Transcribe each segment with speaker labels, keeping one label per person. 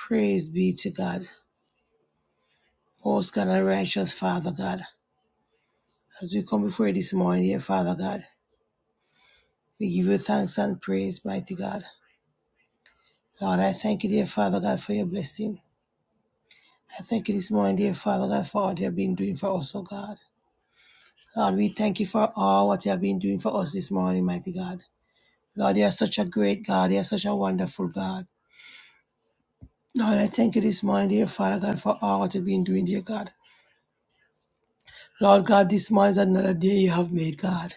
Speaker 1: Praise be to God. Most God and righteous Father God, as we come before you this morning, dear Father God, we give you thanks and praise, mighty God. Lord, I thank you, dear Father God, for your blessing. I thank you this morning, dear Father God, for all you have been doing for us, oh God. Lord, we thank you for all what you have been doing for us this morning, mighty God. Lord, you are such a great God. You are such a wonderful God. Lord, I thank you this morning, dear Father God, for all what you've been doing, dear God. Lord God, this morning is another day you have made, God.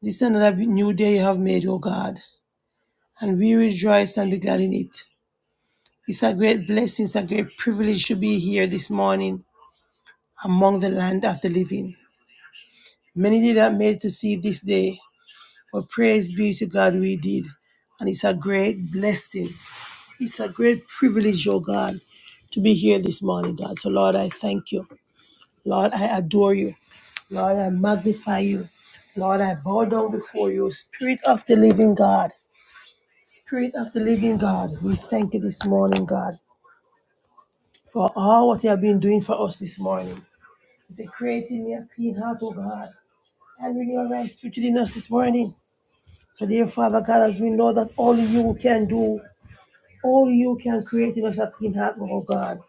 Speaker 1: This is another new day you have made, O God, and we rejoice and be glad in it. It's a great blessing, it's a great privilege to be here this morning among the land of the living. Many did not make it to see this day, but praise be to God we did. And it's a great blessing. It's a great privilege, O God, to be here this morning, God. So, Lord, I thank you. Lord, I adore you. Lord, I magnify you. Lord, I bow down before you, Spirit of the living God. Spirit of the living God, we thank you this morning, God, for all what you have been doing for us this morning. It's a creating me a clean heart, oh God, and renew our right spirit within us this morning. So, dear Father God, as we know that only you can do, only you can create in us a clean heart, oh God.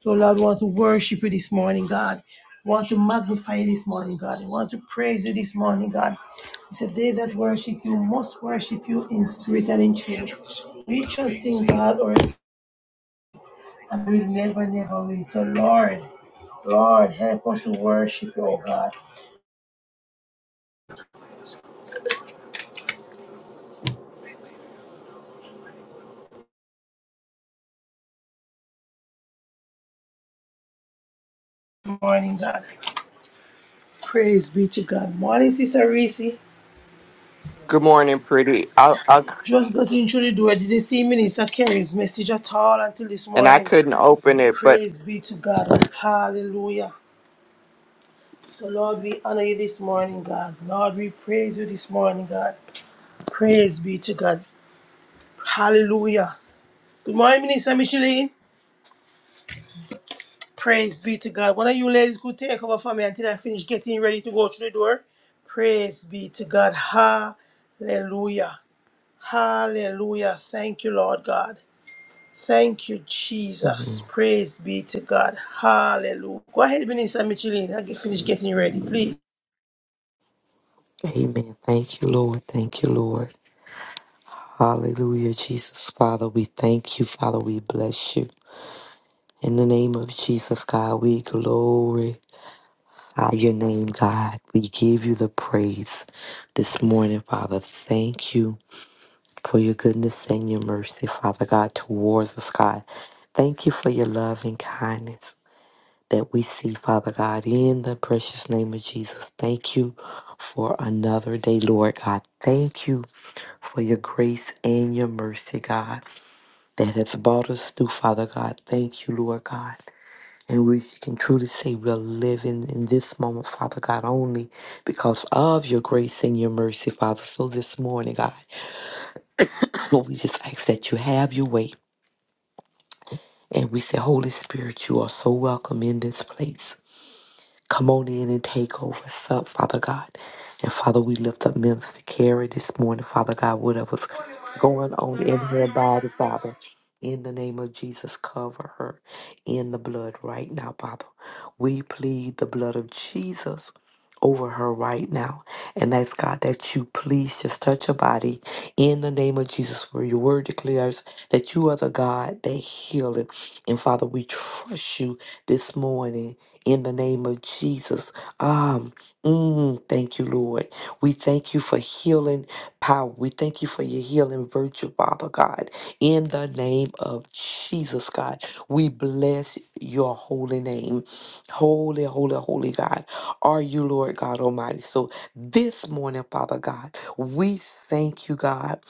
Speaker 1: So, Lord, we want to worship you this morning, God. We want to magnify you this morning, God. We want to praise you this morning, God. It's a day that worship you must worship you in spirit and in truth. We trust in God, our And We never, never leave. So, Lord, Lord, help us to worship you, oh God. Morning, God. Praise be to God. Morning, Sister Reese.
Speaker 2: Good morning, pretty. I, I
Speaker 1: Just got into the door. Didn't see Minister Kerry's message at all until this
Speaker 2: and I
Speaker 1: morning.
Speaker 2: couldn't open it, but
Speaker 1: Praise be to God. Hallelujah. So, Lord, we honor you this morning, God. Lord, we praise you this morning, God. Praise be to God. Hallelujah. Good morning, Minister Micheline. Praise be to God. One of you ladies could take over for me until I finish getting ready to go through the door. Praise be to God. Hallelujah. Hallelujah. Thank you, Lord God. Thank you, Jesus.
Speaker 3: Mhm.
Speaker 1: Praise be to God. Hallelujah. Go ahead, Minister Michelin. I can finish getting ready, please.
Speaker 3: Amen. Thank you, Lord. Thank you, Lord. Hallelujah, Jesus. Father, we thank you. Father, we bless you. In the name of Jesus, God, we glory your name, God. We give you the praise this morning, Father. Thank you for your goodness and your mercy, Father God, towards us, God. Thank you for your love and kindness that we see, Father God, in the precious name of Jesus. Thank you for another day, Lord God. Thank you for your grace and your mercy, God, that has brought us through, Father God. Thank you, Lord God. And we can truly say we're living in this moment, Father God, only because of your grace and your mercy, Father. So this morning, God, Lord, we just ask that you have your way. And we say, Holy Spirit, you are so welcome in this place. Come on in and take over. Sup, Father God. And Father, we lift up Minister Carey this morning, Father God, whatever's going on in her body, Father. In the name of Jesus, cover her in the blood right now, Father. We plead the blood of Jesus over her right now. And ask God that you please just touch her body in the name of Jesus, where your word declares that you are the God that healeth. And Father, we trust you this morning in the name of Jesus. Um, mm, thank you, Lord. We thank you for healing power. We thank you for your healing virtue, Father God. In the name of Jesus, God, we bless your holy name. Holy, holy, holy God. Are you, Lord God Almighty? So this morning, Father God, we thank you, God.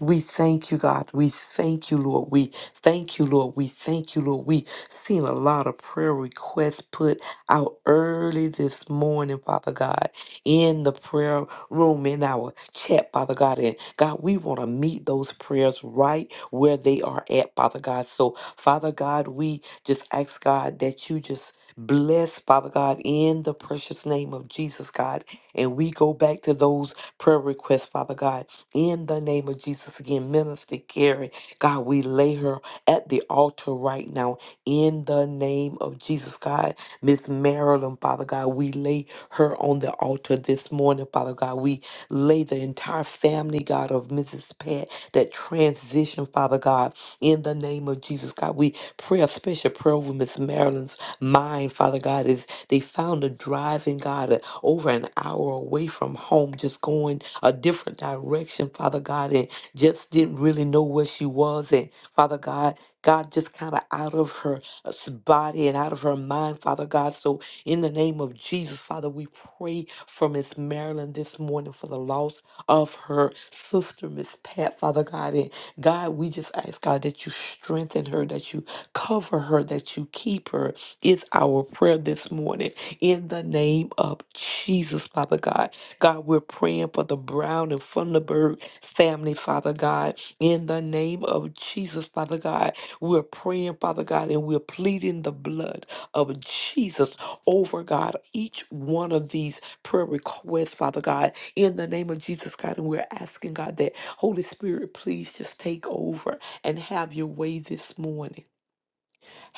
Speaker 3: We thank you, God. We thank you, Lord. We thank you, Lord. We thank you, Lord. we seen a lot of prayer requests put out early this morning, Father God, in the prayer room, in our chat, Father God. And God, we want to meet those prayers right where they are at, Father God. So, Father God, we just ask God that you just bless, Father God, in the precious name of Jesus, God. And we go back to those prayer requests, Father God, in the name of Jesus. Again, Minister Carrie, God, we lay her at the altar right now in the name of Jesus, God. Miss Marilyn, Father God, we lay her on the altar this morning, Father God. We lay the entire family, God, of Mrs. Pat, that transition, Father God, in the name of Jesus, God. We pray a special prayer over Miss Marilyn's mind, Father God, as they found her driving, God, uh, over an hour away from home, just going a different direction, Father God, and just didn't really know where she was. And Father God, God just kind of out of her uh, s- body and out of her mind, Father God. So, in the name of Jesus, Father, we pray for Miss Marilyn this morning for the loss of her sister, Miss Pat, Father God. And God, we just ask, God, that you strengthen her, that you cover her, that you keep her, is our prayer this morning. In the name of Jesus, Father God. God, we're praying for the Brown and Funderburg family, Father God. In the name of Jesus, Father God. We're praying, Father God, and we're pleading the blood of Jesus over God, each one of these prayer requests, Father God, in the name of Jesus, God. And we're asking, God, that Holy Spirit, please just take over and have your way this morning.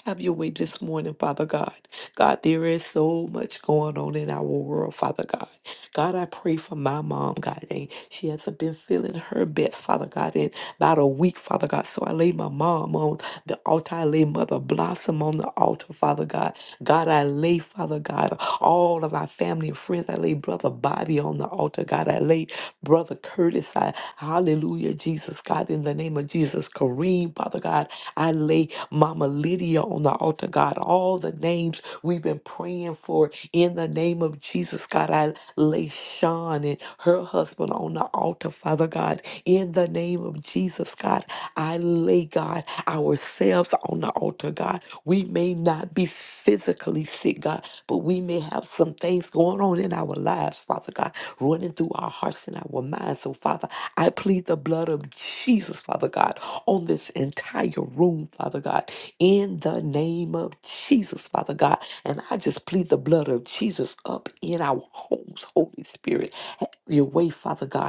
Speaker 3: Have your way this morning, Father God. God, there is so much going on in our world, Father God. God, I pray for my mom, God. And she hasn't been feeling her best, Father God, in about a week, Father God. So I lay my mom on the altar. I lay Mother Blossom on the altar, Father God. God, I lay, Father God, all of our family and friends. I lay Brother Bobby on the altar. God, I lay Brother Curtis. I, hallelujah, Jesus, God, in the name of Jesus. Kareem, Father God. I lay Mama Lydia on the altar, God. All the names we've been praying for in the name of Jesus, God. I lay Sean and her husband on the altar, Father God. In the name of Jesus, God. I lay, God, ourselves ourselves on the altar, God. We may not be physically sick, God, but we may have some things going on in our lives, Father God, running through our hearts and our minds. So, Father, I plead the blood of Jesus, Father God, on this entire room, Father God, in the name of Jesus, Father God. And I just plead the blood of Jesus up in our homes, Holy Spirit. Have your way, Father God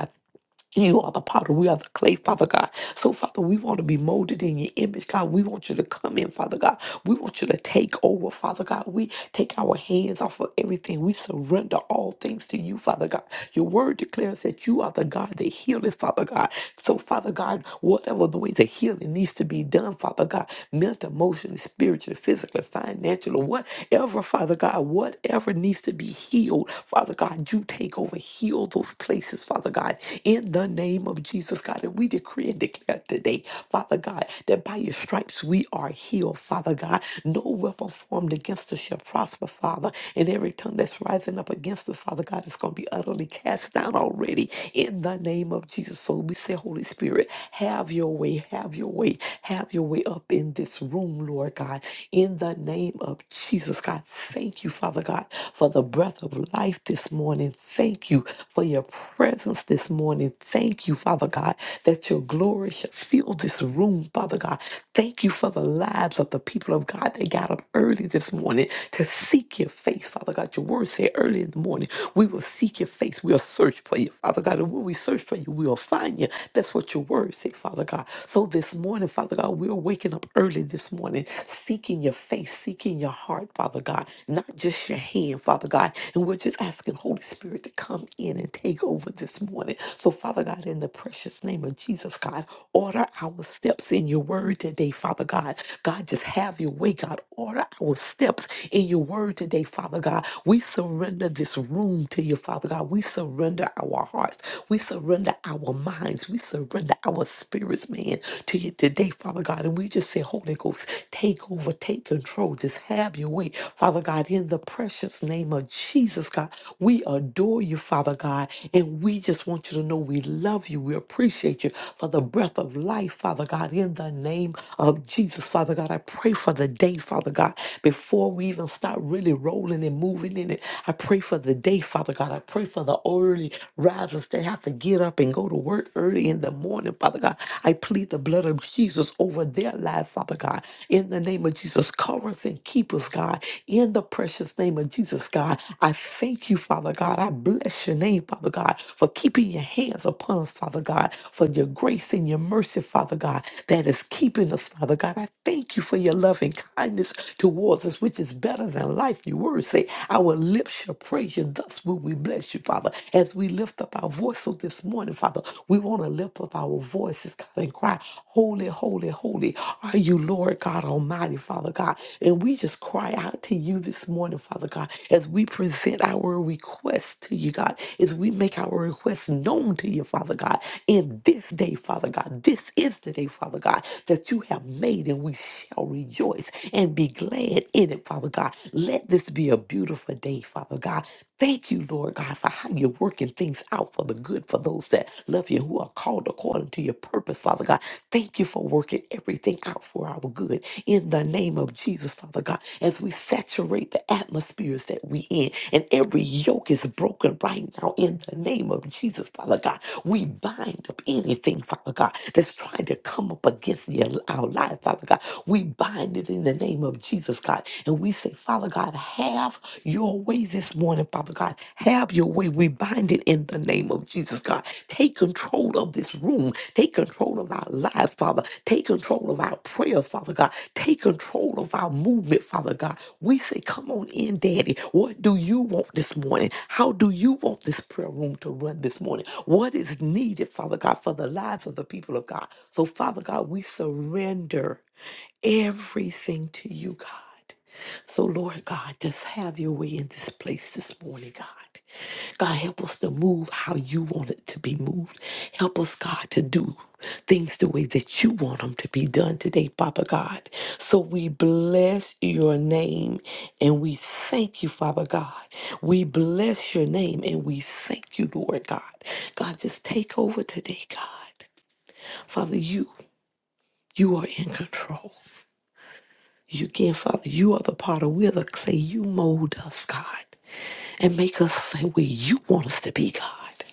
Speaker 3: you are the potter. We are the clay, Father God. So, Father, we want to be molded in your image, God. We want you to come in, Father God. We want you to take over, Father God. We take our hands off of everything. We surrender all things to you, Father God. Your word declares that you are the God that healeth, Father God. So, Father God, whatever the way the healing needs to be done, Father God, mental, emotionally, spiritually, physically, financially, whatever, Father God, whatever needs to be healed, Father God, you take over, heal those places, Father God, in the name of Jesus, God. And we decree and declare today, Father God, that by your stripes we are healed, Father God. No weapon formed against us shall prosper, Father. And every tongue that's rising up against us, Father God, is going to be utterly cast down already. In the name name of Jesus. So we say, Holy Spirit, have your way, have your way, have your way up in this room, Lord God. In the name of Jesus, God, thank you, Father God, for the breath of life this morning. Thank you for your presence this morning. Thank you, Father God, that your glory should fill this room, Father God. Thank you for the lives of the people of God that got up early this morning to seek your face, Father God. Your word said early in the morning, we will seek your face. We'll search search for you, Father God. And when we search for you, we'll find you. That's what your word say, Father God. So this morning, Father God, we're waking up early this morning, seeking your face, seeking your heart, Father God, not just your hand, Father God. And we're just asking Holy Spirit to come in and take over this morning. So, Father God, in the precious name of Jesus, God, order our steps in your word today, Father God. God, just have your way, God. Order our steps in your word today, Father God. We surrender this room to you, you, Father God. We surrender our hearts. We surrender our minds. We surrender our spirits, man, to you today, Father God. And we just say, Holy Ghost, take over, take control. Just have your way, Father God, in the precious name of Jesus, God. We adore you, Father God. And we just want you to know we love you. We appreciate you for the breath of life, Father God, in the name of Jesus, Father God. I pray for the day, Father God, before we even start really rolling and moving in it. I pray for the day, Father God. I pray for the early risers that have to get up and go to work early in the morning, Father God. I plead the blood of Jesus over their lives, Father God. In the name of Jesus, cover us and keep us, God. In the precious name of Jesus, God, I thank you, Father God. I bless your name, Father God, for keeping your hands upon us, Father God, for your grace and your mercy, Father God, that is keeping us, Father God. I thank you for your loving kindness towards us, which is better than life. You your word say, Our lips shall praise you. Thus will we bless you, Father. As we lift up our voice so this morning, Father, we want to lift up our voices, God, and cry, Holy, holy, holy are you, Lord God Almighty, Father God. And we just cry out to you this morning, Father God, as we present our requests to you, God, as we make our requests known to you, Father God, in this day, Father God. This is the day, Father God, that you have made, and we shall rejoice and be glad in it morning, Father God. Let this be a beautiful day, Father God. Thank you, Lord God, for how you're working things out for the good for those that love you, who are called according to your purpose, Father God. Thank you for working everything out for our good. In the name of Jesus, Father God, as we saturate the atmospheres that we in, and every yoke is broken right now. In the name of Jesus, Father God, we bind up anything, Father God, that's trying to come up against the- our life, Father God. We bind it in the the name of Jesus, God. And we say, Father God, have your way this morning, Father God. Have your way. We bind it in the name of Jesus, God. Take control of this room. Take control of our lives, Father. Take control of our prayers, Father God. Take control of our movement, Father God. We say, Come on in, Daddy. What do you want this morning? How do you want this prayer room to run this morning? What is needed, Father God, for the lives of the people of God? So, Father God, we surrender everything to you, God. So, Lord God, just have your way in this place this morning, God. God, help us to move how you want it to be moved. Help us, God, to do things the way that you want them to be done today, Papa God. So we bless your name and we thank you, Father God. We bless your name and we thank you, Lord God. God, just take over today, God. Father, you, you are in control. You give, Father. You are the potter. We're the clay. You mold us, God, and make us the way you want us to be, God.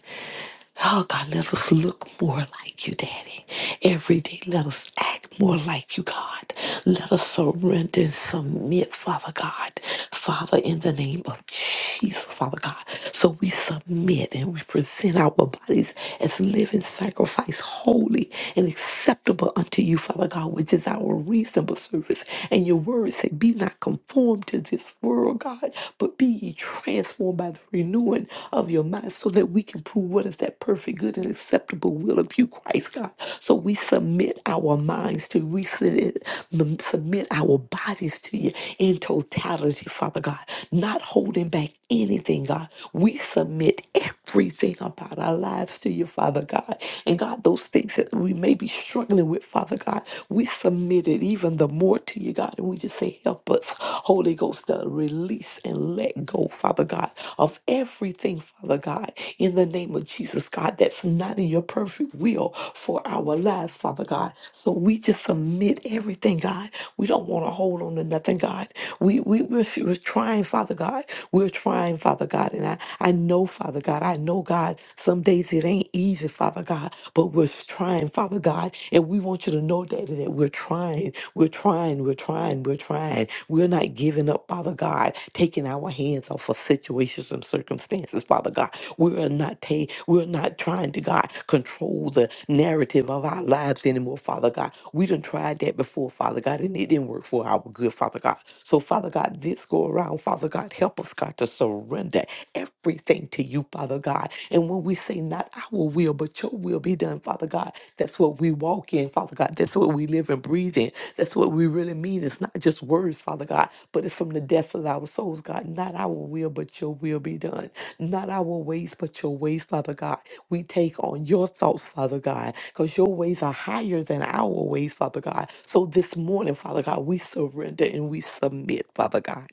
Speaker 3: Oh God, let us look more like you, Daddy. Every day, let us act more like you, God. Let us surrender and submit, Father God. Father, in the name of Jesus, Father God. So we submit and we present our bodies as living sacrifice, holy and acceptable unto you, Father God, which is our reasonable service. And your word said, Be not conformed to this world, God, but be ye transformed by the renewing of your mind so that we can prove prove what is that perfect, good, and acceptable will of you, Christ God. So we submit our minds to you. We submit m- submit our bodies to you in totality, Father God, not holding back anything, God. We submit everything about our lives to you, Father God. And God, those things that we may be struggling with, Father God, we submit it even the more to you, God. And we just say, help us, Holy Ghost, to release and let go, Father God, of everything, Father God, in the name of Jesus, God, that's not in your perfect will for our lives, Father God. So we just submit everything, God. We don't want to hold on to nothing, God. We, we, we're, we're trying, Father God. We're trying, Father God. And I, I know, Father God, I know, God, some days it ain't easy, Father God, but we're trying, Father God. And we want you to know, Daddy, that we're trying. We're trying. We're trying. We're trying. We're not giving up, Father God, taking our hands off of situations and circumstances, Father. Father God. We are not ta- we're not trying to God control the narrative of our lives anymore, Father God. We done tried that before, Father God, and it didn't work for our good, Father God. So, Father God, this go around, Father God, help us, God, to surrender everything to you, Father God. And when we say not our will, but your will be done, Father God, that's what we walk in, Father God. That's what we live and breathe in. That's what we really mean. It's not just words, Father God, but it's from the depths of our souls, God. Not our will, but your will be done. Not our ways, but your ways, Father God. We take on your thoughts, Father God, because your ways are higher than our ways, Father God. So this morning, Father God, we surrender and we submit, Father God,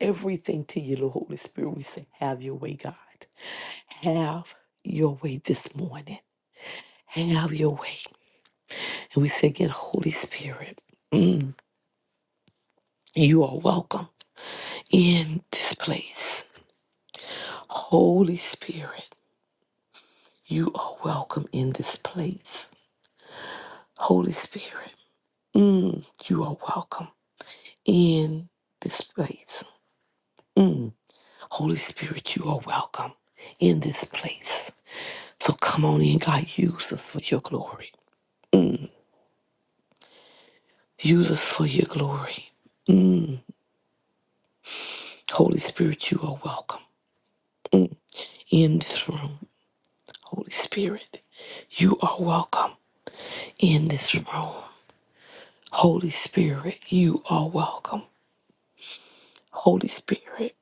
Speaker 3: everything to you, Lord Holy Spirit. We say, Have your way, God. Have your way this morning. Have your way. And we say again, Holy Spirit, mm, you are welcome in this place. Holy Spirit, you are welcome in this place. Holy Spirit, mm, you are welcome in this place. Mm, Holy Spirit, you are welcome in this place. So come on in, God. Use us for your glory. Use us for your glory. Holy Spirit, you are welcome in this room. Holy Spirit, you are welcome in this room. Holy Spirit, you are welcome. Holy Spirit,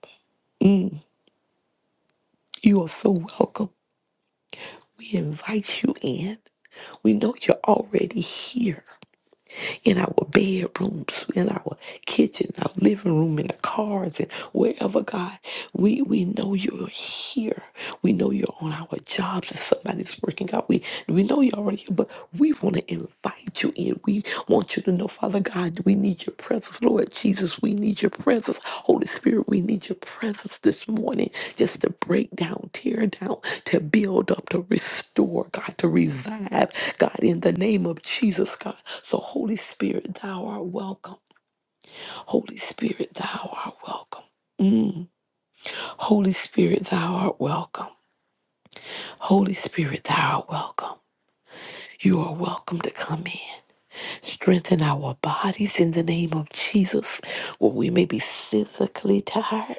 Speaker 3: you are so welcome. We invite you in. We know you're already here. in our bedrooms, in our kitchen, our living room, in the cars, and wherever, God, we, we know you're here. We know you're on our jobs and somebody's working God, We, we know you're already here, but we want to invite you in. We want you to know, Father God. God, we need your presence. Lord Jesus, we need your presence. Holy Spirit, we need your presence this morning just to break down, tear down, to build up, to restore, God, to revive, God, in the name of Jesus, God. So, Holy Spirit, thou art welcome. Holy Spirit, thou art welcome. Mm. Holy Spirit, thou art welcome. Holy Spirit, thou art welcome. You are welcome to come in. Strengthen our bodies in the name of Jesus, where we may be physically tired.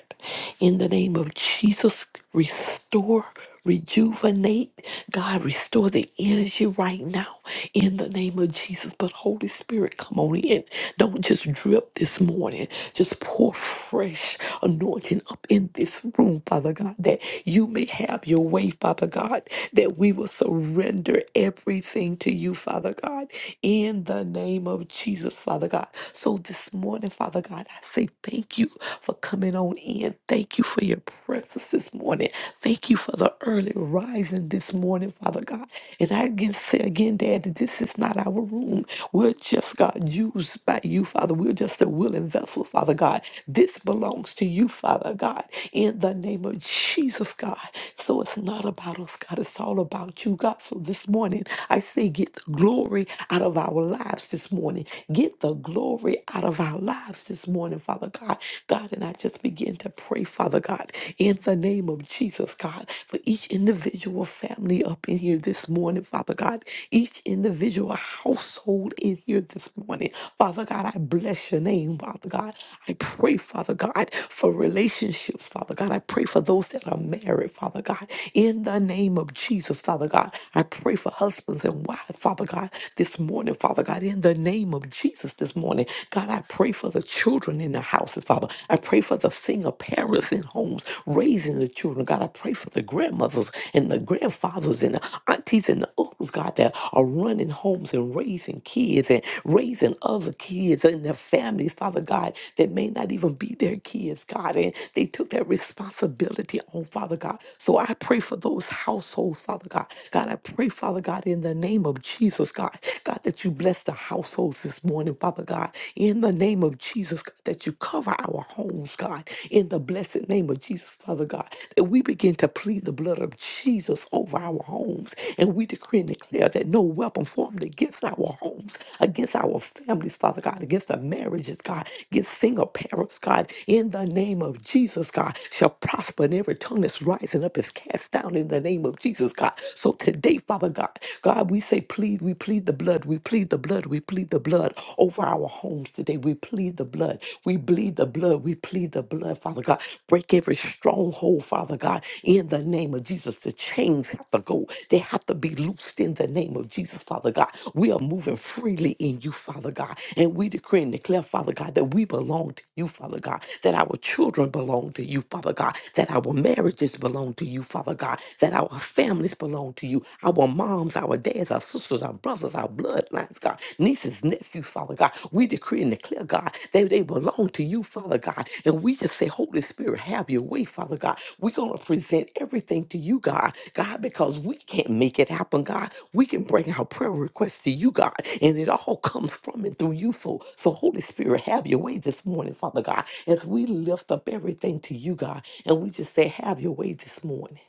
Speaker 3: In the name of Jesus, restore, rejuvenate. God, restore the energy right now in the name of Jesus. But Holy Spirit, come on in. Don't just drip this morning. Just pour fresh anointing up in this room, Father God, that you may have your way, Father God, that we will surrender everything to you, Father God. God, in the name of Jesus, Father God. So this morning, Father God, I say thank you for coming on in. Thank you for your presence this morning. Thank you for the early rising this morning, Father God. And I can say again, Daddy, this is not our room. We're just, God, used by you, Father. We're just a willing vessel, Father God. This belongs to you, Father God, in the name of Jesus, God. So it's not about us, God. It's all about you, God. So this morning, I say, get the glory out of our lives this morning. Get the glory out of our lives this morning, Father God. God, and I just begin to pray, Father God, in the name of Jesus, God, for each individual family up in here this morning, Father God, each individual household in here this morning. Father God, I bless your name, Father God. I pray, Father God, for relationships, Father God. I pray for those that are married, Father God, in the name of Jesus, Father God. I pray for husbands and wives, Father God, this morning, Father God, in the name of Jesus this morning. God, I pray for the children in the houses, Father. I pray for the single parents in homes raising the children. God, I pray for the grandmothers and the grandfathers and the aunties and the uncles, God, that are running homes and raising kids and raising other kids and their families, Father God, that may not even be their kids, God. And they took that responsibility on, Father God. So I pray for those households households, Father God. God, I pray, Father God, in the name of Jesus, God, God, that you bless the households this morning, Father God, in the name of Jesus, God, that you cover our homes, God, in the blessed name of Jesus, Father God, that we begin to plead the blood of Jesus over our homes, and we decree and declare that no weapon formed against our homes, against our families, Father God, against our marriages, God, against single parents, God, in the name of Jesus, God, shall prosper in every tongue that's rising up is cast cast down in the name of Jesus, God. So today, Father God, God, we say, plead, we plead the blood, we plead the blood, we plead the blood over our homes today. We plead the blood, we bleed the blood, we plead the blood, Father God. Break every stronghold, Father God, in the name of Jesus. The chains have to go, they have to be loosed in the name of Jesus, Father God. We are moving freely in you, Father God, and we decree and declare, Father God, that we belong to you, Father God, that our children belong to you, Father God, that our marriage marriages belong to you, Father God, that our families belong to you, our moms, our dads, our sisters, our brothers, our bloodlines, God, nieces, nephews, Father God. We decree and declare, God, that they belong to you, Father God. And we just say, Holy Spirit, have your way, Father God. We're going to present everything to you, God, God, because we can't make it happen, God. We can bring our prayer requests to you, God, and it all comes from and through you. So, so Holy Spirit, have your way this morning, Father God, as we lift up everything to you, God. And we just say, have your way this morning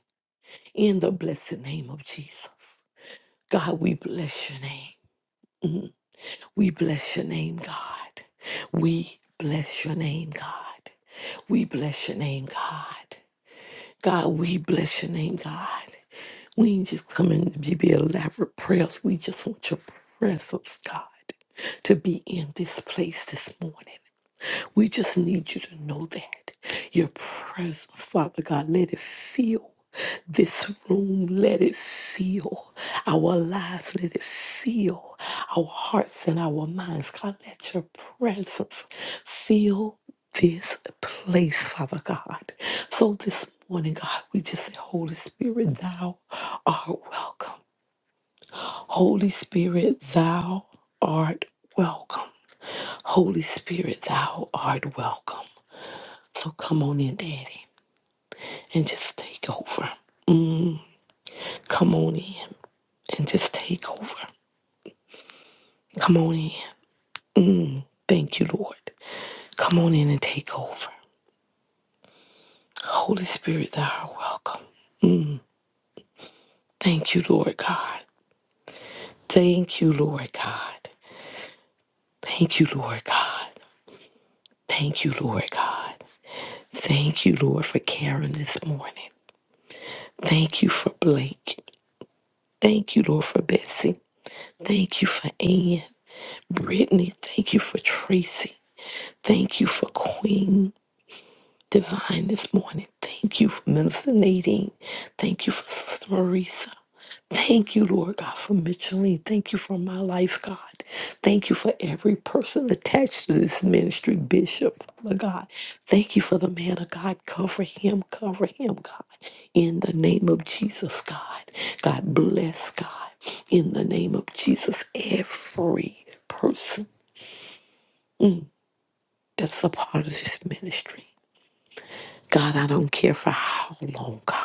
Speaker 3: in the blessed name of Jesus. God, we bless your name. Mm. We bless your name, God. We bless your name, God. We bless your name, God. God, we bless your name, God. We ain't just coming to be elaborate prayers. We just want your presence, God, to be in this place this morning. We just need you to know that. Your presence, Father God, let it feel this room. Let it feel our lives. Let it feel our hearts and our minds. God, let your presence feel this place, Father God. So this morning, God, we just say, Holy Spirit, thou art welcome. Holy Spirit, thou art welcome. Holy Spirit, thou art welcome. So come on in, Daddy, and just take over. Come on in and just take over. Come on in. Thank you, Lord. Come on in and take over. Holy Spirit, thou art welcome. Thank you, Lord God. Thank you, Lord God. Thank you, Lord God. Thank you, Lord God. Thank you, Lord, for Karen this morning. Thank you for Blake. Thank you, Lord, for Betsy. Thank you for Ann. Brittany, thank you for Tracy. Thank you for Queen. divine this morning. Thank you for Minister Nadine. Thank you for Sister Marisa. Thank you, Lord God, for Micheline. Thank you for my life, God. Thank you for every person attached to this ministry, Bishop, Father God. Thank you for the man of God. Cover him, cover him, God. In the name of Jesus, God. God bless, God. In the name of Jesus, every person mm, that's a part of this ministry. God, I don't care for how long, God.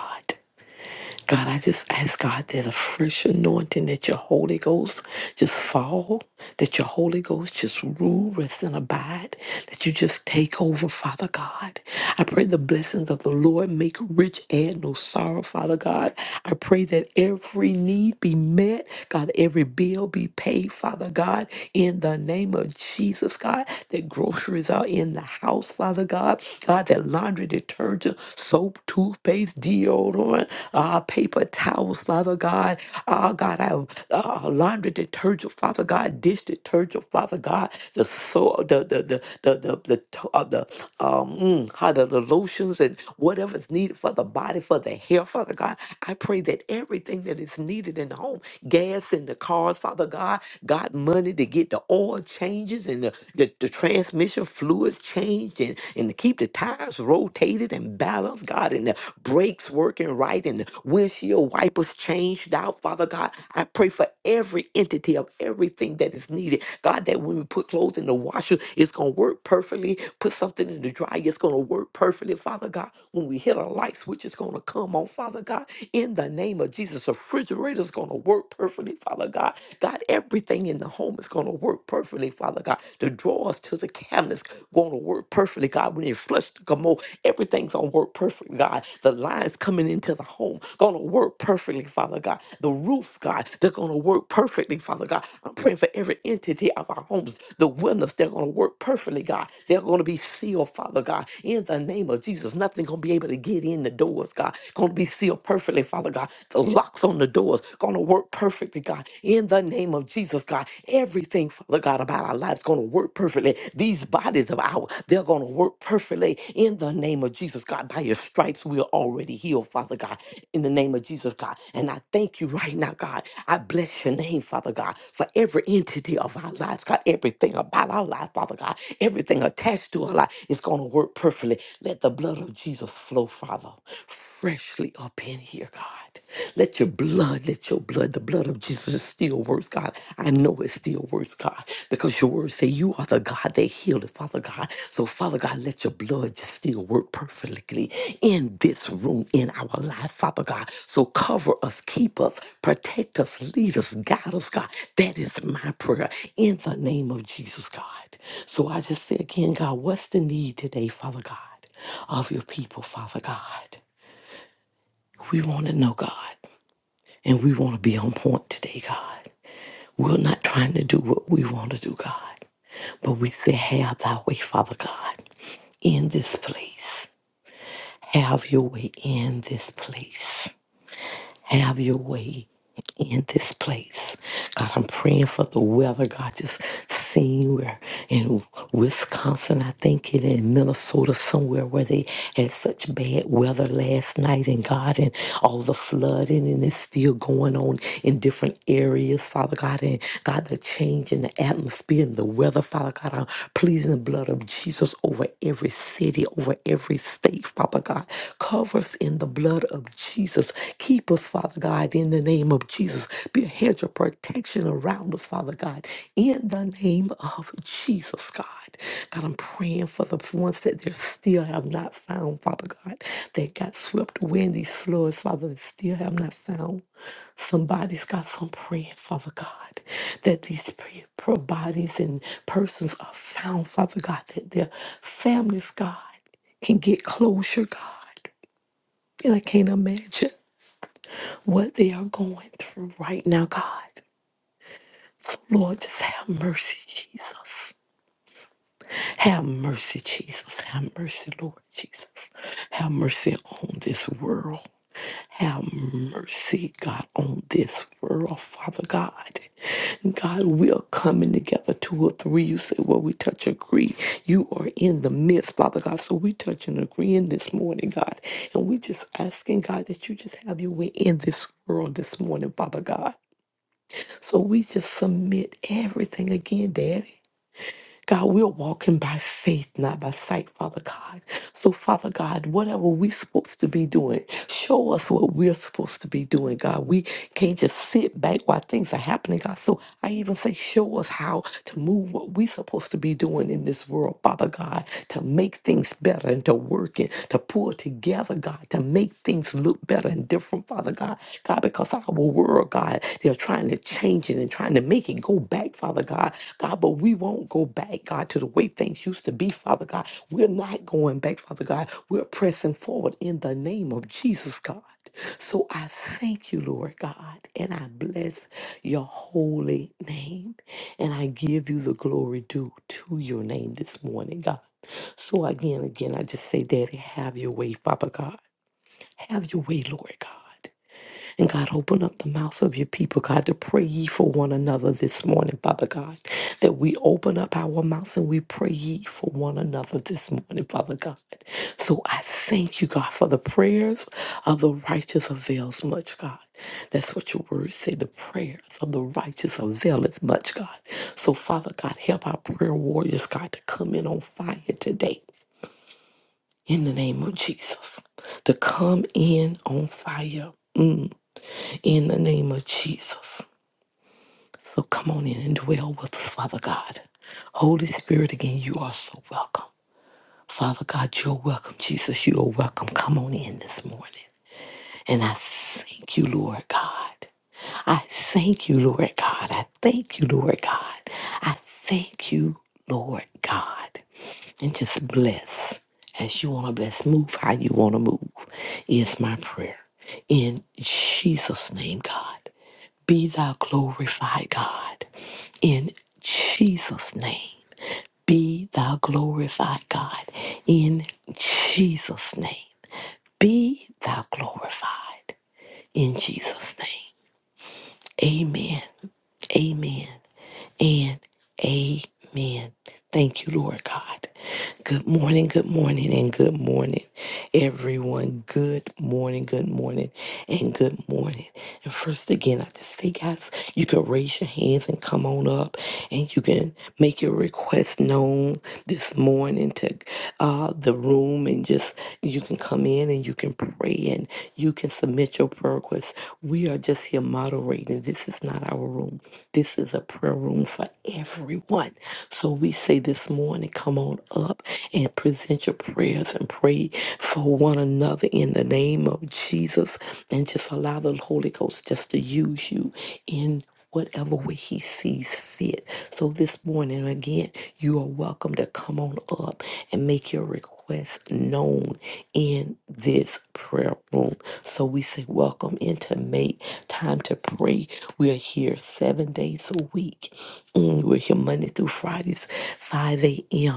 Speaker 3: God, I just ask God that a fresh anointing that your Holy Ghost just fall, that your Holy Ghost just rule, rest, and abide, that you just take over, Father God. I pray the blessings of the Lord make rich and no sorrow, Father God. I pray that every need be met, God, every bill be paid, Father God, in the name of Jesus, God, that groceries are in the house, Father God, God, that laundry detergent soap, toothpaste, deodorant, uh, paper towels, Father God. Oh, God, I, uh, laundry detergent, Father God, dish detergent, Father God, the so the the the the the the, to- uh, the um mm, how the, the lotions and whatever's needed for the body, for the hair, Father God. I pray that everything that is needed in the home, gas in the cars, Father God, got money to get the oil changes and the, the, the transmission fluids changed changed and, and to keep the tires rotated and balanced, God, and the brakes working right and the windshield wipers changed out, Father God. I pray for every entity of everything that is needed. God, that when we put clothes in the washer, it's going to work perfectly. Put something in the dryer, it's going to work perfectly, Father God. When we hit a light switch, it's going to come on, Father God. In the name of Jesus, the refrigerator's going to work perfectly, Father God. God, everything in the home is going to work perfectly, Father. Father God, to draw us to the cabinets going to work perfectly, God. When you flush the commode, everything's going to work perfectly, God. The lines coming into the home going to work perfectly, Father God. The roofs, God, they're going to work perfectly, Father God. I'm praying for every entity of our homes. The windows, they're going to work perfectly, God. They're going to be sealed, Father God. In the name of Jesus, nothing going to be able to get in the doors, God. Going to be sealed perfectly, Father God. The locks on the doors going to work perfectly, God. In the the name of Jesus, God. Everything, Father God, about our lives going to work perfectly. These bodies of ours, they're going to work perfectly in the name of Jesus, God. By your stripes, we are already healed, Father God, in the name of Jesus, God. And I thank you right now, God. I bless your name, Father God, for every entity of our lives, God, everything about our life, Father God, everything attached to our life is going to work perfectly. Let the blood of Jesus flow, Father, freshly up in here, God. Let your blood, let your blood, the blood of Jesus still works, God. I know it still works, God, because your words say you are the God that healed, Father God. So, Father God, let your blood just still work perfectly in this room, in our life, Father God. So, cover us, keep us, protect us, lead us, guide us, God. That is my prayer in the name of Jesus, God. So, I just say again, God, what's the need today, Father God, of your people, Father God? We want to know, God. And we want to be on point today, God. We're not trying to do what we want to do, God. But we say, have thy way, Father God, in this place. Have your way in this place. Have your way in this place. God, I'm praying for the weather. God, just seeing where in Wisconsin, I think, and in Minnesota, somewhere where they had such bad weather last night, and God, and all the flooding, and it's still going on in different areas, Father God, and God, the change in the atmosphere and the weather, Father God, I'm pleasing the blood of Jesus over every city, over every state, Father God. Cover in the blood of Jesus. Keep us, Father God, in the name of Jesus. Be a hedge of protection around us, Father God, in the name of Jesus, God. God, I'm praying for the ones that there still have not found, Father God, that got swept away in these floods, Father, that still have not found. Somebody's got some praying, Father God, that these pre- pro- bodies and persons are found, Father God, that their families, God, can get closure, God. And I can't imagine what they are going through right now, God. Lord, just have mercy, Jesus. Have mercy, Jesus. Have mercy, Lord Jesus. Have mercy on this world. Have mercy, God, on this world, Father God. God, we are coming together, two or three. You say, well, we touch and agree. You are in the midst, Father God. So we touch and agree in this morning, God. And we just asking, God, that you just have your way in this world this morning, Father God. So we just submit everything again, Daddy. God, we're walking by faith, not by sight, Father God. So, Father God, whatever we're supposed to be doing, show us what we're supposed to be doing, God. We can't just sit back while things are happening, God. So, I even say, show us how to move what we're supposed to be doing in this world, Father God, to make things better and to work it, to pull together, God, to make things look better and different, Father God. God, because our world, God. They're trying to change it and trying to make it go back, Father God. God, but we won't go back, God, to the way things used to be, Father God. We're not going back, Father God. We're pressing forward in the name of Jesus, God. So I thank you, Lord God, and I bless your holy name. And I give you the glory due to your name this morning, God. So again, again, I just say, Daddy, have your way, Father God. Have your way, Lord God. And God, open up the mouths of your people, God, to pray ye for one another this morning, Father God. That we open up our mouths and we pray ye for one another this morning, Father God. So I thank you, God, for the prayers of the righteous avails much, God. That's what your words say. The prayers of the righteous availeth much, God. So, Father God, help our prayer warriors, God, to come in on fire today. In the name of Jesus, to come in on fire. Mm in the name of Jesus. So come on in and dwell with us, Father God. Holy Spirit, again, you are so welcome. Father God, you're welcome. Jesus, you are welcome. Come on in this morning. And I thank you, Lord God. I thank you, Lord God. I thank you, Lord God. I thank you, Lord God and just bless as you want to bless. Move how you want to move is my prayer. In Jesus' name, God, be thou glorified, God. In Jesus' name, be thou glorified, God. In Jesus' name, be thou glorified. In Jesus' name, amen. Amen and amen. Thank you, Lord God. Good morning, good morning, and good morning, everyone. Good morning, good morning, and good morning. And first, again, I just say, guys, you can raise your hands and come on up, and you can make your request known this morning to uh, the room and just just you can come in and you can pray and you can submit your prayer requests. We are just here moderating. This is not our room. This is a prayer room for everyone. So we say this morning, come on up and present your prayers and pray for one another in the name of Jesus and just allow the Holy Ghost just to use you in whatever way he sees fit. So this morning, again, you are welcome to come on up and make your request request known in this prayer room. So we say, Welcome into May, time to pray. We are here seven days a week. Mm, we're here Monday through Fridays, 5 a.m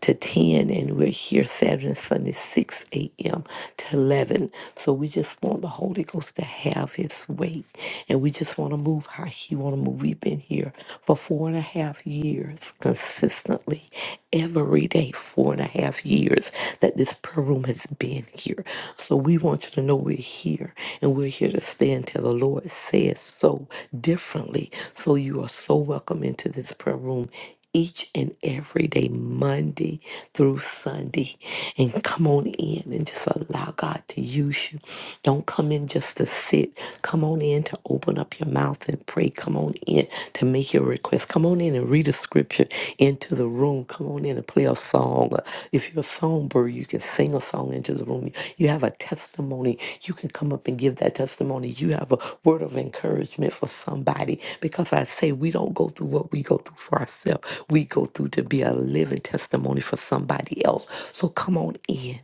Speaker 3: to 10, and we're here Saturday and Sunday, 6 a.m. to 11. So we just want the Holy Ghost to have his way, and we just want to move how he want to move. We've been here for four and a half years consistently, every day, four and a half years that this prayer room has been here. So we want you to know we're here, and we're here to stay until the Lord says so differently. So you are so welcome into this prayer room each and every day, Monday through Sunday. And come on in and just allow God to use you. Don't come in just to sit. Come on in to open up your mouth and pray. Come on in to make your request. Come on in and read a scripture into the room. Come on in and play a song. If you're a songwriter, songbird. You can sing a song into the room. You have a testimony. You can come up and give that testimony. You have a word of encouragement for somebody because I say we don't go through what we go through for ourselves. We go through to be a living testimony for somebody else. So come on in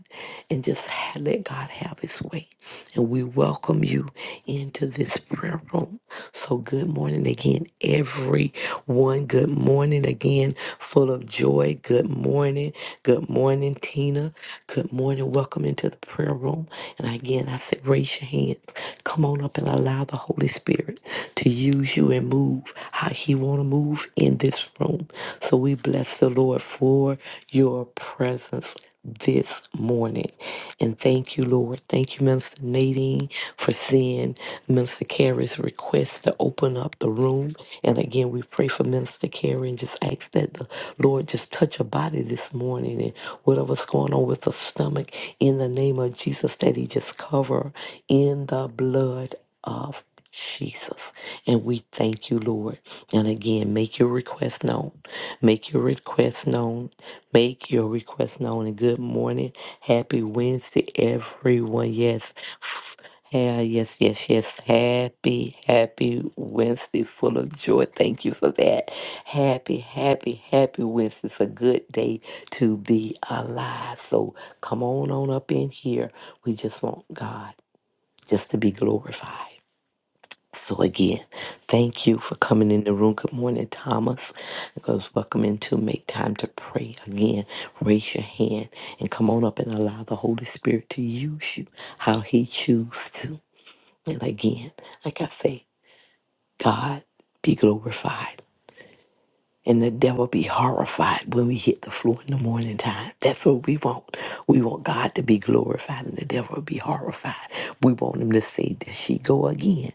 Speaker 3: and just ha- let God have his way and we welcome you into this prayer room. So, good morning again, everyone. Good morning again, full of joy. Good morning. Good morning, Tina. Good morning. Welcome into the prayer room. And again, I said, raise your hands. Come on up and allow the Holy Spirit to use you and move how He want to move in this room. So, we bless the Lord for your presence this morning. And thank you, Lord. Thank you, Minister Nadine, for seeing Minister Carey's request to open up the room. And again, we pray for Minister Carey and just ask that the Lord just touch her body this morning and whatever's going on with her stomach in the name of Jesus, that He just cover in the blood. Of Jesus. And we thank you, Lord. And again, make your request known. Make your request known. Make your request known. And good morning. Happy Wednesday, everyone. Yes. F- Yeah, yes, yes, yes. Happy, happy Wednesday, full of joy. Thank you for that. Happy, happy, happy Wednesday. It's a good day to be alive. So come on on up in here. We just want God just to be glorified. So again, thank you for coming in the room. Good morning, Thomas. Because welcome into make time to pray. Again, raise your hand and come on up and allow the Holy Spirit to use you how He chooses to. And again, like I say, God be glorified and the devil be horrified when we hit the floor in the morning time. That's what we want. We want God to be glorified and the devil be horrified. We want him to say, There she go again.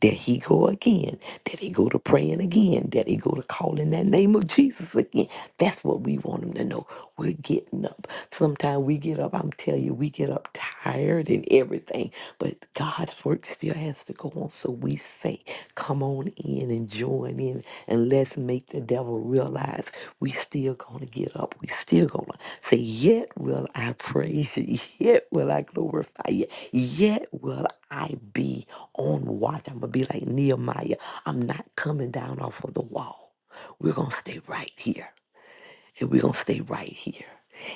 Speaker 3: There he go again. There he go to praying again. There he go to calling that name of Jesus again. That's what we want him to know. We're getting up. Sometimes we get up, I'm telling you, we get up tired word and everything. But God's work still has to go on. So we say, come on in and join in and let's make the devil realize we still gonna get up. We still gonna say, Yet will I praise you, yet will I glorify you, yet will I be on watch. I'm gonna be like Nehemiah. I'm not coming down off of the wall. We're gonna stay right here and we're going to stay right here.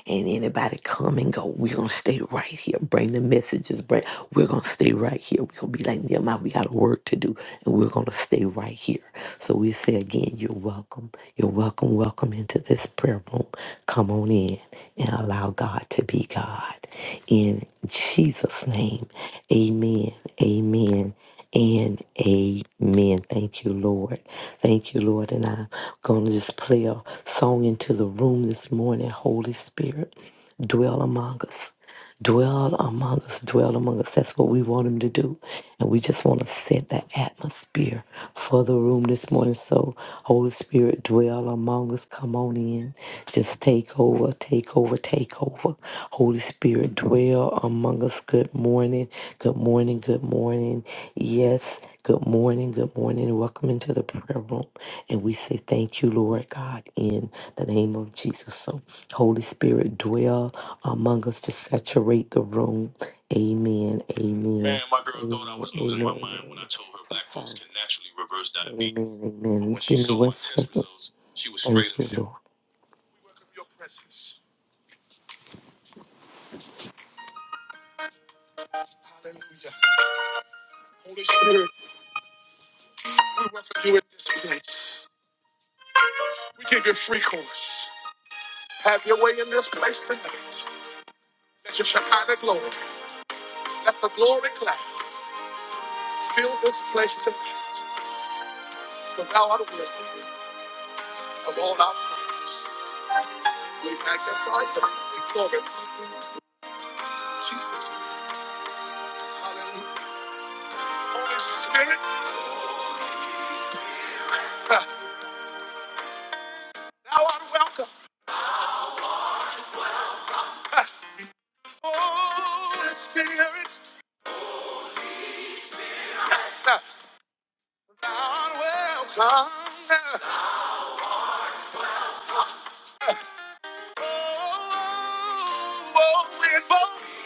Speaker 3: And anybody come and go, we're going to stay right here. Bring the messages, bring, we're going to stay right here. We're going to be like Nehemiah, we got a work to do, and we're going to stay right here. So we say again, you're welcome. You're welcome, welcome into this prayer room. Come on in and allow God to be God. In Jesus' name, amen, amen, and amen. Thank you, Lord. Thank you, Lord. And I'm going to just play a song into the room this morning. Holy Spirit, dwell among us. Dwell among us, dwell among us. That's what we want him to do. And we just want to set the atmosphere for the room this morning. So, Holy Spirit, dwell among us. Come on in. Just take over, take over, take over. Holy Spirit, dwell among us. Good morning, good morning, good morning. Yes, good morning, good morning. Welcome into the prayer room. And we say thank you, Lord God, in the name of Jesus. So, Holy Spirit, dwell among us to saturate the room. Amen, amen, amen, amen. Holy Spirit, we welcome you in this place. We give you free course. Have your way in this place tonight. Let your Shekinah glory, let the glory cloud fill this place tonight. For thou art worthy of all our praise. We magnify you. We glorify you. Jesus. Hallelujah. Holy Spirit, uh, thou art welcome. Uh, Holy Spirit, uh, thou art welcome. Uh, oh, oh, we invoke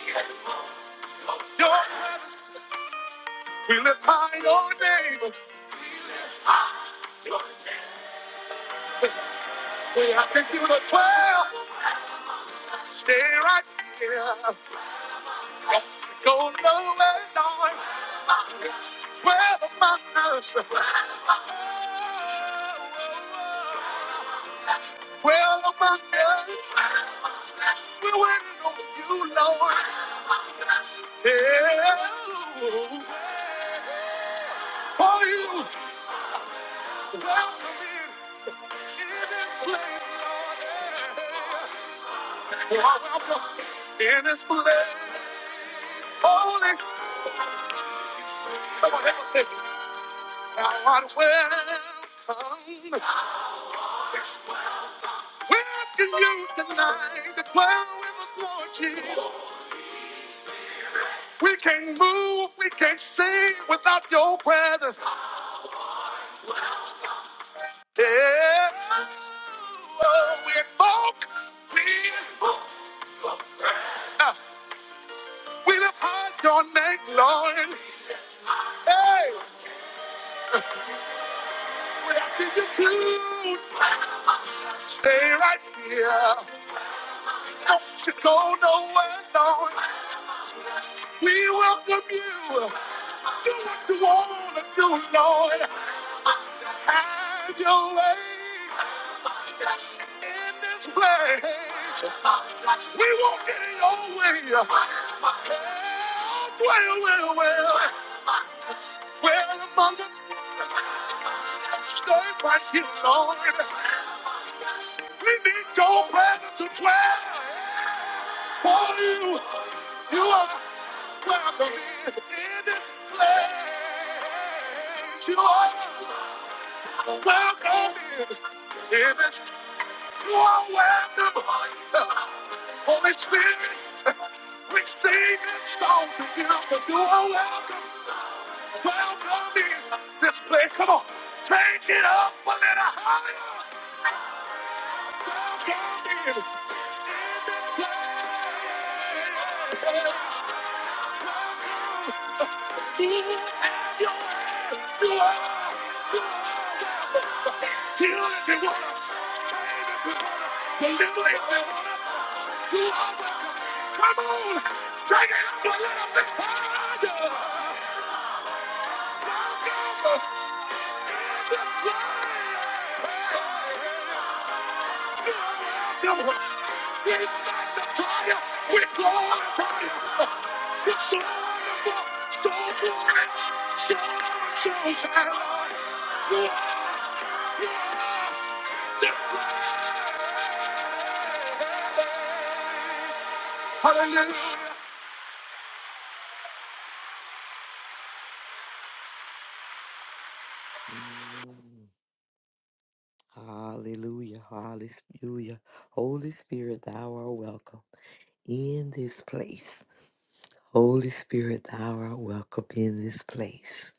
Speaker 3: your presence. We lift high your name. We have to do the twelve. Stay right here. Go low and on. Twelve among us. Twelve among us. We're waiting on you, Lord. Yeah. For you. You are Welcome In this place, holy, someone else say, Thou art welcome. Welcome you tonight to dwell with us, Lord Jesus. We can't move, we can't sing without your presence. Yeah, oh, we invoke, we, we lift high your name, Lord. Hey. Attitude. Stay right here. Don't you go nowhere, Lord. We welcome you. Do what you want to do, Lord. Have your way in this place. We won't get in your way. Well, well, well, well. Well, among us, stay right here, Lord. We need your presence to dwell. For you, you are welcome in this place. You are welcome in this. You are welcome, Holy Spirit. We sing this song to you because you are welcome, welcome in this place. Come on, take it up a little higher. Welcome in. So, so, so, so, so, Hallelujah. Hallelujah. Hallelujah. Holy Spirit, thou art welcome in this place. Holy Spirit, thou art welcome in this place.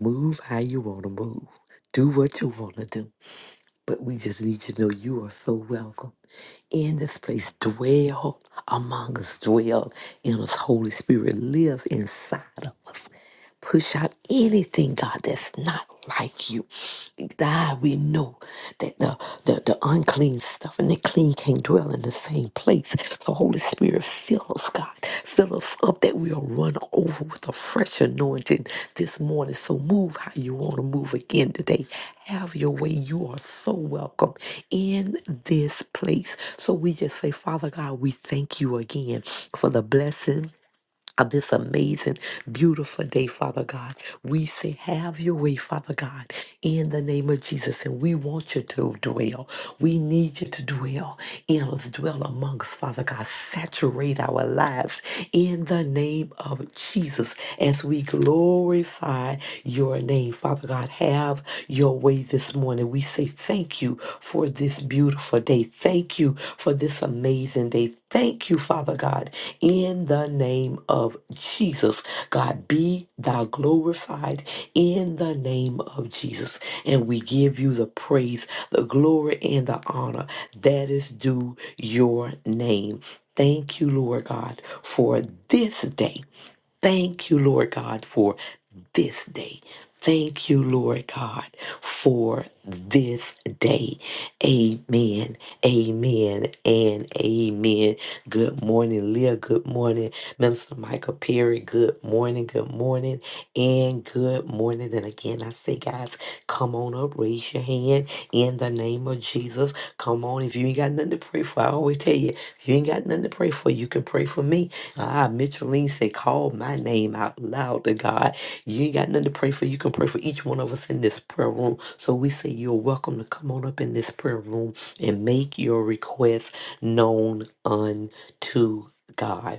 Speaker 3: Move how you want to move. Do what you want to do. But we just need you to know you are so welcome in this place. Dwell among us. Dwell in us. Holy Spirit, live inside of us. Push out anything, God, that's not like you. God, we know that the, the, the unclean stuff and the clean can't dwell in the same place. So, Holy Spirit, fill us, God. Fill us up that we'll run over with a fresh anointing this morning. So, move how you want to move again today. Have your way. You are so welcome in this place. So, we just say, Father God, we thank you again for the blessing of this amazing, beautiful day, Father God. We say, have your way, Father God, in the name of Jesus. And we want you to dwell. We need you to dwell in us, dwell amongst, Father God. Saturate our lives in the name of Jesus as we glorify your name, Father God. Have your way this morning. We say thank you for this beautiful day. Thank you for this amazing day thank you, Father God, in the name of Jesus. God, be thou glorified in the name of Jesus. And we give you the praise, the glory, and the honor that is due your name. Thank you, Lord God, for this day. Thank you, Lord God, for this day. Thank you, Lord God, for this day. Amen. Amen and amen. Good morning, Leah. Good morning, Minister Michael Perry. Good morning. Good morning and good morning. And again, I say, guys, come on up, raise your hand in the name of Jesus. Come on. If you ain't got nothing to pray for, I always tell you, if you ain't got nothing to pray for, you can pray for me. Ah, Micheline said, call my name out loud to God. You ain't got nothing to pray for. You can pray for each one of us in this prayer room. So we say you're welcome to come on up in this prayer room and make your request known unto God.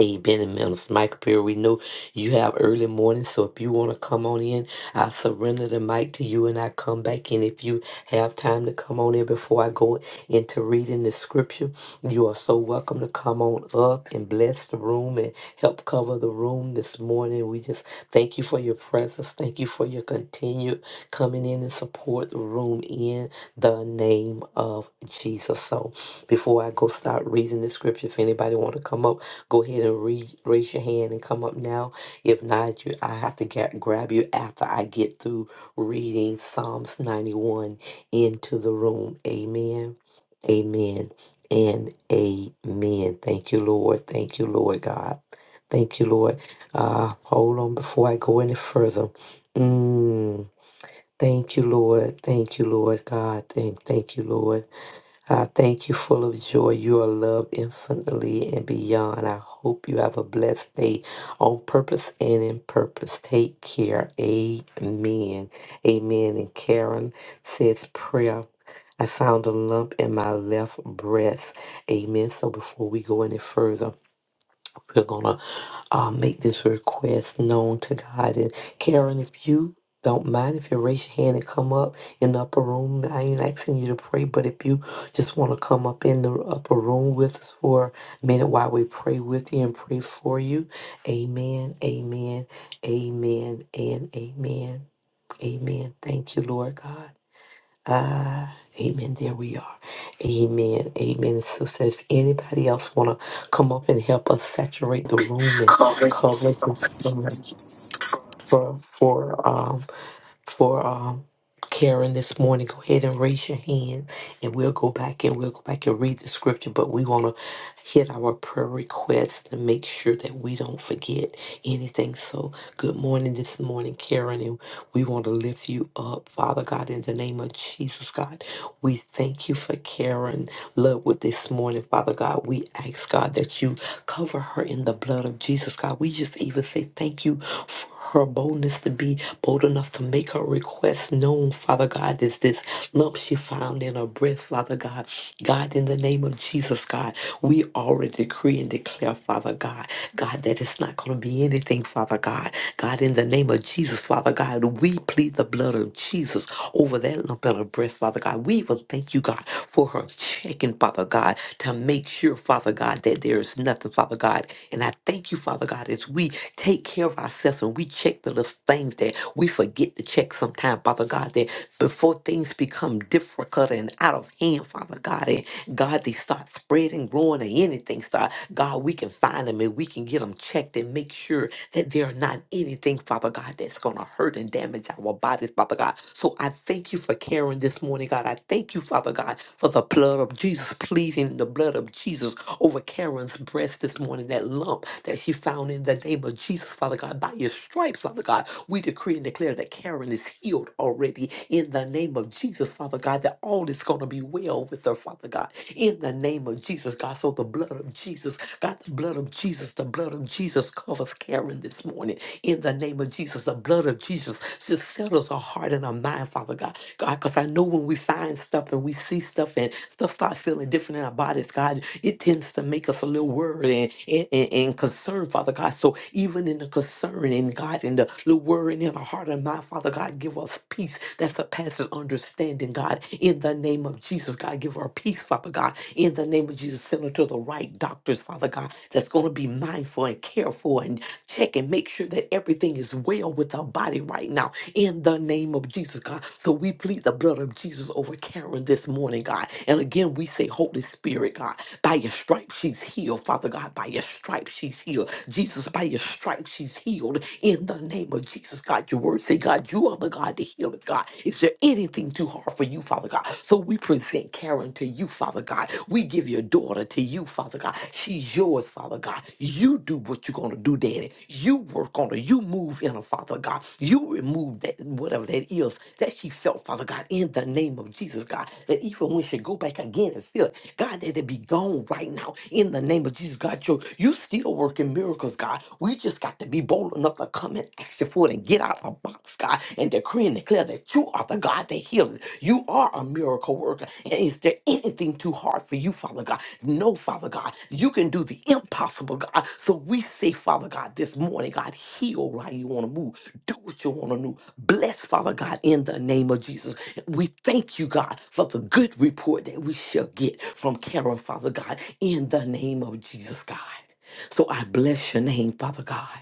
Speaker 3: Amen and Minister Michael Perry, we know you have early morning, so if you want to come on in, I surrender the mic to you and I come back in. If you have time to come on in before I go into reading the scripture, you are so welcome to come on up and bless the room and help cover the room this morning. We just thank you for your presence. Thank you for your continued coming in and support the room in the name of Jesus. So before I go start reading the scripture, if anybody want to come up, Go ahead and re- raise your hand and come up now. If not, you, I have to get, grab you after I get through reading Psalms 91 into the room. Amen. Amen. And amen. Thank you, Lord. Thank you, Lord God. Thank you, Lord. Uh, hold on before I go any further. Mm, thank you, Lord. Thank you, Lord God. Thank, thank you, Lord. I thank you, full of joy. You are loved infinitely and beyond. I hope you have a blessed day on purpose and in purpose. Take care. Amen. Amen. And Karen says, Prayer. I found a lump in my left breast. Amen. So before we go any further, we're gonna uh, make this request known to God. And Karen, if you don't mind, if you raise your hand and come up in the upper room, I ain't asking you to pray, but if you just want to come up in the upper room with us for a minute while we pray with you and pray for you, Amen, Amen, Amen, and Amen, Amen. Thank you, Lord God. Ah, amen. There we are. Amen. Amen. So says anybody else want to come up and help us saturate the room and cover some for for um for um, Karen this morning. Go ahead and raise your hand, and we'll go back and we'll go back and read the scripture. But we want to hit our prayer requests to make sure that we don't forget anything. So, good morning this morning, Karen, and we want to lift you up, Father God, in the name of Jesus, God. We thank you for Karen love with this morning, Father God. We ask, God, that you cover her in the blood of Jesus, God. We just even say thank you for her boldness to be bold enough to make her request known, Father God. is this lump she found in her breast, Father God. God, in the name of Jesus, God, we already decree and declare, Father God, God, that it's not going to be anything, Father God. God, in in the name of Jesus, Father God, we plead the blood of Jesus over that lump in her breast, Father God. We even thank you, God, for her checking, Father God, to make sure, Father God, that there is nothing, Father God. And I thank you, Father God, as we take care of ourselves and we check the little things that we forget to check sometime, Father God, that before things become difficult and out of hand, Father God. God, they start spreading, growing, or anything start. God, we can find them and we can get them checked and make sure that there are not anything, Father God, that's going to hurt and damage our bodies, Father God. So I thank you for Karen this morning, God. I thank you, Father God, for the blood of Jesus, pleasing the blood of Jesus over Karen's breast this morning, that lump that she found in the name of Jesus, Father God, by your stripes, Father God. We decree and declare that Karen is healed already in the name of of Jesus, Father God, that all is going to be well with her, Father God, in the name of Jesus, God. So the blood of Jesus, God, the blood of Jesus, the blood of Jesus covers Karen this morning, in the name of Jesus. The blood of Jesus just settles our heart and our mind, Father God. God, because I know when we find stuff and we see stuff and stuff starts feeling different in our bodies, God, it tends to make us a little worried and, and, and, and concerned, Father God. So even in the concern and God, in the little worry and in our heart and mind, Father God, give us peace that surpasses understanding, God. In the name of Jesus, God, give our peace, Father God. In the name of Jesus, send her to the right doctors, Father God, that's going to be mindful and careful and check and make sure that everything is well with our body right now. In the name of Jesus, God. So we plead the blood of Jesus over Karen this morning, God. And again, we say, Holy Spirit, God, by your stripes she's healed, Father God. By your stripes she's healed. Jesus, by your stripes, she's healed in the name of Jesus, God. Your word say, God, you are the God that healeth, God. Is there anything too hard for you, Father God? So we present Karen to you, Father God. We give your daughter to you, Father God. She's yours, Father God. You do what you're going to do, Daddy. You work on her. You move in her, Father God. You remove that, whatever that is that she felt, Father God, in the name of Jesus, God. That even when she go back again and feel it, God, that it be gone right now right now in the name of Jesus, God. You you still working miracles, God. We just got to be bold enough to come and ask you for it and get out of the box, God, and decree and declare that you are the God that heals. You are a miracle worker. And is there anything too hard for you, Father God? No, Father God. You can do the impossible, God. So we say, Father God, this morning, God, heal right you want to move. Do what you want to do. Bless, Father God, in the name of Jesus. We thank you, God, for the good good report that we shall get from Karen, Father God, in the name of Jesus, God. So I bless your name, Father God.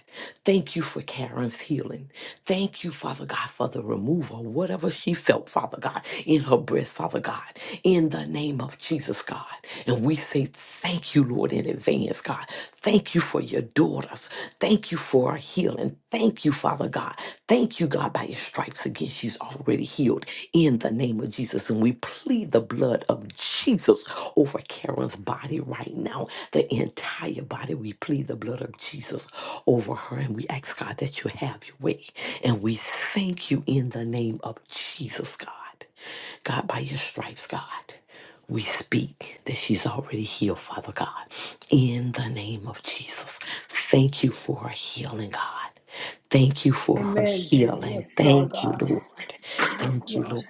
Speaker 3: Thank you for Karen's healing. Thank you, Father God, for the removal, whatever she felt, Father God, in her breast, Father God, in the name of Jesus, God. And we say thank you, Lord, in advance, God. Thank you for your daughters. Thank you for our healing. Thank you, Father God. Thank you, God, by your stripes against and she's already healed in the name of Jesus. And we plead the blood of Jesus over Karen's body right now, the entire body. We plead the blood of Jesus over her, and we ask God that you have your way. And we thank you in the name of Jesus, God. God, by your stripes, God. We speak that she's already healed, Father God, in the name of Jesus. Thank you for her healing, God. Thank you for her
Speaker 1: Amen.
Speaker 3: healing.
Speaker 1: Yes, Lord
Speaker 3: Thank you,
Speaker 1: God.
Speaker 3: Lord.
Speaker 1: Yes,
Speaker 3: Thank you,
Speaker 1: Lord.
Speaker 3: Lord.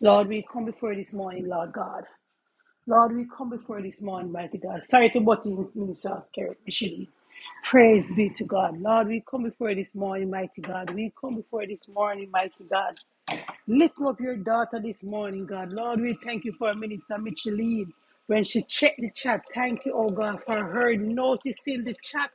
Speaker 1: Lord, we come before you this morning, Lord God. Lord, we come before this morning, mighty God. Sorry to butt in, Minister Kerry Michelin. Praise be to God. Lord, we come before this morning, mighty God. We come before this morning, mighty God. Lift up your daughter this morning, God. Lord, we thank you for Minister Micheline. When she checked the chat, thank you, oh God, for her noticing the chat.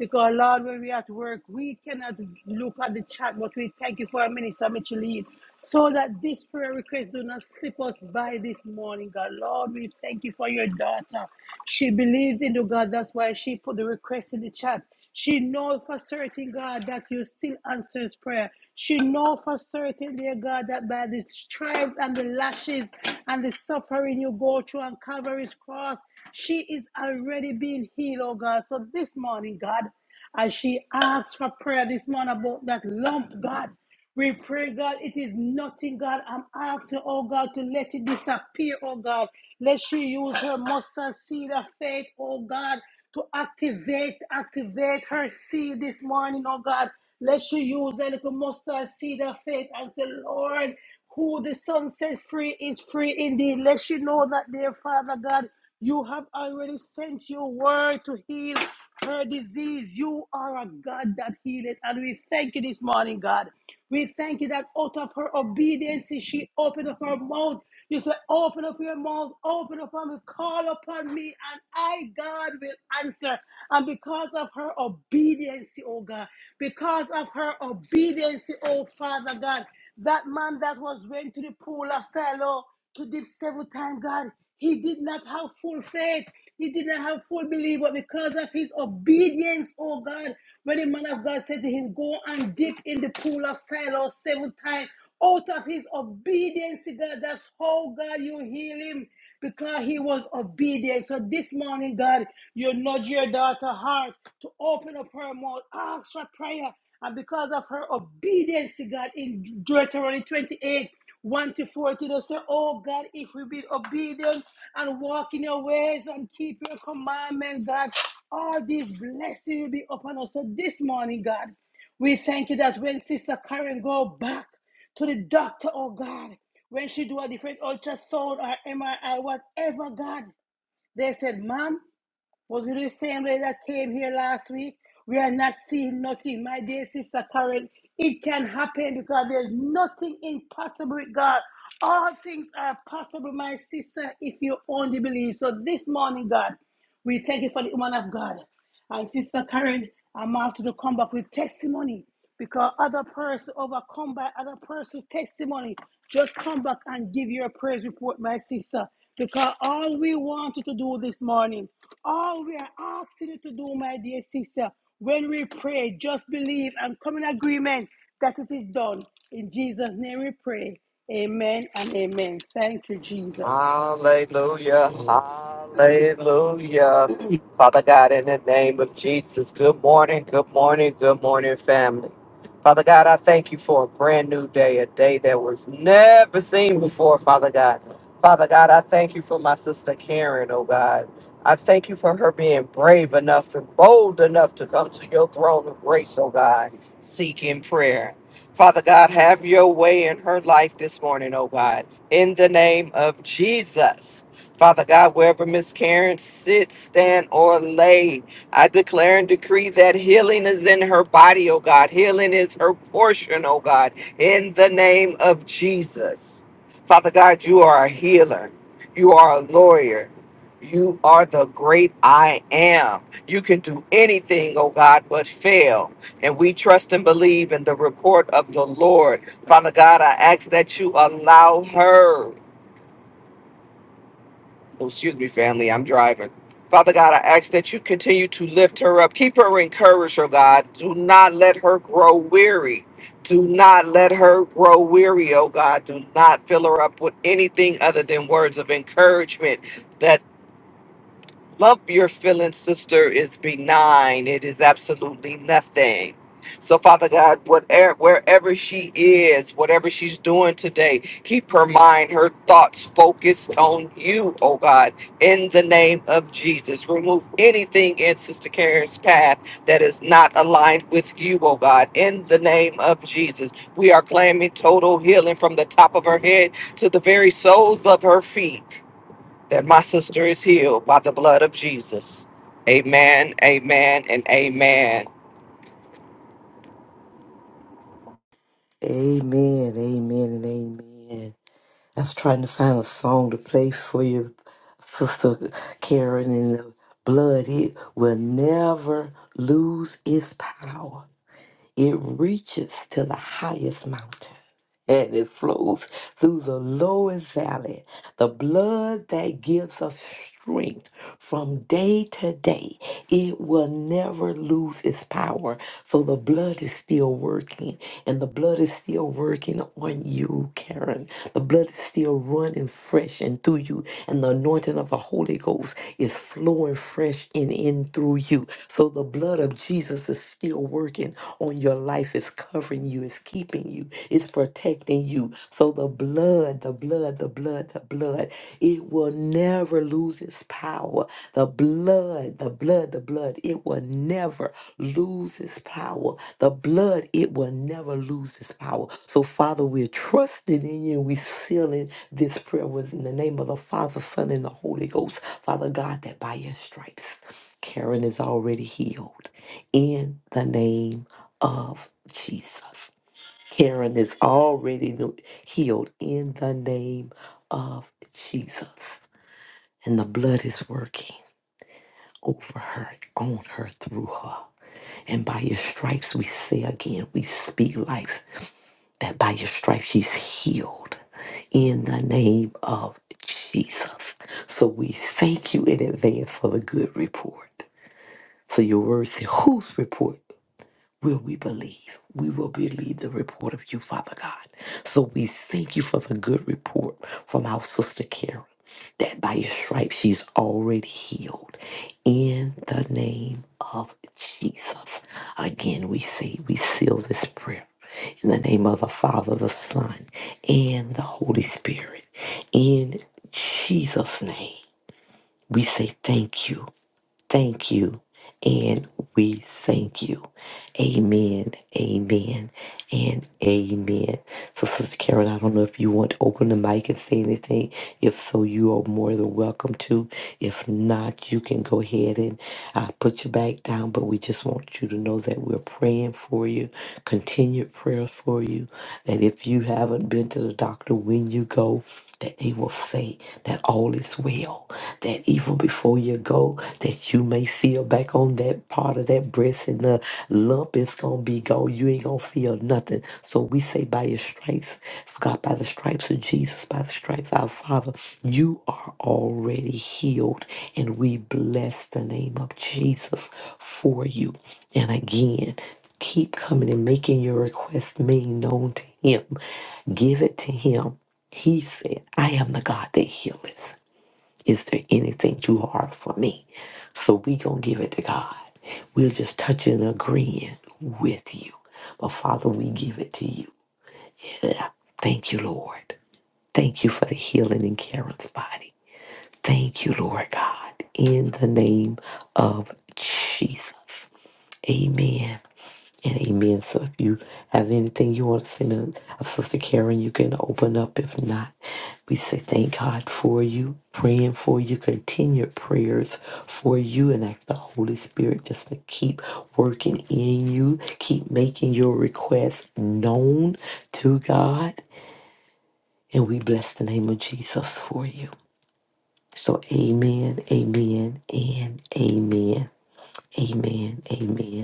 Speaker 1: Because, Lord, when we at work, we cannot look at the chat, but we thank you for our Minister Micheline. So that this prayer request do not slip us by this morning, God. Lord, we thank you for your daughter. She believes in you, God. That's why she put the request in the chat. She knows for certain, God, that you still answers prayer. She knows for certain, dear God, that by the stripes and the lashes and the suffering you go through on Calvary's cross, she is already being healed, oh God. So this morning, God. As she asks for prayer this morning about that lump, God, we pray, God, it is nothing, God. I'm asking, oh God, to let it disappear, oh God. Let she use her mustard seed of faith, oh God, to activate, activate her seed this morning, oh God. Let she use that little mustard seed of faith and say, Lord, who the Son set free is free indeed. Let she know that, dear Father God. You have already sent your word to heal her disease. You are a God that healeth. And we thank you this morning, God. We thank you that out of her obedience, she opened up her mouth. You said, Open up your mouth, open up and call upon me, and I, God, will answer. And because of her obedience, oh God, because of her obedience, oh Father God, that man that was went to the pool of Siloam to dip seven times, God. He did not have full faith. He did not have full belief, but because of his obedience, oh God, when the man of God said to him, Go and dip in the pool of Siloam seven times, out of his obedience, God, that's how God you heal him because he was obedient. So this morning, God, you nudge your daughter's heart to open up her mouth, ask for prayer. And because of her obedience, God, in Deuteronomy 28, 1 to 40 They say, Oh God, if we be obedient and walk in your ways and keep your commandments, God, all these blessings will be upon us. So this morning, God, we thank you that when Sister Karen go back to the doctor, oh God, when she do a different ultrasound or MRI, whatever, God, they said, "Ma'am." Was it the same lady that came here last week? We are not seeing nothing. My dear sister Karen, it can happen because there's nothing impossible with God. All things are possible, my sister, if you only believe. So this morning, God, we thank you for the woman of God. And Sister Karen, I'm out to come back with testimony because other person overcome by other person's testimony. Just come back and give your praise report, my sister. Because all we want you to do this morning, all we are asking you to do, my dear sister, when we pray, just believe and come in agreement that it is done. In Jesus' name we pray. Amen and amen. Thank you, Jesus.
Speaker 2: Hallelujah.
Speaker 3: Mm.
Speaker 2: Hallelujah. Father God, in the name of Jesus, good morning, good morning, good morning, family. Father God, I thank you for a brand new day, a day that was never seen before, Father God. Father God, I thank you for my sister Karen, oh God. I thank you for her being brave enough and bold enough to come to your throne of grace, oh God, seeking prayer. Father God, have your way in her life this morning, oh God in the name of Jesus. Father God, wherever Miss Karen sits, stand, or lay, I declare and decree that healing is in her body, oh God. Healing is her portion, oh God, in the name of Jesus. Father God, you are a healer, you are a lawyer. You are the great I am. You can do anything, oh God, but fail. And we trust and believe in the report of the Lord Father God, I ask that you allow her. Oh, excuse me, family, I'm driving. Father God, I ask that you continue to lift her up. Keep her encouraged, oh God. Do not let her grow weary. Do not let her grow weary, oh God. Do not fill her up with anything other than words of encouragement That. Lump your feelings, sister, is benign. It is absolutely nothing. So, Father God, whatever, wherever she is, whatever she's doing today, keep her mind, her thoughts focused on you, oh God, in the name of Jesus. Remove anything in Sister Karen's path that is not aligned with you, oh God, in the name of Jesus. We are claiming total healing from the top of her head to the very soles of her feet that my sister is healed by the blood of Jesus. Amen, amen, and amen.
Speaker 3: Amen, amen, and amen. I was trying to find a song to play for you, Sister Karen, and the blood, it will never lose its power. It reaches to the highest mountain. and it flows through the lowest valley. The blood that gives us strength from day to day, it will never lose its power. So the blood is still working, and the blood is still working on you, Karen. The blood is still running fresh and through you, and the anointing of the Holy Ghost is flowing fresh in in through you. So the blood of Jesus is still working on your life, is covering you you, it's keeping you, it's protecting you. So the blood, the blood, the blood, the blood, it will never lose its power. The blood, the blood, the blood, it will never lose its power. The blood, it will never lose its power. So, Father, we're trusting in you and we're sealing this prayer within the name of the Father, Son, and the Holy Ghost. Father God, that by your stripes, Karen is already healed in the name of Jesus. Karen is already no- healed in the name of Jesus. And the blood is working over her, on her, through her. And by your stripes, we say again, we speak life, that by your stripes, she's healed in the name of Jesus. So we thank you in advance for the good report. So your word says, whose report? will we believe? We will believe the report of you, Father God. So we thank you for the good report from our sister Karen that by your stripes she's already healed. In the name of Jesus. Again, we say we seal this prayer. In the name of the Father, the Son, and the Holy Spirit. In Jesus' name, we say thank you thank you and we thank you. Amen, amen, and amen. So, Sister Karen, I don't know if you want to open the mic and say anything. If so, you are more than welcome to. If not, you can go ahead and uh, put your back down. But we just want you to know that we're praying for you, continued prayers for you. And if you haven't been to the doctor, when you go, that they will say that all is well, that even before you go, that you may feel back on that part of that breast and the lump is gonna be gone. You ain't gonna feel nothing. So we say by your stripes, God, by the stripes of Jesus, by the stripes of our Father, you are already healed. And we bless the name of Jesus for you. And again, keep coming and making your request made known to him. Give it to him he said, I am the God that healeth. Is there anything too hard for me? So we going to give it to God. we will just touch and agreeing with you. But Father, we give it to you. Thank you, Lord. Thank you for the healing in Karen's body. Thank you, Lord God, in the name of Jesus. Amen. And amen. So if you have anything you want to say, man, uh, Sister Karen, you can open up. If not, we say thank God for you, praying for you, continued prayers for you, and ask the Holy Spirit just to keep working in you, keep making your requests known to God. And we bless the name of Jesus for you. So amen, amen, and amen, amen, amen.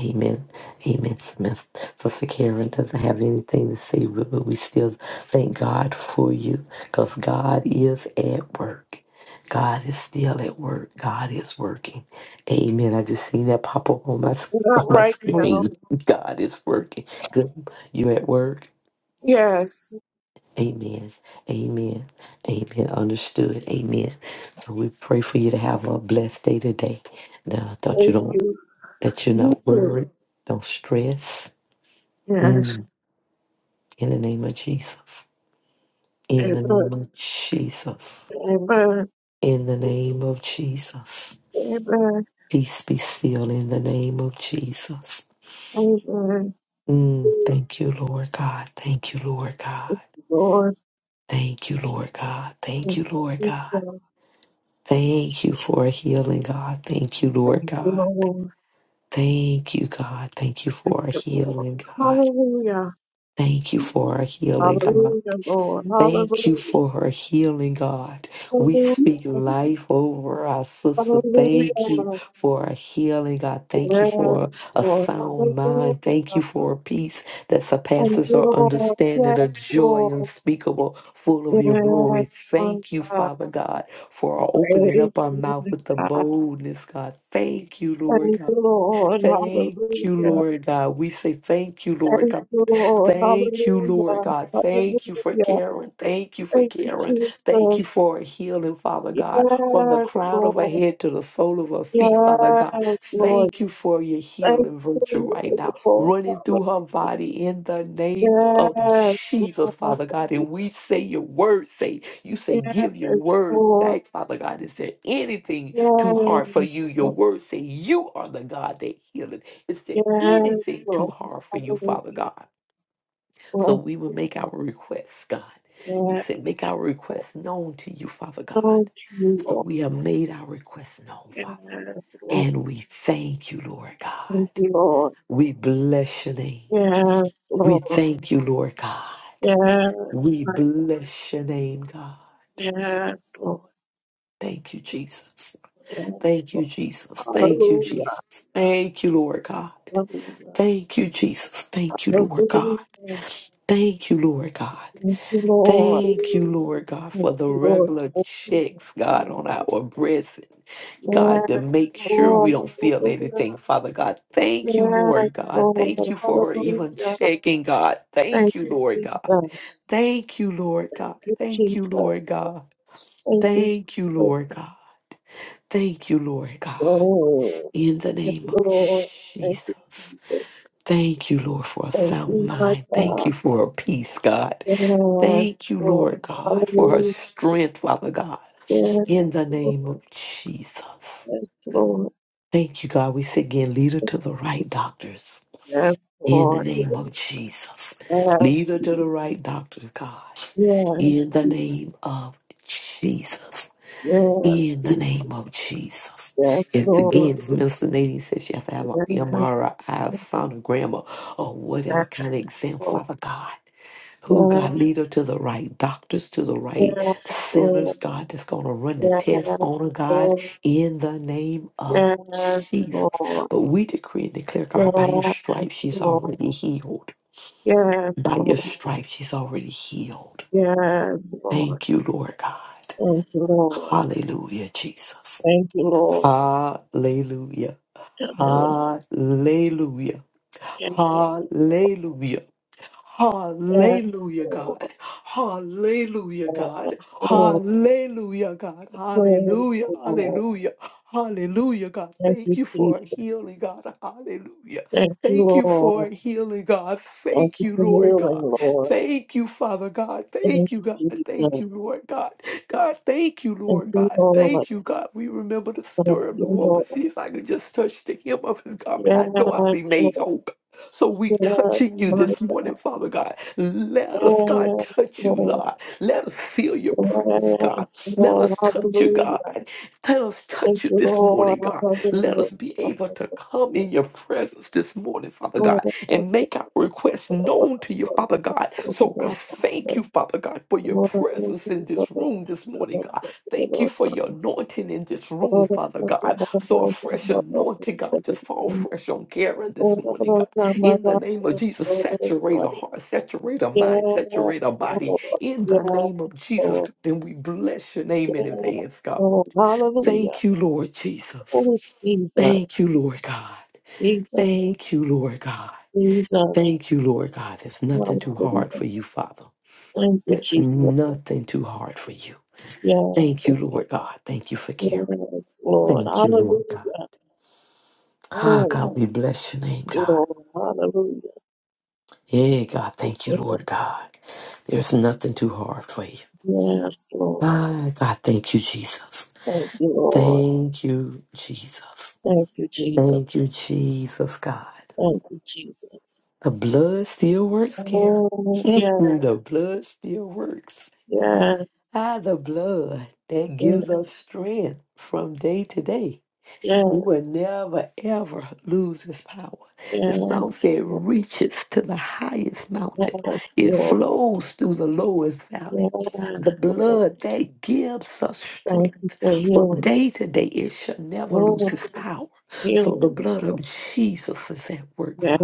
Speaker 3: Amen. Amen, Smith. Sister Karen doesn't have anything to say, but but we still thank God for you because God is at work. God is still at work. God is working. Amen. I just seen that pop up on my s-
Speaker 4: Not
Speaker 3: on my
Speaker 4: right now.
Speaker 3: screen. God is working. Good. You're at work.
Speaker 4: Yes.
Speaker 3: Amen. Amen. Amen. Understood. Amen. So we pray for you to have a blessed day today. Now, that you
Speaker 4: Thank
Speaker 3: don't
Speaker 4: you.
Speaker 3: that you're
Speaker 4: You
Speaker 3: not
Speaker 4: too.
Speaker 3: worried, don't stress.
Speaker 4: Yes.
Speaker 3: Mm. In the name of Jesus. In the name
Speaker 4: Amen.
Speaker 3: of Jesus.
Speaker 4: Amen.
Speaker 3: In the name of Jesus.
Speaker 4: Amen.
Speaker 3: Peace be still in the name of Jesus.
Speaker 4: Amen.
Speaker 3: Mm. Thank you, Lord God. Thank you, Lord God.
Speaker 4: Thank you, Lord.
Speaker 3: Thank you, Lord God. Thank
Speaker 4: Thank
Speaker 3: you, Lord
Speaker 4: you,
Speaker 3: God.
Speaker 4: Jesus.
Speaker 3: Thank you for healing, God. Thank you, Lord
Speaker 4: Thank you,
Speaker 3: God.
Speaker 4: Lord.
Speaker 3: Thank you, God. Thank you
Speaker 4: Thank
Speaker 3: for
Speaker 4: you, Lord.
Speaker 3: healing, God.
Speaker 4: Hallelujah.
Speaker 3: Thank you for healing, God.
Speaker 4: Hallelujah, Lord. Hallelujah.
Speaker 3: Thank you for her healing, God. We
Speaker 4: Hallelujah.
Speaker 3: speak life over our sister. Thank you
Speaker 4: Hallelujah.
Speaker 3: for her healing, God. Thank you
Speaker 4: Yes,
Speaker 3: for a, a
Speaker 4: Lord.
Speaker 3: sound
Speaker 4: Hallelujah.
Speaker 3: mind. Thank you for a peace that
Speaker 4: Thank
Speaker 3: surpasses
Speaker 4: you,
Speaker 3: our
Speaker 4: Lord.
Speaker 3: understanding, a
Speaker 4: Yes,
Speaker 3: joy
Speaker 4: Lord.
Speaker 3: unspeakable, full of your
Speaker 4: Yes,
Speaker 3: glory. Thank you,
Speaker 4: Lord.
Speaker 3: Father God, for
Speaker 4: Praise
Speaker 3: opening
Speaker 4: you,
Speaker 3: up our mouth
Speaker 4: Lord
Speaker 3: with the
Speaker 4: God.
Speaker 3: boldness, God. Thank you, Lord
Speaker 4: Thank you,
Speaker 3: God.
Speaker 4: Lord.
Speaker 3: Thank you,
Speaker 4: Hallelujah.
Speaker 3: Lord God. We say thank you, Lord
Speaker 4: Thank
Speaker 3: God
Speaker 4: you, Lord.
Speaker 3: Thank you, Lord
Speaker 4: Hallelujah.
Speaker 3: God. Thank you for
Speaker 4: Hallelujah.
Speaker 3: Karen. Thank you for
Speaker 4: Thank you,
Speaker 3: Karen. Thank you
Speaker 4: Jesus.
Speaker 3: for a healing, Father God, from the
Speaker 4: Yes,
Speaker 3: crown of her
Speaker 4: Lord.
Speaker 3: head to the sole of her feet, Father God.
Speaker 4: Yes, Lord.
Speaker 3: Thank you for your
Speaker 4: Thank
Speaker 3: healing virtue right
Speaker 4: you,
Speaker 3: now,
Speaker 4: Lord.
Speaker 3: running through her
Speaker 4: Hallelujah.
Speaker 3: body in the name of
Speaker 4: Yes,
Speaker 3: Jesus,
Speaker 4: Lord.
Speaker 3: Father God. And we say your word, say, you say, give your
Speaker 4: Yes,
Speaker 3: word
Speaker 4: Lord.
Speaker 3: back, Father God. Is there anything
Speaker 4: Yes,
Speaker 3: too hard for you? Your
Speaker 4: Lord.
Speaker 3: word say, you are the God that healeth. Is there
Speaker 4: Yes,
Speaker 3: anything too
Speaker 4: Lord.
Speaker 3: hard for you, Father
Speaker 4: Hallelujah.
Speaker 3: God? So
Speaker 4: Bless
Speaker 3: we will
Speaker 4: you.
Speaker 3: make our requests, God. You
Speaker 4: Yes.
Speaker 3: said, make our
Speaker 4: Lord.
Speaker 3: requests known to you, Father God.
Speaker 4: Thank you, Lord.
Speaker 3: So we have made our requests known, Father.
Speaker 4: Yes, Lord.
Speaker 3: And we thank you, Lord God.
Speaker 4: Thank you, Lord.
Speaker 3: We bless your name.
Speaker 4: Yes,
Speaker 3: We
Speaker 4: Lord.
Speaker 3: thank you, Lord God.
Speaker 4: Yes,
Speaker 3: We
Speaker 4: my God.
Speaker 3: bless your name, God.
Speaker 4: Yes, Lord.
Speaker 3: Thank you, Jesus.
Speaker 4: Yes,
Speaker 3: Thank you,
Speaker 4: Lord.
Speaker 3: Jesus. Thank you,
Speaker 4: Hallelujah.
Speaker 3: Jesus. Thank you, Lord God.
Speaker 4: Hallelujah.
Speaker 3: Thank you, Jesus. Thank you, Lord God.
Speaker 4: Hallelujah.
Speaker 3: Thank you, Lord God.
Speaker 4: Thank you, Lord.
Speaker 3: Thank you, Lord God,
Speaker 4: Thank
Speaker 3: for the
Speaker 4: you, Lord.
Speaker 3: regular
Speaker 4: Yes, Lord.
Speaker 3: checks, God, on
Speaker 4: Hallelujah.
Speaker 3: our breasts, God, to make sure we don't feel anything, Father God. Thank you,
Speaker 4: Yes,
Speaker 3: Lord God.
Speaker 4: Lord.
Speaker 3: Thank you for her even
Speaker 4: Hallelujah.
Speaker 3: checking, God.
Speaker 4: Thank
Speaker 3: Thank you,
Speaker 4: you,
Speaker 3: Lord God.
Speaker 4: Jesus.
Speaker 3: Thank you, Lord God.
Speaker 4: Thank you,
Speaker 3: Thank you,
Speaker 4: Jesus.
Speaker 3: Lord God.
Speaker 4: Thank you,
Speaker 3: Thank you,
Speaker 4: Jesus.
Speaker 3: Lord God. Thank you, Lord God.
Speaker 4: Oh.
Speaker 3: In the
Speaker 4: Yes,
Speaker 3: name of
Speaker 4: Lord. Thank you,
Speaker 3: Jesus.
Speaker 4: Jesus.
Speaker 3: Thank you, Lord, for a
Speaker 4: Thank
Speaker 3: sound
Speaker 4: you, my
Speaker 3: mind. Thank
Speaker 4: God.
Speaker 3: you for her peace, God.
Speaker 4: Yes,
Speaker 3: Thank you,
Speaker 4: Lord.
Speaker 3: Lord God, for her
Speaker 4: Hallelujah.
Speaker 3: strength, Father God,
Speaker 4: Yes,
Speaker 3: in the
Speaker 4: Lord.
Speaker 3: name of Jesus.
Speaker 4: Yes, Lord.
Speaker 3: Thank you, God. We say again, lead her to the right doctors
Speaker 4: Yes,
Speaker 3: in the
Speaker 4: Lord.
Speaker 3: name of Jesus.
Speaker 4: Yes.
Speaker 3: Lead her to the right doctors, God,
Speaker 4: Yes.
Speaker 3: in the name of Jesus.
Speaker 4: Yes.
Speaker 3: In the name of Jesus.
Speaker 4: Yes,
Speaker 3: If
Speaker 4: Lord.
Speaker 3: again, if Minister Nadine says she has to have an
Speaker 4: Yes.
Speaker 3: MRI, sonogram, or, or whatever kind of exam, Father God, who
Speaker 4: Yes,
Speaker 3: God lead her to the right doctors, to the right sinners,
Speaker 4: Lord.
Speaker 3: God, that's going to run the
Speaker 4: Yes,
Speaker 3: test
Speaker 4: yes,
Speaker 3: on her, God,
Speaker 4: Lord.
Speaker 3: in the name of
Speaker 4: Yes,
Speaker 3: Jesus.
Speaker 4: Lord.
Speaker 3: But we decree and declare,
Speaker 4: Yes,
Speaker 3: God, by your stripes, she's
Speaker 4: Lord.
Speaker 3: already healed.
Speaker 4: Yes, Lord. Yes,
Speaker 3: By your
Speaker 4: Lord.
Speaker 3: stripes, she's already healed.
Speaker 4: Yes, Lord.
Speaker 3: Thank you, Lord God.
Speaker 4: Thank you, Lord.
Speaker 3: Hallelujah, Jesus.
Speaker 4: Thank you, Lord.
Speaker 3: Hallelujah.
Speaker 4: Hallelujah.
Speaker 3: Hallelujah.
Speaker 4: Yes,
Speaker 3: Hallelujah. Hallelujah,
Speaker 4: Lord.
Speaker 3: God. Hallelujah, God.
Speaker 4: Yes, Lord.
Speaker 3: Hallelujah, God.
Speaker 4: Praise
Speaker 3: Hallelujah,
Speaker 4: you, Lord.
Speaker 3: hallelujah, hallelujah, God.
Speaker 4: Thank
Speaker 3: Thank
Speaker 4: you,
Speaker 3: you for
Speaker 4: Jesus.
Speaker 3: healing, God. Hallelujah.
Speaker 4: Thank you,
Speaker 3: Thank you for
Speaker 4: Lord.
Speaker 3: healing, God.
Speaker 4: Thank
Speaker 3: Thank
Speaker 4: you
Speaker 3: you,
Speaker 4: for
Speaker 3: Lord
Speaker 4: healing,
Speaker 3: God.
Speaker 4: Lord.
Speaker 3: Thank you, Father God.
Speaker 4: Thank
Speaker 3: Thank you,
Speaker 4: you,
Speaker 3: God. Thank you,
Speaker 4: Jesus.
Speaker 3: Lord God. God, thank you,
Speaker 4: Thank
Speaker 3: Lord
Speaker 4: you,
Speaker 3: God.
Speaker 4: Lord.
Speaker 3: Thank you, God. We remember the
Speaker 4: Thank
Speaker 3: story of
Speaker 4: you,
Speaker 3: the woman.
Speaker 4: Lord.
Speaker 3: See if I could just touch the hem of his garment. I know I'll
Speaker 4: Yes,
Speaker 3: be made
Speaker 4: Lord.
Speaker 3: whole. So we
Speaker 4: Yes,
Speaker 3: touching you
Speaker 4: my
Speaker 3: this morning,
Speaker 4: God.
Speaker 3: Father God. Let us, God,
Speaker 4: Yes,
Speaker 3: touch you,
Speaker 4: Lord.
Speaker 3: Lord. Let us feel your presence,
Speaker 4: Yes,
Speaker 3: God. Let
Speaker 4: Lord.
Speaker 3: us touch you, God.
Speaker 4: Hallelujah.
Speaker 3: Let us
Speaker 4: Thank
Speaker 3: touch you
Speaker 4: you,
Speaker 3: this
Speaker 4: Lord.
Speaker 3: morning, God. Let us be able to
Speaker 4: Hallelujah.
Speaker 3: come in your presence this morning, Father
Speaker 4: Oh,
Speaker 3: God, and make our requests known to you, Father God. So I thank you, Father God, for your presence in this room this morning, God. Thank you for your anointing in this room, Father God. So a fresh anointing, God, just fall fresh on Karen this morning, God. In the name of Jesus, saturate a heart, saturate a mind, saturate a body. In the name of Jesus, then we bless your name in advance, God.
Speaker 4: hallelujah.
Speaker 3: Thank you, Lord
Speaker 4: Oh,
Speaker 3: Jesus.
Speaker 4: Jesus,
Speaker 3: Thank you, Lord God.
Speaker 4: Jesus,
Speaker 3: Thank you, Lord God. Thank
Speaker 4: Jesus.
Speaker 3: you, Lord God. There's nothing too hard
Speaker 4: Hallelujah.
Speaker 3: for you, Father.
Speaker 4: Thank you,
Speaker 3: There's
Speaker 4: Jesus.
Speaker 3: nothing too hard for you.
Speaker 4: Yes.
Speaker 3: Thank you,
Speaker 4: Lord.
Speaker 3: Lord God. Thank you for caring.
Speaker 4: Yes, Lord.
Speaker 3: Thank you, Lord God.
Speaker 4: Hallelujah.
Speaker 3: Ah,
Speaker 4: Oh,
Speaker 3: God, we bless your
Speaker 4: thank
Speaker 3: name,
Speaker 4: you,
Speaker 3: God.
Speaker 4: Lord. Hallelujah.
Speaker 3: Yeah, God, thank you, Lord God. There's nothing too hard for you.
Speaker 4: Yes, Lord.
Speaker 3: Ah, God, thank you, Jesus.
Speaker 4: Thank you, Lord.
Speaker 3: Thank you, Jesus.
Speaker 4: Thank you, Jesus.
Speaker 3: Thank you, Jesus, God.
Speaker 4: Thank you, Jesus.
Speaker 3: The blood still works, Karen.
Speaker 4: Oh, yes.
Speaker 3: the blood still works.
Speaker 4: Yes.
Speaker 3: Ah, the blood that
Speaker 4: Yes.
Speaker 3: gives us strength from day to day. It will
Speaker 4: Yes.
Speaker 3: never, ever lose its power.
Speaker 4: Yes,
Speaker 3: The song said, reaches to the highest
Speaker 4: yes
Speaker 3: mountain, it
Speaker 4: Lord.
Speaker 3: flows through the lowest valley.
Speaker 4: Yes,
Speaker 3: The
Speaker 4: Lord.
Speaker 3: blood that gives us
Speaker 4: Thank you
Speaker 3: strength
Speaker 4: for
Speaker 3: from
Speaker 4: healing.
Speaker 3: day to day, it shall never lose
Speaker 4: Oh,
Speaker 3: its power. So the
Speaker 4: healing.
Speaker 3: blood of
Speaker 4: Lord.
Speaker 3: Jesus is at work,
Speaker 4: Yes,
Speaker 3: Father.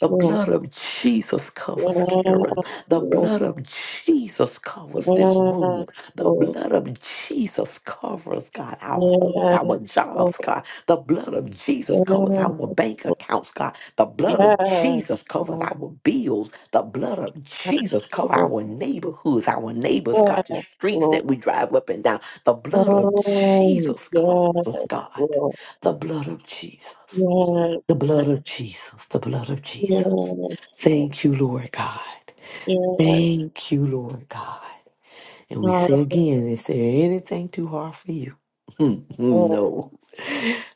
Speaker 3: The
Speaker 4: Lord.
Speaker 3: blood of Jesus
Speaker 4: Yes,
Speaker 3: covers Karen. The
Speaker 4: Lord.
Speaker 3: blood of Jesus covers this room.
Speaker 4: Yes,
Speaker 3: The
Speaker 4: Lord.
Speaker 3: blood of Jesus covers, God, our homes, our
Speaker 4: Yes. Lord.
Speaker 3: jobs, God. The blood of
Speaker 4: Yeah.
Speaker 3: Jesus covers our bank accounts, God. The blood
Speaker 4: Yeah.
Speaker 3: of Jesus covers
Speaker 4: Lord.
Speaker 3: our bills. The blood of
Speaker 4: Yes,
Speaker 3: Jesus covers
Speaker 4: Lord.
Speaker 3: our neighborhoods, our neighbors, God,
Speaker 4: Yes,
Speaker 3: the streets
Speaker 4: Lord.
Speaker 3: that we drive up and down. The blood of
Speaker 4: Oh,
Speaker 3: Jesus covers us,
Speaker 4: yes,
Speaker 3: God.
Speaker 4: Lord.
Speaker 3: The blood of Jesus. The
Speaker 4: Yes, my,
Speaker 3: blood of Jesus. The blood of Jesus.
Speaker 4: yes, my,
Speaker 3: Thank you, Lord God.
Speaker 4: yes.
Speaker 3: Thank you, Lord God. And we say again, is there anything too hard for you?
Speaker 4: Oh,
Speaker 3: no.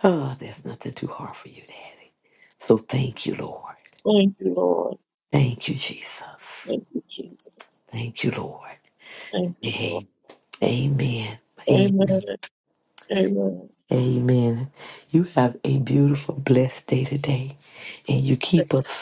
Speaker 3: Oh, there's nothing too hard for you, Daddy. So thank you, Lord.
Speaker 4: thank you, Lord.
Speaker 3: Thank you, Jesus.
Speaker 4: Thank you, Jesus.
Speaker 3: Thank you, Lord.
Speaker 4: Thank you, Lord.
Speaker 3: A- Amen. Amen.
Speaker 4: Amen. Amen.
Speaker 3: Amen. You have a beautiful, blessed day today. And you keep us.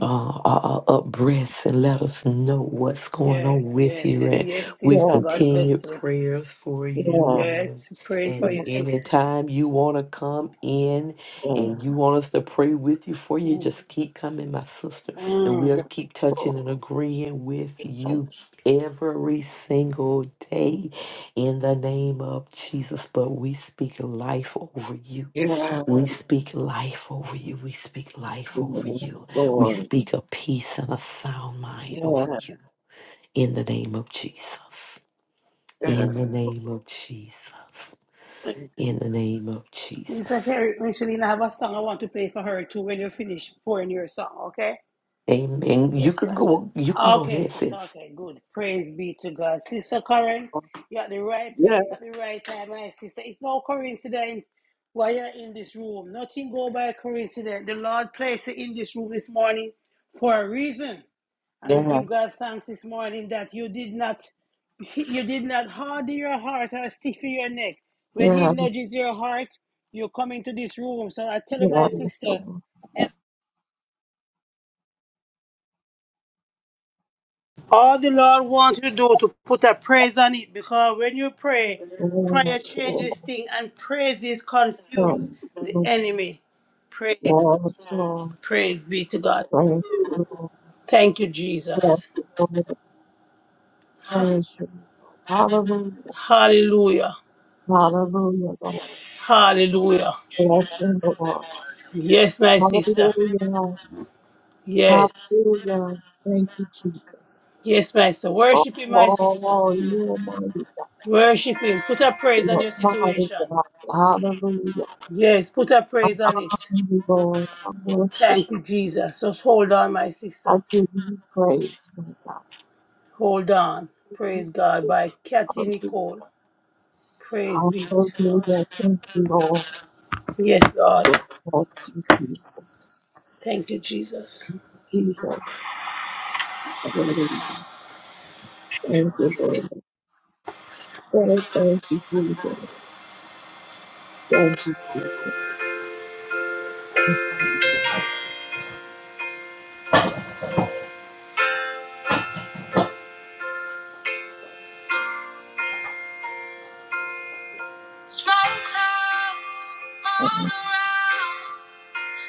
Speaker 3: uh, uh, uh, up breath and let us know what's going
Speaker 1: Yes,
Speaker 3: on with
Speaker 1: yes,
Speaker 3: you. And
Speaker 1: yes,
Speaker 3: we
Speaker 1: sister.
Speaker 4: Yes,
Speaker 1: God
Speaker 3: continue
Speaker 1: bless you.
Speaker 3: prayers for
Speaker 4: yes,
Speaker 3: you.
Speaker 1: Yes,
Speaker 4: yes,
Speaker 3: And,
Speaker 1: praying for
Speaker 4: yes,
Speaker 3: and
Speaker 1: you, sis.
Speaker 3: anytime you want to come in
Speaker 4: Lord.
Speaker 3: and you
Speaker 4: Yes, yes,
Speaker 3: want us to pray with you for you, just keep coming, my sister. And
Speaker 1: Mm.
Speaker 3: we'll keep touching and agreeing with you every single day in the name of Jesus. But we speak life over you. We speak life over you. We speak life over you. We
Speaker 4: Lord.
Speaker 3: speak a peace and a sound mind over
Speaker 4: Yes,
Speaker 3: you. In the name of Jesus. In
Speaker 4: yes.
Speaker 3: the name of Jesus.
Speaker 4: Thank you.
Speaker 3: In the name of
Speaker 1: You said,
Speaker 3: Jesus.
Speaker 1: Carrie, Michelin, I have a song I want to play for her too when you finish pouring your song, okay?
Speaker 3: Amen. You
Speaker 1: Yes,
Speaker 3: can
Speaker 1: ma'am.
Speaker 3: go. You can go
Speaker 1: Okay,
Speaker 3: ahead,
Speaker 1: sister,
Speaker 3: sis.
Speaker 1: okay, good. Praise be to God. Sister Karen,
Speaker 4: Lord.
Speaker 1: you're at the right
Speaker 4: Yes,
Speaker 1: place at the right time, my sister. It's no coincidence why you're in this room. Nothing go by coincidence. The Lord placed you in this room this morning for a reason. And we
Speaker 4: yes.
Speaker 1: give God thanks this morning that you did not you did not harden your heart or stiffen your neck. When he
Speaker 4: Yeah,
Speaker 1: nudges your heart, you come into this room. So I tell you,
Speaker 4: yeah.
Speaker 1: my
Speaker 4: Yes,
Speaker 1: sister, all the Lord wants you to do to put a praise on it because when you pray, prayer
Speaker 4: Lord.
Speaker 1: changes things and praises confuse
Speaker 4: Thank
Speaker 1: the
Speaker 4: you.
Speaker 1: enemy. Praise,
Speaker 4: Yes, Lord.
Speaker 1: praise be to God.
Speaker 4: Praise you. Lord.
Speaker 1: Thank you,
Speaker 4: Bless
Speaker 1: Jesus.
Speaker 4: you, Lord. Praise you. Lord. Hallelujah.
Speaker 1: Hallelujah.
Speaker 4: Hallelujah, Lord.
Speaker 1: Hallelujah.
Speaker 4: Bless you, Lord.
Speaker 1: Yes, my sister.
Speaker 4: Hallelujah.
Speaker 1: Yes.
Speaker 4: Hallelujah. Thank you, Jesus.
Speaker 1: Yes, my sister. Worship him, my sister.
Speaker 4: Oh, you almighty God.
Speaker 1: Worship him. Put a praise on
Speaker 4: You
Speaker 1: your
Speaker 4: almighty
Speaker 1: situation.
Speaker 4: God. Hallelujah.
Speaker 1: Yes, put a
Speaker 4: I
Speaker 1: praise on it.
Speaker 4: honor you, Lord. I worship.
Speaker 1: Thank you, Jesus. Just hold on, my
Speaker 4: I
Speaker 1: sister.
Speaker 4: give you praise, my God.
Speaker 1: Hold on.
Speaker 4: You
Speaker 1: Praise God by Kathy
Speaker 4: praise.
Speaker 1: Nicole. Praise be to God.
Speaker 4: Hallelujah. Thank you, Lord.
Speaker 1: Yes,
Speaker 4: God
Speaker 1: God.
Speaker 4: bless you, Jesus.
Speaker 1: Thank you, Jesus.
Speaker 4: Jesus. Hallelujah. Thank you, Lord. Oh, thank you, Jesus. Thank you, Jesus. Thank you,
Speaker 1: Smoke clouds all
Speaker 4: Lord.
Speaker 1: around.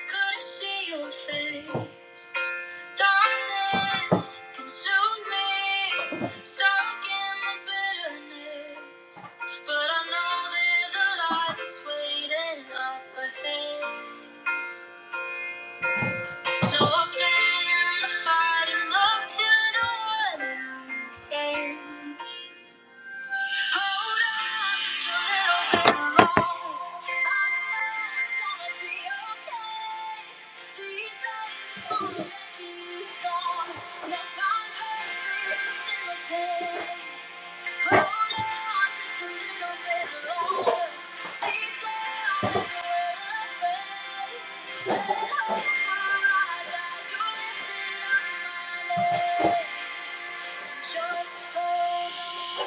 Speaker 1: Couldn't see your face. Darkness consumed me, stuck in the bitterness. But I know there's a light that's waiting up ahead. So I'll stay in the fight and look to the one who saves. Just hold on.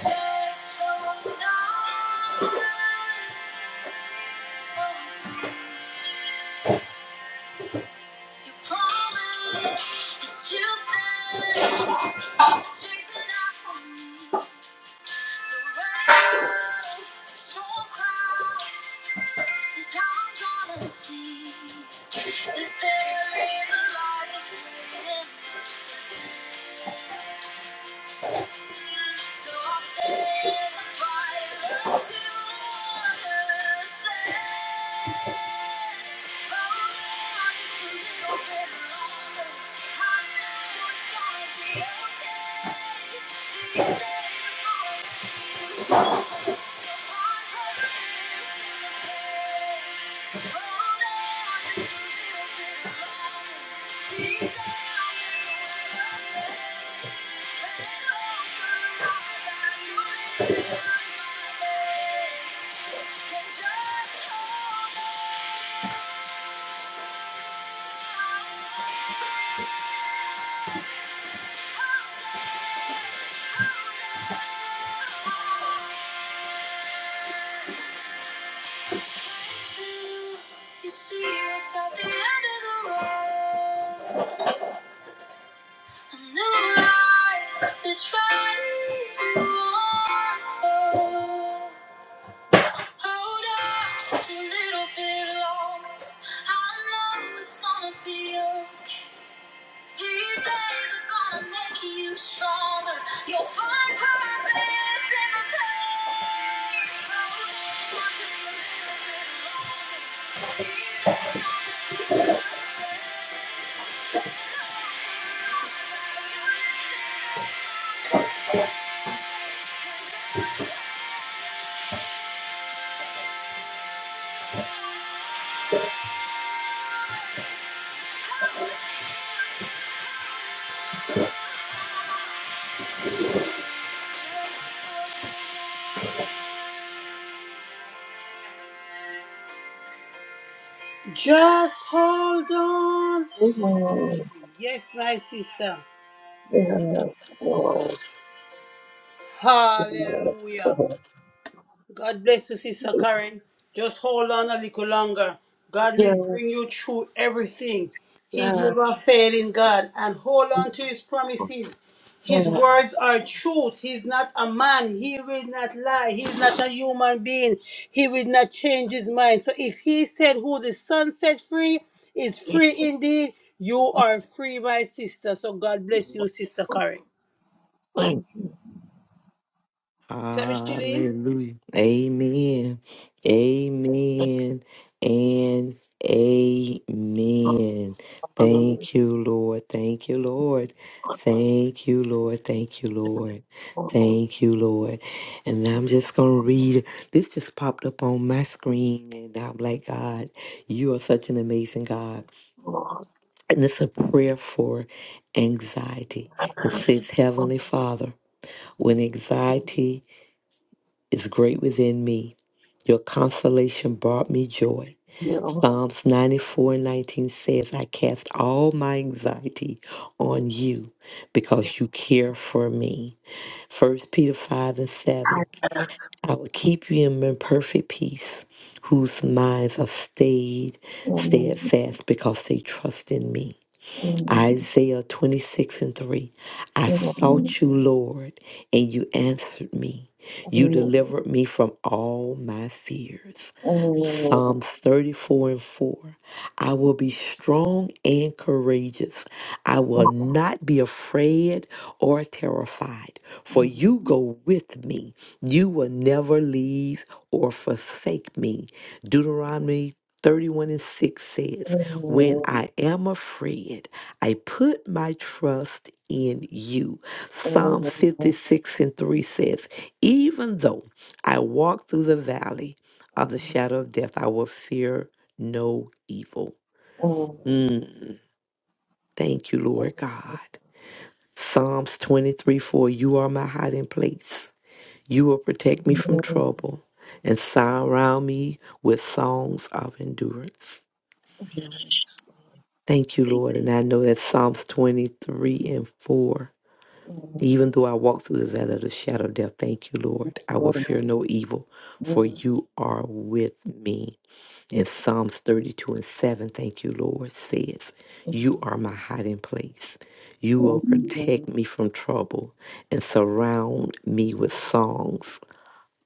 Speaker 1: Just hold on. You promise it still stands. It's chasing after me. The rain, the storm clouds is how I'm gonna see that there is a light that's waiting. So I'll stand and fight until the water says. Just hold on. You see what's at the end of the road. A new life is ready to unfold. Hold on just a little bit longer. I know it's gonna be okay. These days are gonna make you stronger. You'll find purpose in the pain. Hold on just a little bit longer. Just hold on.
Speaker 4: Oh,
Speaker 1: Yes, my sister.
Speaker 4: yes, Lord. Yes,
Speaker 1: Hallelujah.
Speaker 4: Lord.
Speaker 1: God bless you, Sister Karen. Just hold on a little longer. God
Speaker 4: Yes,
Speaker 1: will bring you through everything. He's
Speaker 4: yes, yes.
Speaker 1: never failing God. And hold on to his promises. His words are truth. He's not a man. He will not lie. He's not a human being. He will not change his mind. So if he said who the son set free is free indeed, you are free, my sister. So God bless you, Sister Karen.
Speaker 4: Thank you,
Speaker 1: Sister Micheline?
Speaker 3: Hallelujah. Amen. Amen. And amen.
Speaker 4: Lord.
Speaker 3: Thank you, Lord. Thank you, Lord. Thank you, Lord. Thank you, Lord.
Speaker 4: Oh,
Speaker 3: Thank you, Lord. And I'm just going to read. This just popped up on my screen. And I'm like, God, you are such an amazing God.
Speaker 4: Lord. Oh,
Speaker 3: And it's a prayer for anxiety. It says, Heavenly Father, when anxiety is great within me. Your consolation brought me joy.
Speaker 4: you.
Speaker 3: Psalms 94 and 19 says, I cast all my anxiety on you because you care for me. First Peter 5 and 7,
Speaker 4: Yes.
Speaker 3: I will keep you in perfect peace, whose minds are stayed
Speaker 4: Mm,
Speaker 3: steadfast because they trust in me.
Speaker 4: mm,
Speaker 3: Isaiah 26 and 3. I
Speaker 4: mm,
Speaker 3: sought you, Lord, and you answered me. You
Speaker 4: mm,
Speaker 3: delivered me from all my fears.
Speaker 4: mm,
Speaker 3: Psalms 34 and 4. I will be strong and courageous. I
Speaker 4: mm,
Speaker 3: will not be afraid or terrified, for
Speaker 4: mm.
Speaker 3: you go with me. You will never leave or forsake me. Deuteronomy 31 and 6 says,
Speaker 4: mm.
Speaker 3: When I am afraid, I put my trust in you.
Speaker 4: Thank you, Lord.
Speaker 3: Psalm 56 and 3 says, Even though I walk through the valley, of the shadow of death, I will fear no evil. Mm. Thank you, Lord God. Psalms 23 4 You are my hiding place. You will protect me from trouble and surround me with songs of endurance. Thank you, Lord. And I know that Psalms 23 and 4, even though I walk through the valley of the shadow of death, thank you, Lord. I will fear no evil, for you are with me. And Psalms 32 and 7, thank you, Lord, says, You are my hiding place. You will protect me from trouble and surround me with songs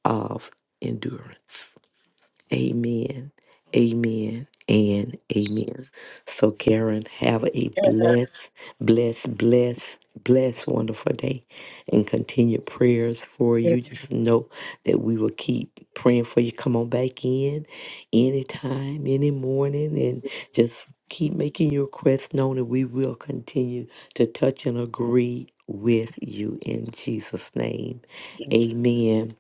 Speaker 3: of endurance. Amen. Amen. And amen. So, Karen, have a blessed, blessed, blessed, blessed, wonderful day and continue prayers for you. Just know that we will keep praying for you. Come on back in anytime, any morning, and just keep making your requests known, and we will continue to touch and agree with you in Jesus' name. Amen.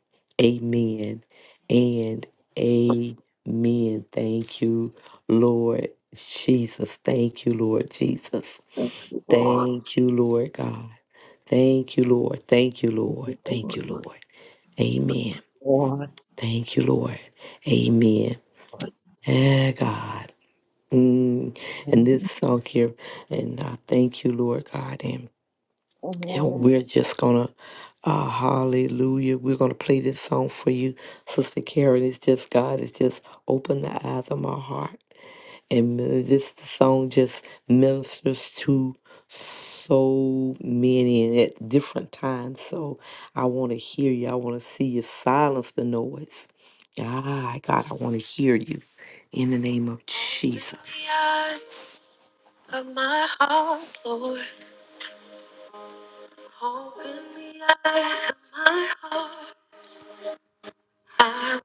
Speaker 3: Amen and amen. Thank you, Lord Jesus. Thank you, Lord Jesus. Thank you, Lord God. Thank you, Lord. Thank you,
Speaker 4: Thank
Speaker 3: Lord.
Speaker 4: you,
Speaker 3: Thank
Speaker 4: Lord.
Speaker 3: you, Lord. Amen. Thank you, Lord. Amen. Eh, God. Mm. And this song here, and I thank you, Lord God.
Speaker 4: Lord, Lord.
Speaker 3: And we're just gonna, uh, hallelujah. We're gonna play this song for you, Sister Karen. It's just God has just opened the eyes of my heart, and uh, this song just ministers to so many and at different times. So I want to hear you. I want to see you. Silence the noise. Ah, God, I want to hear you in the name of Open Jesus. Open the eyes of my heart, Lord. Open the eyes of my heart. I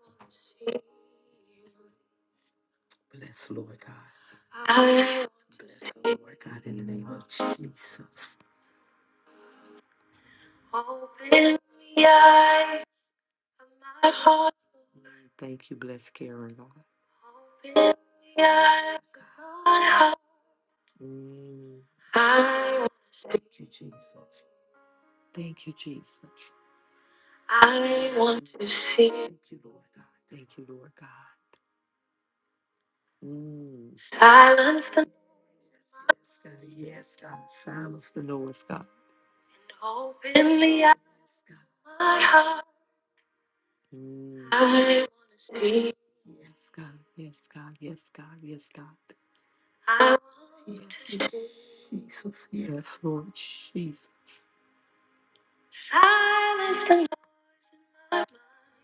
Speaker 3: will bless, Lord God. I want to bless, see. Lord God, in the name of Jesus. Open the eyes of my heart. Lord, Thank you, bless Karen, Lord. Open the eyes of my heart. Mm. I want to Thank you, Jesus. Thank you, Jesus. I want to see. Thank you, Lord God. Thank you, Lord God. Mm. Silence the Scotty, yes, God. Silence the noise, God. In the eyes, God. My heart. Mm. I really wanna see. Yes, God. Yes, God. Yes, God. Yes, God. I want you to yes, see. Jesus. Yes, Lord Jesus. Silence the noise.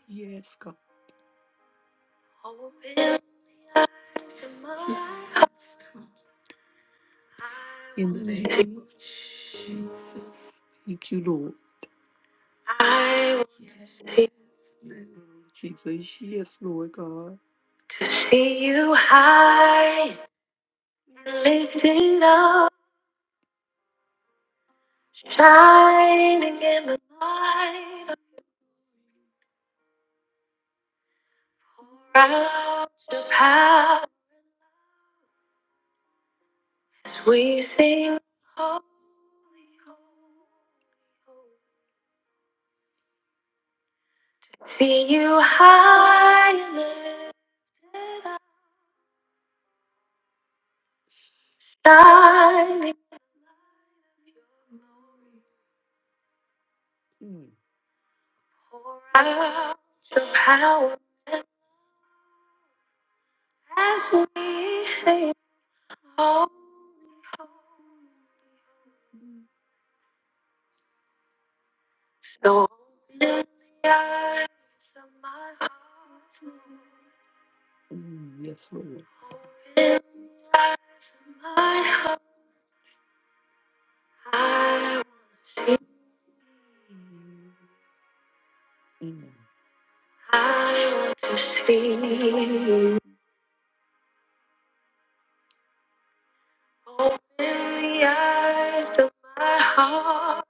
Speaker 3: Yes, God. Open the eyes of my heart. Yes, God. In the name of Jesus. Thank you, Lord. Jesus, yes, Lord God. See you high, and lifted up, shining in the light of proud of power. As we sing, holy, holy, holy. See you high, and lifted up, shining Mm. proud of power. As we sing, holy. No. Mm, Yes, Lord. Mm. Open the eyes of my heart.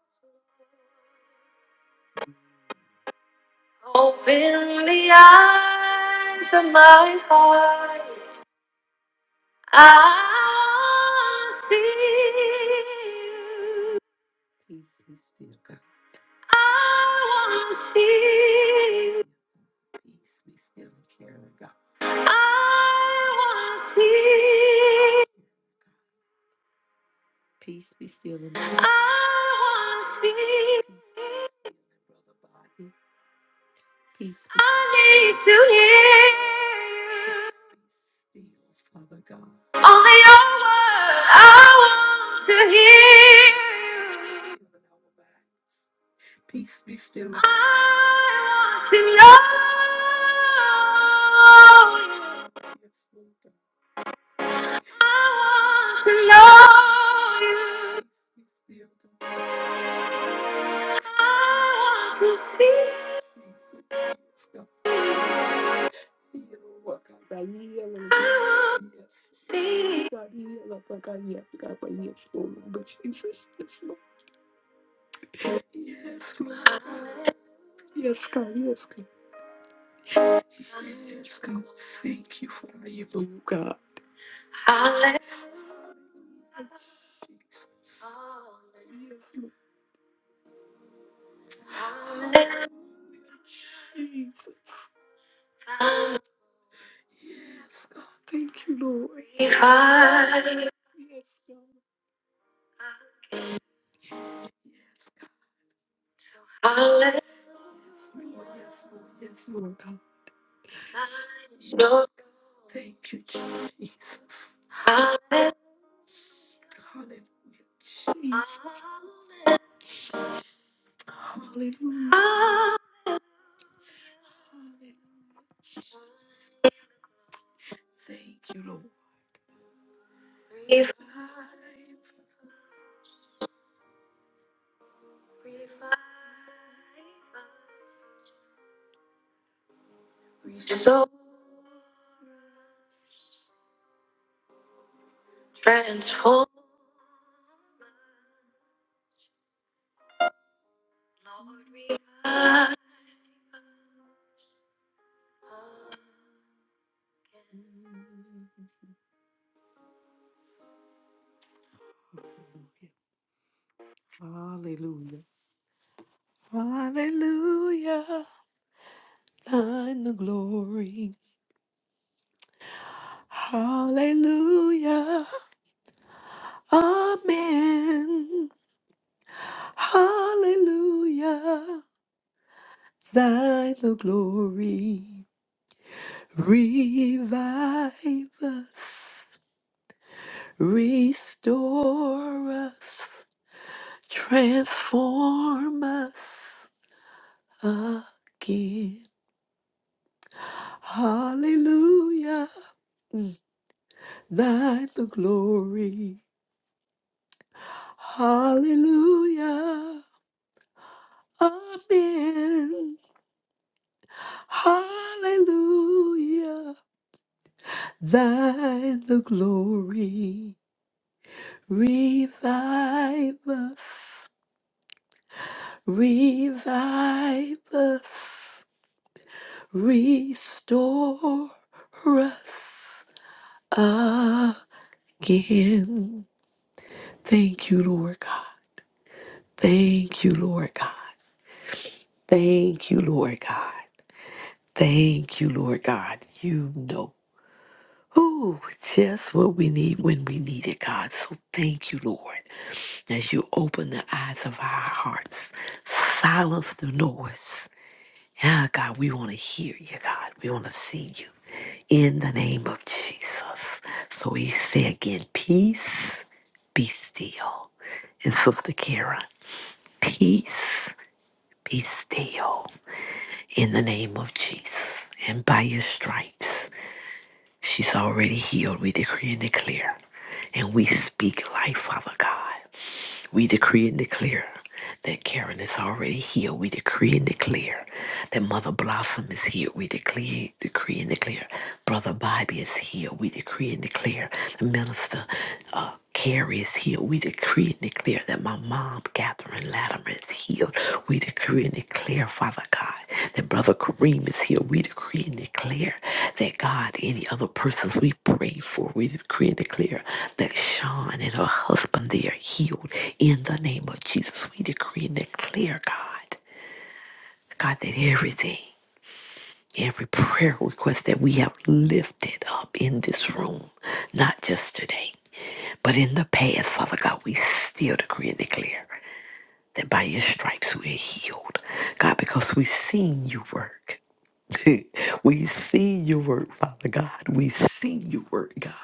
Speaker 3: Open the eyes of my heart. I want to see you. Peace be still, God. I wanna see. you. Peace be still and care of God. I wanna see. you. Peace be still and care. I wanna see. you. Brother Bobby. Peace. be- I need to hear. you. Still, Father God. Only your word I want to hear. you. Peace be still. I want to know you. Yes, I want to know you. I want to see. Yes, yes, yes, yes, Yes, Lord. Yes, God, yes, God. Yes, God. Thank you for how you move, God. Yes, God. Thank you, Lord. Yes, God. Yes, Lord. Yes, Lord. Yes, Lord, God. Thank you, Jesus. Hallelujah, Jesus. Hallelujah. Hallelujah. Thank you, Lord. Revive. Revive us. So transform, Lord. revive Hallelujah. Hallelujah. Thine the glory. Hallelujah. Amen. Hallelujah. Thine the glory. Revive us. Restore us, transform us again. Hallelujah, Mm. thine the glory. Hallelujah, amen. Hallelujah, thine the glory. Revive us, revive us. restore us again. Thank you, Lord God. Thank you, Lord God. Thank you, Lord God. Thank you, Lord God. You know. Ooh, just what we need when we need it, God. So thank you, Lord, as you open the eyes of our hearts, silence the noise. Yeah, God, we want to hear you, God. We want to see you. in the name of Jesus. So we say again, peace, be still. And Sister Kara, peace, be still in the name of Jesus. And by your stripes, she's already healed. We decree and declare. And we speak life, Father God. We decree and declare that Karen is already healed. We decree and declare that Mother Blossom is healed. We declare, decree and declare Brother Bobby is healed. We decree and declare the minister uh, Carrie is healed. We decree and declare that my mom, Catherine Adam is healed. We decree and declare, Father God, that Brother Kareem is healed. We decree and declare that God, any other persons we pray for, we decree and declare that Sean and her husband, they are healed in the name of Jesus. We decree and declare, God, God, that everything, every prayer request that we have lifted up in this room, not just today, but in the past, Father God, we still decree and declare that by your stripes we're healed. God, because we've seen you work. we've seen you work, Father God. We've seen you work, God.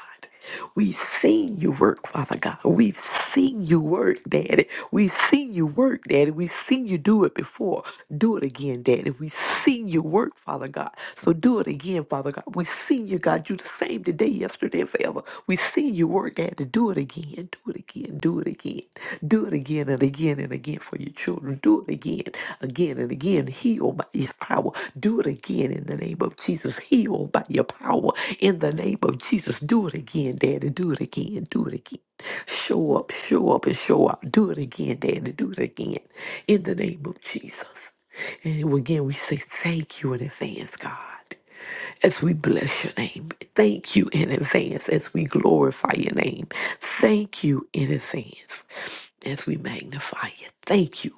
Speaker 3: We've seen you work, Father God. We've seen you work, Daddy. We've seen you work, Daddy. We've seen you do it before. Do it again, Daddy. We've seen you work, Father God. So do it again, Father God. We've seen you, God. You the same today, yesterday, and forever. We've seen you work, Daddy. Do it again. Do it again. Do it again. Do it again and again and again for you for your children. Do it again, again and again. Heal by his power. Do it again in the name of Jesus. Heal by your power in the name of Jesus. Do it again, Daddy. Do it again. Do it again. Show up, show up, and show out. Do it again, Daddy. Do it again in the name of Jesus. And again, we say thank you in advance, God as we bless your name. Thank you in advance as we glorify your name. Thank you in advance as we magnify you. Thank you.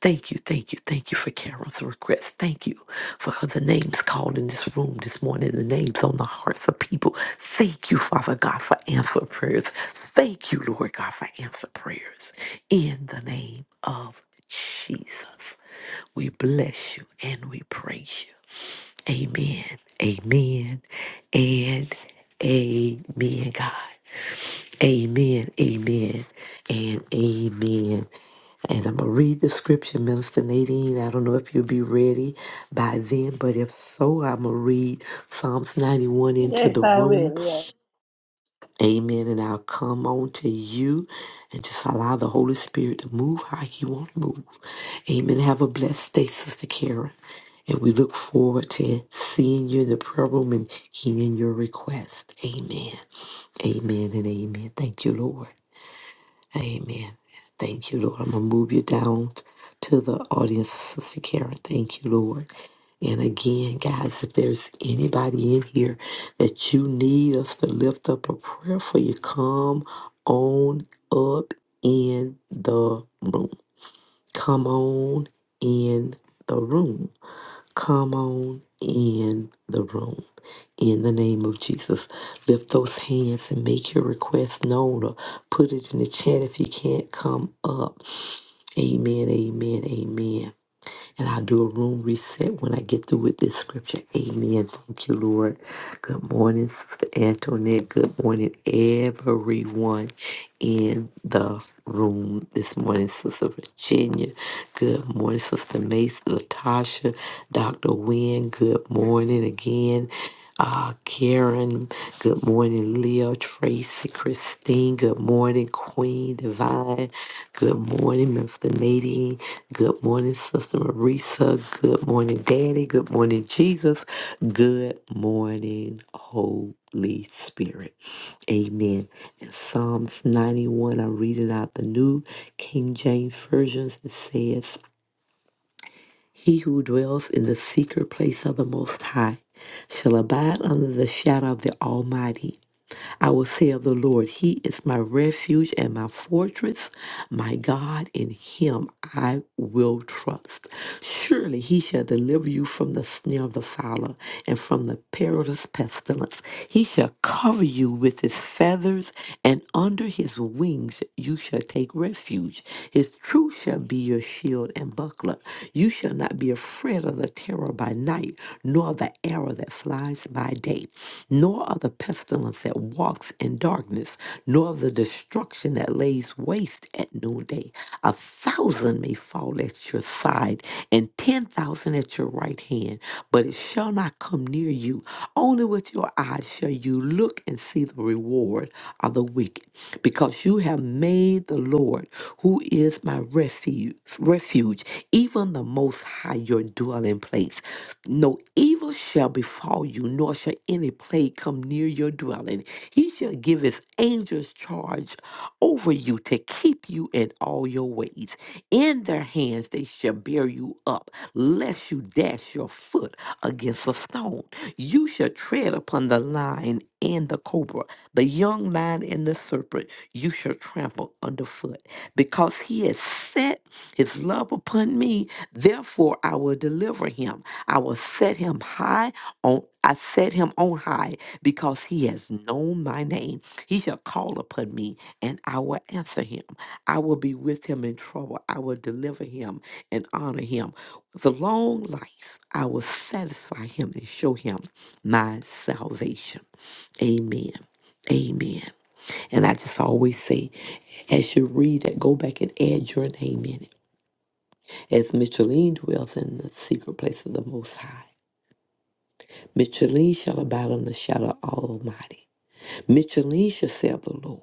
Speaker 3: Thank you, thank you, thank you for Carol's request. Thank you for her- the names called in this room this morning, the names on the hearts of people. Thank you, Father God, for answer prayers. Thank you, Lord God, for answer prayers. In the name of Jesus, we bless you and we praise you. Amen. Amen. And amen, God. Amen. Amen. And amen. And I'm going to read the scripture, Minister Nadine. I don't know if you'll be ready by then, but if so, I'm going to read Psalms 91 into the
Speaker 1: Yes, I
Speaker 3: room.
Speaker 1: will.
Speaker 3: Amen. And I'll come on to you and just allow the Holy Spirit to move how He want to move. Amen. Have a blessed day, Sister Karen. And we look forward to seeing you in the prayer room and hearing your request. Amen. Amen and amen. Thank you, Lord. Amen. Thank you, Lord. I'm going to move you down to the audience, Sister Karen. Thank you, Lord. And again, guys, if there's anybody in here that you need us to lift up a prayer for you, come on up in the room. Come on in the room. Come on in the room. In the name of Jesus, lift those hands and make your request known or put it in the chat if you can't come up. Amen, amen, amen. And I'll do a room reset when I get through with this scripture. Amen. Thank you, Lord. Good morning, Sister Antoinette. Good morning, everyone in the room this morning, Sister Virginia. Good morning, Sister Mace, Latasha, Dr. Wynne. Good morning again. Uh, Karen, good morning, Leo, Tracy, Christine, good morning, Queen Divine, good morning, Mr. Nadine, good morning, Sister Marisa, good morning, Daddy, good morning, Jesus, good morning, Holy Spirit. Amen. In Psalms 91, I'm reading out the New King James Version. It says, He who dwells in the secret place of the Most High shall abide under the shadow of the Almighty. I will say of the Lord, He is my refuge and my fortress, my God, in Him I will trust. Surely He shall deliver you from the snare of the fowler and from the perilous pestilence. He shall cover you with His feathers, and under His wings you shall take refuge. His truth shall be your shield and buckler. You shall not be afraid tread of the terror by night, nor the arrow that flies by day, nor of the pestilence that walks in darkness, nor of the destruction that lays waste at noonday. A thousand may fall at your side, and ten thousand at your right hand, but it shall not come near you. Only with your eyes shall you look and see the reward of the wicked, because you have have made the Lord, who is my refuge, refuge, even the most high your dwelling place. No evil shall befall you, nor shall any plague come near your dwelling. He shall give his angels charge over you to keep you in all your ways. In their hands they shall bear you up, lest you dash your foot against a stone. You shall tread upon the lion and the cobra, the young lion and the serpent you shall trample underfoot. Because he has set his love upon me, therefore I will deliver him. I will set him high on I set him on high because he has known my name. He shall call upon me and I will answer him. I will be with him in trouble. I will deliver him and honor him. With a long life, I will satisfy him and show him my salvation. Amen. Amen. And I just always say, as you read it, go back and add your name in it. As Micheline dwells in the secret place of the Most High, Micheline shall abide in the shadow of Almighty. Micheline shall say of the Lord.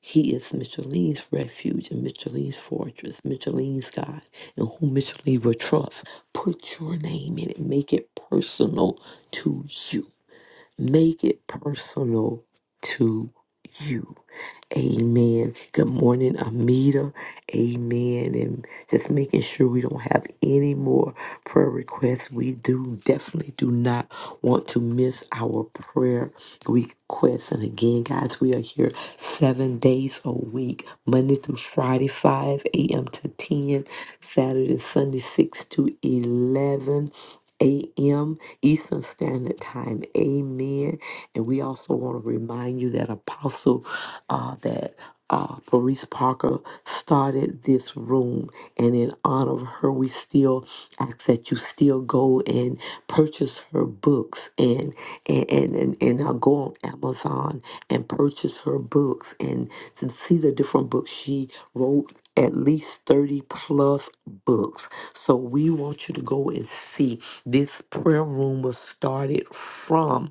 Speaker 3: He is Micheline's refuge and Micheline's fortress, Micheline's God, and whom Micheline will trust. Put your name in it. Make it personal to you. Make it personal to you. Amen. Good morning, Amita. Amen. And just making sure we don't have any more prayer requests. We do definitely do not want to miss our prayer we quits. And again, guys, we are here seven days a week, Monday through Friday, 5 a.m. to 10, Saturday, Sunday, 6 to 11 a.m. Eastern Standard Time. Amen. And we also want to remind you that Apostle, uh, that uh, Paris Parker started this room, and in honor of her, we still ask that you still go and purchase her books and and and and, and now go on Amazon and purchase her books and to see the different books she wrote. At least 30 plus books. So we want you to go and see. This prayer room was started from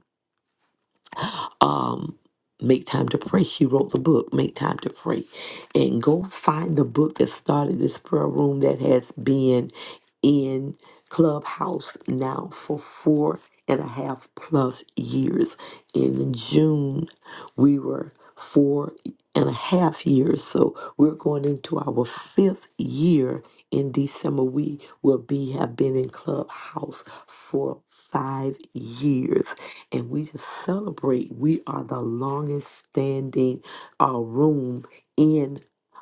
Speaker 3: um, Make Time to Pray. She wrote the book, Make Time to Pray. And go find the book that started this prayer room that has been in Clubhouse now for four and a half plus years. In June, we were four and a half years. So we're going into our fifth year in December. We will be have been in Clubhouse for five years and we just celebrate. We are the longest standing uh, room in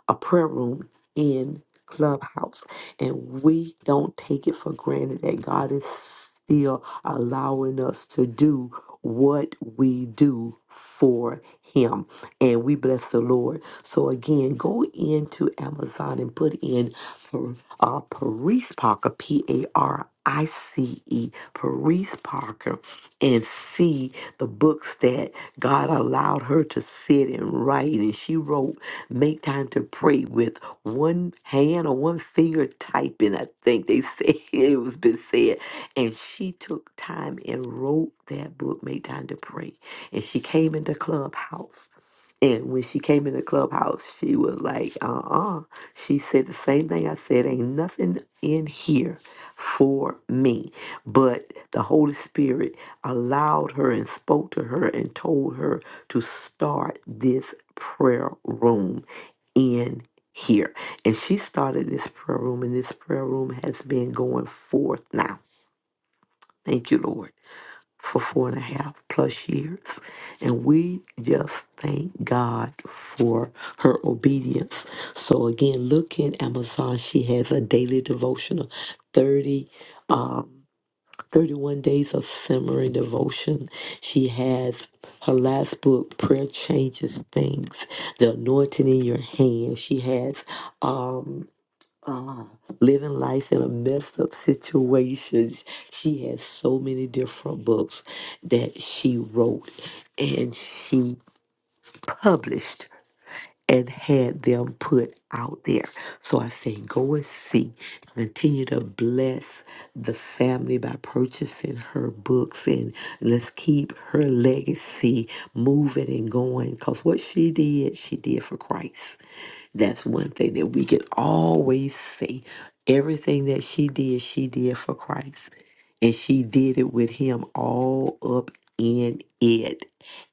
Speaker 3: a prayer room in Clubhouse, and we don't take it for granted that God is still allowing us to do what we do for him and we bless the lord so again go into amazon and put in for uh, Paris Parker, P A R I C E, Paris Parker, and see the books that God allowed her to sit and write. And she wrote Make Time to Pray with one hand or one finger typing, I think they said it was been said. And she took time and wrote that book, Make Time to Pray. And she came into Clubhouse. And when she came into Clubhouse, she was like, uh uh. She said the same thing I said, ain't nothing in here for me. But the Holy Spirit allowed her and spoke to her and told her to start this prayer room in here. And she started this prayer room, and this prayer room has been going forth now. Thank you, Lord, for four and a half plus years. And we just thank God for her obedience. So, again, look in Amazon. She has a daily devotional, 30. Um, 31 Days of Simmering Devotion. She has her last book, Prayer Changes Things, The Anointing in Your Hand. She has um, uh, Living Life in a Messed Up Situations. She has so many different books that she wrote and she published and had them put out there. So I say, go and see. Continue to bless the family by purchasing her books and let's keep her legacy moving and going because what she did, she did for Christ. That's one thing that we can always say. Everything that she did, she did for Christ. And she did it with him all up in it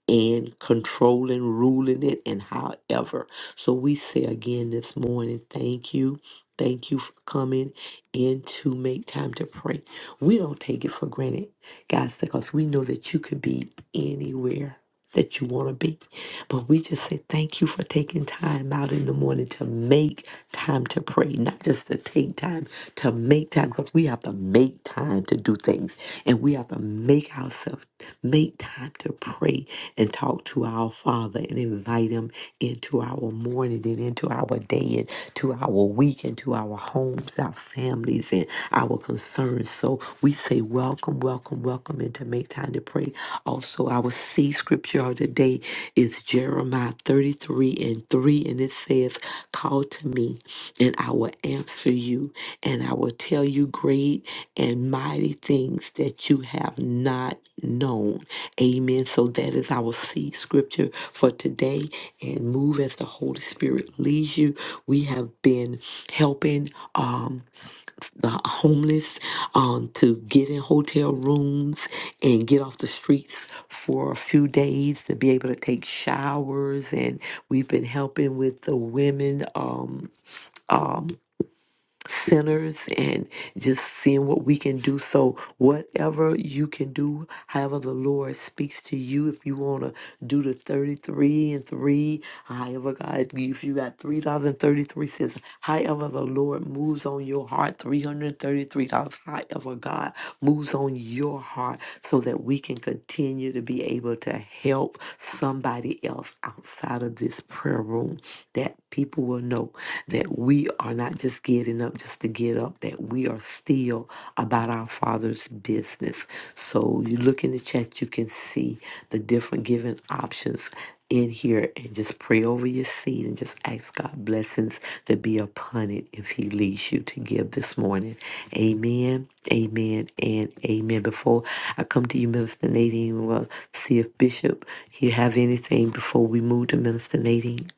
Speaker 3: and controlling, ruling it, and however. So we say again this morning, thank you. Thank you for coming in to make time to pray. We don't take it for granted, guys, because we know that you could be anywhere that you want to be. But we just say thank you for taking time out in the morning to make time to pray, not just to take time, to make time, because we have to make time to do things. And we have to make ourselves, make take time to pray and talk to our Father and invite Him into our morning and into our day and to our week and to our homes, our families, and our concerns. So we say, Welcome, welcome, welcome, and to make time to pray. Also, our C scripture of the day is Jeremiah 33 and 3, and it says, Call to me and I will answer you, and I will tell you great and mighty things that you have not known. Amen. So that is our seed scripture for today. And move as the Holy Spirit leads you. We have been helping um, the homeless um, to get in hotel rooms and get off the streets for a few days to be able to take showers. And we've been helping with the women. Um, um, sinners and just seeing what we can do. So, whatever you can do, however the Lord speaks to you, if you want to do the 33 and 3, however God, if you got $3.33, however the Lord moves on your heart, $333, however God moves on your heart, so that we can continue to be able to help somebody else outside of this prayer room that people will know that we are not just getting up just to get up, that we are still about our Father's business. So you look in the chat, you can see the different giving options in here and just pray over your seed and just ask God blessings to be upon it if he leads you to give this morning. Amen, amen, and amen. Before I come to you, Minister Nadine, well, see if Bishop, you have anything before we move to Minister Nadine.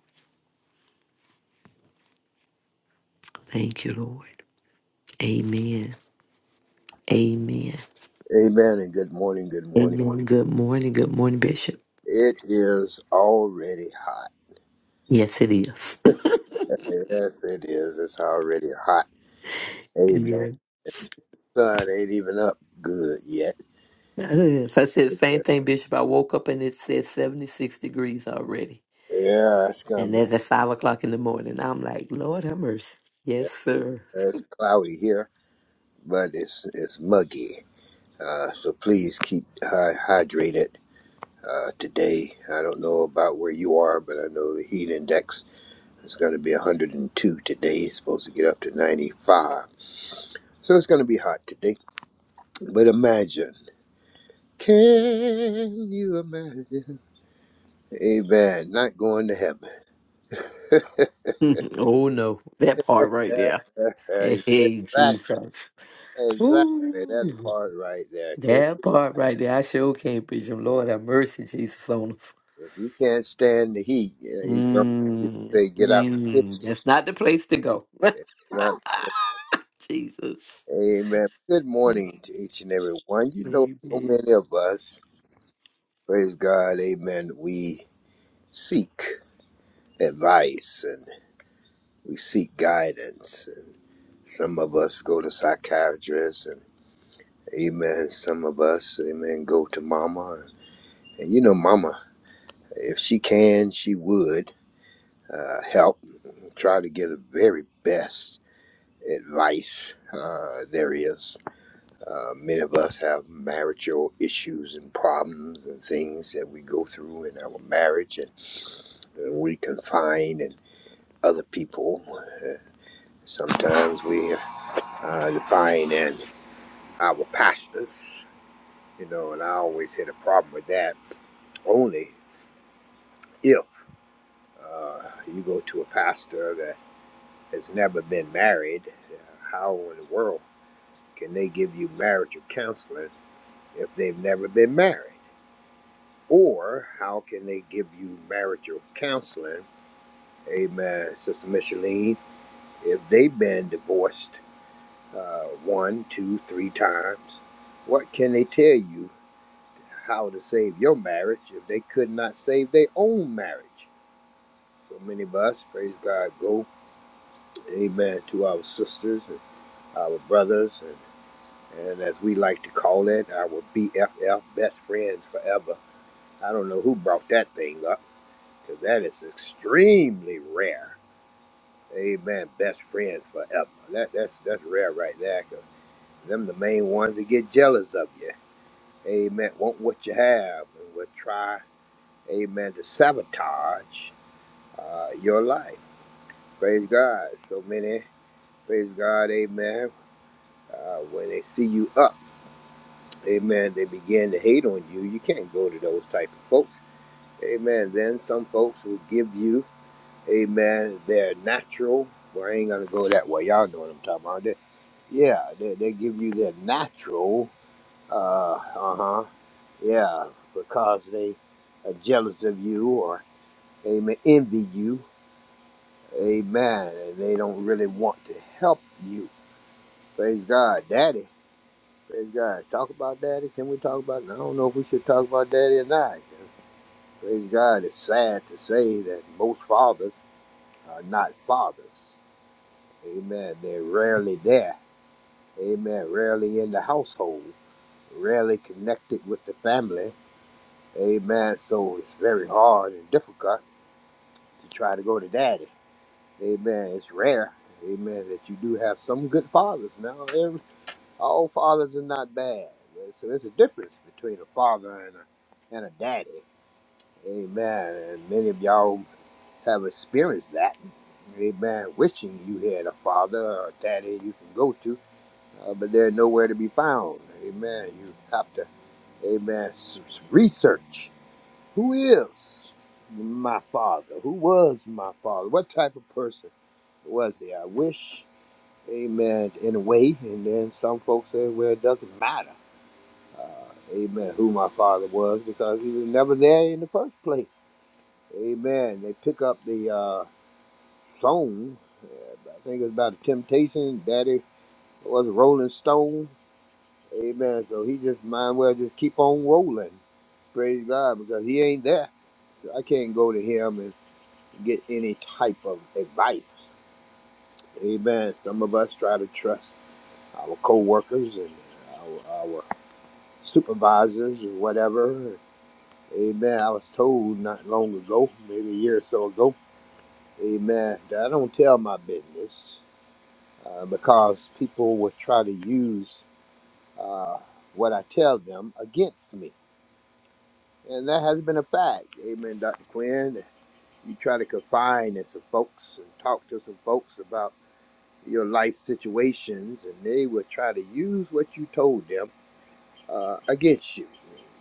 Speaker 3: Thank you, Lord. Amen. Amen.
Speaker 5: Amen and good morning, good morning.
Speaker 3: Amen. Good morning. Good morning, Bishop.
Speaker 5: It is already hot.
Speaker 3: Yes, it is.
Speaker 5: Yes, it is. It's already hot. Amen.
Speaker 3: Yeah.
Speaker 5: Sun ain't even up good yet.
Speaker 3: Yes. I said the same thing, Bishop. I woke up and it said 76 degrees already.
Speaker 5: Yeah, it's gonna
Speaker 3: And
Speaker 5: be
Speaker 3: that's at 5 o'clock in the morning. I'm like, Lord have mercy.
Speaker 5: yeah,
Speaker 3: Yes, sir.
Speaker 5: it's cloudy here, but it's it's muggy. Uh, so please keep hy- hydrated uh, today. I don't know about where you are, but I know the heat index is going to be 102 today. It's supposed to get up to 95, so it's going to be hot today. But imagine. Can you imagine? Amen. Not going to heaven.
Speaker 3: oh, no. That part right there.
Speaker 5: exactly.
Speaker 3: Hey, Jesus.
Speaker 5: Exactly. That
Speaker 3: Ooh,
Speaker 5: part right there. Can
Speaker 3: that part right there. I sure can't preach him. Lord have mercy, Jesus, on us.
Speaker 5: if you can't stand the heat, you know, you don't you
Speaker 3: Mm,
Speaker 5: say get out.
Speaker 3: mm, that's not the place to go.
Speaker 5: Not-
Speaker 3: Jesus.
Speaker 5: amen. Good
Speaker 3: Amen.
Speaker 5: morning to each and every one. You know, so many of us, praise God, amen. We seek advice and we seek guidance. And some of us go to psychiatrists and Amen. Some of us, amen, go to mama. And you know, mama, if she can, she would uh, help, try to give the very best advice uh, there is. Uh, many of us have marital issues and problems and things that we go through in our marriage, and, and we confine in other people. Uh, sometimes we uh, define in our pastors, you know, and I always had a problem with that. Only if. Uh, you go to a pastor that has never been married, uh, how in the world can they give you marriage or counseling if they've never been married? Or how can they give you marriage or counseling, amen, Sister Micheline, if they've been divorced uh, one, two, three times? What can they tell you how to save your marriage if they could not save their own marriage? So many of us, praise God, go, amen, to our sisters and our brothers, and, and as we like to call it, our BFF, best friends forever. I don't know who brought that thing up, because that is extremely rare. Amen. Best friends forever. That, that's that's rare right there. 'cause them the main ones that get jealous of you. Amen. Want what you have and will try, amen, to sabotage uh, your life. Praise God. So many, praise God, amen. Uh, when they see you up. amen, they begin to hate on you, you can't go to those type of folks. Amen. Then some folks will give you, amen, their natural. Well, I ain't gonna go that way. Y'all know what I'm talking about. They, yeah, they, they give you their natural. Uh, uh huh. Yeah, because they are jealous of you or amen envy you. Amen. And they don't really want to help you. Praise God, Daddy. Praise God. Talk about daddy. Can we talk about? I don't know if we should talk about daddy or not. Praise God. It's sad to say that most fathers are not fathers. Amen. They're rarely there. Amen. Rarely in the household. Rarely connected with the family. Amen. So it's very hard and difficult to try to go to daddy. Amen. It's rare. Amen. That you do have some good fathers now. They're all fathers are not bad. So there's a difference between a father and a, and a daddy. Amen. And many of y'all have experienced that. Amen. Wishing you had a father or a daddy you can go to, uh, but they're nowhere to be found. Amen. You have to, amen, s- s- research who is my father? Who was my father? What type of person was he? I wish, amen, in a way. And then some folks say, well, it doesn't matter. Uh, amen, who my father was because he was never there in the first place. Amen. They pick up the uh, song, uh, I think it's about the Temptation, Daddy was a Rolling Stone. Amen. So he just might well just keep on rolling. Praise God because he ain't there. So I can't go to him and get any type of advice. Amen. Some of us try to trust our co workers and our, our supervisors or whatever. Amen. I was told not long ago, maybe a year or so ago, amen, that I don't tell my business uh, because people will try to use uh, what I tell them against me. And that has been a fact. Amen, Dr. Quinn. You try to confine in some folks and talk to some folks about your life situations, and they will try to use what you told them uh, against you.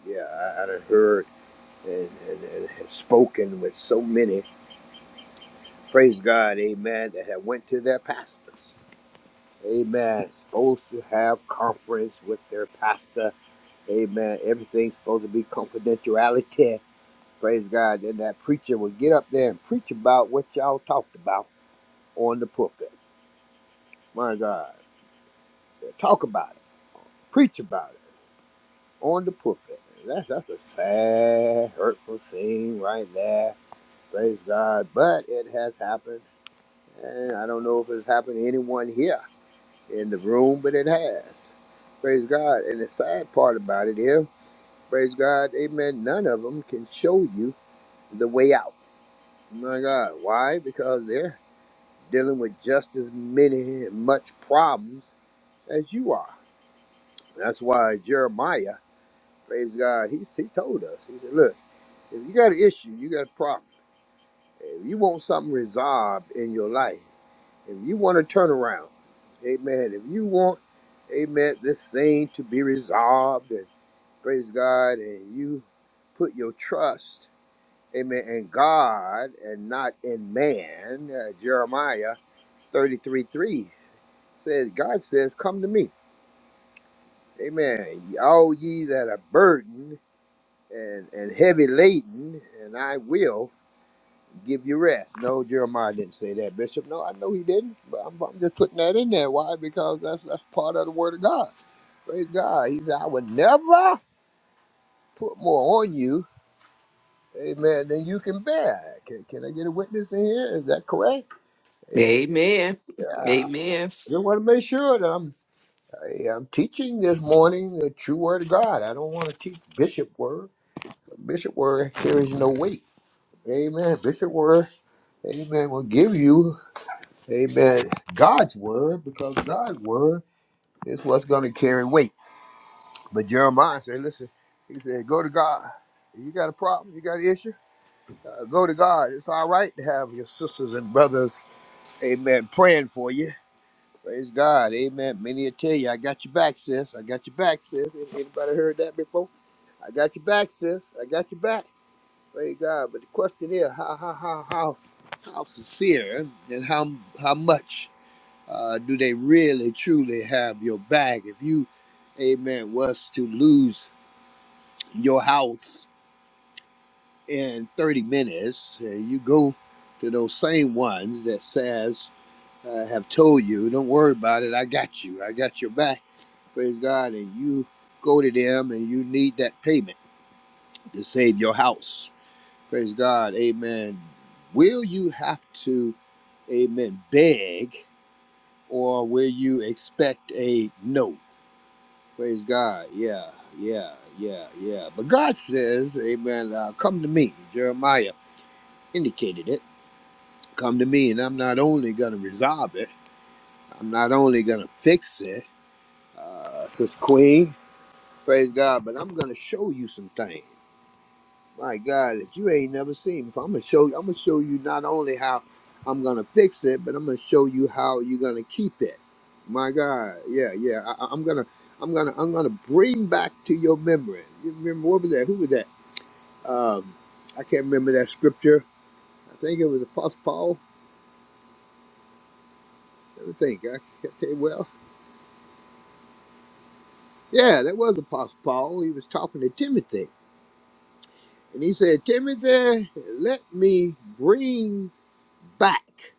Speaker 5: Yeah, I, I done heard and, and, and has spoken with so many praise God, amen, that have went to their pastors. Amen. Supposed to have conference with their pastor. Amen. Everything's supposed to be confidentiality. Praise God. Then that preacher will get up there and preach about what y'all talked about on the pulpit. My God. Talk about it. Preach about it on the pulpit. That's that's a sad, hurtful thing right there. Praise God. But it has happened. And I don't know if it's happened to anyone here in the room, but it has. Praise God. And the sad part about it is, praise God, amen, none of them can show you the way out. My God. Why? Because they're dealing with just as many and much problems as you are. That's why Jeremiah, praise God, he, he told us, he said, look, if you got an issue, you got a problem. If you want something resolved in your life, if you want to turn around, amen. If you want, amen, this thing to be resolved and praise God, and you put your trust, amen, in God and not in man, uh, Jeremiah 33 3 says, God says, Come to me, amen. All ye that are burdened and, and heavy laden, and I will. give you rest. No, Jeremiah didn't say that, Bishop. No, I know he didn't, but I'm, I'm just putting that in there. Why? Because that's that's part of the Word of God. Praise God. He said, I would never put more on you, amen, than you can bear. Can, can I get a witness in here? Is that correct? Yeah.
Speaker 3: Amen.
Speaker 5: yeah. I
Speaker 3: Amen.
Speaker 5: just want to make sure that I'm I, I'm teaching this morning the true Word of God. I don't want to teach Bishop Word. Bishop Word carries no weight. Amen. Bishop Word, amen, will give you. Amen. God's word, because God's word is what's going to carry weight. But Jeremiah said, listen, he said, go to God. You got a problem? You got an issue? Uh, go to God. It's all right to have your sisters and brothers, amen, praying for you. Praise God. Amen. Many will tell you, I got your back, sis. I got your back, sis. Anybody heard that before? I got your back, sis. I got your back. Praise God. But the question is, how, how, how, how, how sincere and how, how much? Uh, do they really truly have your back? If you, amen, was to lose your house in 30 minutes, uh, you go to those same ones that says, uh, have told you, don't worry about it, I got you, I got your back, praise God, and you go to them and you need that payment to save your house, praise God, amen. Will you have to, amen, beg or will you expect a no? Praise God. Yeah, yeah, yeah, yeah. But God says, Amen, uh, come to me. Jeremiah indicated it. Come to me, and I'm not only going to resolve it, I'm not only going to fix it, uh, says Queen. Praise God, but I'm going to show you some things. My God, that you ain't never seen before, I'm gonna show you. I'm gonna show you not only how I'm gonna fix it, but I'm gonna show you how you're gonna keep it. My God, yeah, yeah. I, I- I'm gonna, I'm gonna, I'm gonna bring back to your memory. You remember what was that? Who was that? Um, I can't remember that scripture. I think it was Apostle Paul. Let me think. I, can't tell you, well, yeah, that was Apostle Paul. He was talking to Timothy, and he said, "Timothy, let me bring back."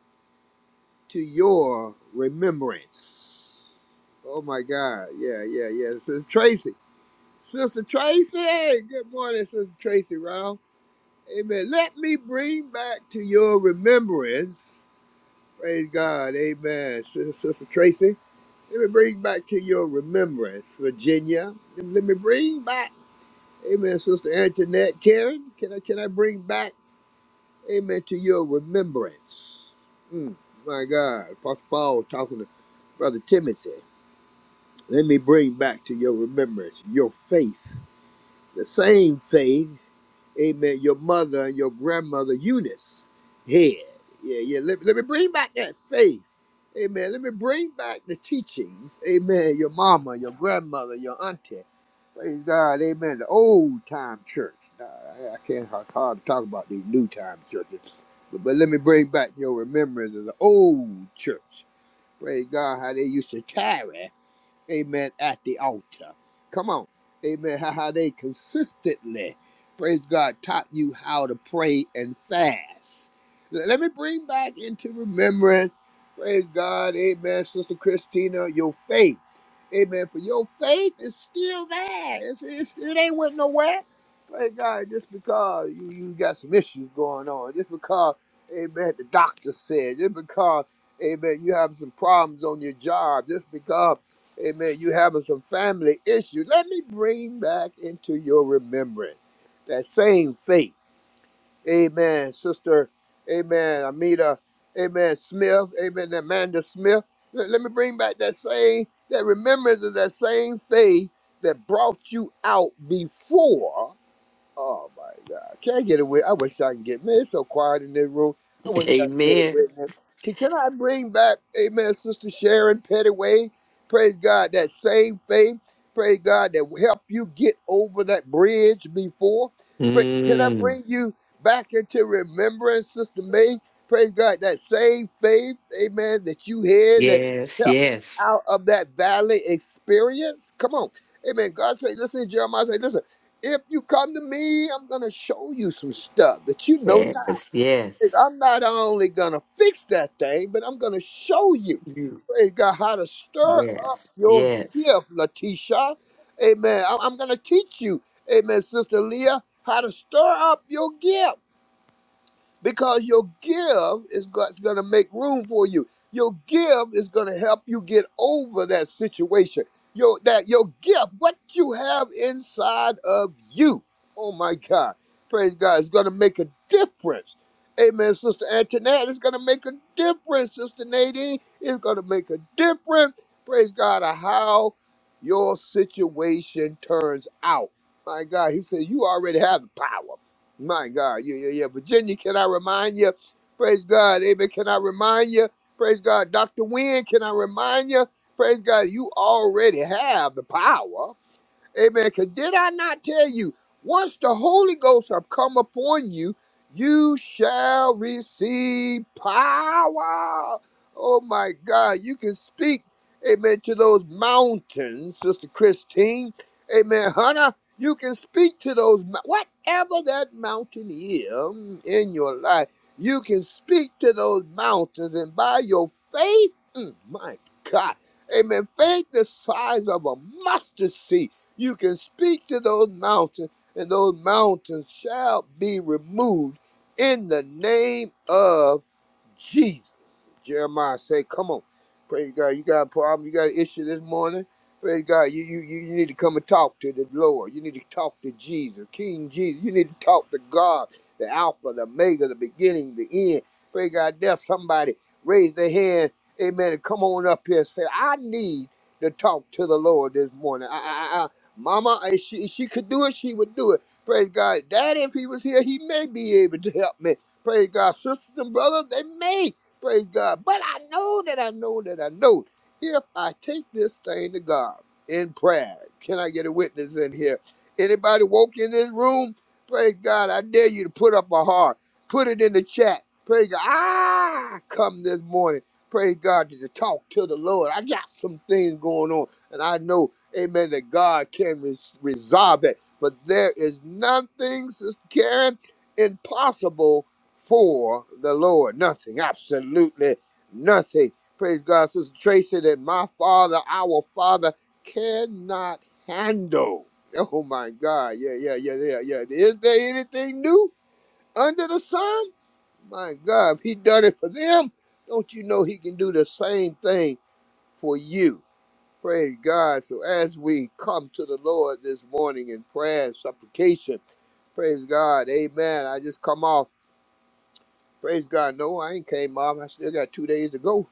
Speaker 5: to your remembrance. Oh my God. Yeah, yeah, yeah. Sister Tracy. Sister Tracy. Good morning, Sister Tracy Ralph. Amen. Let me bring back to your remembrance. Praise God. Amen. Sis- Sister Tracy. Let me bring back to your remembrance, Virginia. Let me bring back. Amen, Sister Antoinette. Karen, can I can I bring back? amen, to your remembrance. Mm, my God, Apostle Paul talking to Brother Timothy. Let me bring back to your remembrance your faith, the same faith amen, your mother and your grandmother Eunice head. Yeah, yeah. Let, let me bring back that faith. Amen. Let me bring back the teachings. Amen. Your mama, your grandmother, your auntie. Praise God. Amen. The old time church. Nah, I, I can't, it's hard to talk about these new time churches. But, but let me bring back your remembrance of the old church. Praise God, how they used to tarry amen, at the altar. Come on, amen, how, how they consistently, praise God, taught you how to pray and fast. L- Let me bring back into remembrance, praise God, amen, Sister Christina, your faith. Amen. For your faith is still there. It's, it's, it ain't went nowhere. Praise God. Just because you, you got some issues going on, just because, amen, the doctor said, just because Amen. You have some problems on your job just because. Amen. You having some family issues. Let me bring back into your remembrance that same faith. Amen. Sister, amen. Amita, amen. Smith, amen. Amanda Smith. Let, let me bring back that same, that remembrance of that same faith that brought you out before. Oh my God! Can I get away? I wish I can get. Man, it's so quiet in this room. I wish I could get away.
Speaker 3: Amen.
Speaker 5: Man. Can Can I bring back, Amen, Sister Sharon Pettyway? Praise God, that same faith. Praise God that will help you get over that bridge before. Pray, can I
Speaker 3: Mm.
Speaker 5: bring you back into remembrance, Sister May? Praise God, that same faith, Amen, that you had that
Speaker 3: Yes,
Speaker 5: helped you
Speaker 3: yes.
Speaker 5: out of that valley experience. Come on, Amen. God say, listen, Jeremiah say, listen if you come to me, I'm gonna show you some stuff that you know not.
Speaker 3: Yes, yes.
Speaker 5: I'm not only gonna fix that thing, but I'm gonna show you.
Speaker 3: You.
Speaker 5: Praise God, how to stir up
Speaker 3: Yes,
Speaker 5: your
Speaker 3: yes.
Speaker 5: gift, Letitia. Amen. I- I'm gonna teach you, Amen, Sister Leah, how to stir up your gift because your give is going to make room for you. Your give is going to help you get over that situation. Your that your gift, what you have inside of you. Oh my God, praise God! It's going to make a difference. Amen, Sister Antoinette. It's going to make a difference, Sister Nadine. It's going to make a difference. Praise God! Of how your situation turns out. My God, He said you already have the power. My God, yeah, yeah, yeah. Virginia, can I remind you? Praise God, amen. Can I remind you? Praise God, Dr. Wynn, can I remind you? Praise God, you already have the power. Amen. Because did I not tell you, once the Holy Ghost have come upon you, you shall receive power. Oh my God. You can speak, amen, to those mountains, Sister Christine. Amen. Hunter. you can speak to those, mou- whatever that mountain is in your life, you can speak to those mountains. And by your faith, mm, my God, amen, faith the size of a mustard seed. You can speak to those mountains, and those mountains shall be removed in the name of Jesus. Jeremiah say, come on. Praise God. You got a problem. You got an issue this morning. Praise God. You, you, you you need to come and talk to the Lord. You need to talk to Jesus, King Jesus. You need to talk to God, the Alpha, the Omega, the beginning, the end. Praise God. There's somebody raise their hand. Amen. And come on up here and say, I need to talk to the Lord this morning. I, I, I, I- Mama, if she, if she could do it, she would do it. Praise God. Daddy, if he was here, he may be able to help me. Praise God. Sisters and brothers, they may. Praise God. But I know that I know that I know if I take this thing to God in prayer, can I get a witness in here? Anybody woke in this room? Praise God. I dare you to put up a heart. Put it in the chat. Praise God. I come this morning. Praise God to talk to the Lord. I got some things going on. And I know, amen, that God can res- resolve it. But there is nothing, Sister Karen, impossible for the Lord. Nothing, absolutely nothing. Praise God, Sister Tracy, that my father, our father, cannot handle. Oh my God, yeah, yeah, yeah, yeah, yeah. Is there anything new under the sun? My God, if he done it for them, don't you know he can do the same thing for you? Praise God. So as we come to the Lord this morning in prayer and supplication, praise God, amen. I just come off. Praise God. No, I ain't came off. I still got two days to go.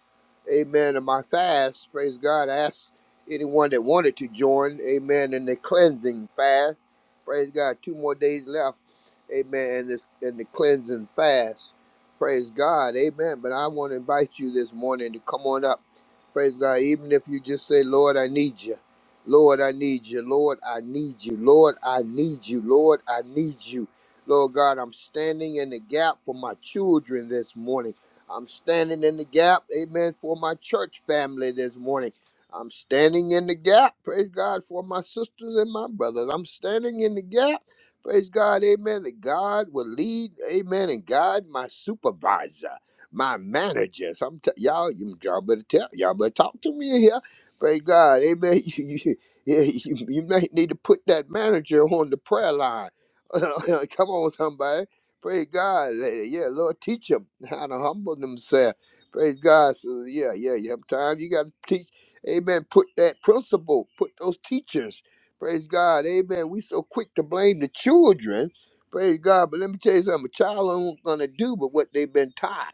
Speaker 5: Amen. And my fast, praise God. I asked anyone that wanted to join, amen, in the cleansing fast. Praise God. Two more days left. Amen. In this in the cleansing fast. Praise God. Amen. But I want to invite you this morning to come on up. Praise God. Even if you just say, Lord, I need you. Lord, I need you. Lord, I need you. Lord, I need you. Lord, I need you. Lord God, I'm standing in the gap for my children this morning. I'm standing in the gap, amen, for my church family this morning. I'm standing in the gap, praise God, for my sisters and my brothers. I'm standing in the gap, praise God, amen, that God will lead, amen, and God, my supervisor, my managers. I'm t- y'all, you- y'all better tell, y'all better talk to me in here. Praise God, amen. You, you, you, you may need to put that manager on the prayer line Come on, somebody. Praise God. Hey, Yeah, Lord, teach them how to humble themselves. Praise God. So, yeah, yeah, you have time. You got to teach. Amen. Put that principle, put those teachers. Praise God. Amen. We so quick to blame the children. Praise God. But let me tell you something. A child ain't going to do but what they've been taught.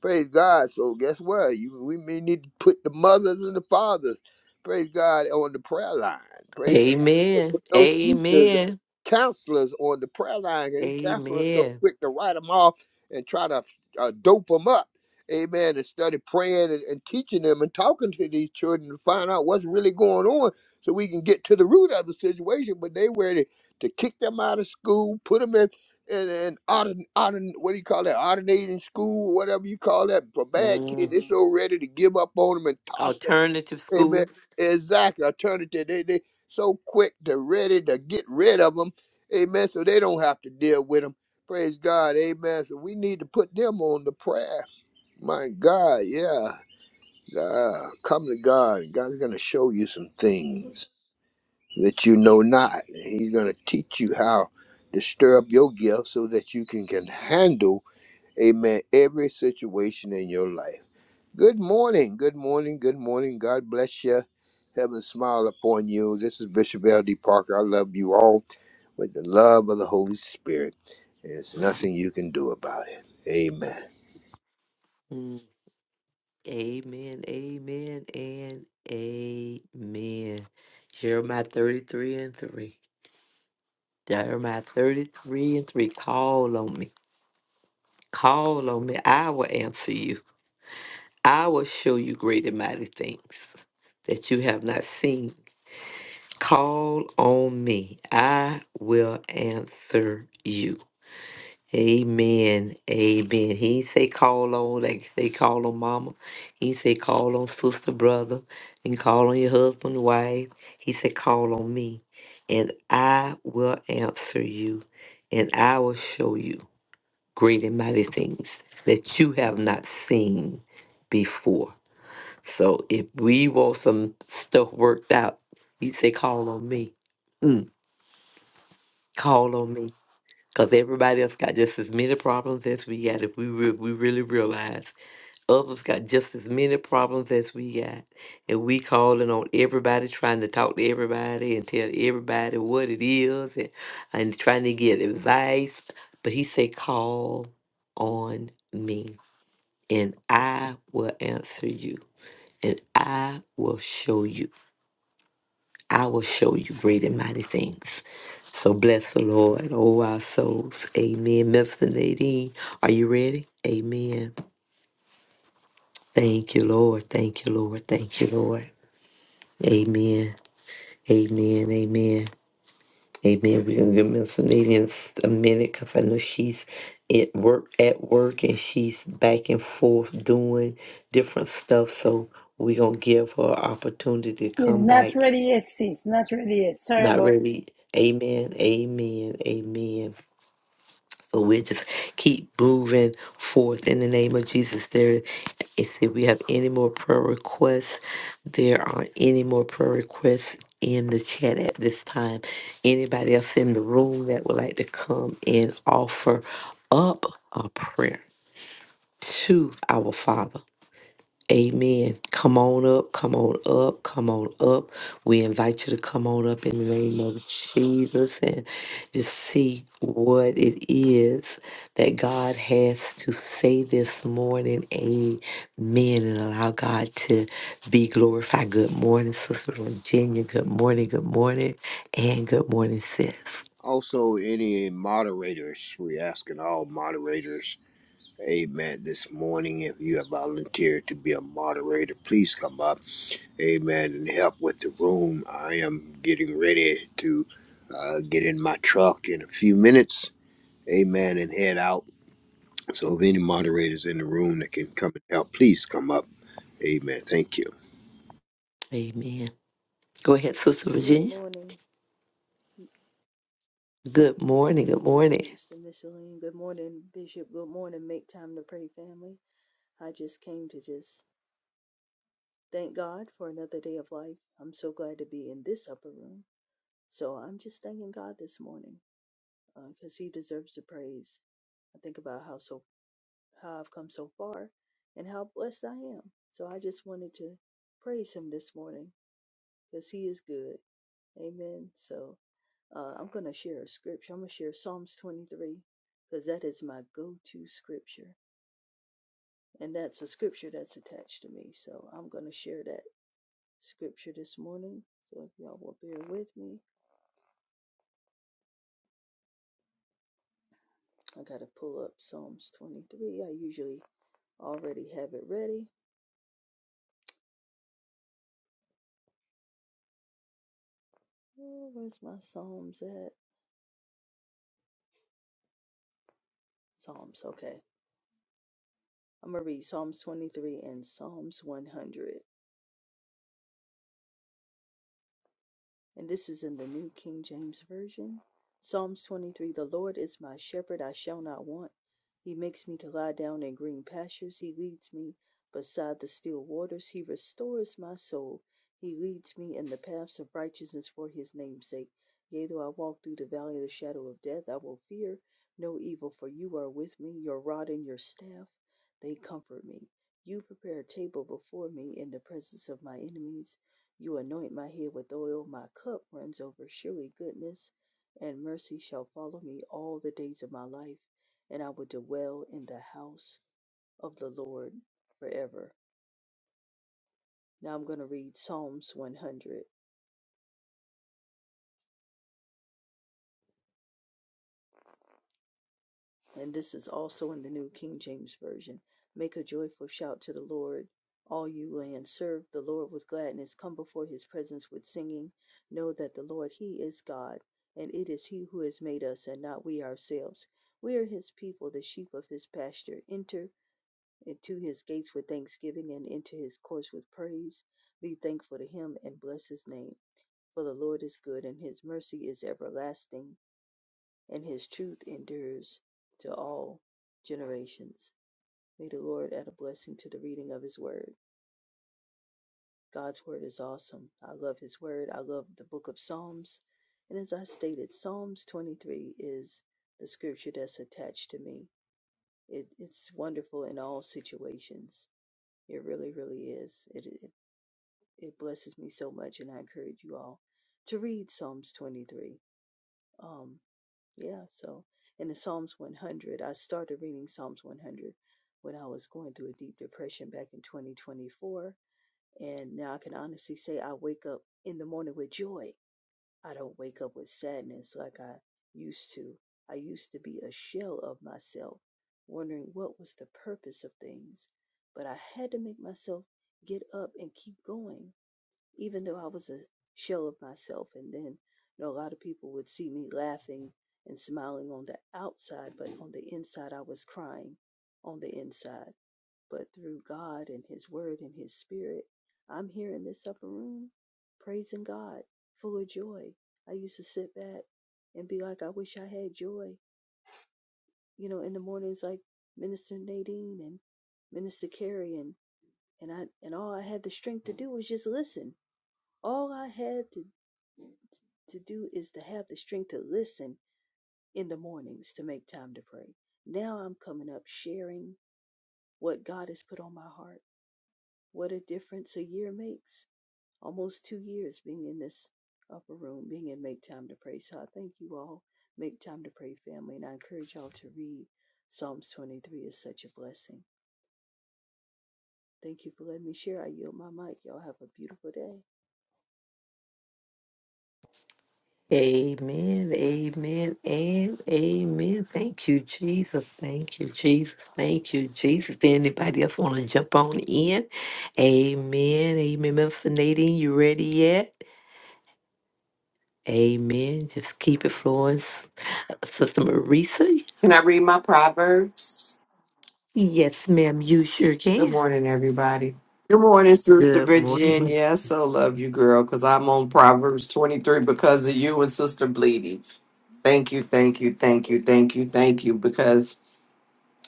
Speaker 5: Praise God. So guess what? You, we may need to put the mothers and the fathers, praise God, on the prayer line. Praise God. Put
Speaker 3: Amen.
Speaker 5: those teachers,
Speaker 3: Amen.
Speaker 5: counselors on the prayer line. And counselors so
Speaker 3: Amen.
Speaker 5: quick to write them off and try to uh, dope them up. Amen. And study praying and, and teaching them and talking to these children to find out what's really going on so we can get to the root of the situation. But they ready to kick them out of school, put them in and and auto, auto, what do you call that? Automating school, whatever you call that. For bad kids,
Speaker 3: Mm.
Speaker 5: they're hmm so ready to give up on them and toss them.
Speaker 3: Alternative
Speaker 5: Amen.
Speaker 3: schools.
Speaker 5: Exactly. Alternative. They they so quick to ready to get rid of them. Amen. So they don't have to deal with them. Praise God. Amen. So we need to put them on the prayer. My God. Yeah. God. Come to God. God's gonna show you some things that you know not. He's going to teach you how to stir up your gift so that you can, can handle, amen, every situation in your life. Good morning. Good morning. Good morning. God bless you. Heaven smile upon you. This is Bishop L.D. Parker. I love you all with the love of the Holy Spirit. There's nothing you can do about it. Amen.
Speaker 3: Mm. Amen. Amen. And amen. Jeremiah 33 and 3. Jeremiah 33 and 3. Call on me. Call on me. I will answer you. I will show you great and mighty things that you have not seen. Call on me. I will answer you. Amen. Amen. He ain't say call on like say call on mama. He ain't say call on sister, brother, and call on your husband, wife. He said call on me. And I will answer you. And I will show you great and mighty things that you have not seen before. So if we want some stuff worked out, you say, call on me. Mm, call on me. Because everybody else got just as many problems as we got. If we, re- we really realize others got just as many problems as we got. And we calling on everybody, trying to talk to everybody and tell everybody what it is and, and trying to get advice. But he said, call on me and I will answer you, and I will show you. I will show you great and mighty things. So bless the Lord, oh our souls. Amen. Mr. Nadine, are you ready? Amen. Thank you, Lord. Thank you, Lord. Thank you, Lord. Amen. Amen. Amen. Amen. We're gonna give Miss Nadine a minute because I know she's at work at work and she's back and forth doing different stuff. So we're gonna give her an opportunity to
Speaker 1: It's
Speaker 3: come
Speaker 1: not
Speaker 3: back.
Speaker 1: ready yet, sis. Not ready yet. Sorry
Speaker 3: Not
Speaker 1: about.
Speaker 3: ready. Amen. Amen. Amen. So we just keep moving forth in the name of Jesus. There, if if we have any more prayer requests, there are any more prayer requests in the chat at this time. Anybody else in the room that would like to come and offer up a prayer to our Father? Amen. Come on up, come on up, come on up. We invite you to come on up in the name of Jesus and just see what it is that God has to say this morning. Amen. And allow God to be glorified. Good morning, Sister Virginia. Good morning, good morning, and good morning, sis.
Speaker 5: Also, any moderators, we asking all moderators Amen. This morning, if you have volunteered to be a moderator, please come up. Amen. And help with the room. I am getting ready to uh, get in my truck in a few minutes. Amen. And head out. So, if any moderators in the room that can come and help, please come up. Amen. Thank you.
Speaker 3: Amen. Go ahead, Sister
Speaker 6: Great
Speaker 3: Virginia.
Speaker 6: morning.
Speaker 3: Good
Speaker 6: Good
Speaker 3: morning, good
Speaker 6: morning,
Speaker 3: morning.
Speaker 6: Minister Micheline. Good morning, Bishop. Good morning, Make Time to Pray family. I just came to just thank God for another day of life. I'm so glad to be in this upper room. So I'm just thanking God this morning because He deserves the praise. I think about how so how I've come so far and how blessed I am. So I just wanted to praise Him this morning because He is good. Amen. So. Uh, I'm going to share a scripture. I'm going to share Psalms 23 because that is my go to scripture. And that's a scripture that's attached to me. So I'm going to share that scripture this morning. So if y'all will bear with me, I got to pull up Psalms 23. I usually already have it ready. Oh, where's my Psalms at? Psalms, okay. I'm going to read Psalms 23 and Psalms 100. and this is in the New King James Version. Psalms 23 The Lord is my shepherd, I shall not want. He makes me to lie down in green pastures. He leads me beside the still waters. He restores my soul. He leads me in the paths of righteousness for his name's sake. Yea, though I walk through the valley of the shadow of death, I will fear no evil, for you are with me. Your rod and your staff, they comfort me. You prepare a table before me in the presence of my enemies. You anoint my head with oil, my cup runs over. Surely goodness and mercy shall follow me all the days of my life, and I will dwell in the house of the Lord forever. Now I'm going to read Psalms 100. and this is also in the New King James Version. Make a joyful shout to the Lord, all you lands. Serve the Lord with gladness. Come before his presence with singing. Know that the Lord, he is God, and it is he who has made us, and not we ourselves. We are his people, the sheep of his pasture. Enter into his gates with thanksgiving, and into his courts with praise. Be thankful to him, and bless his name. For the Lord is good, and his mercy is everlasting and his truth endures to all generations. May the Lord add a blessing to the reading of his word. God's word is awesome. I love his word. I love the book of Psalms. And as I stated, Psalms 23 is the scripture that's attached to me. It, it's wonderful in all situations. It really, really is. It, it, it blesses me so much, and I encourage you all to read Psalms 23. Um, Yeah, so in the Psalms 100, I started reading Psalms 100 when I was going through a deep depression back in 2024. And now I can honestly say I wake up in the morning with joy. I don't wake up with sadness like I used to. I used to be a shell of myself, wondering what was the purpose of things. But I had to make myself get up and keep going even though I was a shell of myself. And then, you know, a lot of people would see me laughing and smiling on the outside, but on the inside, I was crying on the inside. But through God and His Word and His Spirit, I'm here in this upper room praising God, full of joy. I used to sit back and be like, I wish I had joy. You know, in the mornings, like Minister Nadine and Minister Carrie, and and I and all I had the strength to do was just listen all I had to, to do is to have the strength to listen in the mornings to make time to pray. Now I'm coming up sharing what God has put on my heart. What a difference a year makes. Almost two years being in this upper room, being in Make Time to Pray. So I thank you all, Make Time to Pray family, and I encourage y'all to read Psalms 23 is such a blessing. Thank you for letting me share. I yield my mic. Y'all have a beautiful day.
Speaker 3: Amen, amen, and amen. Thank you, Jesus. Thank you, Jesus. Thank you, Jesus. Did Anybody else want to jump on in? Amen, amen. Minister Nadine, you ready yet? Amen. Just keep it flowing. S- Sister Marisa?
Speaker 2: Can I read my Proverbs?
Speaker 3: Yes, ma'am, you sure
Speaker 2: Good
Speaker 3: can.
Speaker 2: morning, everybody. Good morning, Sister
Speaker 3: Good morning.
Speaker 2: Virginia. I so love you, girl, because I'm on Proverbs 23 because of you and Sister Bleedy. Thank you, thank you, thank
Speaker 6: Good
Speaker 2: you,
Speaker 6: morning.
Speaker 2: thank you, thank you, because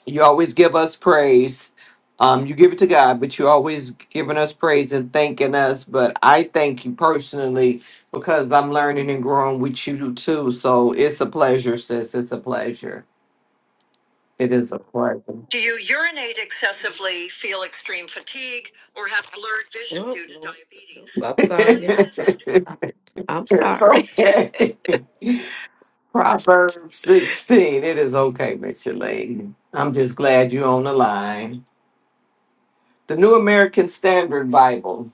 Speaker 2: You always give us praise. Um, you give it to God, but you're always giving us praise and thanking us. But I thank you personally because I'm learning and growing with you too. So it's a pleasure, sis. It's a pleasure. It is a pleasure.
Speaker 3: Do you urinate excessively, feel extreme fatigue, or have blurred vision Oh, due to Lord. diabetes? I'm sorry. Place this under- Stop it. I'm
Speaker 2: it's
Speaker 3: sorry.
Speaker 2: okay. Proverbs 16. It is okay, Miss Lady. I'm just glad you're on the line. The New American Standard Bible.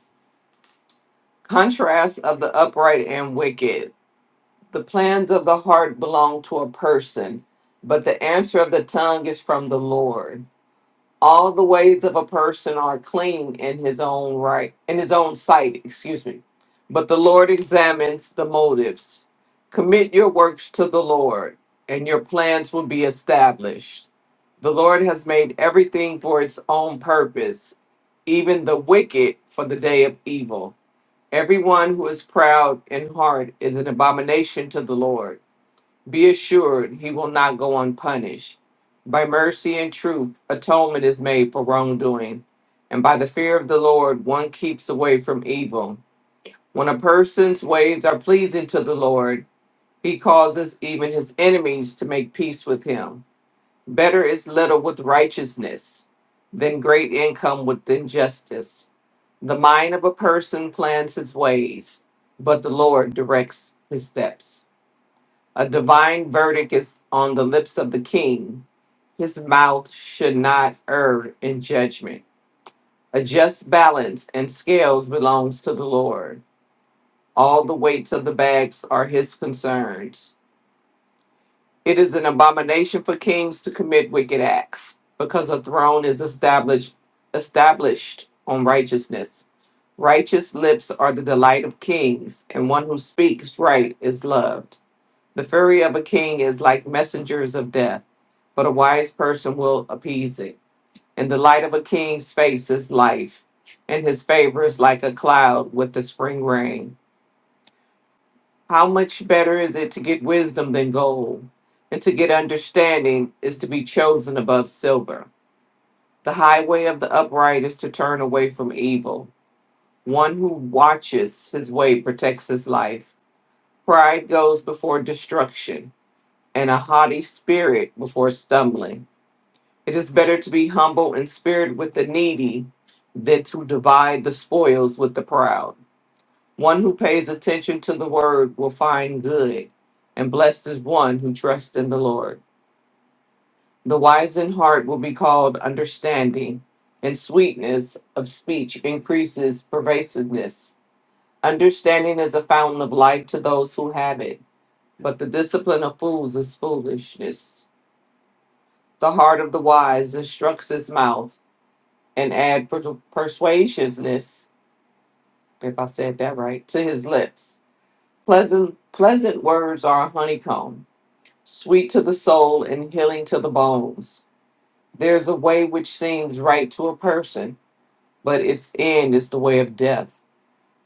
Speaker 2: Contrast of the upright and wicked. The plans of the heart belong to a person, but the answer of the tongue is from the Lord. All the ways of a person are clean in his own right, in his own sight, excuse me. But the Lord examines the motives. Commit your works to the Lord, and your plans will be established. The Lord has made everything for its own purpose, even the wicked for the day of evil. Everyone who is proud in heart is an abomination to the Lord be assured he will not go unpunished. By mercy and truth, atonement is made for wrongdoing. And by the fear of the Lord, one keeps away from evil. When a person's ways are pleasing to the Lord, he causes even his enemies to make peace with him. Better is little with righteousness than great income with injustice. The mind of a person plans his ways, but the Lord directs his steps. A divine verdict is on the lips of the king. His mouth should not err in judgment. A just balance and scales belongs to the Lord. All the weights of the bags are his concerns. It is an abomination for kings to commit wicked acts, because a throne is established established on righteousness. Righteous lips are the delight of kings, and one who speaks right is loved. The fury of a king is like messengers of death, but a wise person will appease it. And the light of a king's face is life, and his favor is like a cloud with the spring rain. How much better is it to get wisdom than gold, and to get understanding is to be chosen above silver. The highway of the upright is to turn away from evil. One who watches his way protects his life. Pride goes before destruction and a haughty spirit before stumbling. It is better to be humble in spirit with the needy than to divide the spoils with the proud. One who pays attention to the word will find good, and blessed is one who trusts in the Lord. The wise in heart will be called understanding, and sweetness of speech increases pervasiveness. Understanding is a fountain of life to those who have it, but the discipline of fools is foolishness. The heart of the wise instructs his mouth, and add per- persuasiveness, if I said that right, to his lips. Pleasant, pleasant words are a honeycomb, sweet to the soul and healing to the bones. There's a way which seems right to a person, but its end is the way of death.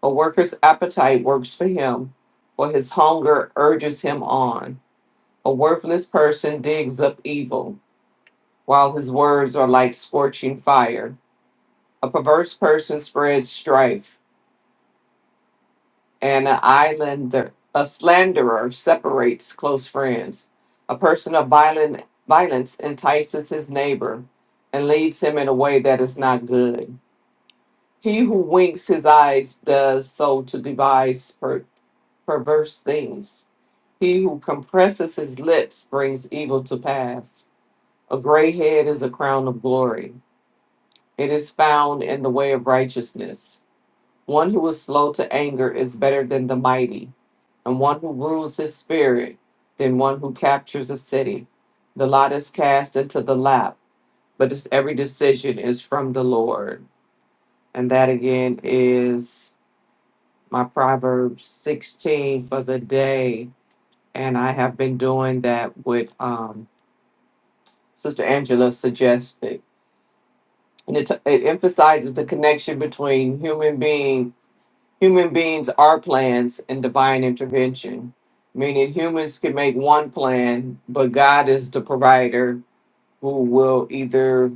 Speaker 2: A worker's appetite works for him, for his hunger urges him on. A worthless person digs up evil, while his words are like scorching fire. A perverse person spreads strife, and an islander, a slanderer separates close friends. A person of violent, violence entices his neighbor and leads him in a way that is not good. He who winks his eyes does so to devise per- perverse things. He who compresses his lips brings evil to pass. A gray head is a crown of glory. It is found in the way of righteousness. One who is slow to anger is better than the mighty, and one who rules his spirit than one who captures a city. The lot is cast into the lap, but it's, every decision is from the Lord. And that again is my Proverbs 16 for the day. And I have been doing that with um, Sister Angela suggested. And it, it emphasizes the connection between human being human beings are plans and divine intervention, meaning humans can make one plan, but God is the provider who will either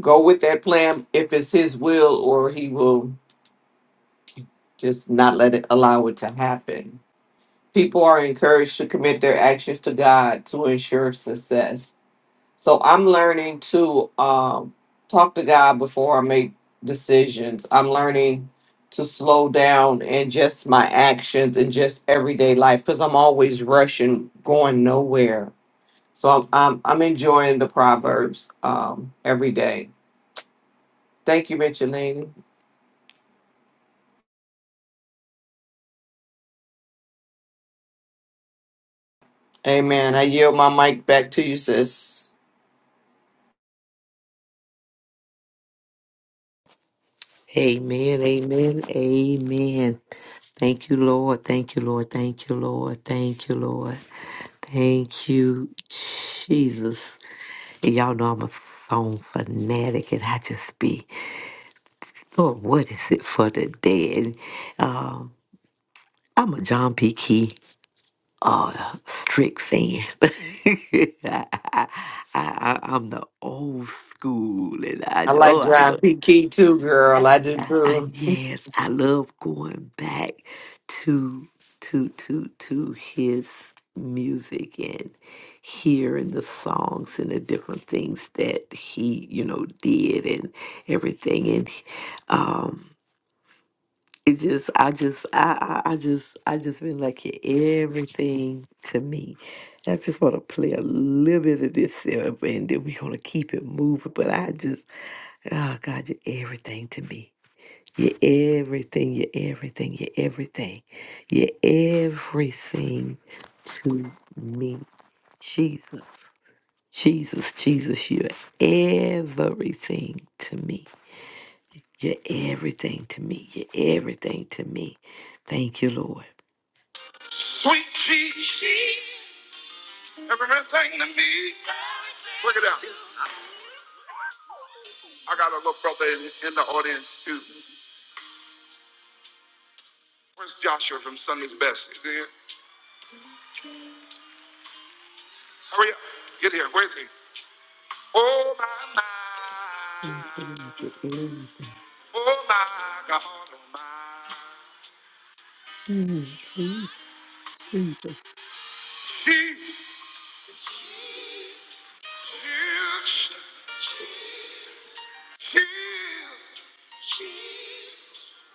Speaker 2: go with that plan if it's His will or He will just not let it allow it to happen. People are encouraged to commit their actions to God to ensure success. So I'm learning to um, talk to God before I make decisions. I'm learning to slow down and just my actions and just everyday life because I'm always rushing, going nowhere. So I'm I'm, I'm enjoying the proverbs um, every day. Thank you, Micheline. Amen. I yield my mic back to you, sis.
Speaker 3: Amen, amen, amen. Thank you, Lord. Thank you, Lord. Thank you, Lord. Thank you, Lord. Thank you, Jesus. And y'all know I'm a song fanatic, and I just be, Lord, what is it for the dead? Um, I'm a John P. Key uh, strict fan. I, I, I, I'm the old school, and I,
Speaker 2: I like
Speaker 3: oh, I love.
Speaker 2: John P. Key too, girl.
Speaker 3: I,
Speaker 2: I do
Speaker 3: I,
Speaker 2: too.
Speaker 3: yes, I love going back to to to to his music and hearing the songs and the different things that he you know did and everything and um it just I just I I, I just I just been liking everything to me. I just want to play a little bit of this uh, and then we're gonna keep it moving. But I just oh God, just everything to me. You're everything, you're everything, you're everything. You're everything to me. Jesus, Jesus, Jesus, you're everything to me. You're everything to me. You're everything to me. Thank you, Lord. Sweet Jesus, everything to me. Look it out. I got a little brother in, in the audience too. Where's Joshua from Sunday's Best? Is he here? Hurry up. Get here. Where is he? Oh my my, oh my God, oh my. She, she, she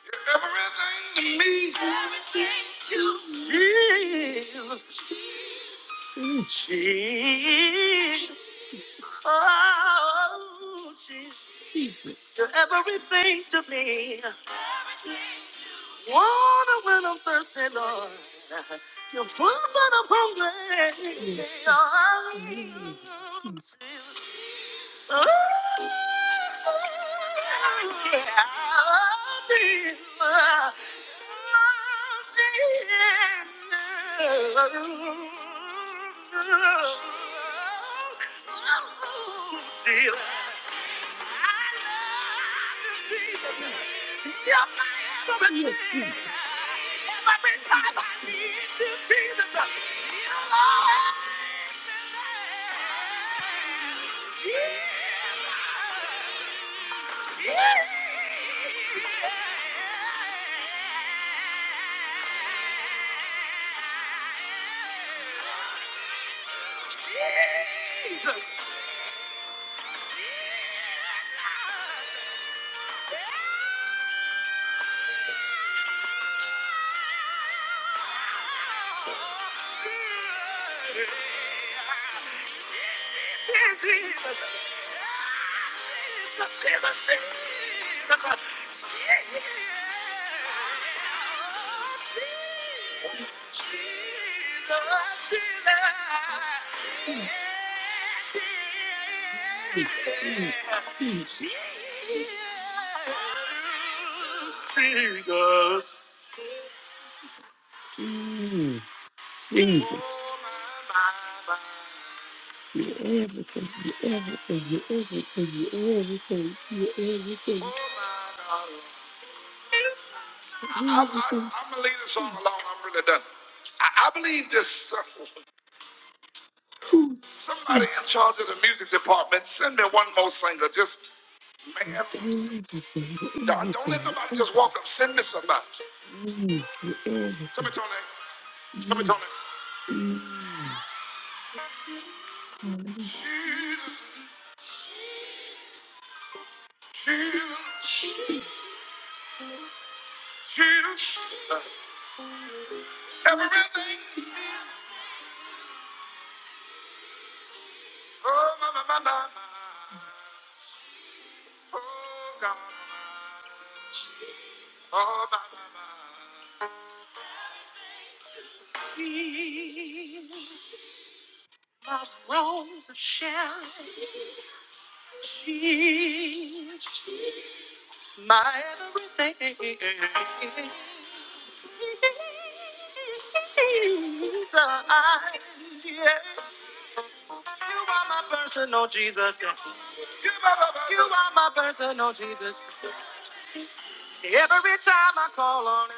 Speaker 3: is everything to me. She, oh, she's everything to me. Water when I'm thirsty, Lord. You're full, but I'm hungry. Oh, yeah, I love you. Jesus. Jesus. Jesus. Mm, Jesus. You're everything. You're everything. You're everything. You're everything. You're everything. I, Everything. I'm gonna leave this song alone. I'm really done. I, I believe this. Somebody in charge of the music department, send me one more singer. Just man, Everything. don't, don't let Everything. nobody just walk up. Send me somebody. Mm, you're Come everything. Come here, Tony. Come here, Mm, Tony. Jesus, Jesus. Choose everything. Oh, my, my, my, my, my. Oh, God. Oh, my, my, my. My rose of Sharon, she's my everything. Jesus, yeah. You are my personal you are my personal Jesus. Every time I call on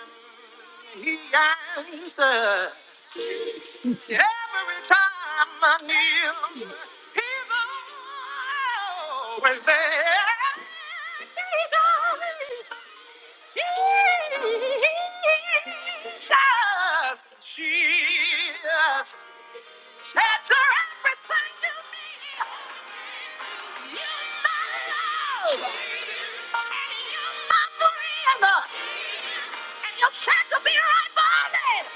Speaker 3: him, he answers. Every time I kneel, he's always there. He's always Jesus, Jesus, that's everything to me. You're my love, and you're my friend, and you'll check to be right by me.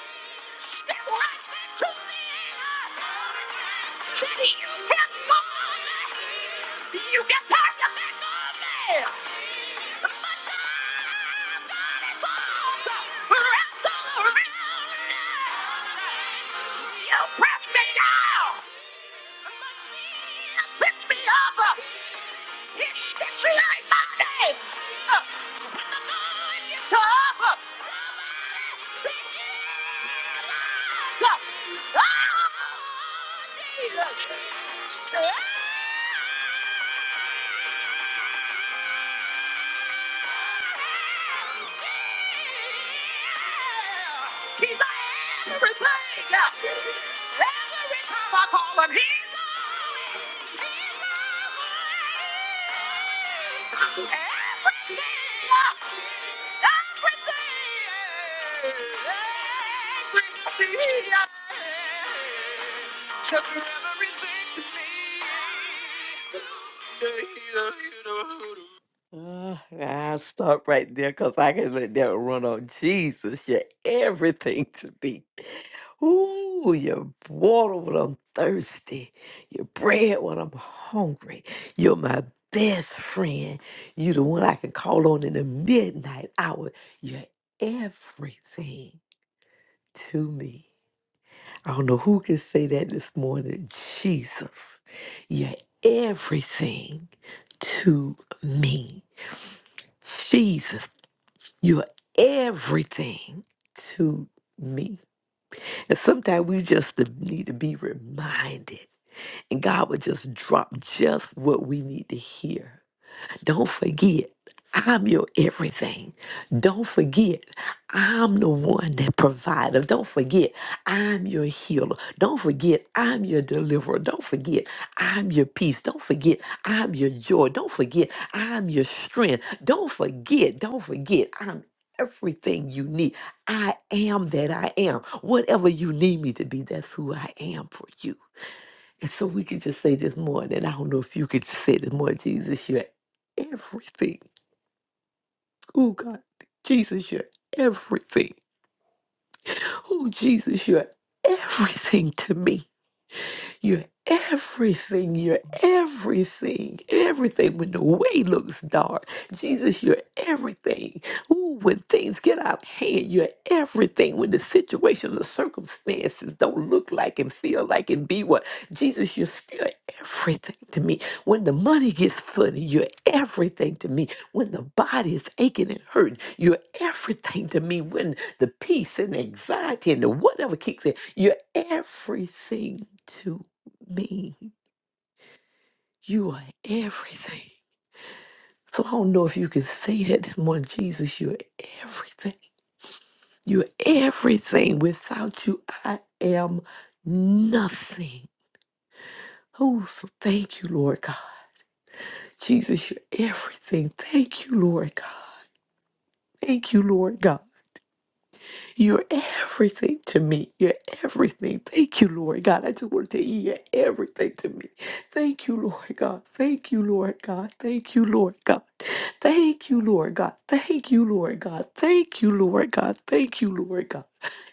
Speaker 3: You Pick me But God is awesome! Wrapped all around me! You press me down! But Jesus picks me up! He sticks me like my name! Stop! Stop! Ah! Jesus! Ah! Uh, I'll stop right there because I can let that run on. Jesus, you're everything to me. Ooh, your water when I'm thirsty, your bread when I'm hungry. You're my best friend. You're the one I can call on in the midnight hour. You're everything to me. I don't know who can say that this morning. Jesus, you're everything to me. Jesus, you're everything to me. And sometimes we just need to be reminded, and God would just drop just what we need to hear Don't forget, I'm your everything. Don't forget, I'm the one that provides. Don't forget, I'm your healer. Don't forget, I'm your deliverer. Don't forget, I'm your peace. Don't forget, I'm your joy. Don't forget, I'm your strength. Don't forget, don't forget, I'm everything you need. I am that I am. Whatever you need me to be, that's who I am for you. And so we could just say this morning. and I don't know if you could just say this more, Jesus, you're everything. Oh God, Jesus, you're everything. Oh Jesus, you're everything to me. You're everything. You're everything. Everything when the way looks dark. Jesus, you're everything. Ooh, when things get out of hand, you're everything. When the situation, the circumstances don't look like and feel like and be what. Jesus, you're still everything to me. When the money gets funny, you're everything to me. When the body is aching and hurting, you're everything to me. When the peace and anxiety and the whatever kicks in, you're everything to me. You are everything. So I don't know if you can say that this morning, Jesus, you're everything. You're everything. Without you, I am nothing. Oh, so thank you, Lord God. Jesus, you're everything. Thank you, Lord God. Thank you, Lord God. You're everything to me. You're everything. Thank you, Lord God. I just want to tell you, you're everything to me. Thank you, Lord God. Thank you, Lord God. Thank you, Lord God. Thank you, Lord God. Thank you, Lord God. Thank you, Lord God. Thank you, Lord God.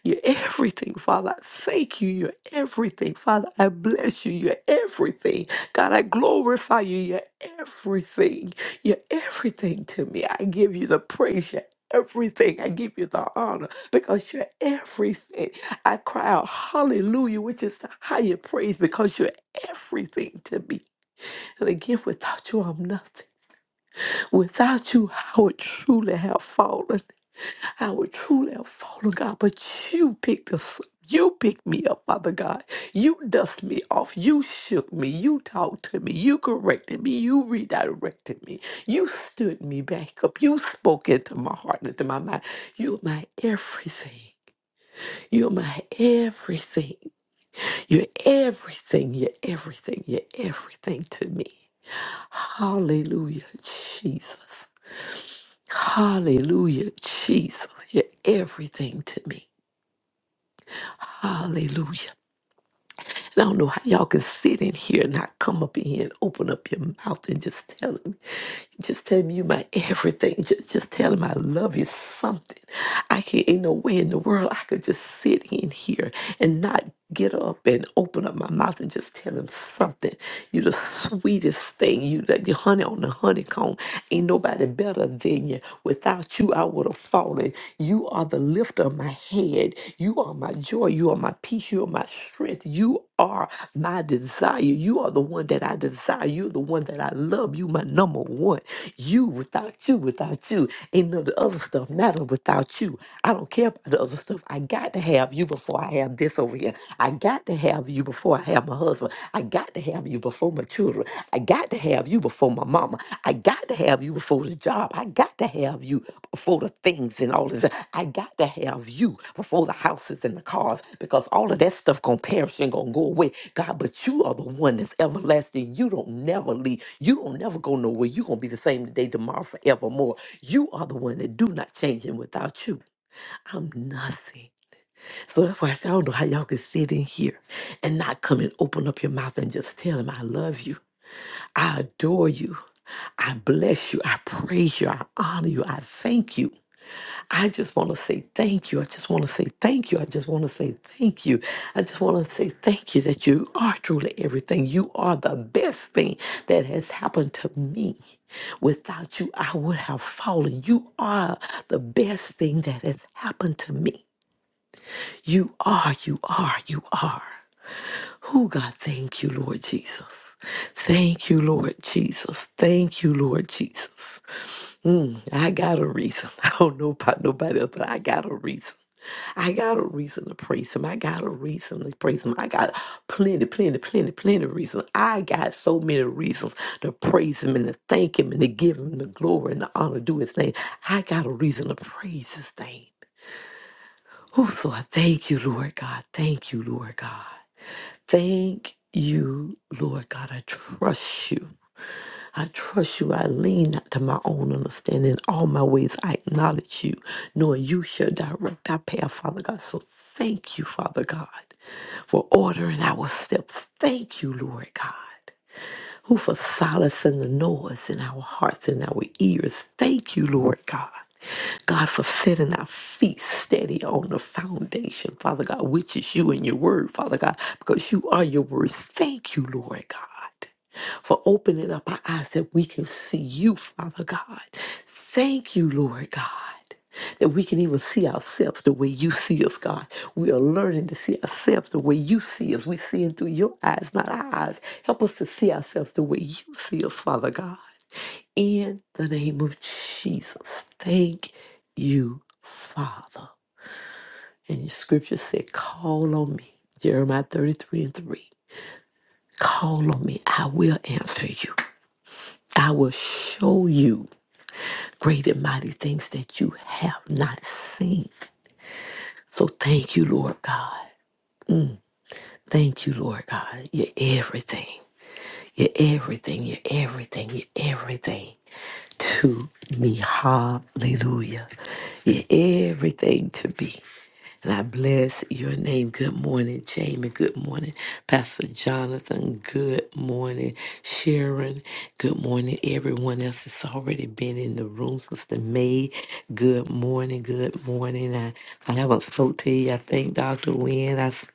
Speaker 3: You're everything, Father. I Thank you. You're everything, Father. I bless you. You're everything. God, I glorify you. You're everything. You're everything to me. I give you the praise. You're everything. I give you the honor because you're everything. I cry out hallelujah, which is the higher praise, because you're everything to me. And again, without you, I'm nothing. Without you, I would truly have fallen. I would truly have fallen, God. But you picked us up. You picked me up, Father God. You dust me off. You shook me. You talked to me. You corrected me. You redirected me. You stood me back up. You spoke into my heart and into my mind. You're my everything. You're my everything. You're everything. You're everything. You're everything to me. Hallelujah, Jesus. Hallelujah, Jesus. You're everything to me. Hallelujah. And I don't know how y'all can sit in here and not come up in here and open up your mouth and just tell him, just tell me you my everything. Just, just tell him I love you something. I can't, ain't no way in the world I could just sit in here and not get up and open up my mouth and just tell him something. You the sweetest thing. You the, the honey on the honeycomb. Ain't nobody better than you. Without you, you, I would have fallen. You are the lifter of my head. You are my joy. You are my peace. You are my strength. You are my desire. You are the one that I desire. You're the one that I love. You my number one. You without you, without you. Ain't none of the other stuff matter without you. I don't care about the other stuff. I got to have you before I have this over here. I got to have you before I have my husband. I got to have you before my children. I got to have you before my mama. I got to have you before the job. I got to have you before the things and all this. I got to have you before the houses and the cars because all of that stuff gonna perish and gonna go away. God, but you are the one that's everlasting. You don't never leave. You don't never go nowhere. You gonna be the same today, tomorrow, forevermore. You are the one that do not change, and without you, I'm nothing. So that's why I said, I don't know how y'all can sit in here and not come and open up your mouth and just tell him, I love you. I adore you. I bless you. I praise you. I honor you. I thank you. I just want to say thank you. I just want to say thank you. I just want to say thank you. I just want to say thank you that you are truly everything. You are the best thing that has happened to me. Without you, I would have fallen. You are the best thing that has happened to me. You are, you are, you are. Oh, God, thank you, Lord Jesus. Thank you, Lord Jesus. Thank you, Lord Jesus. Mm, I got a reason. I don't know about nobody else, but I got a reason. I got a reason to praise him. I got a reason to praise him. I got plenty, plenty, plenty, plenty of reasons. I got so many reasons to praise him and to thank him and to give him the glory and the honor, do his thing. I got a reason to praise his name. Oh, Lord, thank you, Lord God. Thank you, Lord God. Thank you, Lord God. I trust you. I trust you. I lean not to my own understanding. In all my ways, I acknowledge you, knowing you shall direct our path, Father God. So thank you, Father God, for ordering our steps. Thank you, Lord God who for solace in the noise in our hearts and our ears. Thank you, Lord God. God, for setting our feet steady on the foundation, Father God, which is you and your word, Father God, because you are your words. Thank you, Lord God, for opening up our eyes that we can see you, Father God. Thank you, Lord God that we can even see ourselves the way you see us, God. We are learning to see ourselves the way you see us. We're seeing through your eyes, not our eyes. Help us to see ourselves the way you see us, Father God. In the name of Jesus, thank you, Father. And your scripture said, Call on me. Jeremiah 33 and 3. Call on me. I will answer you. I will show you great and mighty things that you have not seen. So thank you, Lord God. Thank you, Lord God. You're everything. You're everything. You're everything. You're everything to me. Hallelujah. You're everything to me. And I bless your name. Good morning, Jamie. Good morning, Pastor Jonathan. Good morning, Sharon. Good morning, everyone else that's already been in the room. Sister May. Good morning. Good morning. I, I haven't spoke to you. I think Dr. Wynn. I sp-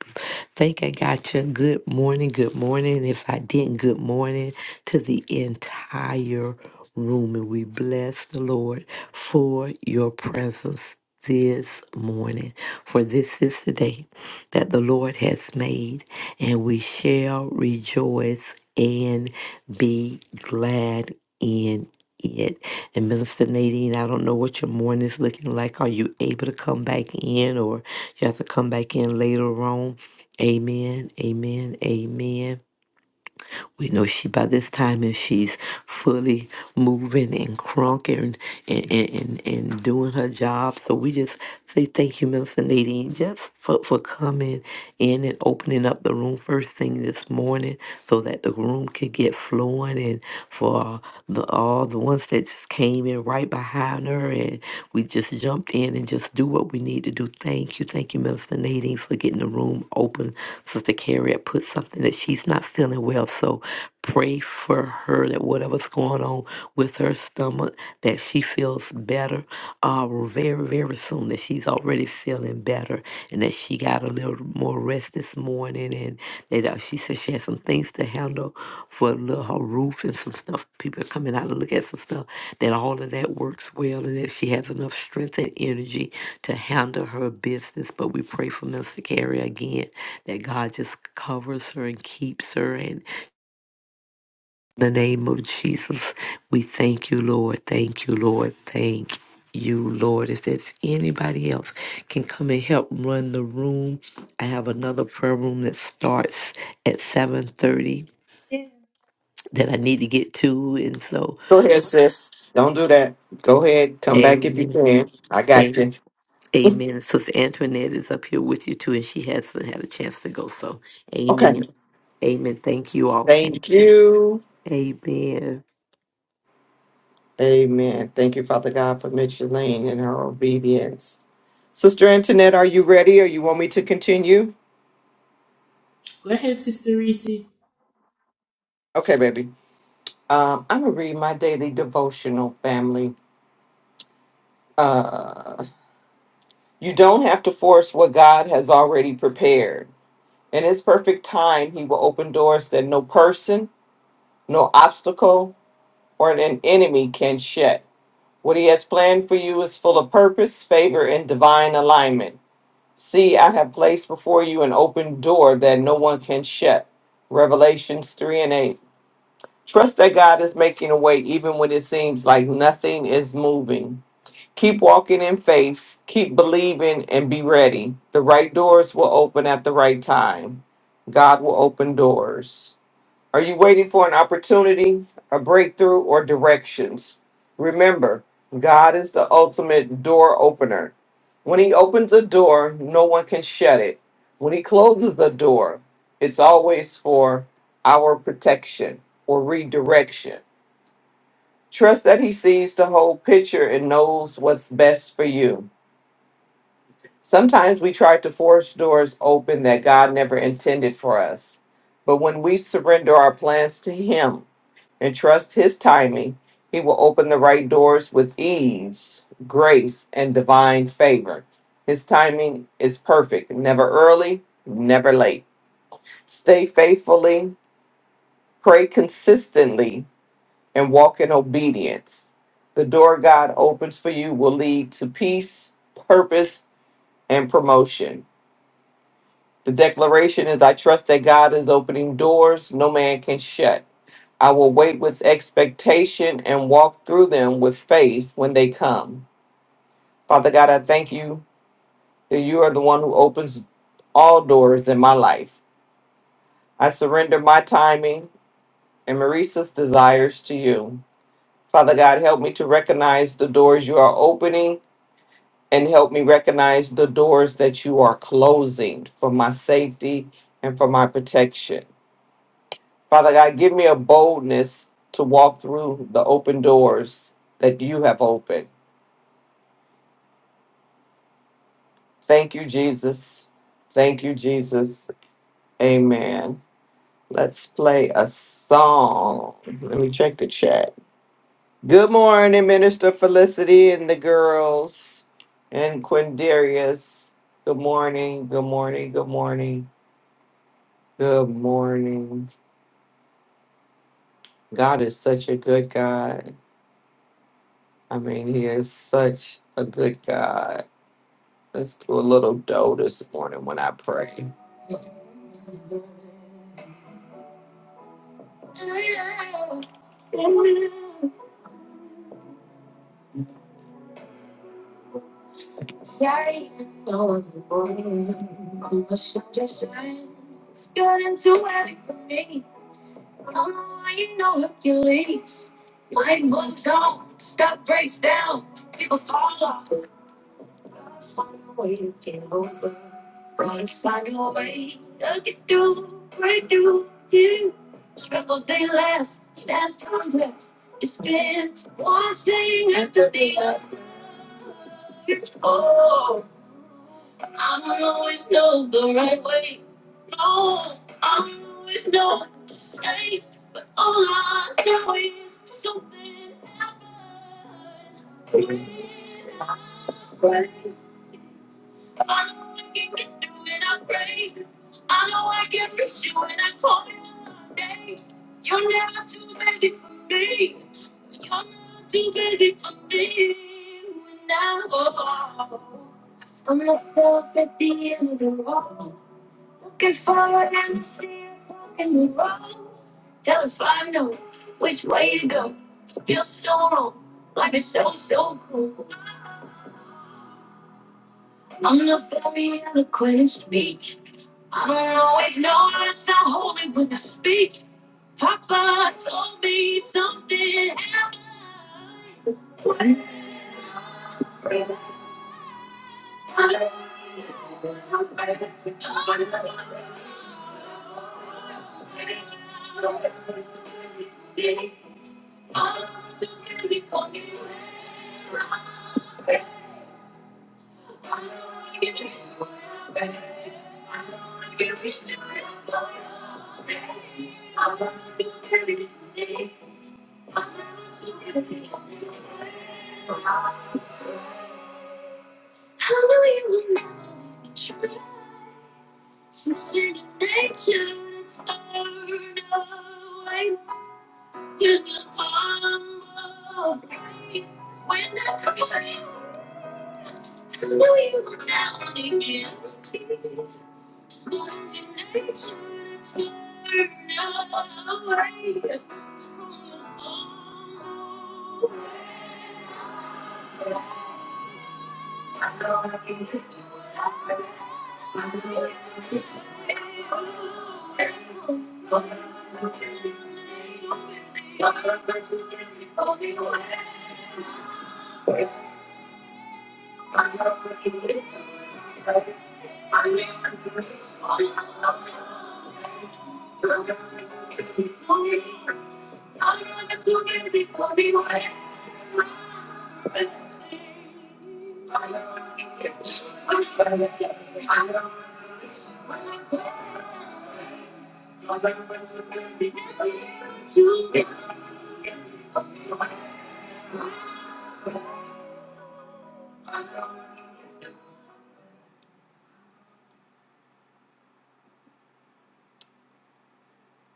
Speaker 3: think I got you. Good morning. Good morning. If I didn't, good morning to the entire room. And we bless the Lord for your presence this morning. For this is the day that the Lord has made, and we shall rejoice and be glad in it. And Minister Nadine, I don't know what your morning is looking like. Are you able to come back in, or you have to come back in later on? Amen, amen, amen. We know she by this time is she's fully moving and crunking and, and, and, and doing her job. So we just say thank you, Minister Nadine, just for, for coming in and opening up the room first thing this morning so that the room could get flowing and for the all the ones that just came in right behind her and we just jumped in and just do what we need to do. Thank you. Thank you, Minister Nadine, for getting the room open. Sister Carrie had put something that she's not feeling well. So pray for her that whatever's going on with her stomach, that she feels better uh, very, very soon, that she's already feeling better and that she got a little more rest this morning. And that uh, she said she had some things to handle for a little, her roof and some stuff. People are coming out to look at some stuff, that all of that works well and that she has enough strength and energy to handle her business. But we pray for Mr. Carrie again that God just covers her and keeps her. And in the name of Jesus, we thank you, Lord. Thank you, Lord. Thank you, Lord. If there's anybody else can come and help run the room, I have another prayer room that starts at 7:30 that I need to get to, and so
Speaker 2: Go ahead, sis. Don't do that. Go ahead. Come back if you
Speaker 3: Amen.
Speaker 2: can. I got
Speaker 3: Amen.
Speaker 2: you.
Speaker 3: Amen. Sister Antoinette is up here with you too, and she hasn't had a chance to go. So,
Speaker 2: Okay.
Speaker 3: Amen. Amen. Thank you all. Thank
Speaker 2: Thank
Speaker 3: you.
Speaker 2: you.
Speaker 3: Amen.
Speaker 2: Amen. Thank you, Father God, for Micheline and her obedience. Sister Antoinette, are you ready or you want me to continue? Okay, baby. Um, I'm going to read my daily devotional, family. Uh, you don't have to force what God has already prepared. In His perfect time, He will open doors that no person, no obstacle, or an enemy can shut. What He has planned for you is full of purpose, favor, and divine alignment. See, I have placed before you an open door that no one can shut. Revelations 3 and 8. Trust that God is making a way even when it seems like nothing is moving. Keep walking in faith, keep believing, and be ready. The right doors will open at the right time. God will open doors. Are you waiting for an opportunity, a breakthrough, or directions? Remember, God is the ultimate door opener. When He opens a door, no one can shut it. When He closes the door, it's always for our protection or redirection. Trust that He sees the whole picture and knows what's best for you. Sometimes we try to force doors open that God never intended for us. But when we surrender our plans to Him, and trust his timing, he will open the right doors with ease, grace, and divine favor. His timing is perfect, never early, never late. Stay faithfully, pray consistently, and walk in obedience. The door God opens for you will lead to peace, purpose, and promotion. The declaration is I trust that God is opening doors no man can shut. I will wait with expectation and walk through them with faith when they come. Father God, I thank you that you are the one who opens all doors in my life. I surrender my timing and Marissa's desires to you. Father God, help me to recognize the doors you are opening and help me recognize the doors that you are closing for my safety and for my protection. Father God, give me a boldness to walk through the open doors that you have opened. Thank you, Jesus. Thank you, Jesus. Amen. Let's play a song. Let me check the chat. Good morning, Minister Felicity and the girls and Quindarius. Good morning. Good morning. Good morning. Good morning. God is such a good God. I mean, He is such a good God. Let's do a little dough this morning when I pray.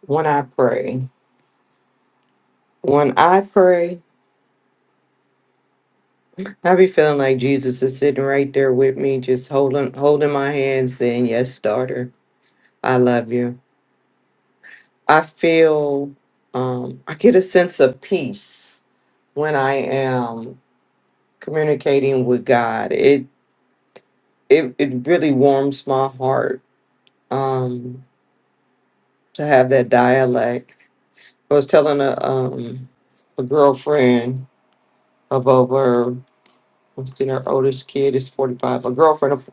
Speaker 2: When I pray. When I pray, I be feeling like Jesus is sitting right there with me, just holding holding my hand, saying, Yes, daughter, I love you. I feel um I get a sense of peace when I am communicating with God. It it, it really warms my heart um to have that dialect. I was telling a um a girlfriend of over what's in her oldest kid is forty five. A girlfriend of,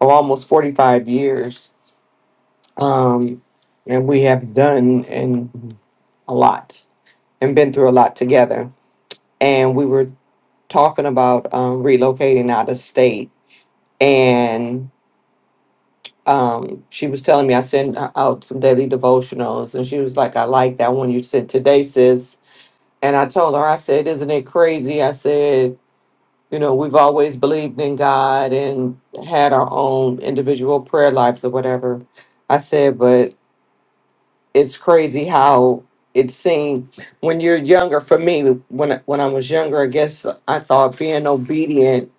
Speaker 2: of almost forty five years. Um, and we have done and a lot and been through a lot together. And we were talking about um, relocating out of state. And um, she was telling me I send her out some daily devotionals, and she was like, "I like that one you sent today, sis." And I told her, I said, "Isn't it crazy?" I said You know, we've always believed in God and had our own individual prayer lives or whatever. I said, but it's crazy how it seemed when you're younger. For me, when I- when I was younger, I guess I thought being obedient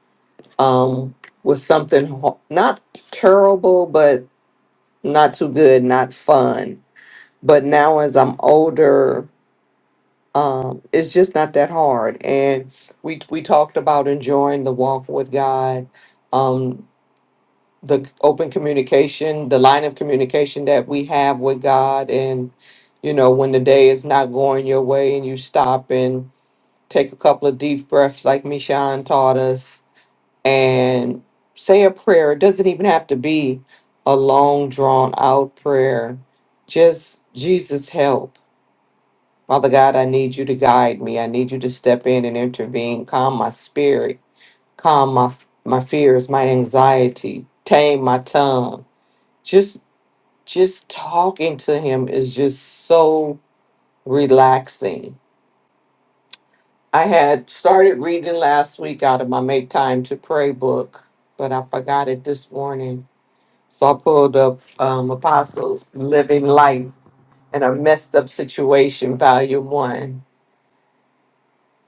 Speaker 2: um, was something ho- not terrible, but not too good, not fun. But now, as I'm older, um, it's just not that hard. And we we talked about enjoying the walk with God. Um, the open communication, the line of communication that we have with God. And, you know, when the day is not going your way and you stop and take a couple of deep breaths, like Mishan taught us, and say a prayer. It doesn't even have to be a long, drawn out prayer. Just, Jesus, help. Father God, I need you to guide me. I need you to step in and intervene. Calm my spirit. Calm my, my fears, my anxiety. Tame my tongue just just talking to him is just so relaxing. I had started reading last week out of my Make Time to Pray book, but I forgot it this morning. So I pulled up um, Apostles Living Life in a Messed Up Situation, Volume 1.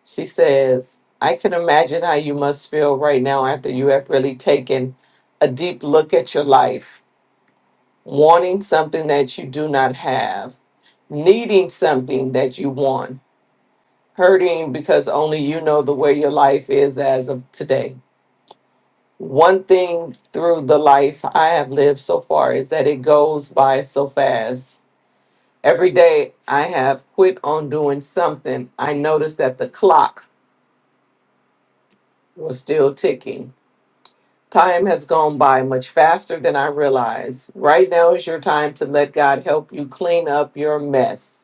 Speaker 2: She says, I can imagine how you must feel right now after you have really taken a deep look at your life wanting something that you do not have, needing something that you want, hurting because only you know the way your life is as of today. One thing through the life I have lived so far is that it goes by so fast. Every day I have quit on doing something, I noticed that the clock was still ticking. Time has gone by much faster than I realized. Right now is your time to let God help you clean up your mess.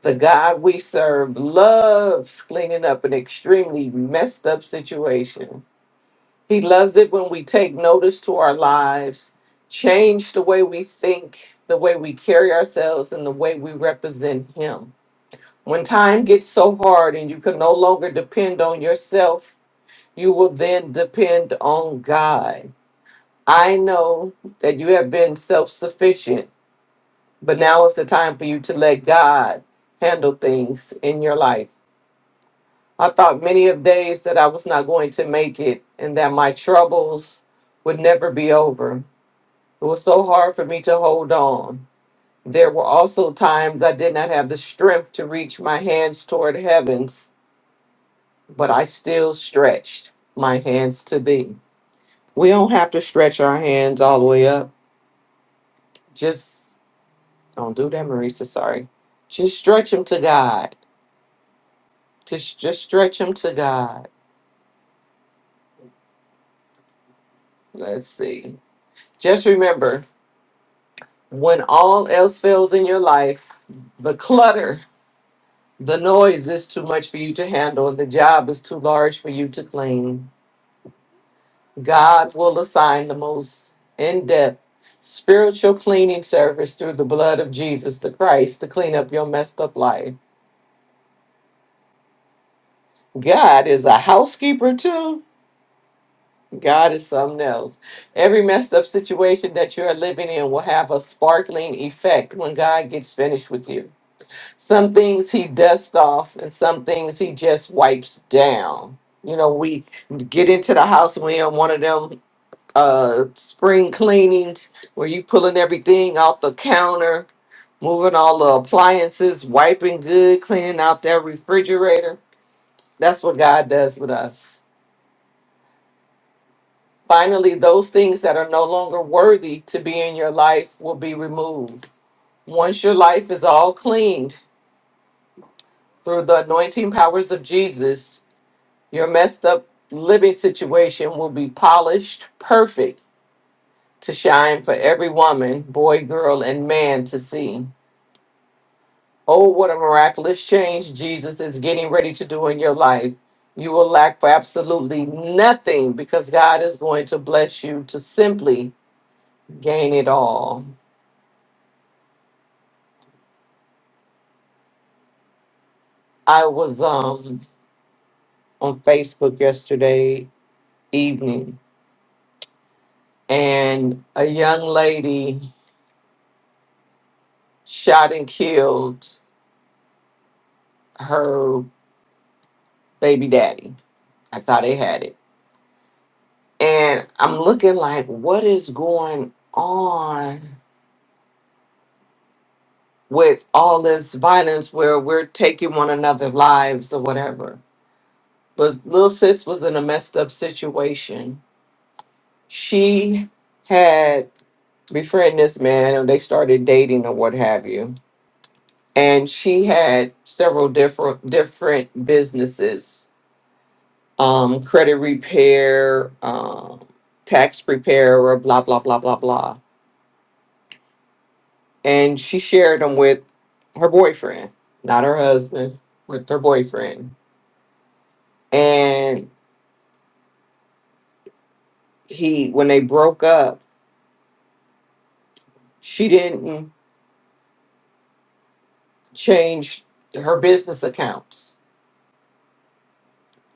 Speaker 2: The God we serve loves cleaning up an extremely messed up situation. He loves it when we take notice to our lives, change the way we think, the way we carry ourselves, and the way we represent Him. When time gets so hard and you can no longer depend on yourself, you will then depend on God. I know that you have been self sufficient, but now is the time for you to let God handle things in your life. I thought many of days that I was not going to make it and that my troubles would never be over. It was so hard for me to hold on. There were also times I did not have the strength to reach my hands toward heavens, but I still stretched my hands to thee. We don't have to stretch our hands all the way up. Just don't do that, Marisa. Sorry. Just stretch them to God. Just, just stretch them to God. Let's see. Just remember when all else fails in your life, the clutter, the noise is too much for you to handle, and the job is too large for you to clean, God will assign the most in depth spiritual cleaning service through the blood of Jesus the Christ to clean up your messed up life. God is a housekeeper too. God is something else. Every messed up situation that you are living in will have a sparkling effect when God gets finished with you. Some things he dusts off, and some things he just wipes down. You know, we get into the house and we on one of them uh spring cleanings where you pulling everything off the counter, moving all the appliances, wiping good, cleaning out that refrigerator. That's what God does with us. Finally, those things that are no longer worthy to be in your life will be removed. Once your life is all cleaned through the anointing powers of Jesus, Your messed up living situation will be polished, perfect to shine for every woman, boy, girl, and man to see. Oh, what a miraculous change Jesus is getting ready to do in your life. You will lack for absolutely nothing because God is going to bless you to simply gain it all. I was um on Facebook yesterday evening and a young lady shot and killed her baby daddy. That's how they had it. And I'm looking like, what is going on with all this violence where we're taking one another's lives or whatever? But little sis was in a messed up situation. She had befriended this man and they started dating or what have you. And she had several different different businesses, um, credit repair, um, tax preparer, blah blah blah blah blah and she shared them with her boyfriend, not her husband, with her boyfriend. And he, when they broke up, she didn't change her business accounts,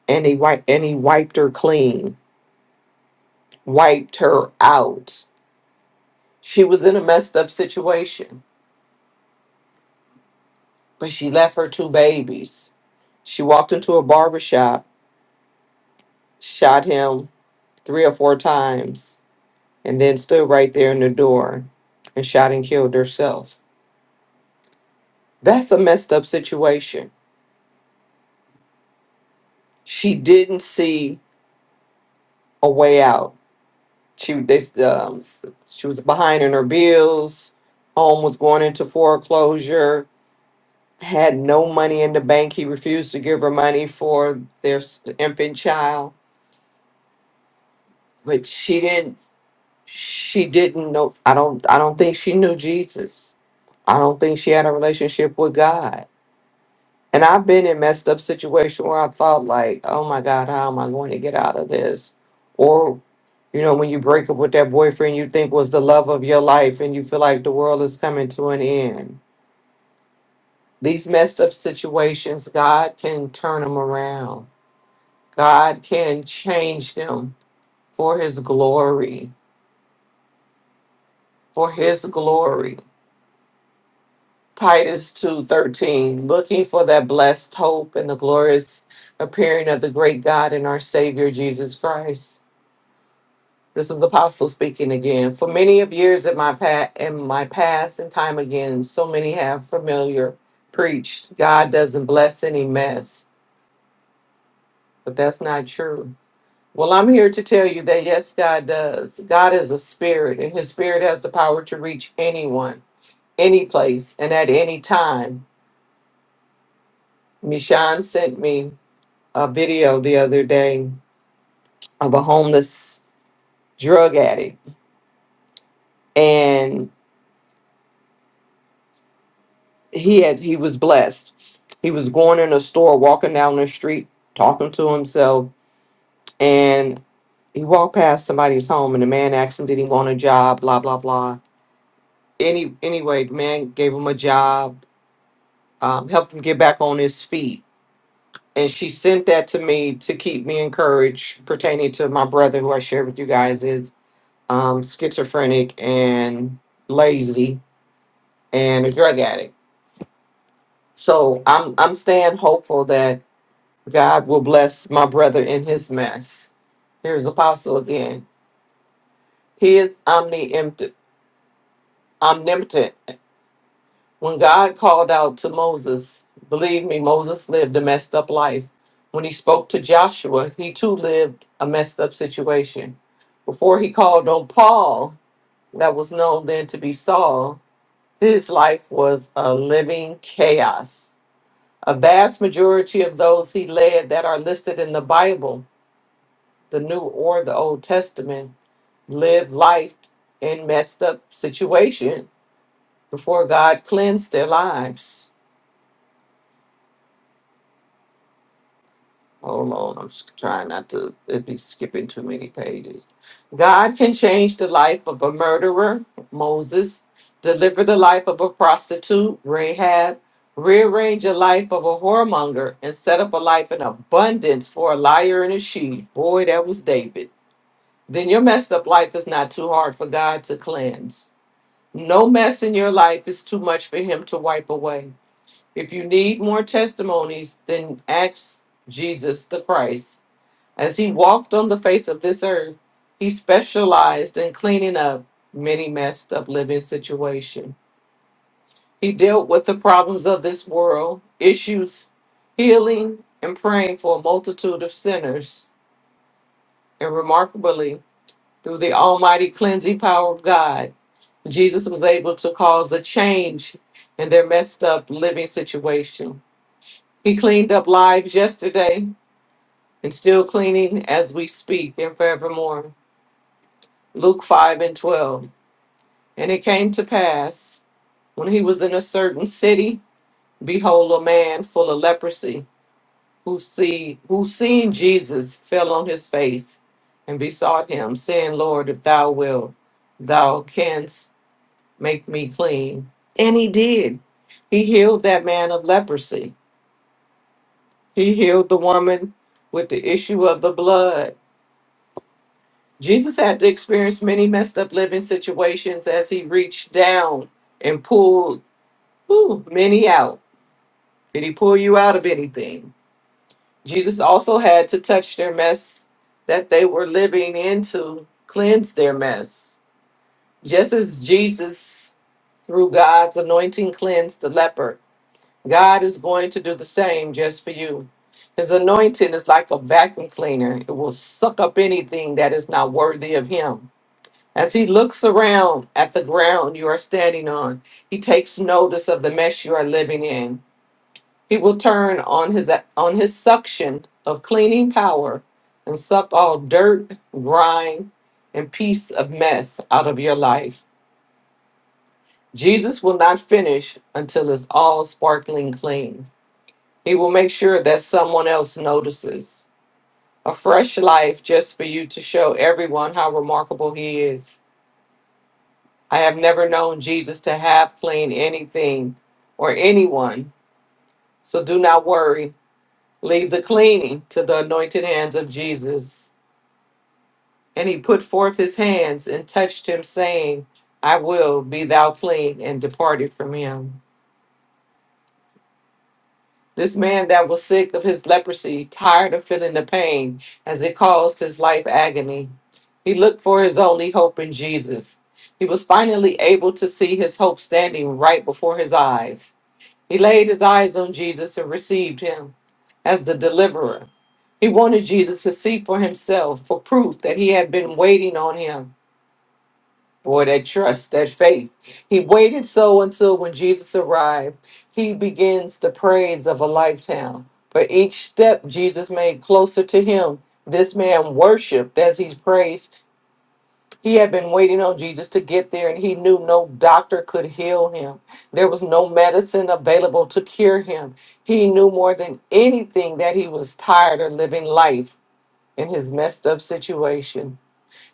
Speaker 2: and he wiped and he wiped her clean, wiped her out. She was in a messed up situation, but she left her two babies. She walked into a barber shop, shot him three or four times, and then stood right there in the door and shot and killed herself That's a messed up situation. She didn't see a way out. She this um she was behind in her bills. Home was going into foreclosure. Had no money in the bank. He refused to give her money for their s- infant child. But she didn't. She didn't know. I don't. I don't think she knew Jesus. I don't think she had a relationship with God And I've been in messed up situation where I thought like, oh my God, how am I going to get out of this? Or, you know, when you break up with that boyfriend you think was the love of your life and you feel like the world is coming to an end. These messed up situations, God can turn them around. God can change them for his glory. For his glory. Titus 2:13, looking for that blessed hope and the glorious appearing of the great God and our Savior Jesus Christ This is Apostle speaking again. For many of years in my past, in my past and time again, so many have familiar preached God doesn't bless any mess, but that's not true. Well, I'm here to tell you that yes, God does. God is a spirit, and His spirit has the power to reach anyone, any place, and at any time. Mishan sent me a video the other day of a homeless drug addict, and he had he was blessed. He was going in a store, walking down the street, talking to himself, and he walked past somebody's home, and the man asked him, "Did he want a job?" Blah blah blah. Any anyway, the man gave him a job, um, helped him get back on his feet, and she sent that to me to keep me encouraged pertaining to my brother, who I shared with you guys is um, schizophrenic and lazy and a drug addict. So I'm I'm staying hopeful that God will bless my brother in his mess. Here's Apostle again. He is omniimpt- omnipotent. When God called out to Moses, believe me, Moses lived a messed up life. When he spoke to Joshua, he too lived a messed up situation. Before he called on Paul, that was known then to be Saul, his life was a living chaos. A vast majority of those he led that are listed in the Bible, the New or the Old Testament, lived life in messed up situation before God cleansed their lives. Hold on, I'm s- trying not to it'd be skipping too many pages. God can change the life of a murderer, Moses, deliver the life of a prostitute, Rahab, rearrange the life of a whoremonger, and set up a life in abundance for a liar and a she. Boy, that was David. Then your messed up life is not too hard for God to cleanse. No mess in your life is too much for him to wipe away. If you need more testimonies, then ask Jesus the Christ. As he walked on the face of this earth, he specialized in cleaning up many messed up living situations. He dealt with the problems of this world, issues, healing, and praying for a multitude of sinners. And remarkably, through the almighty cleansing power of God, Jesus was able to cause a change in their messed up living situation. He cleaned up lives yesterday and still cleaning as we speak and forevermore. Luke 5 and 12. And it came to pass when he was in a certain city, behold, a man full of leprosy who, see, who seeing Jesus fell on his face and besought him, saying, Lord, if thou wilt, thou canst make me clean. And he did. He healed that man of leprosy. He healed the woman with the issue of the blood. Jesus had to experience many messed up living situations as he reached down and pulled whew, many out. Did he pull you out of anything? Jesus also had to touch their mess that they were living into, cleanse their mess. Just as Jesus, through God's anointing, cleansed the leper, God is going to do the same just for you. His anointing is like a vacuum cleaner, it will suck up anything that is not worthy of Him. As He looks around at the ground you are standing on, He takes notice of the mess you are living in. He will turn on His, on his suction of cleaning power and suck all dirt, grime, and piece of mess out of your life. Jesus will not finish until it's all sparkling clean. He will make sure that someone else notices. A fresh life just for you to show everyone how remarkable He is. I have never known Jesus to have clean anything or anyone, so do not worry. Leave the cleaning to the anointed hands of Jesus. And he put forth his hands and touched him, saying, I will be thou clean, and departed from him. This man that was sick of his leprosy, tired of feeling the pain as it caused his life agony, he looked for his only hope in Jesus. He was finally able to see his hope standing right before his eyes. He laid his eyes on Jesus and received him as the deliverer. He wanted Jesus to see for himself, for proof that he had been waiting on him Boy, that trust, that faith. He waited so until when Jesus arrived, he begins the praise of a lifetime. For each step Jesus made closer to him, this man worshiped as he praised. He had been waiting on Jesus to get there, and he knew no doctor could heal him. There was no medicine available to cure him. He knew more than anything that he was tired of living life in his messed up situation.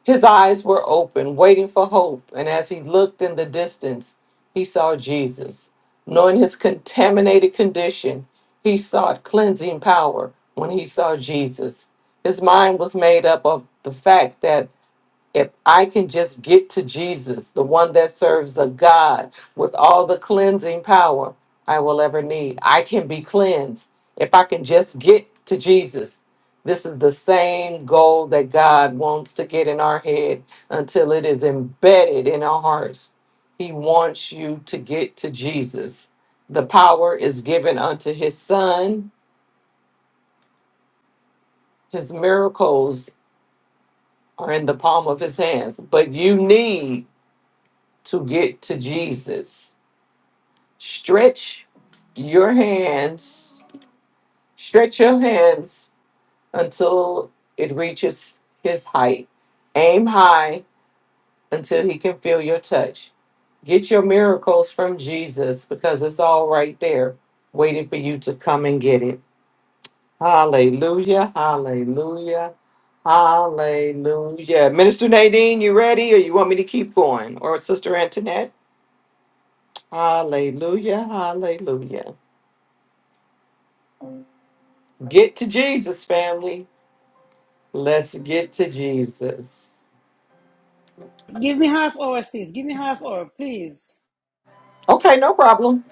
Speaker 2: His eyes were open, waiting for hope, and as he looked in the distance, he saw Jesus. Knowing his contaminated condition, he sought cleansing power when he saw Jesus. His mind was made up of the fact that if I can just get to Jesus, the one that serves a God with all the cleansing power I will ever need, I can be cleansed. If I can just get to Jesus, this is the same goal that God wants to get in our head until it is embedded in our hearts. He wants you to get to Jesus. The power is given unto his son. His miracles are in the palm of his hands, but you need to get to Jesus. Stretch your hands, stretch your hands until it reaches his height. Aim high until he can feel your touch. Get your miracles from Jesus because it's all right there waiting for you to come and get it. Hallelujah, hallelujah, hallelujah. Minister Nadine, you ready or you want me to keep going? Or Sister Antoinette? Hallelujah. Hallelujah. Get to Jesus, family. Let's get to Jesus.
Speaker 1: Give me half hour, sis. Give me half hour, please.
Speaker 2: Okay, no problem.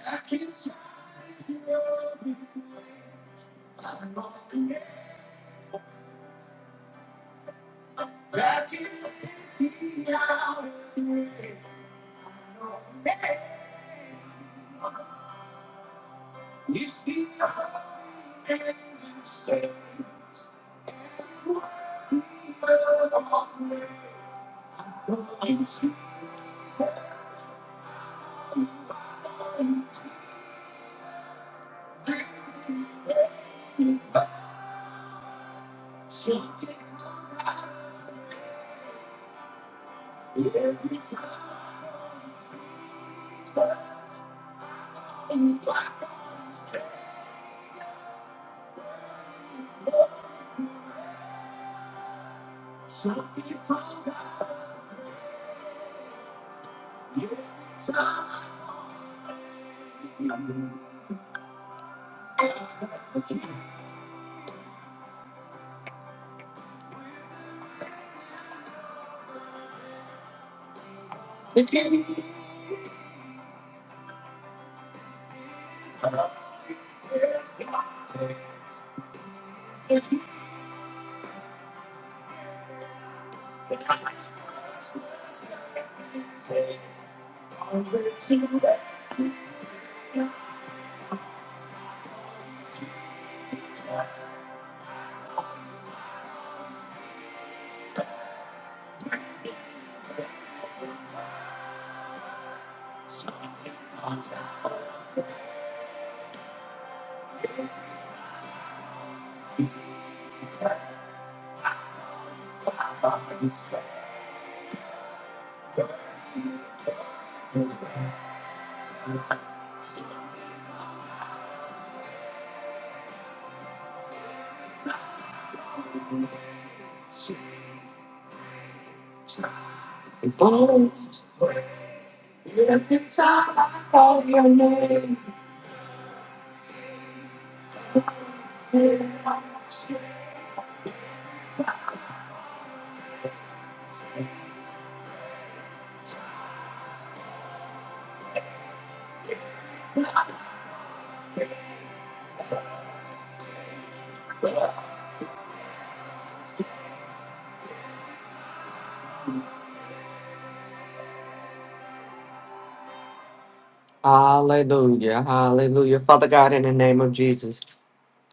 Speaker 2: Hallelujah. Hallelujah. Father God, in the name of Jesus,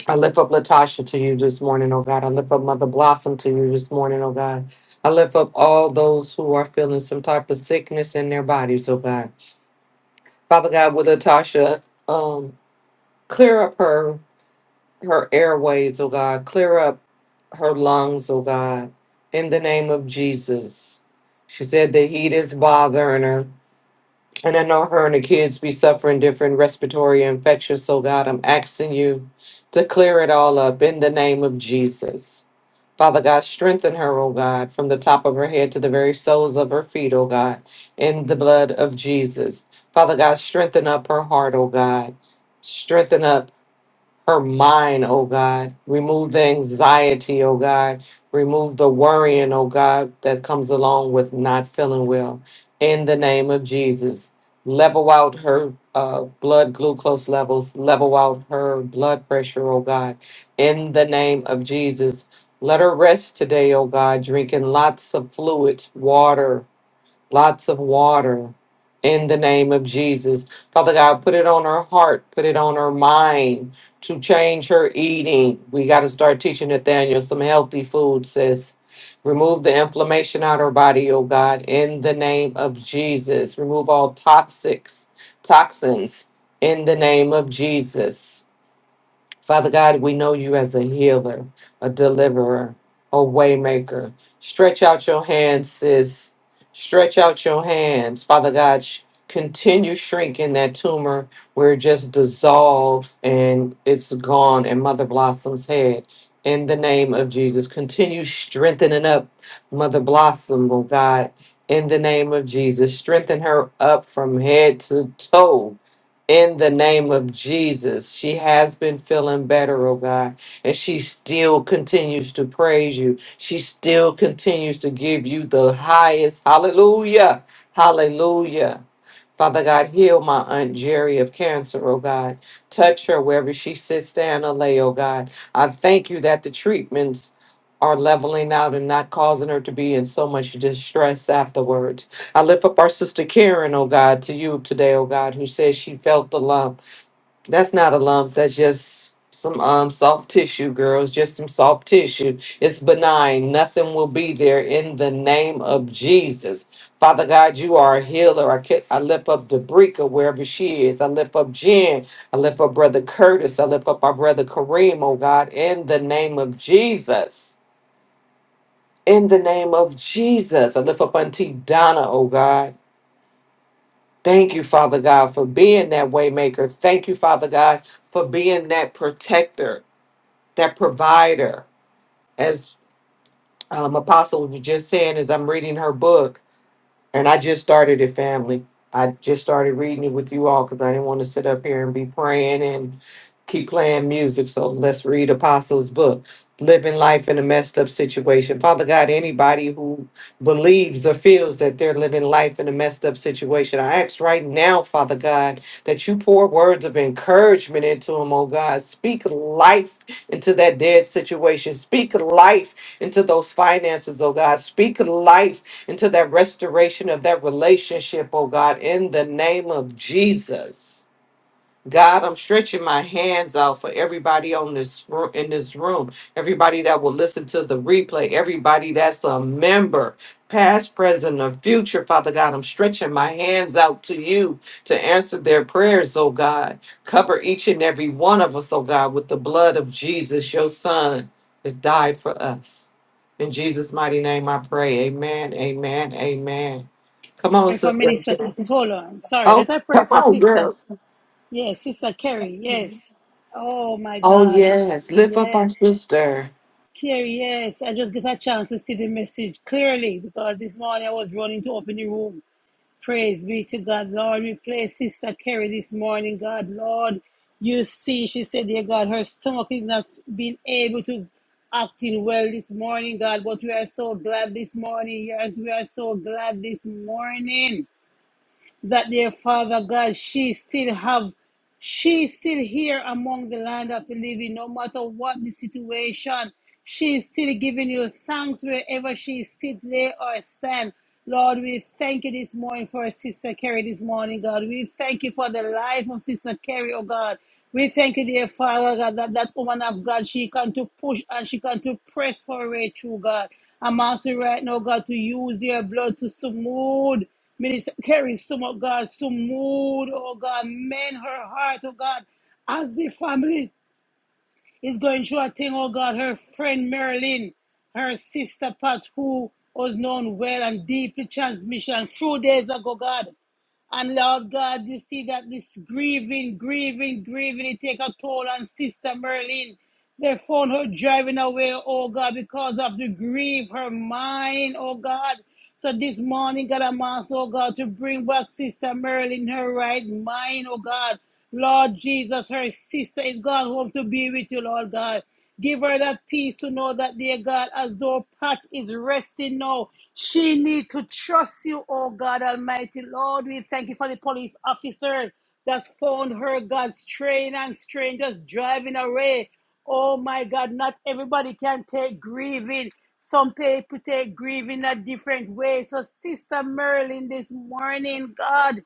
Speaker 2: I lift up Latasha to you this morning, oh God. I lift up Mother Blossom to you this morning, oh God. I lift up all those who are feeling some type of sickness in their bodies, oh God. Father God, with Latasha, um, clear up her her airways, oh God. Clear up her lungs, oh God, in the name of Jesus. She said the heat is bothering her. And I know her and the kids be suffering different respiratory infections, so God, I'm asking you to clear it all up in the name of Jesus. Father God, strengthen her, oh God, from the top of her head to the very soles of her feet, oh God, in the blood of Jesus. Father God, strengthen up her heart, oh God. Strengthen up her mind, oh God. Remove the anxiety, oh God. Remove the worrying, oh God, that comes along with not feeling well. In the name of Jesus, level out her uh, blood glucose levels, level out her blood pressure, oh God. In the name of Jesus, let her rest today, oh God, drinking lots of fluids, water, lots of water in the name of Jesus. Father God, put it on her heart, put it on her mind to change her eating. We got to start teaching Nathaniel some healthy food, sis. Remove the inflammation out of her body, oh God, in the name of Jesus. Remove all toxics, toxins in the name of Jesus. Father God, we know you as a healer, a deliverer, a waymaker. Stretch out your hands, sis. Stretch out your hands, Father God. sh- Continue shrinking that tumor where it just dissolves and it's gone in Mother Blossom's head. In the name of Jesus, continue strengthening up Mother Blossom, oh God. In the name of Jesus, strengthen her up from head to toe in the name of Jesus. She has been feeling better, oh God, and she still continues to praise you. She still continues to give you the highest. Hallelujah. Hallelujah. Father God, heal my Aunt Jerry of cancer, oh God. Touch her wherever she sits down or lay, oh God. I thank you that the treatments are leveling out and not causing her to be in so much distress afterwards. I lift up our sister Karen, oh God, to you today, oh God, who says she felt the lump. That's not a lump, that's just some um soft tissue, girls, just some soft tissue. It's benign. Nothing will be there in the name of Jesus. Father God, you are a healer. I, ca- I lift up Dabrika wherever she is. I lift up Jen. I lift up Brother Curtis. I lift up our brother Kareem, oh God, in the name of Jesus. In the name of Jesus. I lift up Auntie Donna, oh God. Thank you, Father God, for being that waymaker. Thank you, Father God, for being that protector, that provider. As um, Apostle was just saying, as I'm reading her book, and I just started it, family. I just started reading it with you all because I didn't want to sit up here and be praying and keep playing music. So let's read Apostles' book, Living Life in a Messed Up Situation. Father God, anybody who believes or feels that they're living life in a messed up situation, I ask right now, Father God, that you pour words of encouragement into them, oh God. Speak life into that dead situation. Speak life into those finances, oh God. Speak life into that restoration of that relationship, oh God, in the name of Jesus. God, I'm stretching my hands out for everybody on this ro- in this room, everybody that will listen to the replay, everybody that's a member, past, present, or future. Father God, I'm stretching my hands out to you to answer their prayers, oh God. Cover each and every one of us, oh God, with the blood of Jesus, your son that died for us. In Jesus' mighty name I pray. Amen. Amen. Amen. Come on,
Speaker 1: Pray for
Speaker 2: sister.
Speaker 1: many seconds. Hold on. Sorry.
Speaker 2: Oh,
Speaker 1: Let I pray
Speaker 2: come
Speaker 1: for
Speaker 2: on,
Speaker 1: Sister.
Speaker 2: girls.
Speaker 1: Yes, Sister Carrie. Yes. Oh my
Speaker 2: Oh,
Speaker 1: God.
Speaker 2: yes. Lift up our
Speaker 1: Yes.
Speaker 2: sister.
Speaker 1: Carrie. Yes. I just get a chance to see the message clearly because this morning I was running to open the room. Praise be to God, Lord. We pray Sister Carrie this morning, God, Lord. You see, she said, dear God, her stomach is not being able to acting well this morning, God. But we are so glad this morning. Yes, we are so glad this morning that their father God, she still have, she still here among the land of the living, no matter what the situation. She is still giving you thanks wherever she sit, lay or stand. Lord, we thank you this morning for Sister Carrie this morning, God. We thank you for the life of Sister Carrie, oh God. We thank you, dear Father God, that that woman of God, she can to push and she can to press her way through, God. I'm asking right now, God, to use your blood to smooth. Minister Kerry, smooth, God, smooth, oh God, mend her heart, oh God, as the family is going through a thing, oh God, her friend Marilyn, her sister Pat, who was known well and deeply transmission a few days ago, God. And Lord God, you see that this grieving, grieving, grieving, it take a toll on Sister Merlin. They found her driving away, oh God, because of the grief, her mind, oh God. So this morning, God, I'm asked, oh God, to bring back Sister Merlin, her right mind, oh God. Lord Jesus, her sister is gone home to be with you, Lord God. Give her that peace to know that, dear God, as though Pat is resting now, she need to trust you, oh God Almighty. Lord, we thank you for the police officers that's found her, God, strain and strain, just driving away. Oh my God, not everybody can take grieving. Some people take grieving a different way. So, Sister Merlin, this morning, God,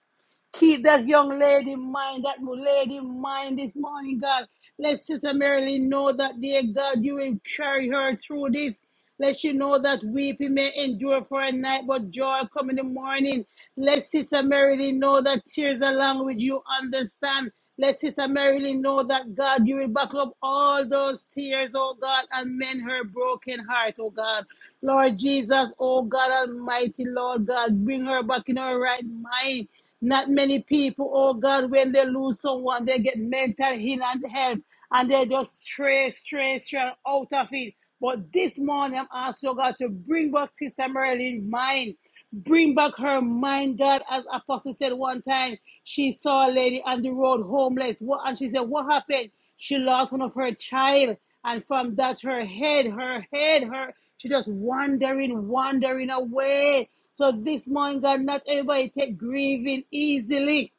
Speaker 1: Keep that young lady in mind, that lady in mind this morning, God. Let Sister Marilyn know that, dear God, you will carry her through this. Let she know that weeping may endure for a night, but joy come in the morning. Let Sister Marilyn know that tears are language you understand. Let Sister Marilyn know that, God, you will buckle up all those tears, oh God, and mend her broken heart, oh God. Lord Jesus, oh God Almighty, Lord God, bring her back in her right mind. Not many people, oh God, when they lose someone, they get mental heal and help, and they just stray, stray, stray out of it. But this morning, I'm asking oh God to bring back Sister Marilyn mind. Bring back her mind, God, as Apostle said one time, she saw a lady on the road homeless. What and she said, What happened? She lost one of her child. And from that, her head, her head, her, she just wandering, wandering away. So this morning, God, not everybody take grieving easily.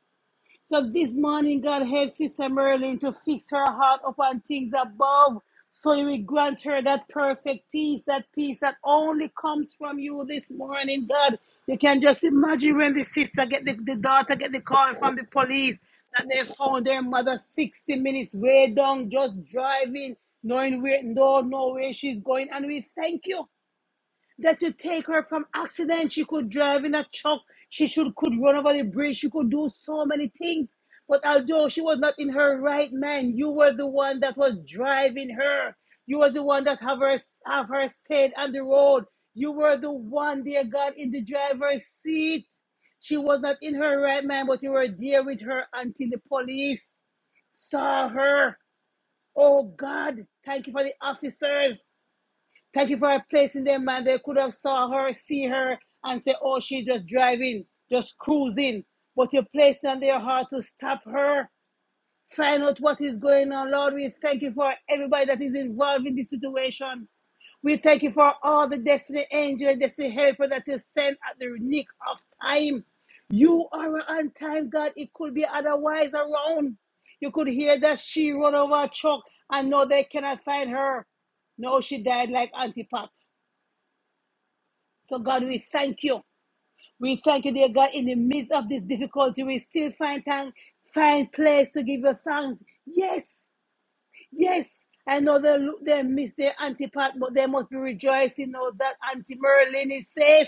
Speaker 1: So this morning, God help Sister Merlin to fix her heart upon things above. So you will grant her that perfect peace, that peace that only comes from you this morning, God. You can just imagine when the sister get the, the daughter get the call from the police that they found their mother 60 minutes way down, just driving, knowing where no, know where she's going. And we thank you that you take her from accident. She could drive in a truck. She should could run over the bridge. She could do so many things. But although she was not in her right mind, you were the one that was driving her. You were the one that have her have her stayed on the road. You were the one, dear God, in the driver's seat. She was not in her right mind, but you were there with her until the police saw her. Oh God, thank you for the officers Thank you for placing them, man. They could have saw her, see her, and say, oh, she just driving, just cruising. But you placed on their heart to stop her. Find out what is going on, Lord. We thank you for everybody that is involved in this situation. We thank you for all the destiny angel destiny helper that is sent at the nick of time. You are on time, God. It could be otherwise around. You could hear that she run over a truck and know they cannot find her. No, she died like Auntie Pat. So, God, we thank you. We thank you, dear God, in the midst of this difficulty, we still find time, find place to give you thanks. Yes, Yes, I know they lo- they miss their Auntie Pat, but they must be rejoicing now that Auntie Merlin is safe.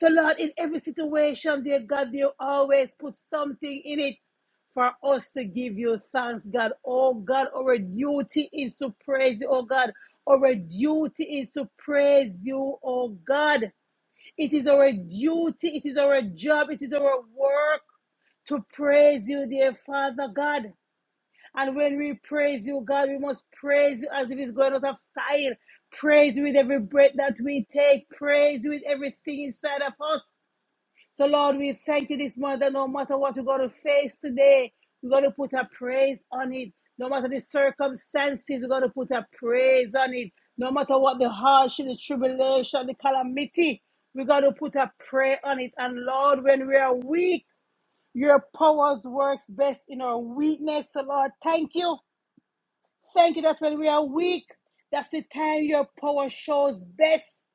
Speaker 1: The Lord, in every situation, dear God, you always put something in it for us to give you thanks, God. Oh God, our duty is to praise you, oh God. Our duty is to praise you, oh God. It is our duty, it is our job, it is our work to praise you, dear Father God. And when we praise you, God, we must praise you as if it's going out of style. Praise you with every breath that we take. Praise you with everything inside of us. So, Lord, we thank you this morning that no matter what we're going to face today, we're going to put a praise on it. No matter the circumstances, we're going to put a praise on it. No matter what the hardship, the tribulation, the calamity, we're going to put a prayer on it. And Lord, when we are weak, your powers works best in our weakness. So, Lord, thank you Thank you that when we are weak, that's the time your power shows best.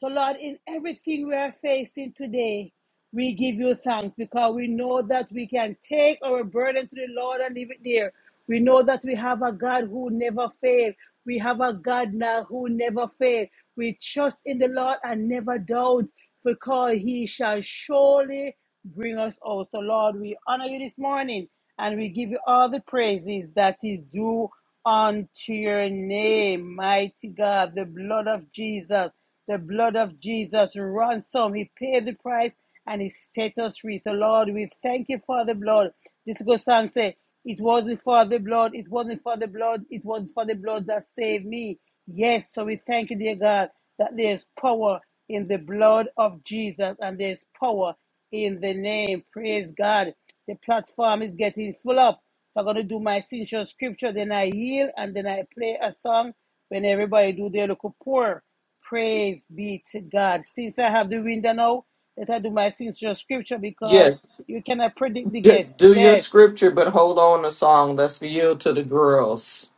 Speaker 1: So, Lord, in everything we are facing today, we give you thanks because we know that we can take our burden to the Lord and leave it there. We know that we have a God who never fails. We have a God now who never fails. We trust in the Lord and never doubt because he shall surely bring us out. So, Lord, we honor you this morning and we give you all the praises that is due unto your name, mighty God. The blood of Jesus, the blood of Jesus ransom. He paid the price and he set us free. So, Lord, we thank you for the blood. This good song say, it wasn't for the blood, it wasn't for the blood, it was for the blood that saved me. Yes, so we thank you, dear God, that there's power in the blood of Jesus and there's power in the name. Praise God. The platform is getting full up. So I'm gonna do my essential scripture, then I yield, and then I play a song. When everybody do their local pour, praise be to God. Since I have the window now, let I do my essential scripture because
Speaker 2: Yes,
Speaker 1: you cannot predict the
Speaker 2: do,
Speaker 1: guests.
Speaker 2: do your
Speaker 1: Yes,
Speaker 2: scripture, but hold on the song. That's the yield to the girls.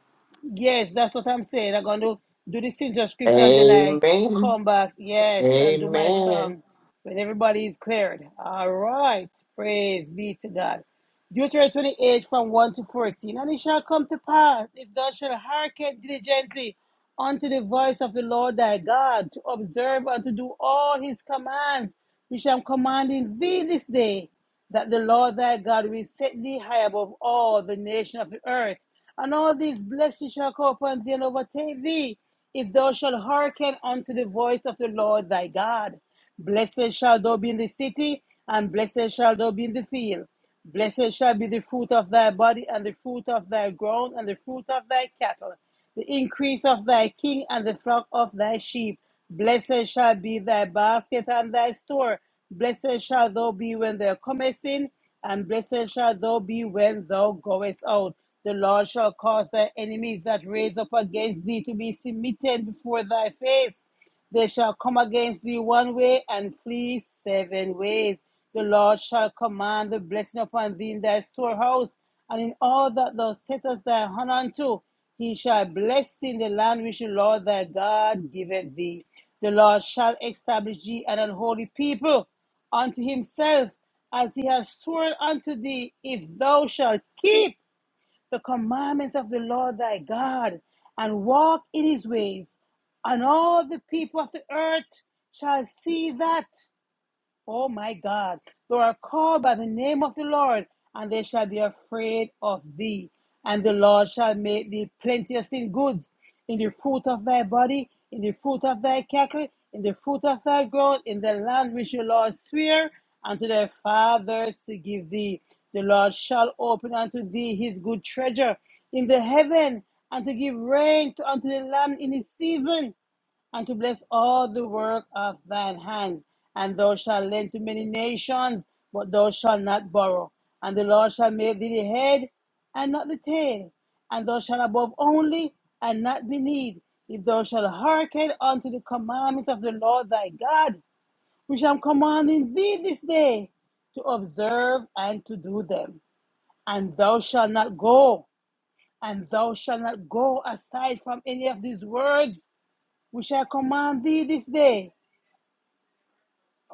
Speaker 1: Yes, that's what I'm saying. I'm going to do the signature scripture and then I
Speaker 2: Amen.
Speaker 1: come back, yes, and do my
Speaker 2: Amen.
Speaker 1: song when everybody is cleared. All right. Praise be to God. Deuteronomy 28 from 1 to 14. And it shall come to pass, if thou shalt hearken diligently unto the voice of the Lord thy God, to observe and to do all his commands, which I am commanding thee this day, that the Lord thy God will set thee high above all the nation of the earth and all these blessings shall come upon thee and overtake thee, if thou shalt hearken unto the voice of the Lord thy God. Blessed shall thou be in the city, and blessed shall thou be in the field. Blessed shall be the fruit of thy body, and the fruit of thy ground, and the fruit of thy cattle, the increase of thy king and the flock of thy sheep. Blessed shall be thy basket and thy store. Blessed shall thou be when thou comest in, and blessed shall thou be when thou goest out. The Lord shall cause thy enemies that raise up against thee to be submitted before thy face. They shall come against thee one way and flee seven ways. The Lord shall command the blessing upon thee in thy storehouse, and in all that thou settest thy hand unto, he shall bless thee in the land which the Lord thy God giveth thee. The Lord shall establish thee an unholy people unto himself, as he has sworn unto thee, if thou shalt keep the commandments of the Lord thy God, and walk in his ways, and all the people of the earth shall see that, Oh my God, thou are called by the name of the Lord, and they shall be afraid of thee. And the Lord shall make thee plenteous in goods, in the fruit of thy body, in the fruit of thy cattle, in the fruit of thy ground, in the land which the Lord sware unto thy fathers to give thee. The Lord shall open unto thee his good treasure in the heaven, and to give rain to unto the land in his season and to bless all the work of thine hands. And thou shalt lend to many nations, but thou shalt not borrow. And the Lord shall make thee the head and not the tail. And thou shalt above only and not beneath. If thou shalt hearken unto the commandments of the Lord thy God, which I am commanding thee this day, to observe and to do them. And thou shalt not go, and thou shalt not go aside from any of these words we shall command thee this day,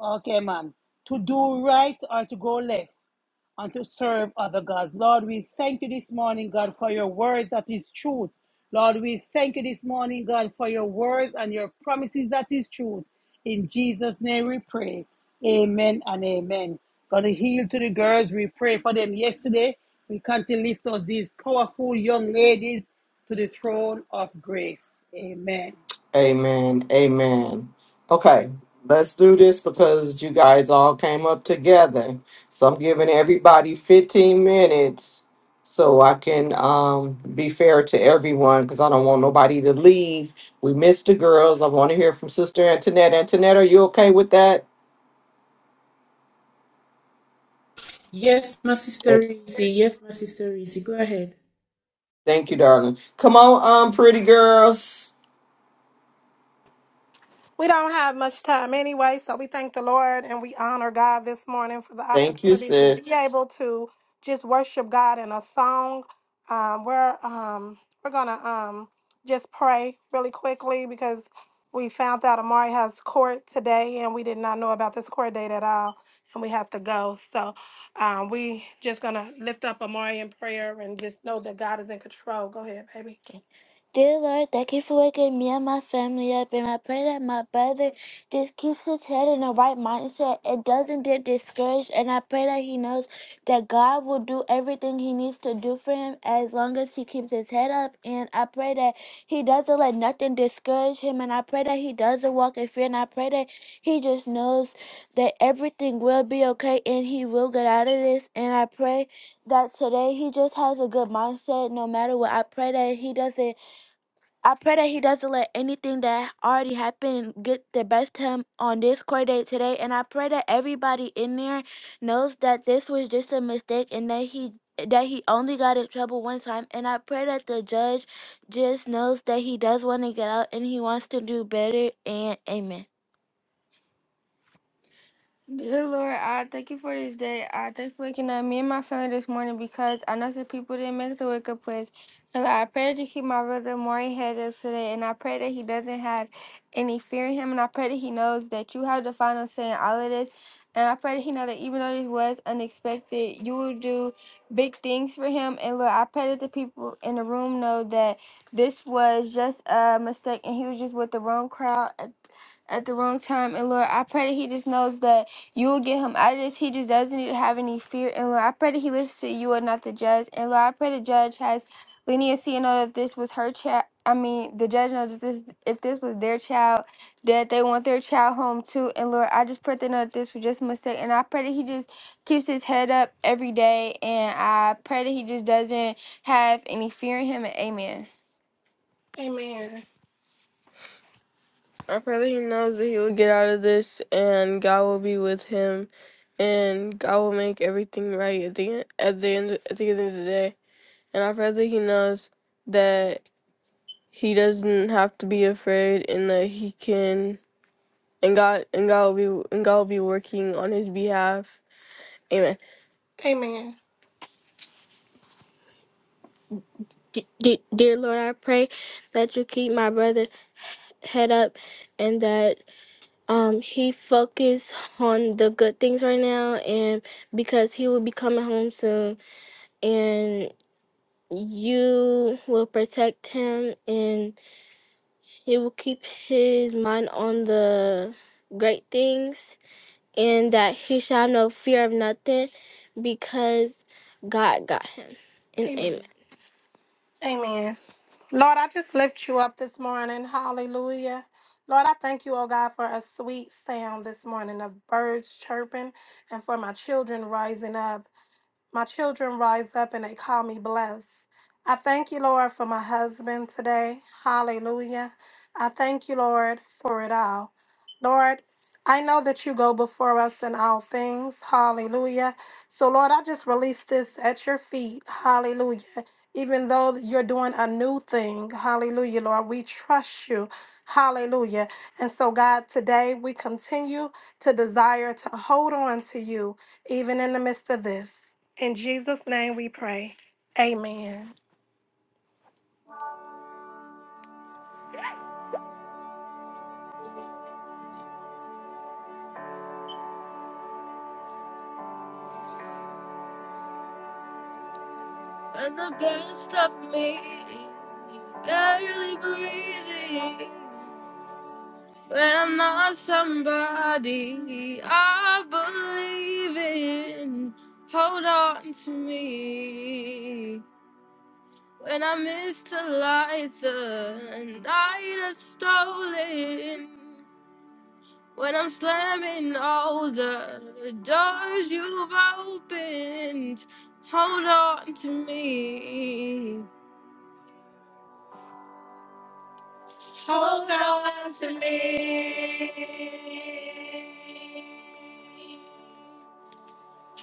Speaker 1: okay, man, to do right or to go left and to serve other gods. Lord, we thank you this morning, God, for your words that is truth. Lord, we thank you this morning, God, for your words and your promises that is truth. In Jesus' name we pray. Amen and amen. God, heal to the girls. We pray for them yesterday. We can't lift up these powerful young ladies to the throne of grace. Amen.
Speaker 2: Amen. Amen. Okay, let's do this because you guys all came up together. So I'm giving everybody 15 minutes so I can um, be fair to everyone because I don't want nobody to leave. We missed the girls. I want to hear from Sister Antoinette. Antoinette, are you okay with that? Right. Thank you, darling. Come on, um, pretty girls.
Speaker 7: We don't have much time anyway, so we thank the Lord and we honor God this morning for the
Speaker 2: Thank you,
Speaker 7: opportunity to be
Speaker 2: sis.
Speaker 7: able to just worship God in a song. Um, we're um, we're gonna um, just pray really quickly because we found out Amari has court today, and we did not know about this court date at all, and we have to go. So um, we just gonna lift up Amari in prayer and just know that God is in control. Go ahead, baby. Dear Lord, thank you for waking me and my family up, and I pray that my brother just keeps his head in the right mindset and doesn't get discouraged. And I pray that he knows that God will do everything he needs to do for him as long as he keeps his head up. And I pray that he doesn't let nothing discourage him. And I pray that he doesn't walk in fear. And I pray that he just knows that everything will be okay and he will get out of this. And I pray that today he just has a good mindset no matter what. I pray that he doesn't I pray that he doesn't let anything that already happened get the best of him on this court date today. And I pray that everybody in there knows that this was just a mistake and that he that he only got in trouble one time. And I pray that the judge just knows that he does want to get out and he wants to do better. And amen. Dear Lord, I thank you for this day. I thank you for waking up me and my family this morning because I know some people didn't make the wake up place. And Lord, I pray that you keep my brother Maury head up today. And I pray that he doesn't have any fear in him. And I pray that he knows that you have the final say in all of this. And I pray that he know that even though this was unexpected, you will do big things for him. And Lord, I pray that the people in the room know that this was just a mistake and he was just with the wrong crowd at the wrong time. And Lord, I pray that he just knows that you will get him out of this. He just doesn't need to have any fear. And Lord, I pray that he listens to you and not the judge. And Lord, I pray the judge has leniency and know that if this was her child, I mean, the judge knows if this if this was their child, that they want their child home too. And Lord, I just pray they know that this was just a mistake. And I pray that he just keeps his head up every day. And I pray that he just doesn't have any fear in him. And amen. Amen. Our father, he knows that he will get out of this and God will be with him and God will make everything right at the end at the end at the end of the day. And our father, he knows that he doesn't have to be afraid and that he can and God and God will be and God will be working on his behalf. Amen. Amen. D- d- dear Lord, I pray that you keep my brother head up and that um he focused on the good things right now and because he will be coming home soon and you will protect him and he will keep his mind on the great things and that he shall have no fear of nothing because god got him and amen, Amen. Lord, I just lift you up this morning. Hallelujah. Lord, I thank you, oh God, for a sweet sound this morning of birds chirping and for my children rising up. My children rise up and they call me blessed. I thank you, Lord, for my husband today. Hallelujah. I thank you, Lord, for it all. Lord, I know that you go before us in all things. Hallelujah. So, Lord, I just release this at your feet. Hallelujah even though you're doing a new thing. Hallelujah, Lord. We trust you. Hallelujah. And so, God, today we continue to desire to hold on to you, even in the midst of this. In Jesus' name we pray. Amen. And the best of me is barely breathing. When I'm not somebody I believe in, hold on to me. When I missed a lighter and died a stolen. When I'm slamming all the doors you've opened, hold on to me. To me.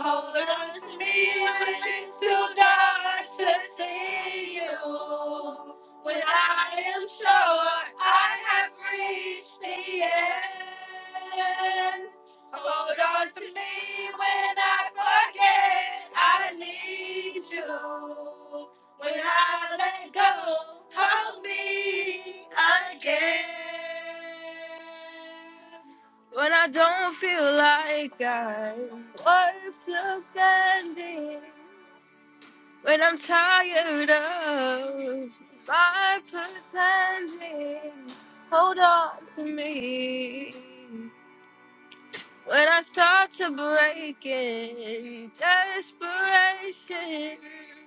Speaker 7: Hold on to me when it's too dark to see you. When I am sure I have reached the end. Hold on to me when I forget I need you. When I let go, hold me again. When I don't feel like I am worth defending, when I'm tired of my pretending, hold on to me. When I start to break in desperation,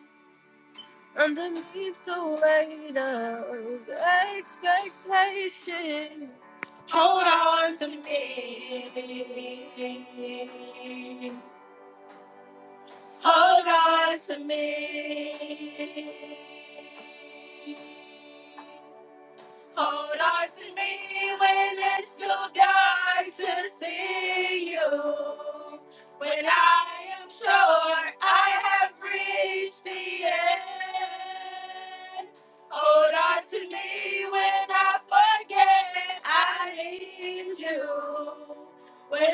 Speaker 7: Underneath the weight of expectation, hold on to me. Hold on to me. When, oh, when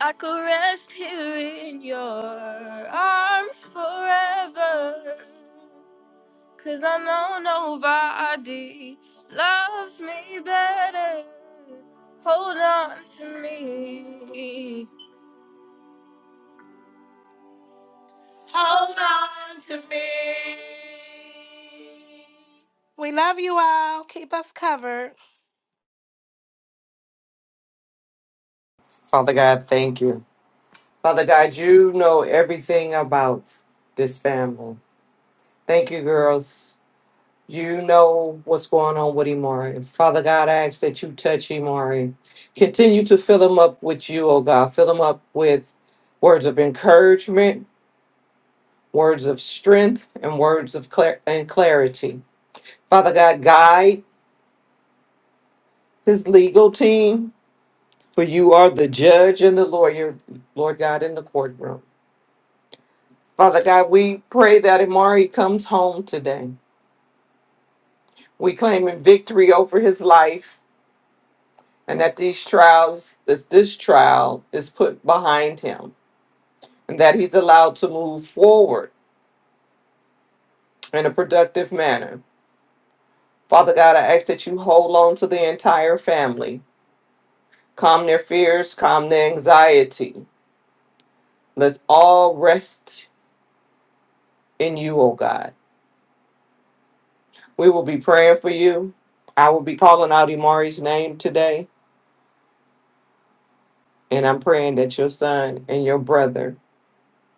Speaker 7: I could rest here in your arms forever. Cause I know nobody loves me better. Hold on to me. Hold on to me. We love you all. Keep us covered.
Speaker 2: Father God, thank you. Father God, you know everything about this family. Thank you, girls. You know what's going on with Imari. Father God, I ask that you touch Imari. Continue to fill him up with you, oh God. Fill him up with words of encouragement, words of strength, and words of clar- and clarity. Father God, guide his legal team For you are the judge and the lawyer, Lord God, in the courtroom. Father God, we pray that Amari comes home today. We claiming victory over his life and that these trials, this, this trial is put behind him and that he's allowed to move forward in a productive manner. Father God, I ask that you hold on to the entire family. Calm their fears, calm their anxiety. Let's all rest in you, O God. We will be praying for you. I will be calling out Imari's name today, and I'm praying that your son and your brother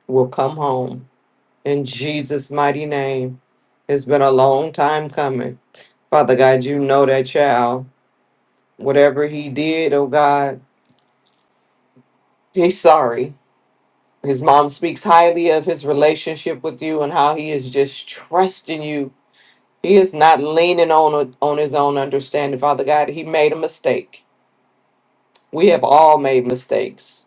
Speaker 2: will come home in Jesus' mighty name. It's been a long time coming. Father God, you know that child. Whatever he did, oh God, he's sorry. His mom speaks highly of his relationship with you and how he is just trusting you. He is not leaning on on his own understanding. Father God, he made a mistake. We have all made mistakes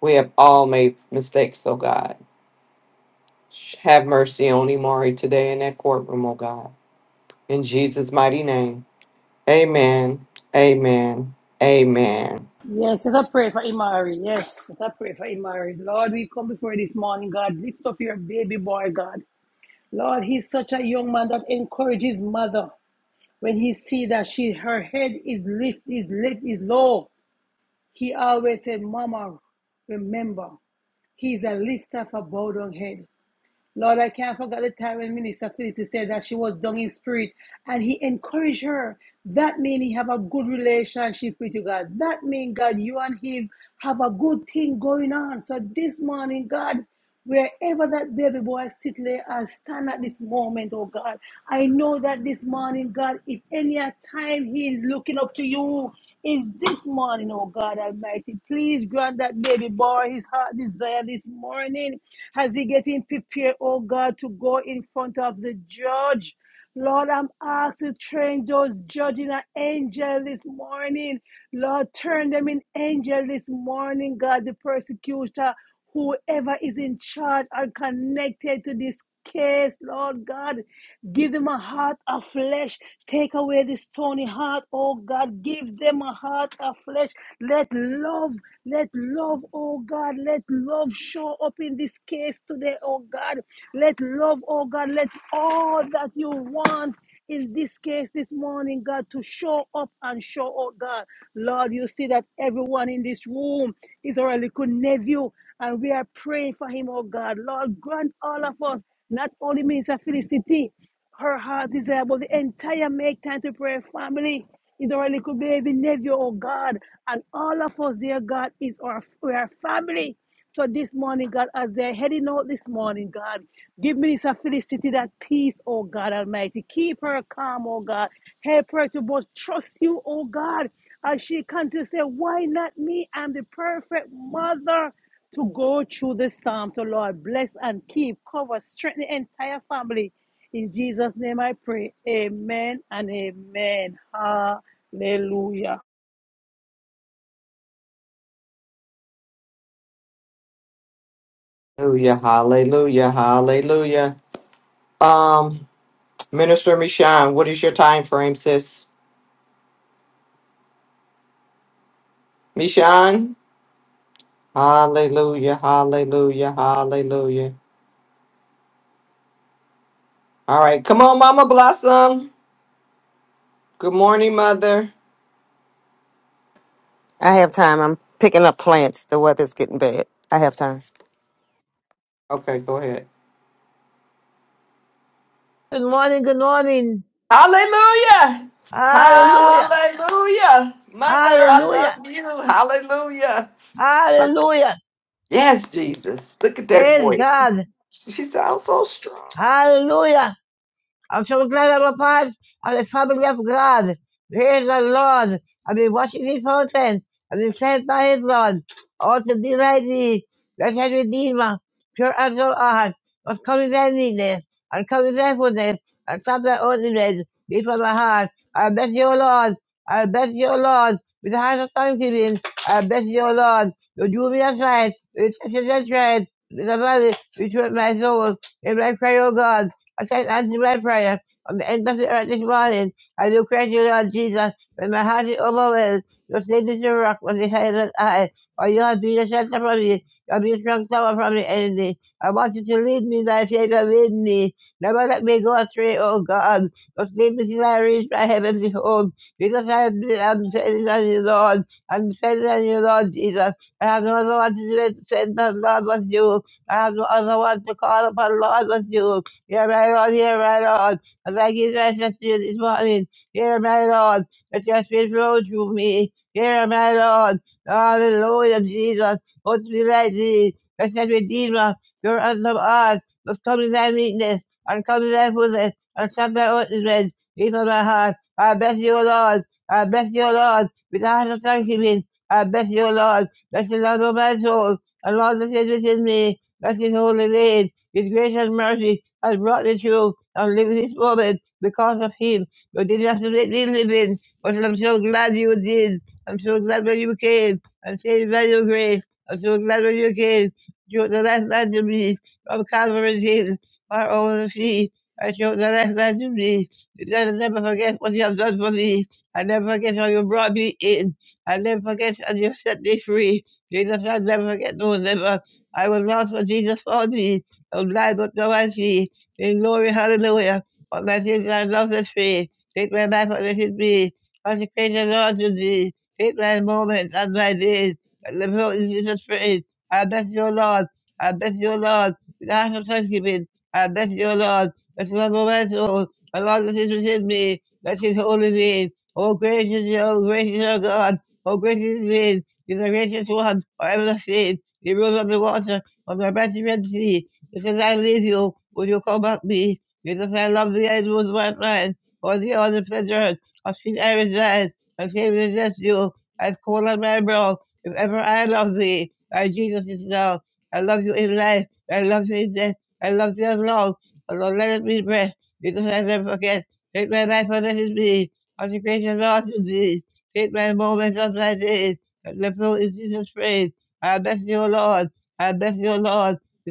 Speaker 2: We have all made mistakes, O God. Sh- Have mercy on Imari today in that courtroom, O God. In Jesus' mighty name. Amen. Amen. Amen.
Speaker 1: Yes, let us pray for Imari. Yes, let us pray for Imari. Lord, we come before you this morning, God. Lift up your baby boy, God. Lord, he's such a young man that encourages mother. When he see that she her head is lift is lift is low, he always said, Mama, remember, he's a lifter for bowed down head. Lord, I can't forget the time when Minister Felicity said that she was down in spirit and he encouraged her. That means he have a good relationship with you, God. That means, God, you and him have a good thing going on. So this morning, God, wherever that baby boy sit lay and stand at this moment, oh God, I know that this morning, God, if any time he is looking up to you, is this morning, oh God Almighty. Please grant that baby boy his heart desire this morning morning as he getting prepared, oh God, to go in front of the judge. Lord, I'm asked to train those judging an angel this morning. Lord, turn them in angel this morning, God, the persecutor, whoever is in charge and connected to this case, Lord God. Give them a heart of flesh. Take away this stony heart, oh God. Give them a heart of flesh. Let love, let love, oh God, let love show up in this case today, oh God. Let love, oh God, let all that you want in this case this morning, God, to show up and show out, God. Lord, you see that everyone in this room is our little nephew, and we are praying for him, oh God. Lord, grant all of us, not only Minister Felicity, her heart desire, but the entire Make Time to Pray family is our little baby nephew, oh God. And all of us, dear God, is our we are family. So this morning, God, as they're heading out this morning, God, give Minister Felicity that peace, oh God Almighty. Keep her calm, oh God. Help her to both trust you, oh God. As she can to say, Why not me? I'm the perfect mother to go through this psalm. So Lord, bless and keep, cover, strengthen the entire family. In Jesus' name I pray. Amen and amen. Hallelujah.
Speaker 2: Hallelujah. Hallelujah. Hallelujah. Um, Minister Mishan, what is your time frame, sis? Mishan? Hallelujah. Hallelujah. Hallelujah. All right. Come on, Mama Blossom. Good morning, Mother.
Speaker 8: I have time. I'm picking up plants. The weather's getting bad. I have time.
Speaker 2: Okay, go ahead.
Speaker 9: Good morning, good morning.
Speaker 2: Hallelujah.
Speaker 9: Hallelujah.
Speaker 2: Hallelujah. Mother, I
Speaker 9: Hallelujah.
Speaker 2: love you. Hallelujah.
Speaker 9: Hallelujah.
Speaker 2: Yes, Jesus. Look at that
Speaker 9: Praise
Speaker 2: voice.
Speaker 9: God.
Speaker 2: She sounds so strong.
Speaker 9: Hallelujah. I'm so glad I'm a part of the family of God. Praise the Lord. I've been watching his fountain. I've been sent by his Lord. All to delight thee. Blessed Redeemer, pure as thou art, was coming thy needness, and coming thy fullness, and stop thy ordinance before my heart. I bless your Lord. I bless your Lord. With the heart of thanksgiving, I bless your Lord. You drew me aside, you touched and tried, with the valley, which hurt my soul, in my prayer, O God. I thank God to my prayer. From the end of the earth this morning, I do pray you, Lord Jesus, when my heart is overwhelmed. Just lead me to the rock with the silent eye, for you have been a shelter for me. You have been a strong tower from the enemy. I want you to lead me, thy Savior, lead me. Never let me go astray, O God. Just lead me till I reach my heavenly home, because I am am depending on you, Lord. I'm depending on you, Lord Jesus. I have no other one to do it, send on Lord but you. I have no other one to call upon, Lord but you. Yeah, my Lord, yeah, my Lord. I thank you, precious to You this morning. Yeah, my Lord. Let your spirit flow through me. Yeah, my Lord. Hallelujah, Jesus. Oh, to be like thee, precious Redeemer, your awesome art. Must come in thy meekness, and come in thy fullness, and stop thy wickedness. Even my heart. I bless you, O Lord. I bless you, O Lord. With a heart of thanksgiving, I bless you, O Lord. Bless the Lord, O my soul. And Lord, that is within me. Bless his holy name. His grace and mercy has brought me through and live this moment because of him. You didn't have to make me live in, but I'm so glad you did. I'm so glad when you came and saved by your grace. I'm so glad when you came. Took the last man to me from Calvary's Hill, far over the sea. I took the last man to me because I never forget what you have done for me. I never forget how you brought me in. I never forget how you set me free. Jesus, I'll never forget, no, never. I was lost, but Jesus found me of life but Thou I see. In glory, hallelujah. What my sins I love the free. Take my life and let it be. Consecrate the Lord to thee. Take my moments and my days. And the Lord is Jesus praise. I bless your Lord. I bless your Lord. With the heart of thanksgiving. I bless your Lord. Bless the Lord, O my soul. The Lord that is within me. Bless his holy name. O gracious, O gracious, O God. O gracious name. you the gracious one forever the same. You rule on the water of the mighty Red Sea because I leave you will you come back me, because I love the end with my mind, or the other pleasure of sin I reside, I came to resist you. I call on my bro, if ever I love thee, my Jesus is now, I love you in life, I love you in death, I love you as long, although let it be breath, because I never forget, take my life and let it be, consecration Lord to thee, take my moments of thy days, and the flow is Jesus' praise, I bless you, O Lord, I bless you, O Lord,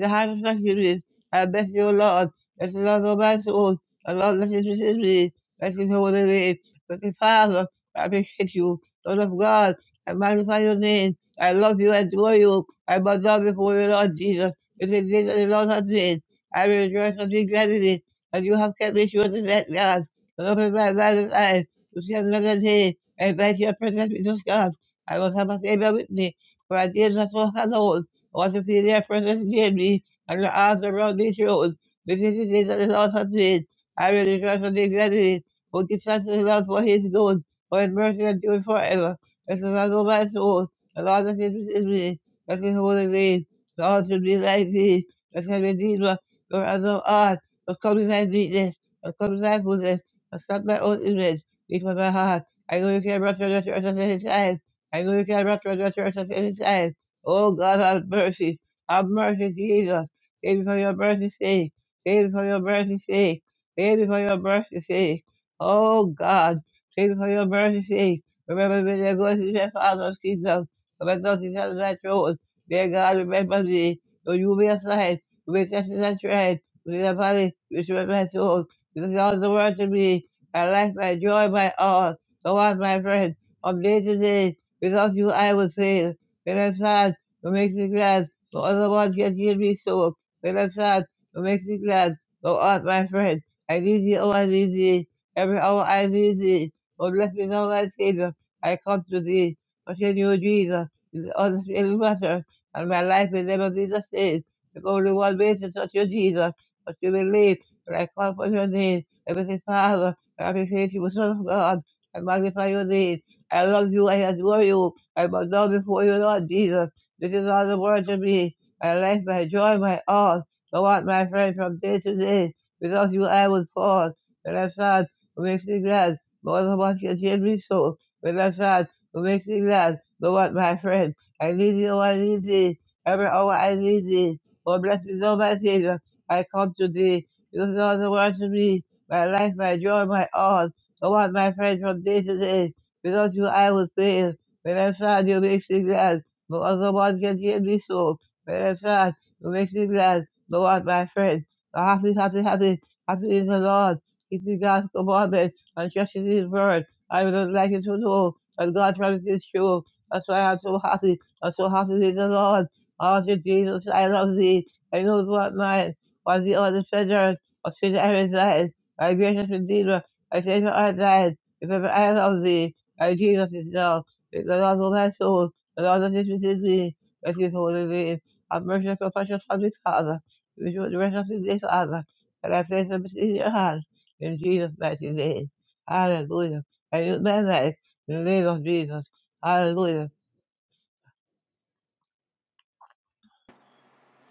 Speaker 9: the highest sanctuary. I bless you, O Lord. Bless the Lord, O my soul. The Lord, bless his richest me. Bless his holy name. Bless Father, I appreciate you. Lord of God, I magnify your name. I love you, I adore you. I bow down before you, Lord Jesus. It is this that the Lord has made. I will rejoice and be glad in it. And you have kept me sure to that God. The Lord is my right eyes. To see another day. I invite your presence, Jesus God. I will have a favor with me. For I did not walk alone wasn't feeling their presence in me, and the arms around these showed. This is the day that the Lord has made. I will rejoice and be glad in it. For give thanks to the Lord for his good, for his mercy endures forever. This is my Lord, my soul, the Lord that is within me, that is holy name. Lord should be like thee, that can redeemer, for as thou art, for come to thy meekness, for come to thy fullness, for stop thy own image, which was my heart. I know you can run to the church at any time. I know you can run to the church at any time. Oh God, have mercy. Have mercy, Jesus. Thank you for your mercy's sake. Thank you for your mercy's sake. Thank you for your mercy's sake. Oh God, thank you for your mercy's sake. Remember me, they're going to their Father's kingdom. Remember those things on that road. Dear God, remember me. So you be a sign. You be tested and tried. With your body, which was my soul. This is all the world to me. My life, my joy, my all. So on, my friend. From day to day, without you, I would fail. And I'm sad what makes me glad, for otherwise yet ye me sore. But of God, what makes me glad, thou art my friend. I need thee, oh, I need thee, every hour I need thee. Oh, let me know thy Savior, I come to thee. Continue, Jesus, is all the same matter, and my life will never be the same. There's only one way to touch you, Jesus, but you believe when I call for your name. Everything, Father, I appreciate you, Son of God, I magnify your name. I love you, I adore you, I bow down before you, Lord Jesus. This is all the world to me, my life, my joy, my all. Go on, my friend, from day to day. Without you, I would fall. When I'm sad, it makes me glad. More than what can give me so. When I'm sad, it makes me glad. Go on, my friend. I need you, I need thee. Every hour I need thee. Oh, bless me, Lord, my Savior. I come to thee. This is all the world to me, my life, my joy, my all. Go on, my friend, from day to day. Without you, I would fail. When I'm sad, you make me glad but otherwise get the enemy soul. But I'm sad, makes me glad, the Lord my friend. The happy, happy, happy, happy is the Lord. Keep the God's commandment and trust in his word. I would not like it to all, and God promises is true. That's why I'm so happy. I'm so happy in the Lord. Oh, Jesus, I love thee. I know what mine was the other pleasure of sin I reside. My gracious Redeemer, I say I our died. Remember, I love thee. My Jesus is now. It's the Lord of my soul. The Lord of Jesus is me, rest his holy name. Have mercy and compassion on me, Father. Restore the rest of his day, Father. And I place them in your hand. In Jesus' mighty name. Hallelujah. I use my life in the name of Jesus. Hallelujah.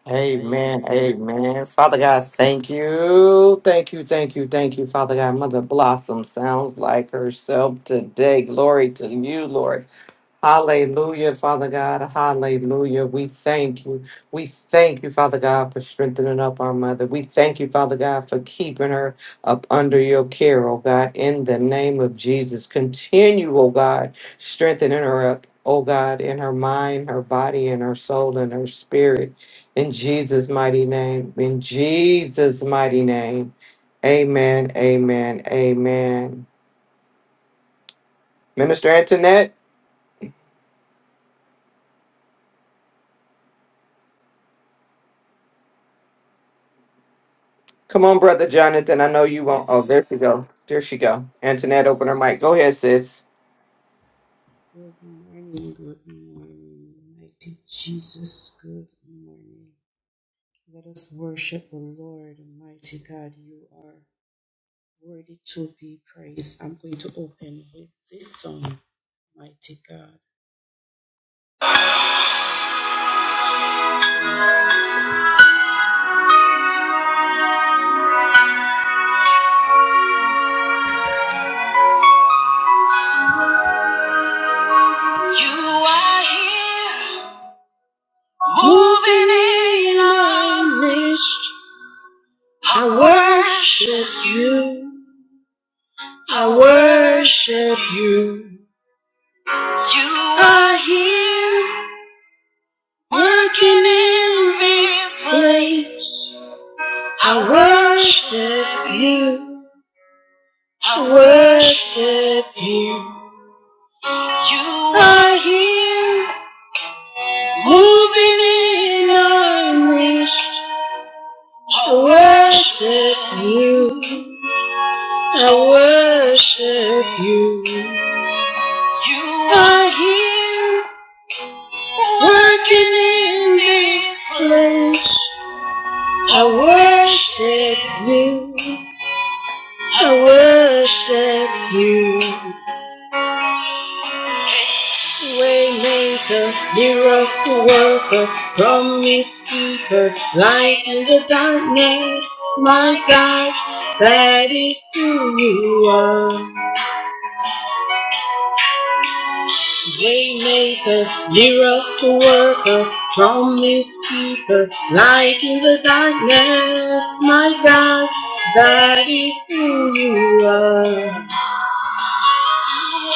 Speaker 2: Amen. Amen. Father God, thank you. Thank you. Thank you. Thank you, Father God. Mother Blossom sounds like herself today. Glory to you, Lord. Hallelujah, Father God. Hallelujah. We thank you. We thank you, Father God, for strengthening up our mother. We thank you, Father God, for keeping her up under your care, oh God, in the name of Jesus. Continue, oh God, strengthening her up, oh God, in her mind, her body, and her soul, and her spirit. In Jesus' mighty name. In Jesus' mighty name. Amen. Amen. Amen. Minister Antoinette. Come on, brother Jonathan. I know you won't. Oh, there she go. There she go. Antoinette, open her mic. Go ahead, sis.
Speaker 10: You are here. You are here in this room. You, you are here. You are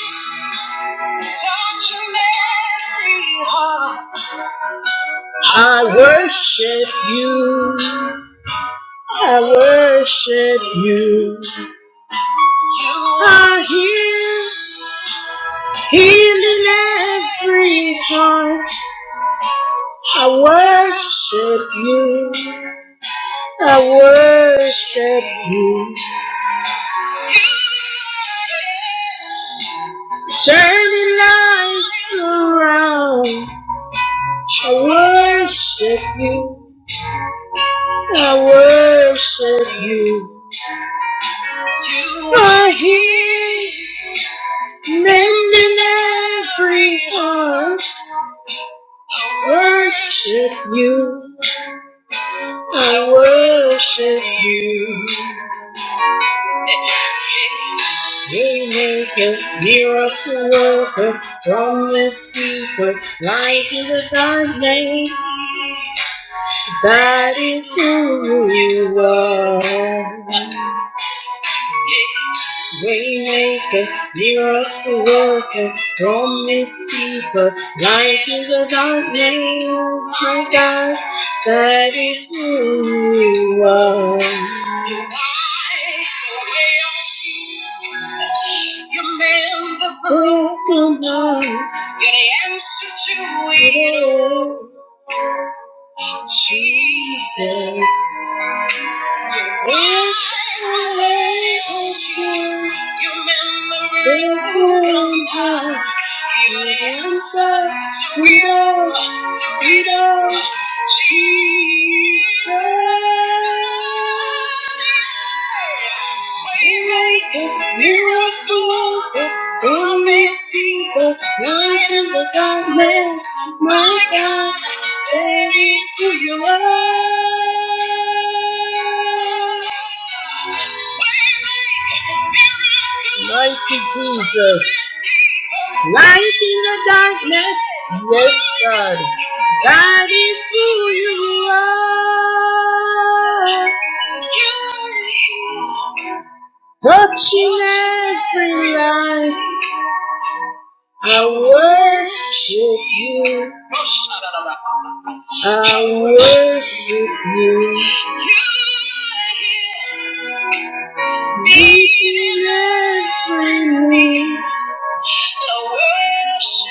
Speaker 10: here. Touching every heart. You, you, are here, you are here. You wipe away all tears. You mend the You're the answer to it. Jesus, you're your memory. you're Jesus. You are here. I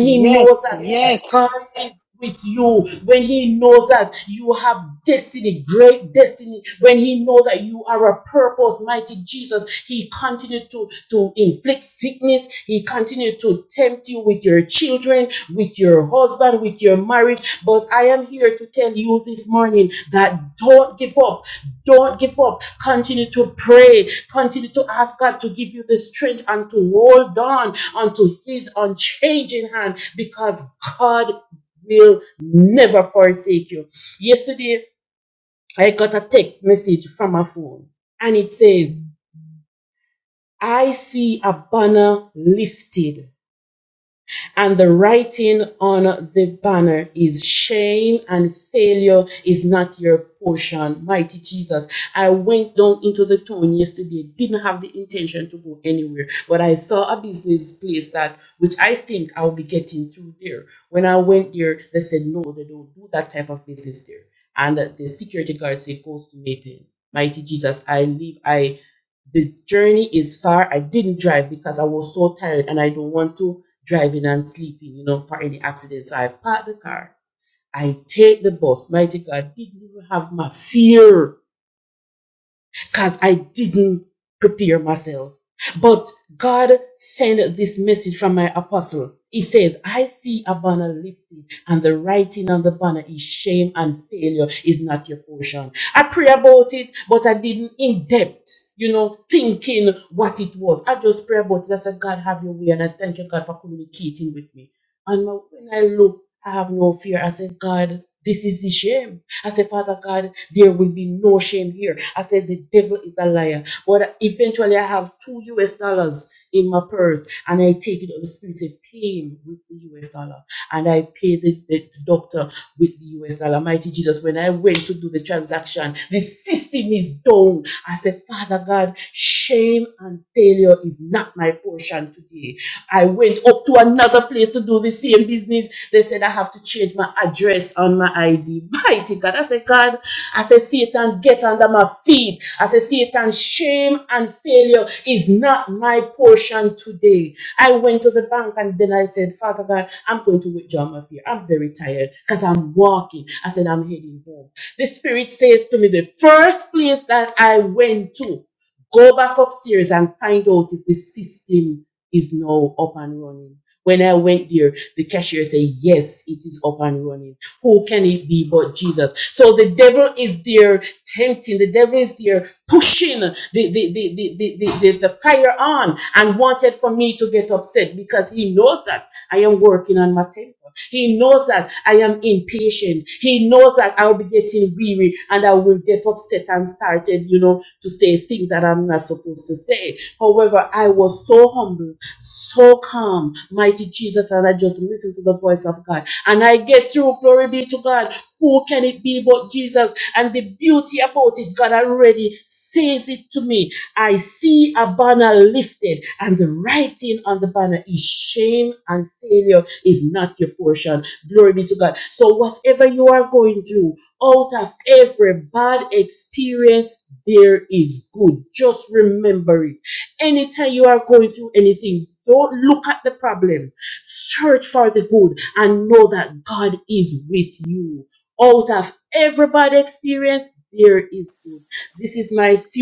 Speaker 1: Yes, yes,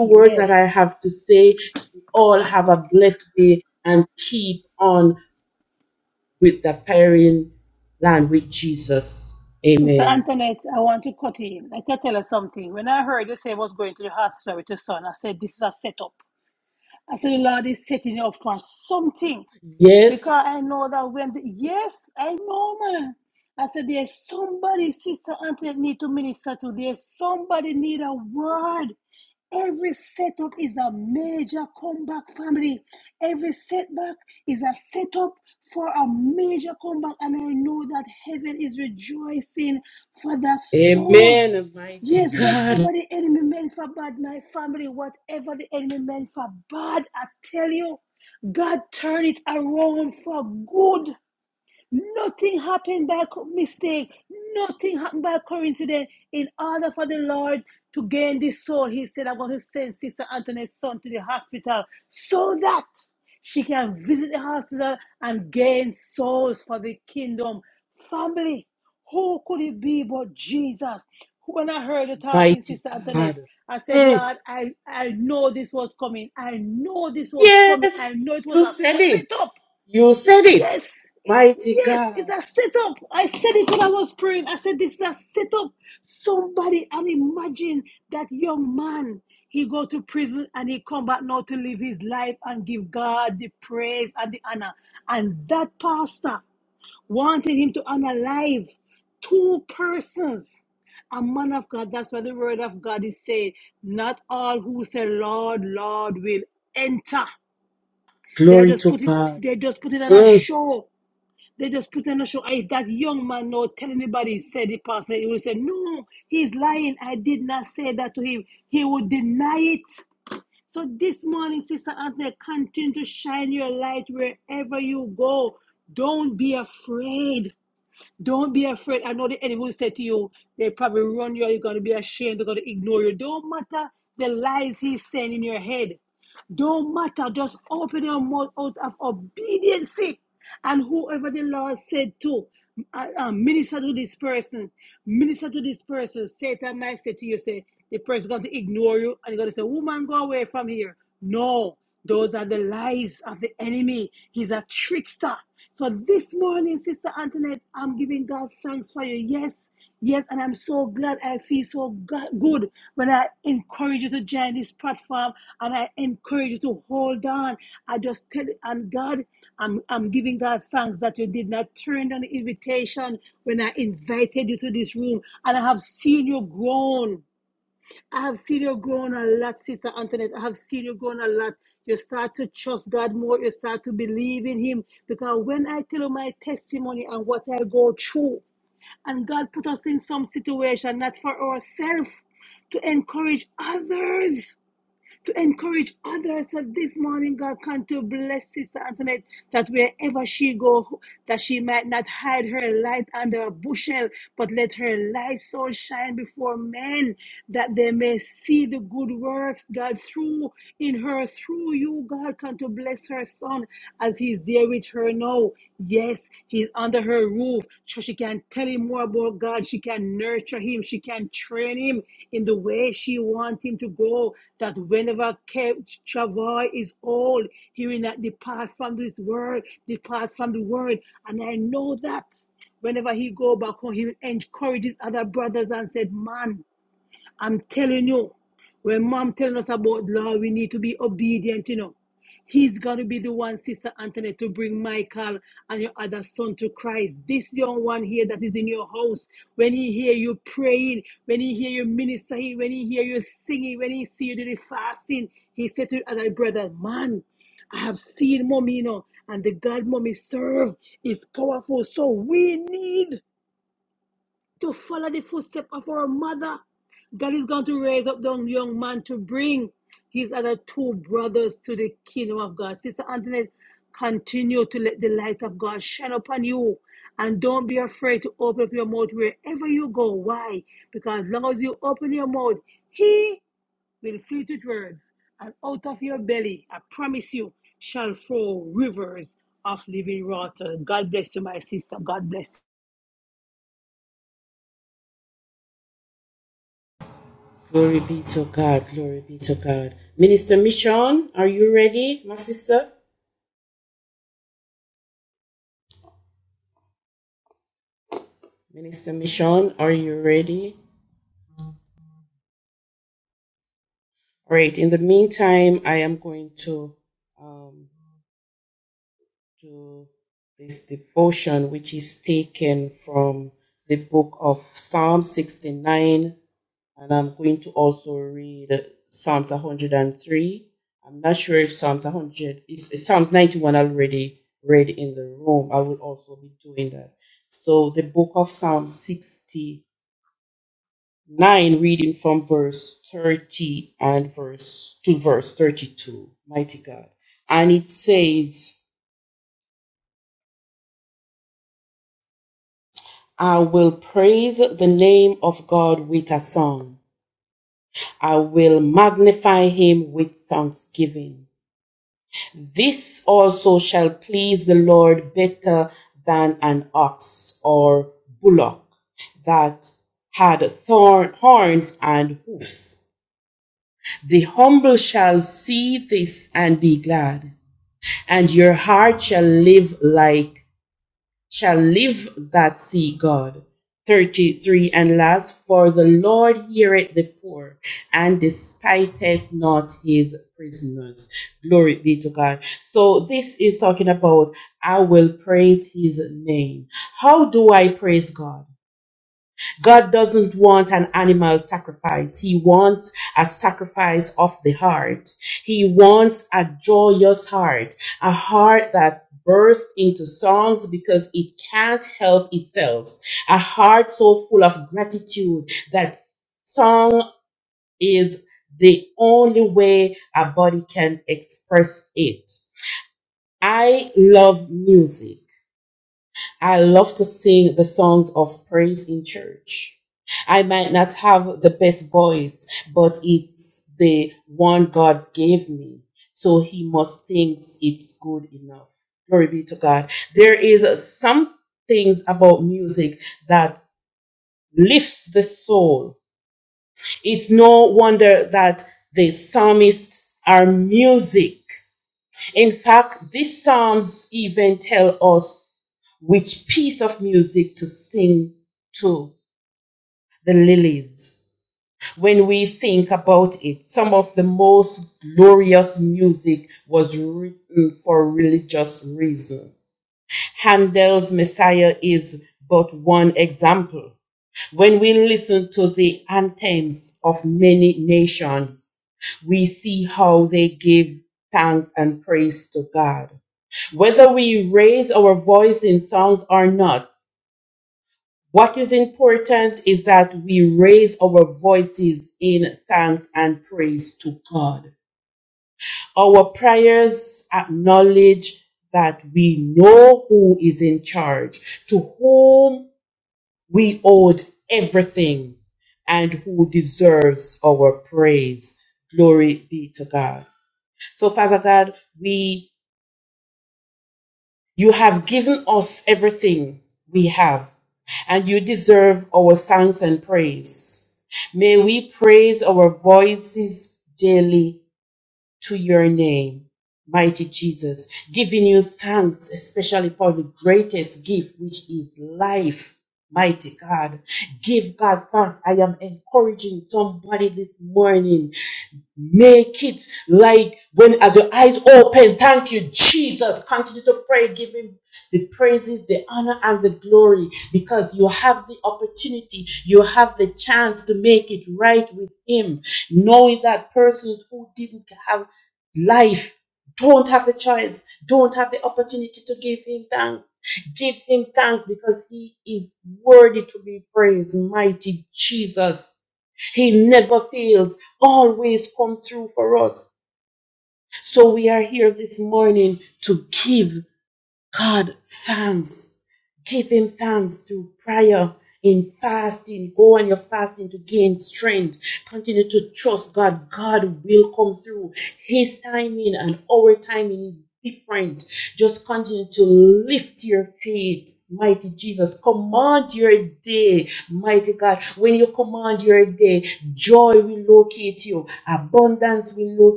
Speaker 1: yes. Sister Antoinette, I want to cut in. I can tell you something. When I heard you say I was going to the hospital with your son, I said, This is a setup. I said, The Lord is setting you up for something because I know that when the, yes, I know, man. I said, there's somebody, sister Antoinette, need to minister to. There's somebody need a word. Every setup is a major comeback, family. Every setback is a setup for a major comeback, and I know that heaven is rejoicing for that soul. Yes, whatever the enemy meant for bad, my family, whatever the enemy meant for bad, I tell you, God turned it around for good. Nothing happened by co- mistake. Nothing happened by coincidence. In order for the Lord to gain this soul, He said, I'm going to send Sister Antoinette's son to the hospital so that she can visit the hospital and gain souls for the kingdom. Family, who could it be but Jesus? When I heard you talking, Sister Antoinette, I said, Lord, I, I know this was coming. I know this was coming. I know it was a setup Yes, yes, it's a setup. I said it when I was praying. I said this is a setup. Somebody and imagine that young man. He go to prison and he come back now to live his life and give God the praise and the honor. And that pastor wanted him to honor life two persons. A man of God, that's what the word of God is saying. Not all who say Lord, Lord will enter. They are just put it, they just put it on a show. They just put on show. Hey, that young man no tell anybody he said the pastor. He will say, No, he's lying. I did not say that to him. He would deny it. So this morning, Sister Anthony, continue to shine your light wherever you go. Don't be afraid. Don't be afraid. I know the enemy will say to you, they probably run you, you're going to be ashamed, they're going to ignore you. Don't matter the lies he's saying in your head. Don't matter. Just open your mouth out of obedience. And whoever the Lord said to, uh, uh, minister to this person, minister to this person. Satan might say to you, say, the person is going to ignore you and you're going to say, woman, go away from here. No, those are the lies of the enemy. He's a trickster. So this morning, Sister Antoinette, I'm giving God thanks for you. Yes, yes, and I'm so glad I feel so go- good when I encourage you to join this platform and I encourage you to hold on. I just tell you, and God, I'm I'm giving God thanks that you did not turn down the invitation when I invited you to this room, and I have seen you grown. I have seen you growing a lot, Sister Antoinette. I have seen you growing a lot. You start to trust God more. You start to believe in Him. Because when I tell you my testimony and what I go through, and God put us in some situation, not for ourselves, to encourage others to encourage others. that this morning, God, come to bless Sister Antoinette that wherever she go, that she might not hide her light under a bushel, but let her light so shine before men that they may see the good works, God, through in her, through you, God, come to bless her son as he's there with her now. Yes, he's under her roof. So she can tell him more about God. She can nurture him. She can train him in the way she wants him to go. That whenever Ke- Chavoy is old, he will not depart from this world, depart from the world. And I know that whenever he go back home, he will encourage his other brothers and said, man, I'm telling you, when mom telling us about law, we need to be obedient, you know. He's going to be the one, Sister Antoinette, to bring Michael and your other son to Christ. This young one here that is in your house, when he hear you praying, when he hear you ministering, when he hear you singing, when he see you do the fasting, he said to the other brother, man, I have seen mommy, you know, and the God mommy serve is powerful. So we need to follow the footsteps of our mother. God is going to raise up the young man to bring his other two brothers to the kingdom of God. Sister Antoinette, continue to let the light of God shine upon you. And don't be afraid to open up your mouth wherever you go. Why? Because as long as you open your mouth, He will feed it with words. And out of your belly, I promise you, shall flow rivers of living water. God bless you, my sister. God bless. you.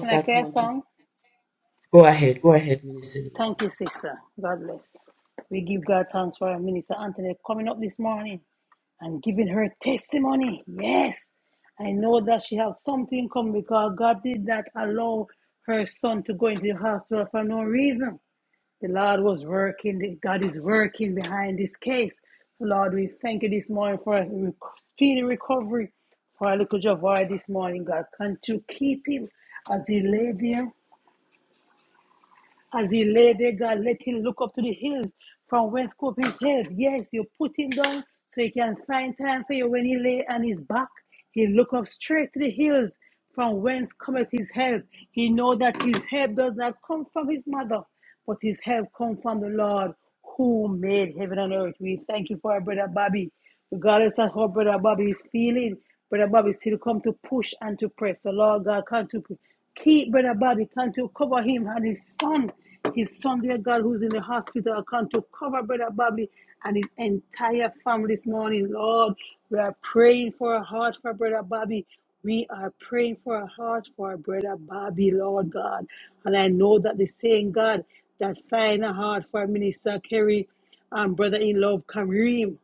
Speaker 1: Can I play a song? Thank you, sister. God bless. We give God thanks for our minister Anthony coming up this morning and giving her testimony. Yes, I know that she has something coming because God did not allow her son to go into the hospital for no reason. The Lord was working. God is working behind this case. So, Lord, we thank you this morning for a speedy recovery for our little Javar this morning. God, can't you keep him as he lay there? As he lay there, God, let him look up to the hills from whence comes his help. Yes, you put him down so he can find time for you when he lay on his back. He look up straight to the hills from whence cometh his help. He know that his help does not come from his mother, but his help comes from the Lord who made heaven and earth. We thank you for our brother Bobby. Regardless of how brother Bobby is feeling, brother Bobby still come to push and to press. The Lord God come to keep brother Bobby, come to cover him and his son, his son, dear God, who's in the hospital, come to cover brother Bobby and his entire family this morning. Lord, we are praying for a heart for brother Bobby. We are praying for a heart for our brother Bobby, Lord God. And I know that the same God that's fine and hard for Minister Kerry and brother in love Kareem.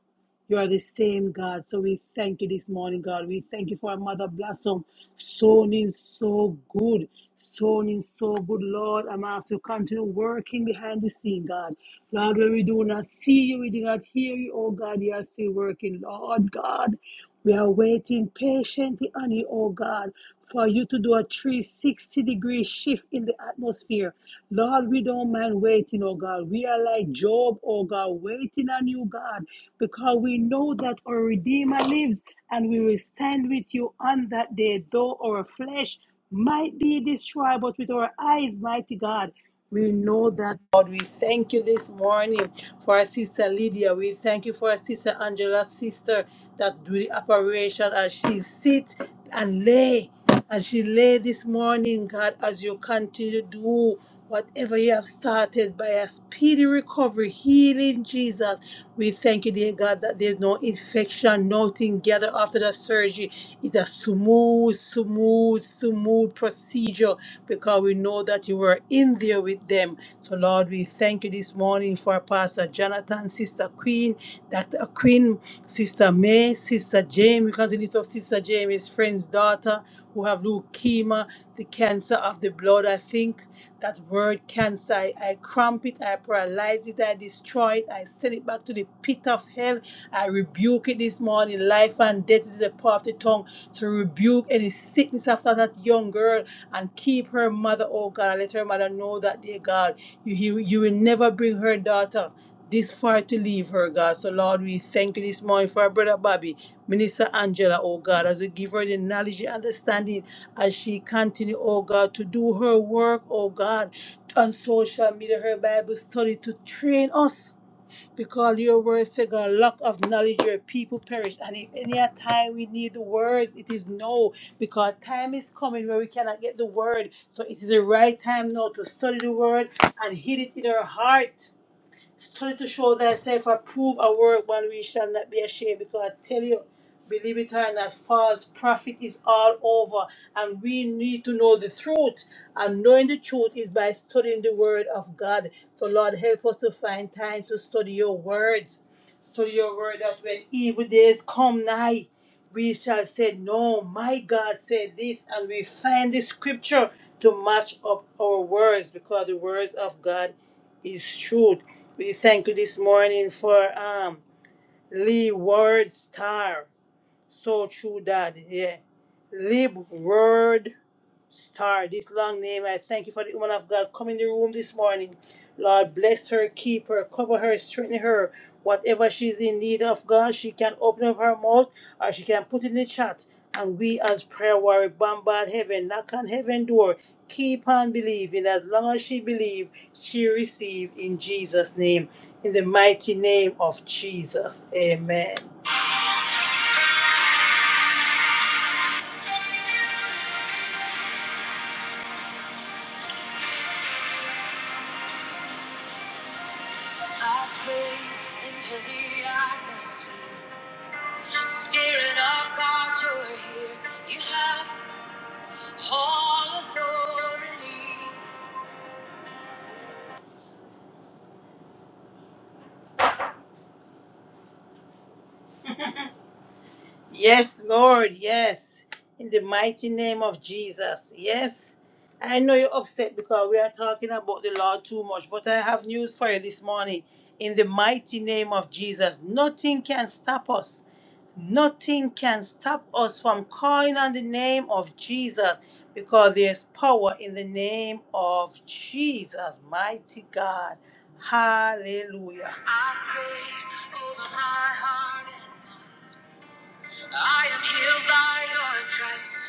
Speaker 1: You are the same God. So we thank you this morning, God. We thank you for our mother blossom. Sown in so good. Sown in so good, Lord. I'm asking you to continue working behind the scene, God. Lord, when we do not see you, we do not hear you, oh God, you are still working. Lord God, we are waiting patiently on you, oh God, for you to do a 360 degree shift in the atmosphere. Lord, we don't mind waiting, oh God. We are like Job, oh God, waiting on you, God, because we know that our Redeemer lives and we will stand with you on that day, though our flesh might be destroyed, but with our eyes, mighty God, we know that, God. We thank you this morning for our sister Lydia. We thank you for our sister Angela's sister that do the operation as she sit and lay. As she lay this morning, God, as you continue to do whatever you have started by a speedy recovery, healing Jesus. We thank you, dear God, that there's no infection, nothing gathered after the surgery. It's a smooth, smooth smooth, smooth procedure because we know that you were in there with them. So, Lord, we thank you this morning for Pastor Jonathan, Sister Queen, Dr. Queen, Sister May, Sister Jamie. We continue to lift up Sister Jamie's friend's daughter who have leukemia the cancer of the blood. I think that word cancer, I, I cramp it, I paralyze it, I destroy it, I send it back to the pit of hell. I rebuke it this morning. Life and death is the power of the tongue to rebuke any sickness after that young girl and keep her mother, oh God, and let her mother know that, dear God, you, you, you will never bring her daughter this far to leave her, God. So, Lord, we thank you this morning for our brother Bobby, Minister Angela, oh God, as we give her the knowledge and understanding as she continue, oh God, to do her work, oh God, on social media, her Bible study to train us. Because your word say, God, lack of knowledge, your people perish. And if any a time we need the words, it is no. Because time is coming where we cannot get the word. So it is the right time now to study the word and hid it in our heart study to show thyself approve a work when we shall not be ashamed because I tell you believe it or not false prophet is all over and we need to know the truth and knowing the truth is by studying the word of god so lord help us to find time to study your words study your word that when evil days come nigh we shall say no my god said this and we find the scripture to match up our words because the words of god is truth. We thank you this morning for um Lee Ward Star. So true, Dad. Yeah. Lib Word Star. This long name. I thank you for the woman of God. coming in the room this morning. Lord, bless her, keep her, cover her, strengthen her. Whatever she's in need of, God, she can open up her mouth or she can put it in the chat. And we as prayer warrior bombard heaven, knock on heaven door. Keep on believing. As long as she believes, she receive in Jesus' name. In the mighty name of Jesus. Amen. I pray into the atmosphere. Spirit of God, you're here. You have all authority. Yes, Lord, yes. In the mighty name of Jesus. Yes. I know you're upset because we are talking about the Lord too much, but I have news for you this morning. In the mighty name of Jesus, nothing can stop us. Nothing can stop us from calling on the name of Jesus because there's power in the name of Jesus, mighty God. Hallelujah. I pray over my heart and my stripes,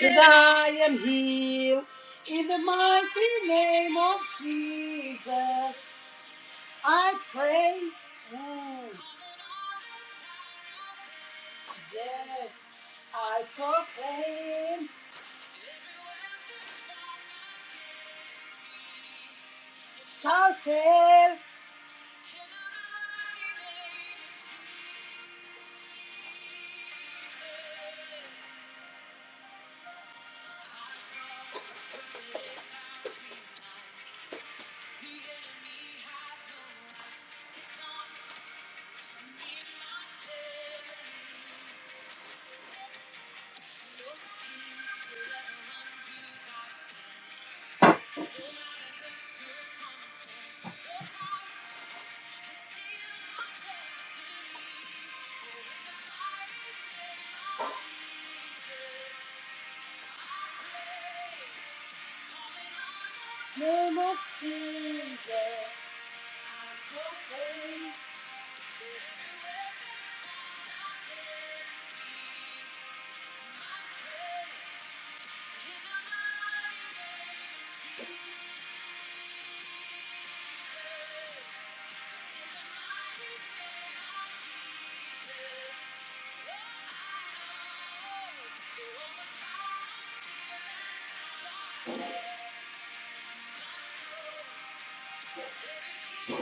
Speaker 1: that I am healed in the mighty name of Jesus. I pray. Mm. I told him, shall fail. No matter the circumstance, no matter No Jesus, I must break in the mighty name of Jesus. the I I will not feel, I will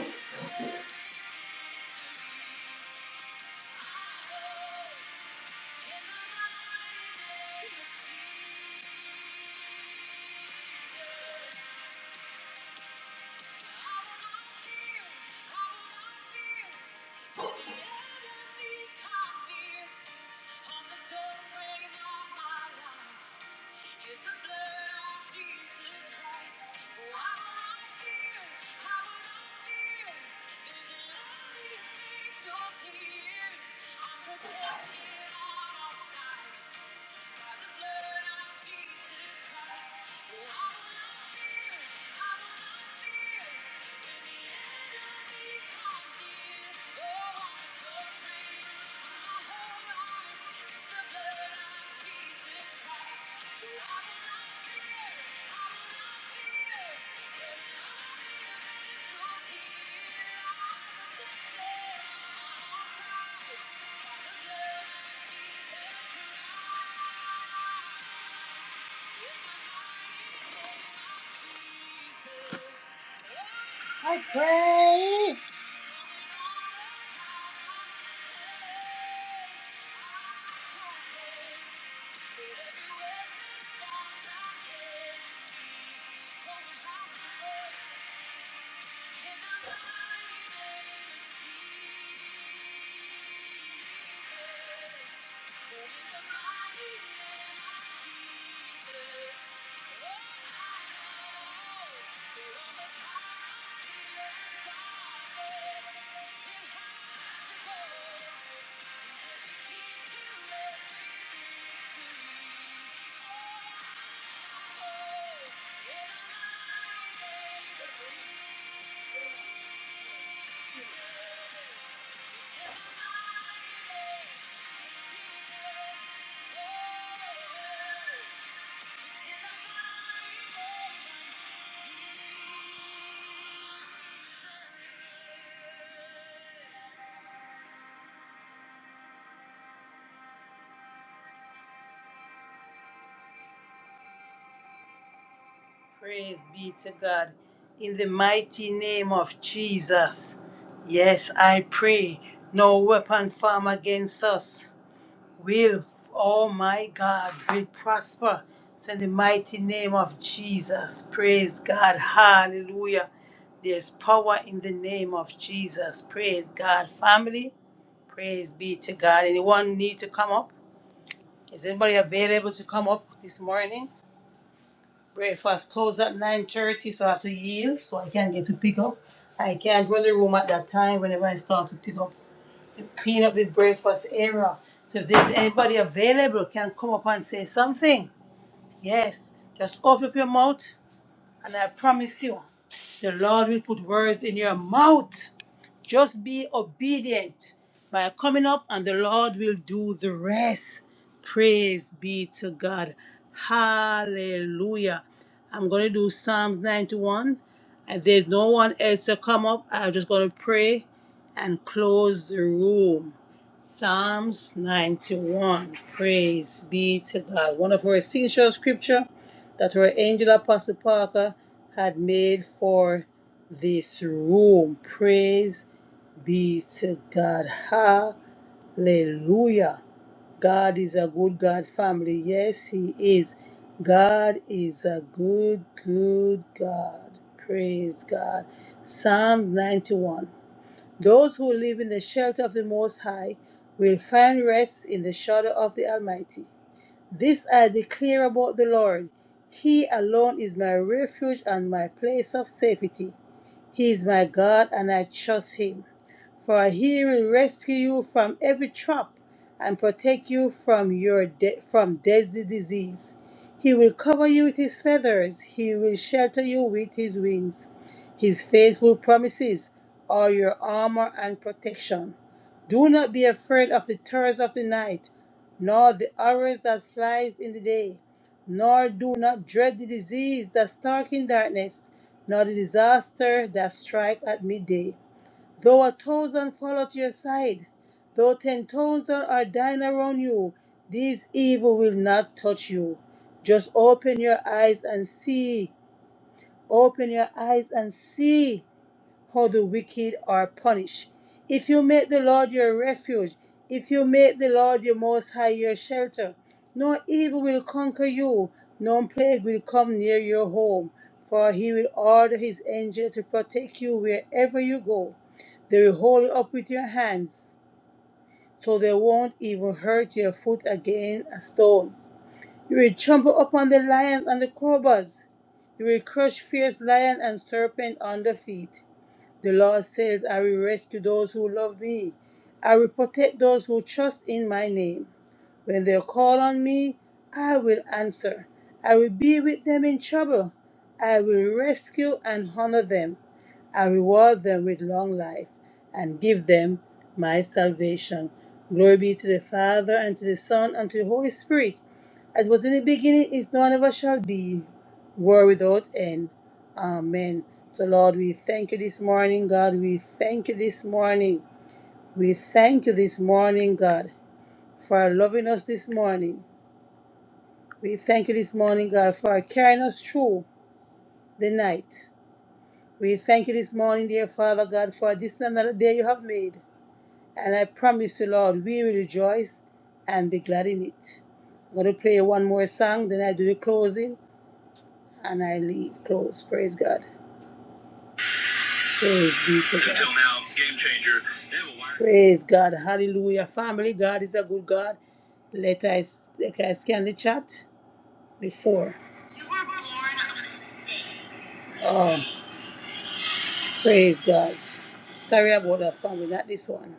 Speaker 1: not not Yeah. On the doorway of my life is the blood of Jesus Christ. Why would I fear? How would I fear? There's an army of angels here. I'm protected on all sides. Jesus I pray. I Thank you. Thank you. Praise be to God. In the mighty name of Jesus. Yes, I pray. No weapon formed against us. will, oh my God, will prosper. It's in the mighty name of Jesus. Praise God. Hallelujah. There's power in the name of Jesus. Praise God. Family, praise be to God. Anyone need to come up? Is anybody available to come up this morning? Breakfast closed at 9.30, so I have to yield so I can get to pick up. I can't run the room at that time whenever I start to pick up to clean up the breakfast area. So if there's anybody available, can come up and say something. Yes, just open up your mouth, and I promise you, the Lord will put words in your mouth. Just be obedient by coming up, and the Lord will do the rest. Praise be to God. Hallelujah. I'm going to do Psalms 91. And there's no one else to come up. I'm just going to pray and close the room. Psalms 91. Praise be to God. One of our essential scripture that our angel Apostle Parker had made for this room. Praise be to God. Hallelujah. God is a good God family. Yes, He is. God is a good, good God. Praise God. Psalms 91. Those who live in the shelter of the Most High will find rest in the shadow of the Almighty. This I declare about the Lord. He alone is my refuge and my place of safety. He is my God, and I trust him. For he will rescue you from every trap and protect you from your de- from deadly disease. He will cover you with his feathers. He will shelter you with his wings. His faithful promises are your armor and protection. Do not be afraid of the terrors of the night, nor the arrows that flies in the day, nor do not dread the disease that stalk in darkness, nor the disaster that strike at midday. Though a thousand fall at your side, though ten thousand are dying around you, these evil will not touch you. Just open your eyes and see. Open your eyes and see how the wicked are punished. If you make the Lord your refuge, if you make the Lord your most high your shelter, no evil will conquer you, no plague will come near your home, for he will order his angel to protect you wherever you go. They will hold you up with your hands, so they won't even hurt your foot against a stone. You will trample upon the lions and the cobras. You will crush fierce lion and serpent under feet. The Lord says, I will rescue those who love me. I will protect those who trust in my name. When they call on me, I will answer. I will be with them in trouble. I will rescue and honor them. I reward them with long life and give them my salvation. Glory be to the Father, and to the Son, and to the Holy Spirit, as was in the beginning, is now, and ever shall be, world without end. Amen. So, Lord, we thank you this morning, God. We thank you this morning. We thank you this morning, God for loving us this morning. We thank you this morning, God, for carrying us through the night. We thank you this morning, dear Father God, for this and another day you have made. And I promise you, Lord, we will rejoice and be glad in it. I'm going to play one more song, then I do the closing, and I leave. Close. Praise God. Praise be to God. Until now, game changer. Praise God. Hallelujah. Family, God is a good God. Let us, let us scan the chat. before. You were born on a mistake. Oh, praise God. Sorry about that family, not this one.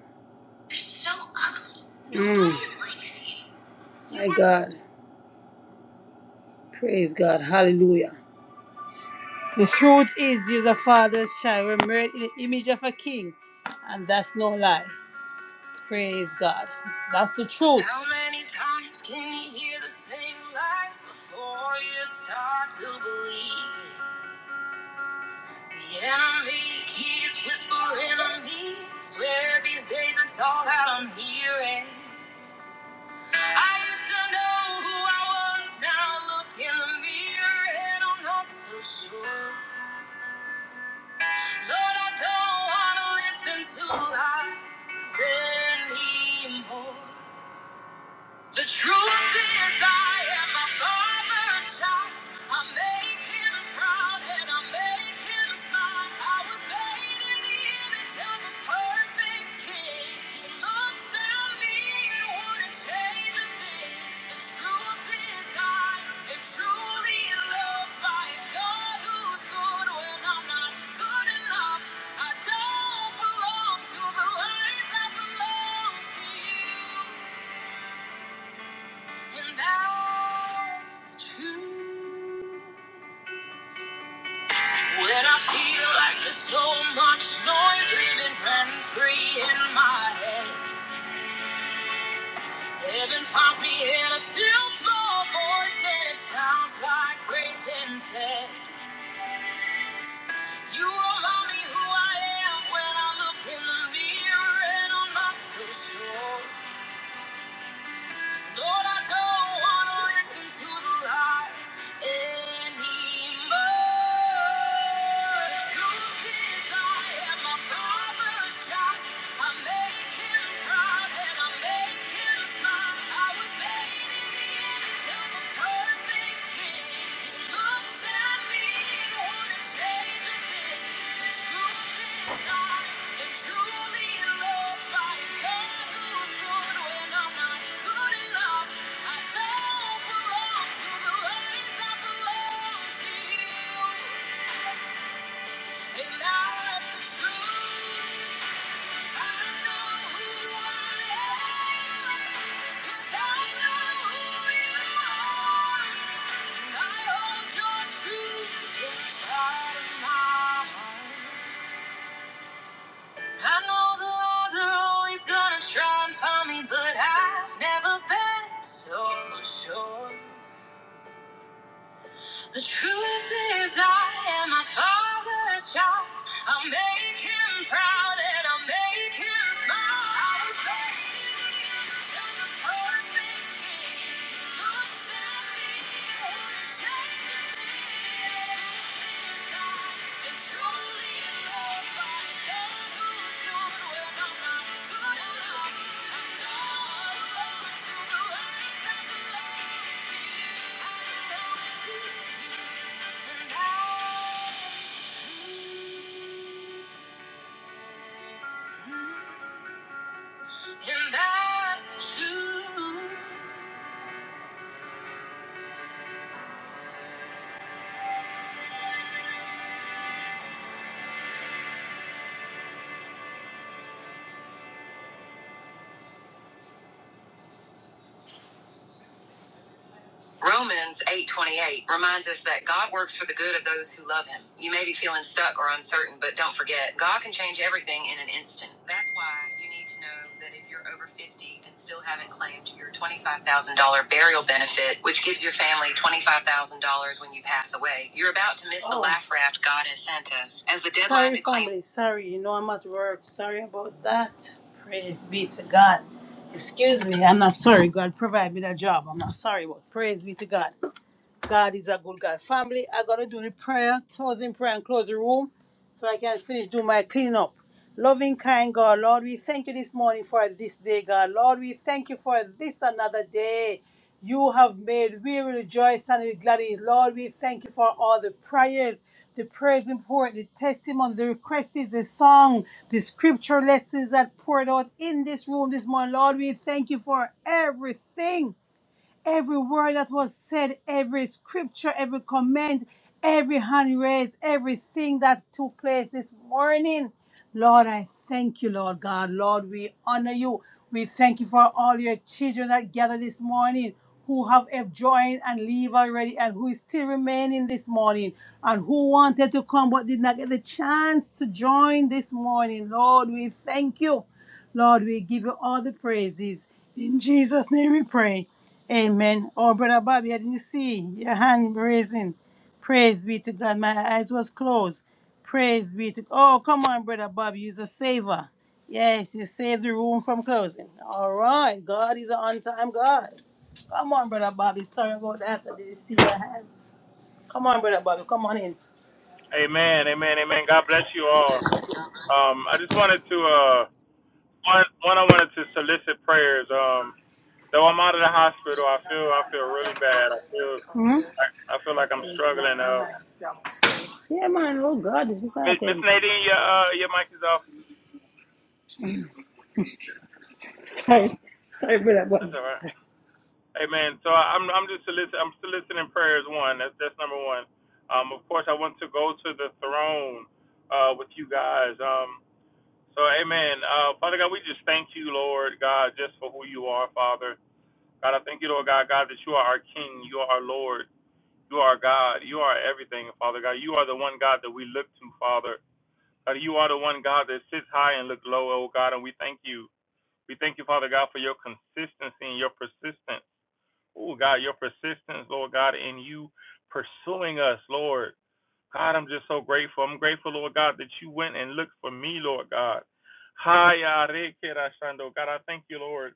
Speaker 1: You're So ugly. Nobody Mm. likes you. you My God. Praise God. Hallelujah. The truth is you're the father's child. We're made in the image of a king. And that's no lie. Praise God. That's the truth. How many times can you hear the same lie before you start to believe it? The enemy keeps whispering to me. Swear these days it's all that I'm hearing. I used to know who I was. Now I look in the mirror and I'm not so sure. Lord, I don't wanna listen to lies anymore. The truth is, I am my father's child. I make him proud and I make him smile. I was made in the image of a perfect king. He looks at me and wouldn't change a thing. The truth is, I am truly loved by a God who's good when I'm not good enough. I don't belong to the lies I belong to you. And that's the truth. When I feel like there's so much noise living rent free in my head, heaven finds me in a still small voice, and it sounds like grace instead. You remind me who I am when I look in the mirror, and I'm not so sure. Lord, I don't want to listen to the lies anymore. The truth is, I am my father's child. I make him proud and I make him smile. I was made in the image of a perfect king. They laugh the truth. I know the lies are always gonna try and find me, but I've never been so sure. The truth is, I am my father's child. I'll make him proud and I'll make him smile. I was raised to the perfect king. He looks at me and changes me. The truth is I and that's true. Romans 8:28 reminds us that God works for the good of those who love him. You may be feeling stuck or uncertain, but don't forget, God can change everything in an instant. That's why you need to know that if you're over 50 and still haven't claimed your $25,000 burial benefit, which gives your family $25,000 when you pass away, you're about to miss oh. the Oh, laugh raft God has sent us. As the deadline sorry, to claim Sorry, family. Sorry, you know I'm at work. Sorry about that. Praise be to God. Excuse me, I'm not sorry. God provide me that job. I'm not sorry, but praise be to God. God is a good God. Family, I'm going to do the prayer, closing prayer, and close the room so I can finish do my cleaning up. Loving, kind God, Lord, we thank you this morning for this day, God. Lord, we thank you for this another day you have made. We will rejoice and be glad in it. Lord, we thank you for all the prayers, the praise report, the testimony, the requests, the song, the scripture lessons that poured out in this room this morning. Lord, we thank you for everything. Every word that was said, every scripture, every comment, every hand raised, everything that took place this morning. Lord, I thank you, Lord God. Lord, we honor you. We thank you for all your children that gather this morning who have have joined and leave already and who is still remaining this morning and who wanted to come but did not get the chance to join this morning. Lord, we thank you. Lord, we give you all the praises. In Jesus' name we pray. Amen. Oh, Brother Bobby, I didn't see your hand raising. Praise be to God. My eyes was closed. Praise be to Oh, come on, Brother Bobby. You're a saver. Yes, you saved the room from closing. All right. God is an on-time God. Come on, Brother Bobby. Sorry about that. I didn't see your hands. Come on, Brother Bobby. Come on in.
Speaker 11: Amen, amen, amen. God bless you all. Um, I just wanted to uh, one, one I wanted to solicit prayers. Um, though I'm out of the hospital, I feel I feel really bad. I feel I, I feel like I'm struggling. Uh,
Speaker 1: Yeah, man. Oh, God, this is
Speaker 11: Miss Miss
Speaker 1: intense.
Speaker 11: Nadine, your uh, your mic is off.
Speaker 1: Sorry.
Speaker 11: That's all right. Amen. So I- am I'm just solicit I'm soliciting prayers. One, that's that's number one. Um, of course, I want to go to the throne uh, with you guys. Um, so, Amen. Uh, Father God, we just thank you, Lord God, just for who you are, Father. God, I thank you, Lord God, God, that you are our King, you are our Lord, you are our God, you are everything, Father God. You are the one God that we look to, Father. God, you are the one God that sits high and looks low, oh God, and we thank you. We thank you, Father God, for your consistency and your persistence. Oh God, your persistence, Lord God, in you pursuing us, Lord. God, I'm just so grateful. I'm grateful, Lord God, that you went and looked for me, Lord God. Hi, Yahweh, Kira Shando. God, I thank you, Lord.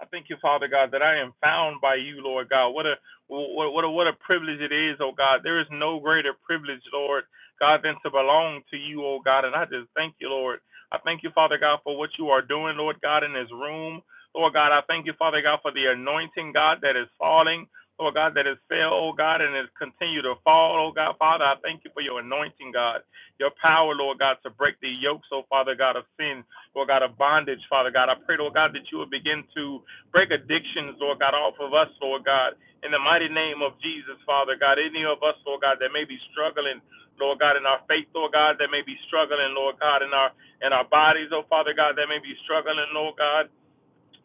Speaker 11: I thank you, Father God, that I am found by you, Lord God. What a what what a, what a privilege it is, oh God. There is no greater privilege, Lord God, than to belong to you, oh God. And I just thank you, Lord. I thank you, Father God, for what you are doing, Lord God, in this room. Lord God, I thank you, Father God, for the anointing, God, that is falling. Lord God, that has fell, oh God, and has continued to fall, oh God, Father. I thank you for your anointing, God, your power, Lord God, to break the yokes, oh Father God, of sin, Lord God, of bondage, Father God. I pray, Lord God, that you will begin to Break addictions, Lord God, off of us, Lord God. In the mighty name of Jesus, Father God, any of us, Lord God, that may be struggling, Lord God, in our faith, Lord God, that may be struggling, Lord God, in our in our bodies, oh Father God, that may be struggling, Lord God.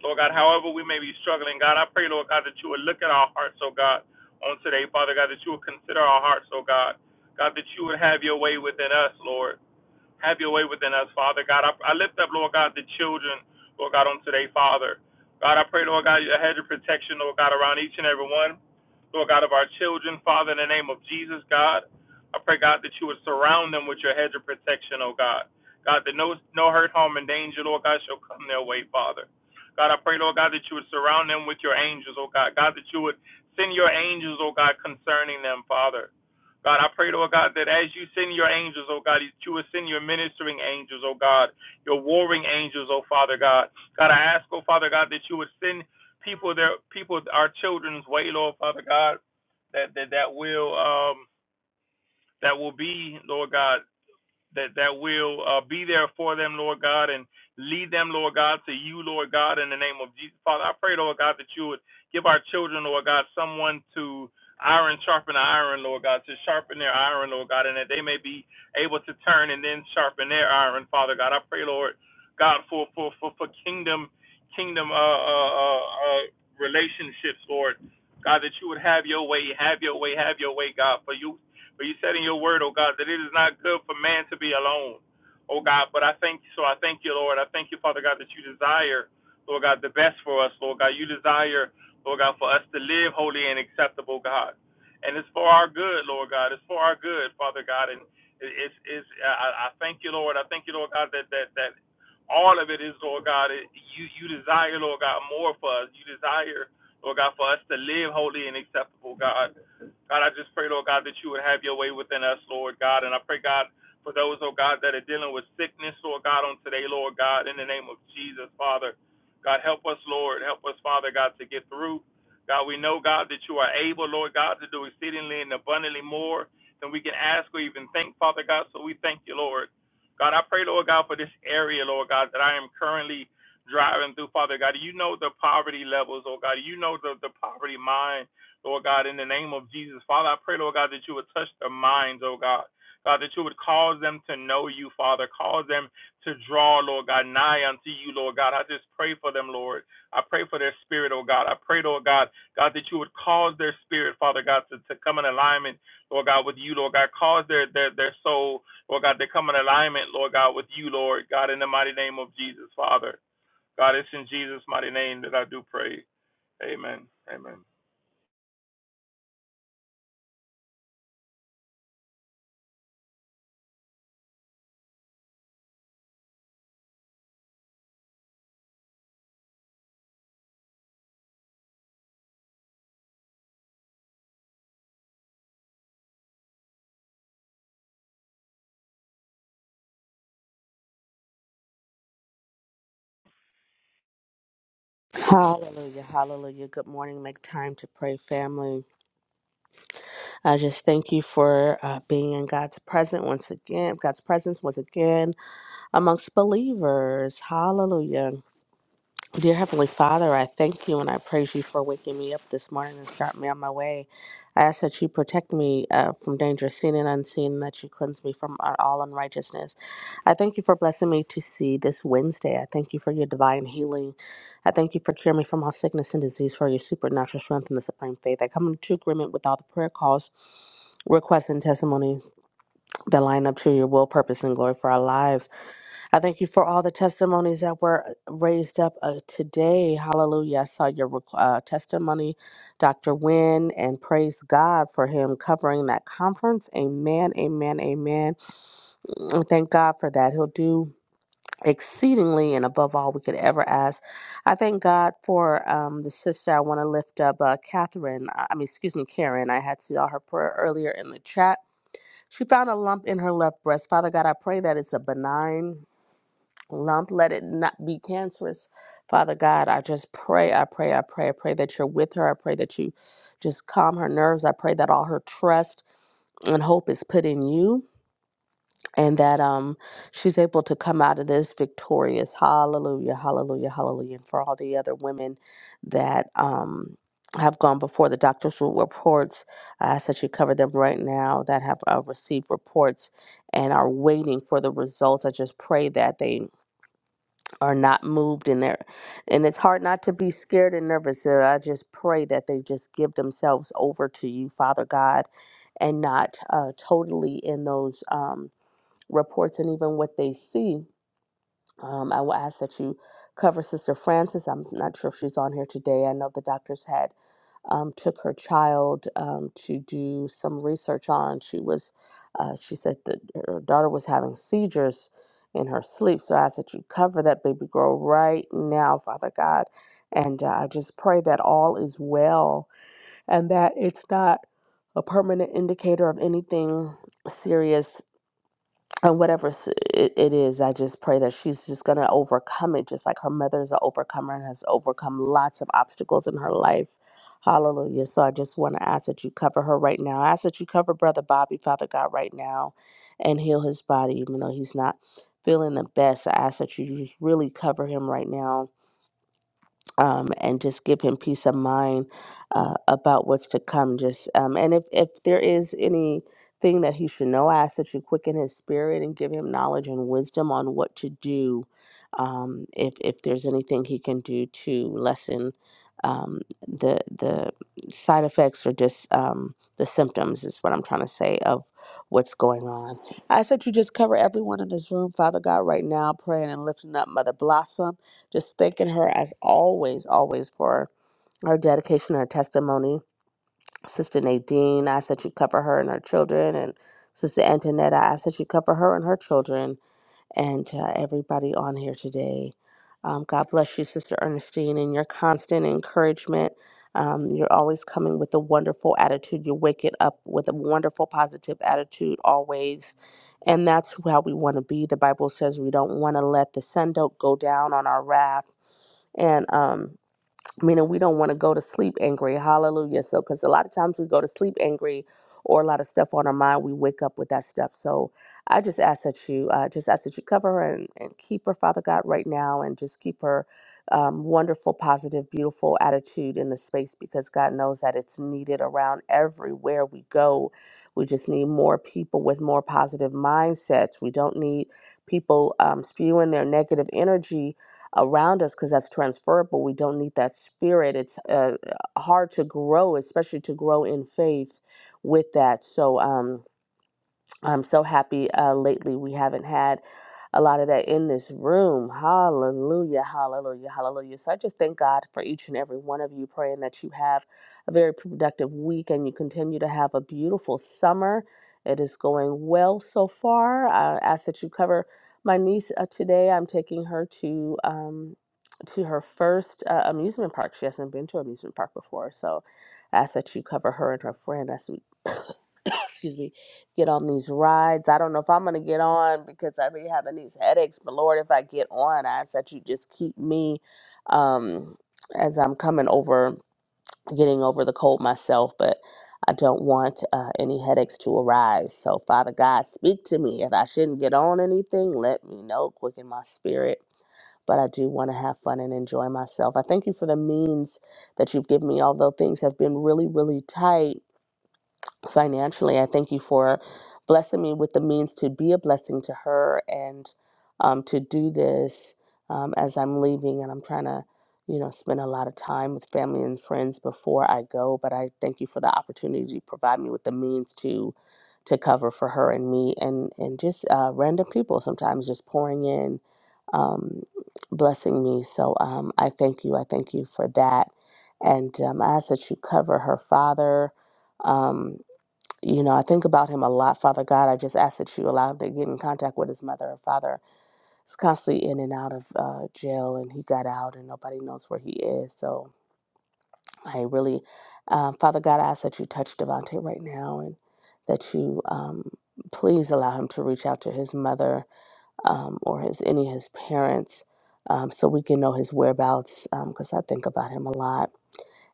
Speaker 11: Lord God, however we may be struggling, God, I pray, Lord God, that you would look at our hearts, oh God, on today, Father God, that you would consider our hearts, oh God. God, that you would have your way within us, Lord. Have your way within us, Father God. I, I lift up, Lord God, the children, Lord God, on today, Father. God, I pray, Lord God, your hedge of protection, Lord God, around each and every one. Lord God, of our children, Father, in the name of Jesus, God. I pray, God, that you would surround them with your hedge of protection, oh God. God, that no, no hurt, harm, and danger, Lord God, shall come their way, Father. God, I pray, Lord God, that you would surround them with your angels, oh God. God, that you would send your angels, oh God, concerning them, Father. God, I pray, Lord God, that as you send your angels, oh God, that you will send your ministering angels, oh God, your warring angels, oh Father God. God, I ask, oh Father God, that you would send people their people our children's way, Lord Father God, that that, that will um that will be, Lord God that that will uh, be there for them, Lord God, and lead them, Lord God, to you, Lord God, in the name of Jesus. Father, I pray, Lord God, that you would give our children, Lord God, someone to iron sharpen iron, Lord God, to sharpen their iron, Lord God, and that they may be able to turn and then sharpen their iron, Father God. I pray, Lord God, for for for, for kingdom kingdom uh, uh, uh, uh, relationships, Lord. God, that you would have your way, have your way, have your way, God. For you but you said in your word, oh God, that it is not good for man to be alone, oh God. But I thank you, so I thank you, Lord. I thank you, Father God, that you desire, Lord God, the best for us, Lord God. You desire, Lord God, for us to live holy and acceptable, God. And it's for our good, Lord God. It's for our good, Father God. And it's, it's I, I thank you, Lord. I thank you, Lord God, that that that all of it is, Lord God. It, you you desire, Lord God, more for us. You desire, Lord God, for us to live holy and acceptable, God. God, I just pray, Lord God, that you would have your way within us, Lord God. And I pray, God, for those, oh God, that are dealing with sickness, Lord God, on today, Lord God, in the name of Jesus, Father. God, help us, Lord. Help us, Father God, to get through. God, we know, God, that you are able, Lord God, to do exceedingly and abundantly more than we can ask or even think, Father God. So we thank you, Lord. God, I pray, Lord God, for this area, Lord God, that I am currently driving through, Father God. You know the poverty levels, oh God. You know the, the poverty mind. Lord God, in the name of Jesus. Father, I pray, Lord God, that you would touch their minds, oh God. God, that you would cause them to know you, Father. Cause them to draw, Lord God, nigh unto you, Lord God. I just pray for them, Lord. I pray for their spirit, oh God. I pray, Lord God, God, that you would cause their spirit, Father God, to, to come in alignment, Lord God, with you, Lord God. Cause their, their their soul, Lord God, to come in alignment, Lord God, with you, Lord God, in the mighty name of Jesus, Father. God, it's in Jesus' mighty name that I do pray. Amen. Amen.
Speaker 12: Hallelujah, hallelujah. Good morning. Make time to pray, family. I just thank you for uh, being in God's presence once again, God's presence once again amongst believers. Hallelujah. Dear Heavenly Father, I thank you and I praise you for waking me up this morning and starting me on my way. I ask that you protect me uh, from danger seen and unseen, and that you cleanse me from all unrighteousness. I thank you for blessing me to see this Wednesday. I thank you for your divine healing. I thank you for curing me from all sickness and disease, for your supernatural strength and the supreme faith. I come into agreement with all the prayer calls, requests, and testimonies that line up to your will, purpose, and glory for our lives. I thank you for all the testimonies that were uh, raised up uh, today. Hallelujah. I saw your requ- uh, testimony, Dr. Wynne, and praise God for him covering that conference. Amen, amen, amen. And thank God for that. He'll do exceedingly and above all we could ever ask. I thank God for um, the sister I want to lift up, uh, Catherine. I I mean, excuse me, Karen. I had saw her prayer earlier in the chat she found a lump in her left breast. Father God, I pray that it's a benign lump. Let it not be cancerous. Father God, I just pray, I pray, I pray, I pray that you're with her. I pray that you just calm her nerves. I pray that all her trust and hope is put in you and that um she's able to come out of this victorious hallelujah hallelujah hallelujah and for all the other women that um have gone before the doctors reports i ask that you cover them right now that have uh, received reports and are waiting for the results i just pray that they are not moved in there and it's hard not to be scared and nervous so i just pray that they just give themselves over to you father god and not uh, totally in those um, reports and even what they see. Um, I will ask that you cover Sister Francis. I'm not sure if she's on here today. I know the doctors had um, took her child um, to do some research on. She was, uh, she said that her daughter was having seizures in her sleep. So I ask that you cover that baby girl right now, Father God. And uh, I just pray that all is well and that it's not a permanent indicator of anything serious and whatever s- it, it is, I just pray that she's just going to overcome it, just like her mother is an overcomer and has overcome lots of obstacles in her life. Hallelujah. So I just want to ask that you cover her right now. I ask that you cover Brother Bobby, Father God, right now and heal his body, even though he's not feeling the best. I ask that you just really cover him right now um, and just give him peace of mind uh, about what's to come. Just um, and if if there is anything that he should know, I ask that you quicken his spirit and give him knowledge and wisdom on what to do. Um, if if there's anything he can do to lessen um, the the side effects or just um, the symptoms is what I'm trying to say of what's going on. I ask that you just cover everyone in this room, Father God, right now, praying and lifting up Mother Blossom. Just thanking her as always, always for her dedication, her testimony. Sister Nadine, I ask that you cover her and her children. And Sister Antoinette, I ask that you cover her and her children and uh, everybody on here today. Um, God bless you, Sister Ernestine, and your constant encouragement. Um, you're always coming with a wonderful attitude. You wake it up with a wonderful, positive attitude always. And that's how we want to be. The Bible says we don't want to let the sun don't go down on our wrath. And um, meaning we don't want to go to sleep angry. Hallelujah. So, because a lot of times we go to sleep angry or a lot of stuff on our mind, we wake up with that stuff. So, I just ask that you, uh, just ask that you cover her and, and keep her, Father God, right now, and just keep her um, wonderful, positive, beautiful attitude in the space because God knows that it's needed around everywhere we go. We just need more people with more positive mindsets. We don't need people um, spewing their negative energy around us because that's transferable. We don't need that spirit. It's uh, hard to grow, especially to grow in faith with that. So, um, I'm so happy uh, lately we haven't had a lot of that in this room. Hallelujah, hallelujah, hallelujah. So I just thank God for each and every one of you, praying that you have a very productive week and you continue to have a beautiful summer. It is going well so far. I ask that you cover my niece uh, today. I'm taking her to. Um, to her first uh, amusement park. She hasn't been to an amusement park before, so I ask that you cover her and her friend as we, excuse me, get on these rides. I don't know if I'm gonna get on because I be having these headaches. But Lord, if I get on, I ask that you just keep me um, as I'm coming over, getting over the cold myself. But I don't want uh, any headaches to arise. So Father God, speak to me. If I shouldn't get on anything, let me know. Quicken my spirit but I do want to have fun and enjoy myself. I thank you for the means that you've given me, although things have been really, really tight financially. I thank you for blessing me with the means to be a blessing to her and um, to do this um, as I'm leaving. And I'm trying to, you know, spend a lot of time with family and friends before I go. But I thank you for the opportunity to provide me with the means to to cover for her and me and and just uh, random people sometimes just pouring in um, blessing me so um, i thank you i thank you for that and um, i ask that you cover her father um, you know, I think about him a lot, Father God. I just ask that you allow him to get in contact with his mother and father. He's constantly in and out of uh, jail, and he got out, and nobody knows where he is. So I really, um, Father God, I ask that you touch Devontae right now and that you um, please allow him to reach out to his mother um, or his any of his parents um, so we can know his whereabouts because I think about him a lot.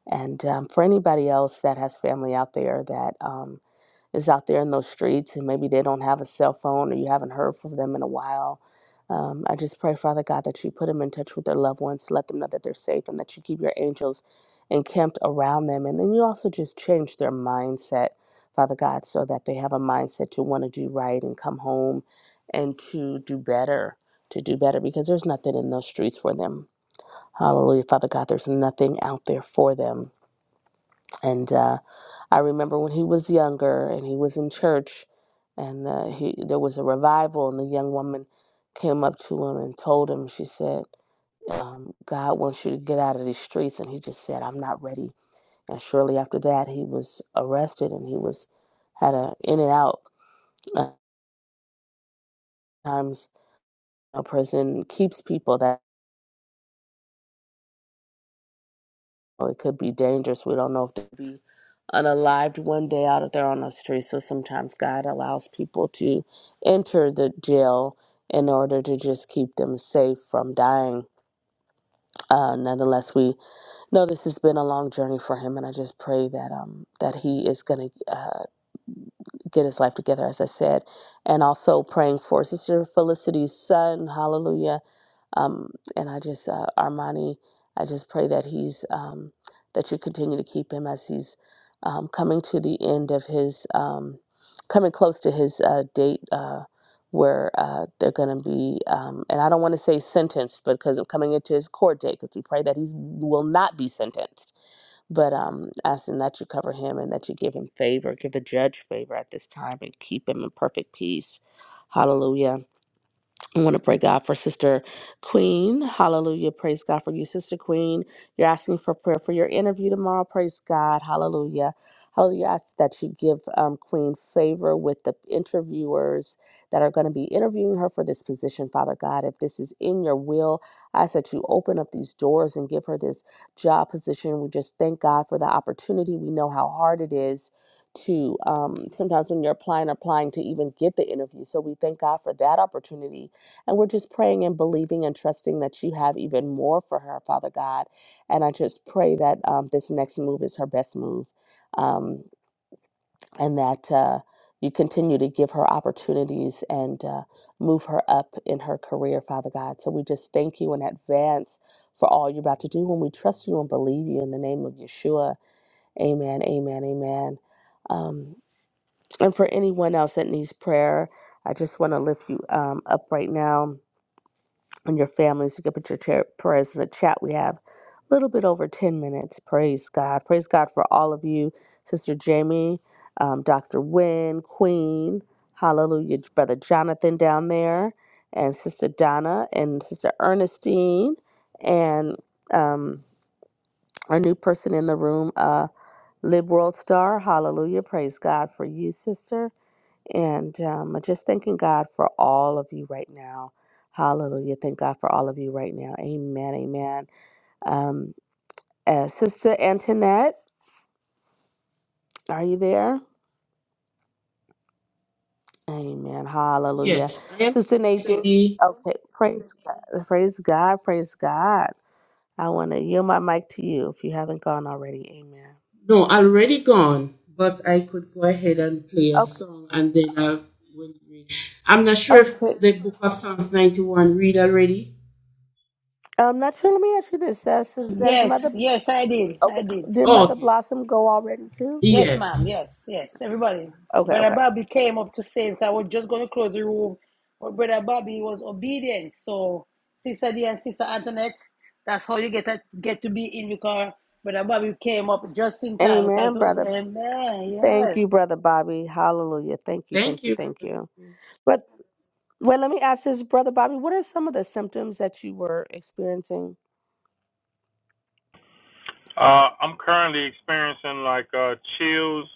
Speaker 12: And um, for anybody else that has family out there that um, is out there in those streets and maybe they don't have a cell phone or you haven't heard from them in a while, um, I just pray, Father God, that you put them in touch with their loved ones, let them know that they're safe, and that you keep your angels encamped around them. And then you also just change their mindset, Father God, so that they have a mindset to want to do right and come home and to do better, to do better, because there's nothing in those streets for them. Hallelujah, Father God, there's nothing out there for them. And uh, I remember when he was younger and he was in church, and uh, he there was a revival, and the young woman came up to him and told him, she said, um, "God wants you to get out of these streets," and he just said, "I'm not ready." And shortly after that, he was arrested, and he was had a in and out. Uh, Times you know, prison keeps people. that. it could be dangerous. We don't know if they'll be unalived one day out of there on the street. So sometimes God allows people to enter the jail in order to just keep them safe from dying. Uh, nonetheless, we know this has been a long journey for him, and I just pray that um that he is going to uh, get his life together, as I said, and also praying for Sister Felicity's son. Hallelujah um, and I just, uh, Armani, I just pray that he's, um, that you continue to keep him as he's um, coming to the end of his, um, coming close to his uh, date uh, where uh, they're going to be, um, and I don't want to say sentenced because I'm coming into his court date because we pray that he will not be sentenced. But um, asking that you cover him and that you give him favor, give the judge favor at this time and keep him in perfect peace. Hallelujah. I want to pray, God, for Sister Queen. Hallelujah. Praise God for you, Sister Queen. You're asking for prayer for your interview tomorrow. Praise God. Hallelujah. Hallelujah. I ask that you give um, Queen favor with the interviewers that are going to be interviewing her for this position, Father God. If this is in your will, I ask that you open up these doors and give her this job position. We just thank God for the opportunity. We know how hard it is to um, sometimes when you're applying, applying to even get the interview. So we thank God for that opportunity and we're just praying and believing and trusting that you have even more for her, Father God. And I just pray that um, this next move is her best move um, and that uh, you continue to give her opportunities and uh, move her up in her career, Father God. So we just thank you in advance for all you're about to do when we trust you and believe you in the name of Yeshua. Amen, amen, amen. Um, and for anyone else that needs prayer, I just want to lift you um, up right now and your families. You can put your chair, prayers in the chat. We have a little bit over 10 minutes. Praise God. Praise God for all of you, Sister Jamie, um, Dr. Wynne, Queen. Hallelujah, Brother Jonathan down there, and Sister Donna, and Sister Ernestine, and um, our new person in the room, uh, Lib World Star. Hallelujah. Praise God for you, Sister. And um, just thanking God for all of you right now. Hallelujah. Thank God for all of you right now. Amen. Amen. Um, uh, Sister Antoinette, are you there? Amen. Hallelujah. Sister Nadine. Okay. Praise God. Praise God. Praise God. I want to yield my mic to you if you haven't gone already. Amen. Okay. Okay. Um, not sure. Let me ask you this. Does, does Mother,
Speaker 1: Yes, yes, I did. I
Speaker 12: okay.
Speaker 1: did.
Speaker 12: Did Mother Blossom go already too?
Speaker 1: Yes, ma'am. Yes, yes. Everybody.
Speaker 12: Okay.
Speaker 1: Brother
Speaker 12: Okay.
Speaker 1: Bobby came up to say, because I was just going to close the room, but Brother Bobby was obedient. So, Sister D and Sister Antoinette, that's how you get a, get to be in because Brother Bobby came up just in time. Because,
Speaker 12: Amen, brother.
Speaker 1: amen.
Speaker 12: Thank
Speaker 1: Yes.
Speaker 12: you, Brother Bobby. Hallelujah. Thank you, thank you, thank you. But well, let me ask this, Brother Bobby, what are some of the symptoms that you were experiencing?
Speaker 11: Uh, I'm currently experiencing like uh, chills,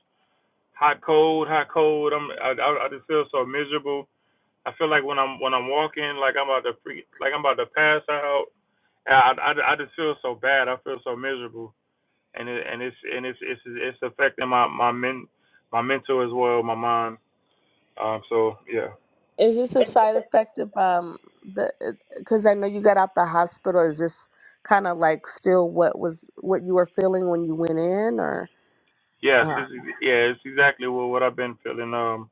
Speaker 11: hot cold, hot cold. I'm I, I, I just feel so miserable. I feel like when I'm when I'm walking, like I'm about to freak, like I'm about to pass out. And I, I, I just feel so bad. I feel so miserable, and it, and it's and it's it's it's affecting my my men my mental as well, my mind. Um, so yeah,
Speaker 12: Is this a side effect of um the because I know you got out the hospital. Is this kind of like still what was what you were feeling when you went in or
Speaker 11: yes,
Speaker 12: uh,
Speaker 11: it's, yeah, it's exactly what what I've been feeling. Um,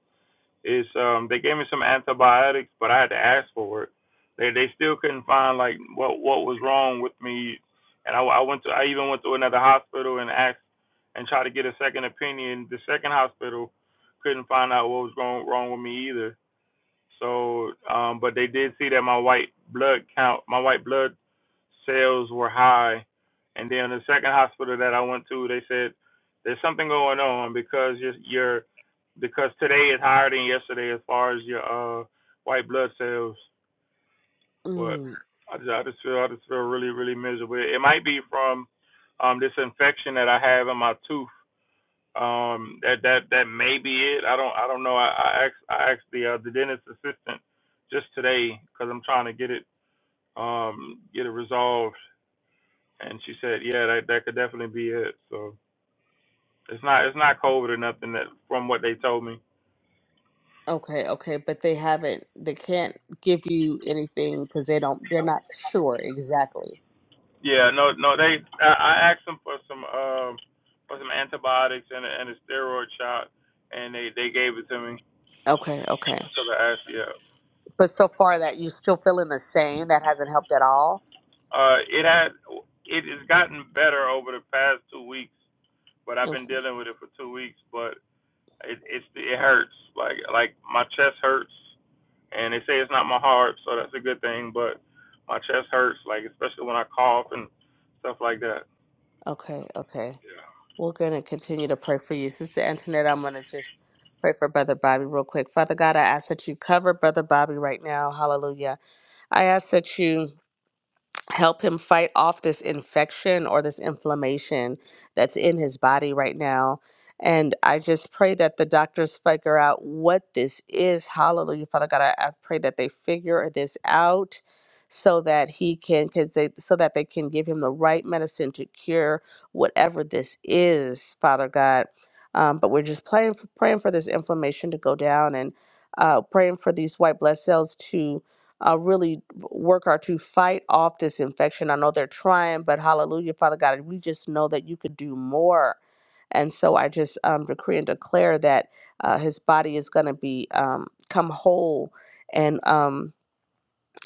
Speaker 11: Is um they gave me some antibiotics, but I had to ask for it. They they still couldn't find like what what was wrong with me, and I, I went to I even went to another hospital and asked and tried to get a second opinion. The second hospital couldn't find out what was wrong wrong with me either. So, um, but they did see that my white blood count, my white blood sales were high. And then the second hospital that I went to, they said there's something going on because your your because today is higher than yesterday as far as your uh white blood cells. But
Speaker 12: mm,
Speaker 11: I just, I just feel I just feel really really miserable. It might be from um this infection that I have in my tooth um, that that that may be it. I don't I don't know. I I asked I asked the uh, the dentist assistant just today because I'm trying to get it um get it resolved, and she said yeah that that could definitely be it. So it's not it's not COVID or nothing that from what they told me.
Speaker 12: okay, okay, but they haven't they can't give you anything because they don't they're not sure exactly.
Speaker 11: Yeah, no no they I, I asked them for some um for some antibiotics and a, and a steroid shot, and they they gave it to me
Speaker 12: Okay, okay.
Speaker 11: because I asked yeah.
Speaker 12: But so far that you still feeling the same, that hasn't helped at all.
Speaker 11: Uh, it had it has gotten better over the past two weeks. but I've been
Speaker 12: Okay,
Speaker 11: dealing with it for two weeks. But it it's it hurts like like my chest hurts, and they say it's not my heart, so that's a good thing. But my chest hurts, like especially when I cough and stuff like that.
Speaker 12: okay, okay. We're going to continue to pray for you. Sister Antoinette, I'm going to just pray for Brother Bobby real quick. Father God, I ask that you cover Brother Bobby right now. Hallelujah. I ask that you. help him fight off this infection or this inflammation that's in his body right now. And I just pray that the doctors figure out what this is. Hallelujah. Father God, I, I pray that they figure this out so that he can, cause they, so that they can give him the right medicine to cure whatever this is, Father God. Um, but we're just praying for, praying for this inflammation to go down and uh, praying for these white blood cells to uh, really work are to fight off this infection. I know they're trying, but hallelujah, Father God, we just know that you could do more. And so I just um, decree and declare that uh, his body is going to be um, come whole and um,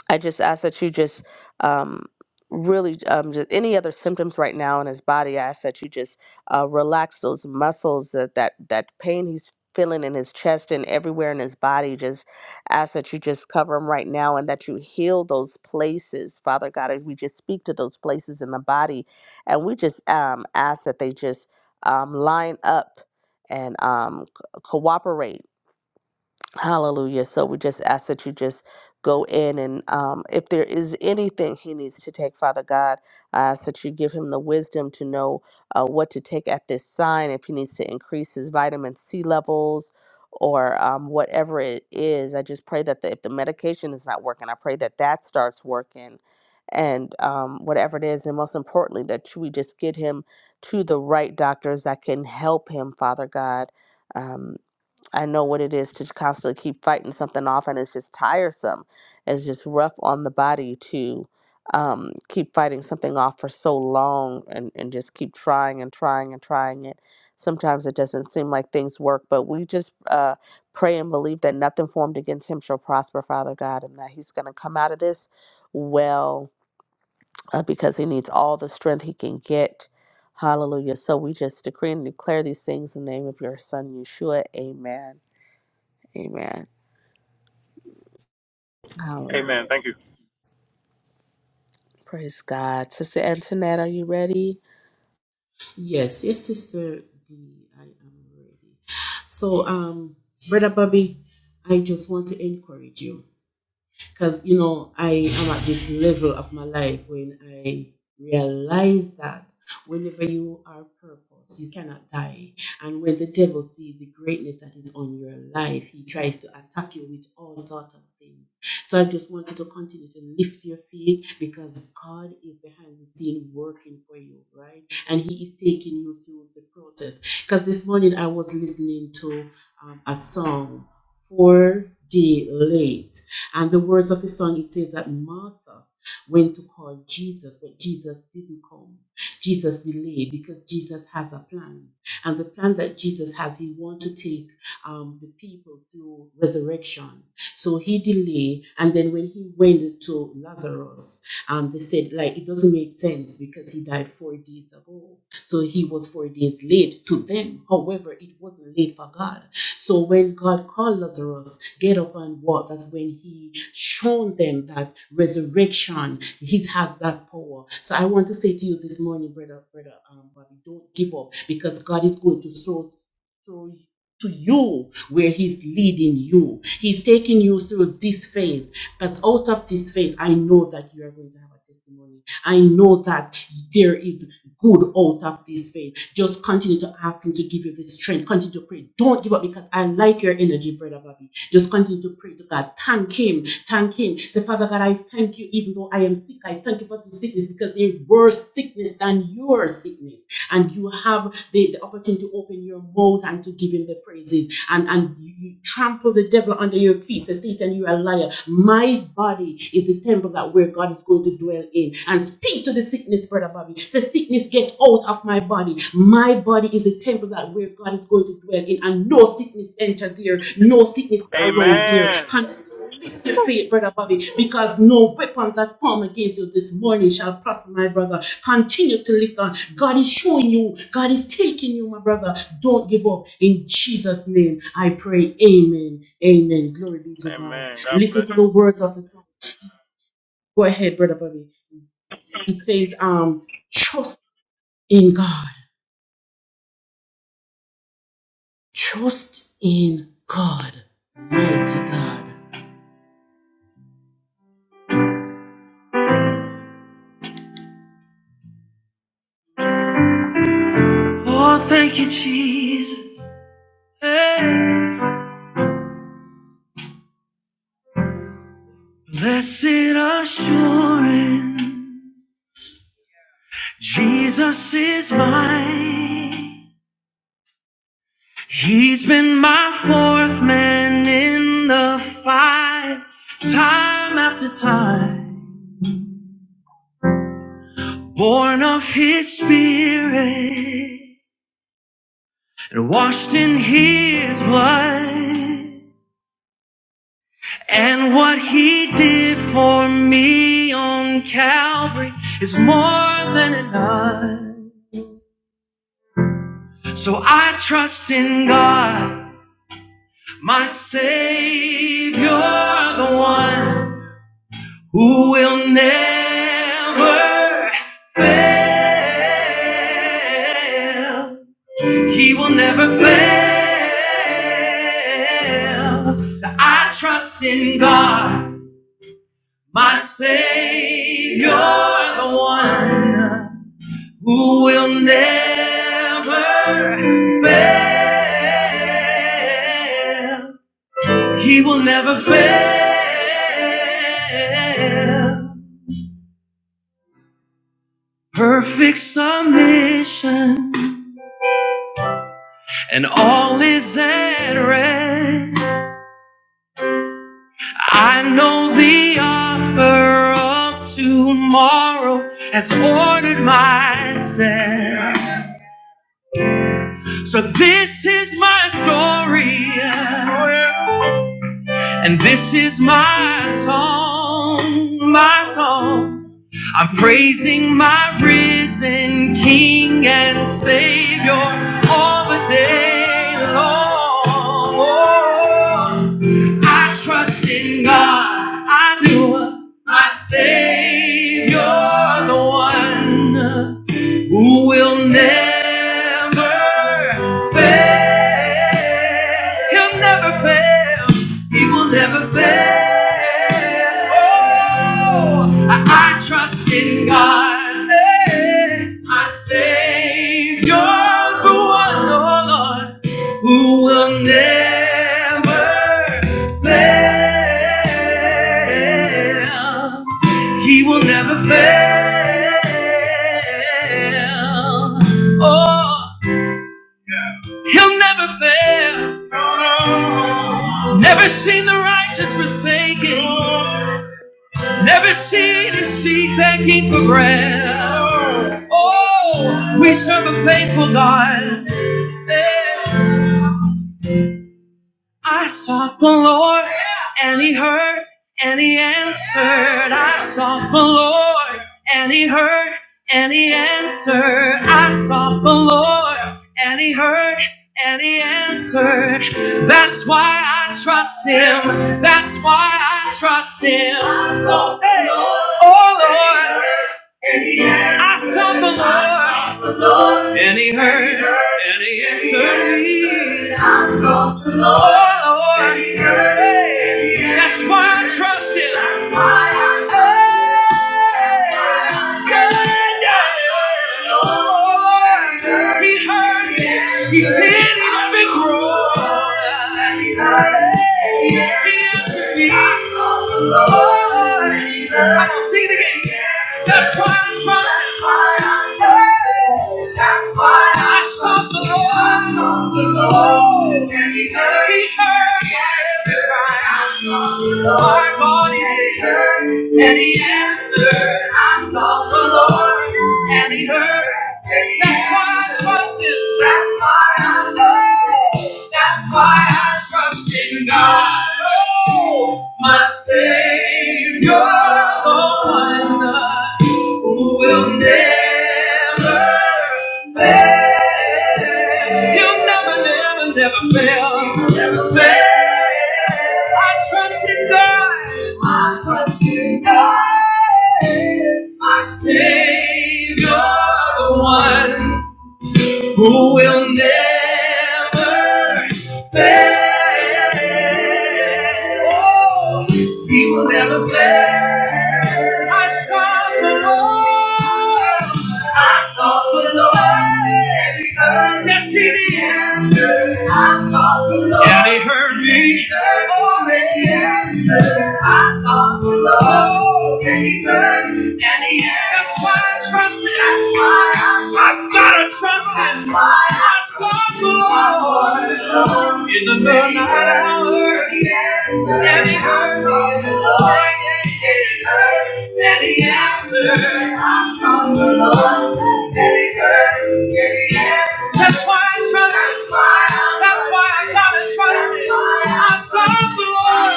Speaker 12: I just ask that you just um, really um, just any other symptoms right now in his body. I ask that you just uh, relax those muscles that that that pain he's feeling in his chest and everywhere in his body. Just ask that you just cover him right now and that you heal those places, Father God. And we just speak to those places in the body, and we just um, ask that they just um, line up and um, c- cooperate Hallelujah. So we just ask that you just go in and um, if there is anything he needs to take, Father God, I ask that you give him the wisdom to know uh, what to take at this sign, if he needs to increase his vitamin C levels or um, whatever it is. I just pray that the, if the medication is not working, I pray that that starts working and um, whatever it is. And most importantly, that we just get him to the right doctors that can help him, Father God. Um, I know what it is to constantly keep fighting something off, and it's just tiresome. It's just rough on the body to um, keep fighting something off for so long and, and just keep trying and trying and trying it. Sometimes it doesn't seem like things work, but we just uh, pray and believe that nothing formed against him shall prosper, Father God, and that he's going to come out of this well uh, because he needs all the strength he can get. Hallelujah. So we just decree and declare these things in the name of your son, Yeshua. Amen. Amen. Hallelujah.
Speaker 11: Amen. Thank you.
Speaker 12: Praise God. Sister Antoinette, are you ready?
Speaker 11: Amen. Amen. God bless you.
Speaker 10: Blessed assurance, Jesus is mine. He's been my fourth man in the fight, time after time. Born of his spirit and washed in his blood. And what he did for me on Calvary is more than enough. So I trust in God, my Savior, the one who will never fail. He will never fail. I trust in God My Savior, the one who will never fail. He will never fail. Perfect submission and all is at rest. I know the author of tomorrow has ordered my steps. So this is my story, and this is my song, my song. I'm praising my risen King and Savior all the day long. Oh, I trust in God, I do, my Savior, the one who will never fail. He'll never fail. He will never fail. Oh, I, I trust in God, eh, my Savior, the one, oh Lord, who will never fail. He will never fail. Oh, he'll never fail. Never seen the righteous forsaken. Never seen his seed begging for bread. Oh, we serve a faithful God. Yeah. I sought the Lord, and He heard, and He answered. I sought the Lord, and He heard, and He answered. I sought the Lord, and He heard, and He answered. That's why I trust Him. That's why I trust Him. I sought the Hey. Lord, Oh Lord. I sought the Lord, and He heard, and He answered me. I sought the Lord, hey, that's why I trust Him. That's Hey, yeah, yeah. Oh, Lord, me hurt. Yeah. He really let me grow. He answered me. Oh, Lord. I don't see it again. That's why I'm That's why I sought the Lord. I sought the Lord. And he heard. me. He heard. Yes, Lord God in the and he answered. I sought the Lord, and he heard. That's why I trust him. That's why I trust him. That's why I trust in God. Oh, my Savior, the one. I who will never fail. You will never, never, never fail. Never fail. I trust in God. I trust in God. My Savior, the one who will never fail. Oh, he will never fail. I sought the Lord. I sought the Lord. And he heard. Yes, he did. I sought the Lord. And he heard me. Oh, and He heard me. Oh, amen. And yeah, that's why I trust it. That's why I trust I've got to trust it. That's why I sought the Lord in the midnight hour. Yes, and he heard me. And he heard. And he answered. I sought the Lord. And he heard. That's why I trust Him. That's why I gotta trust Him. I serve the Lord.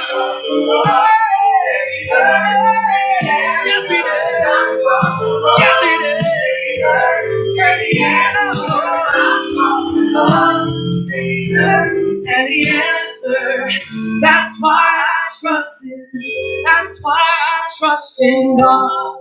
Speaker 10: Yes, He did. Yes, He did. And He answered. And He answered. That's why I trust Him. That's why I trust in God.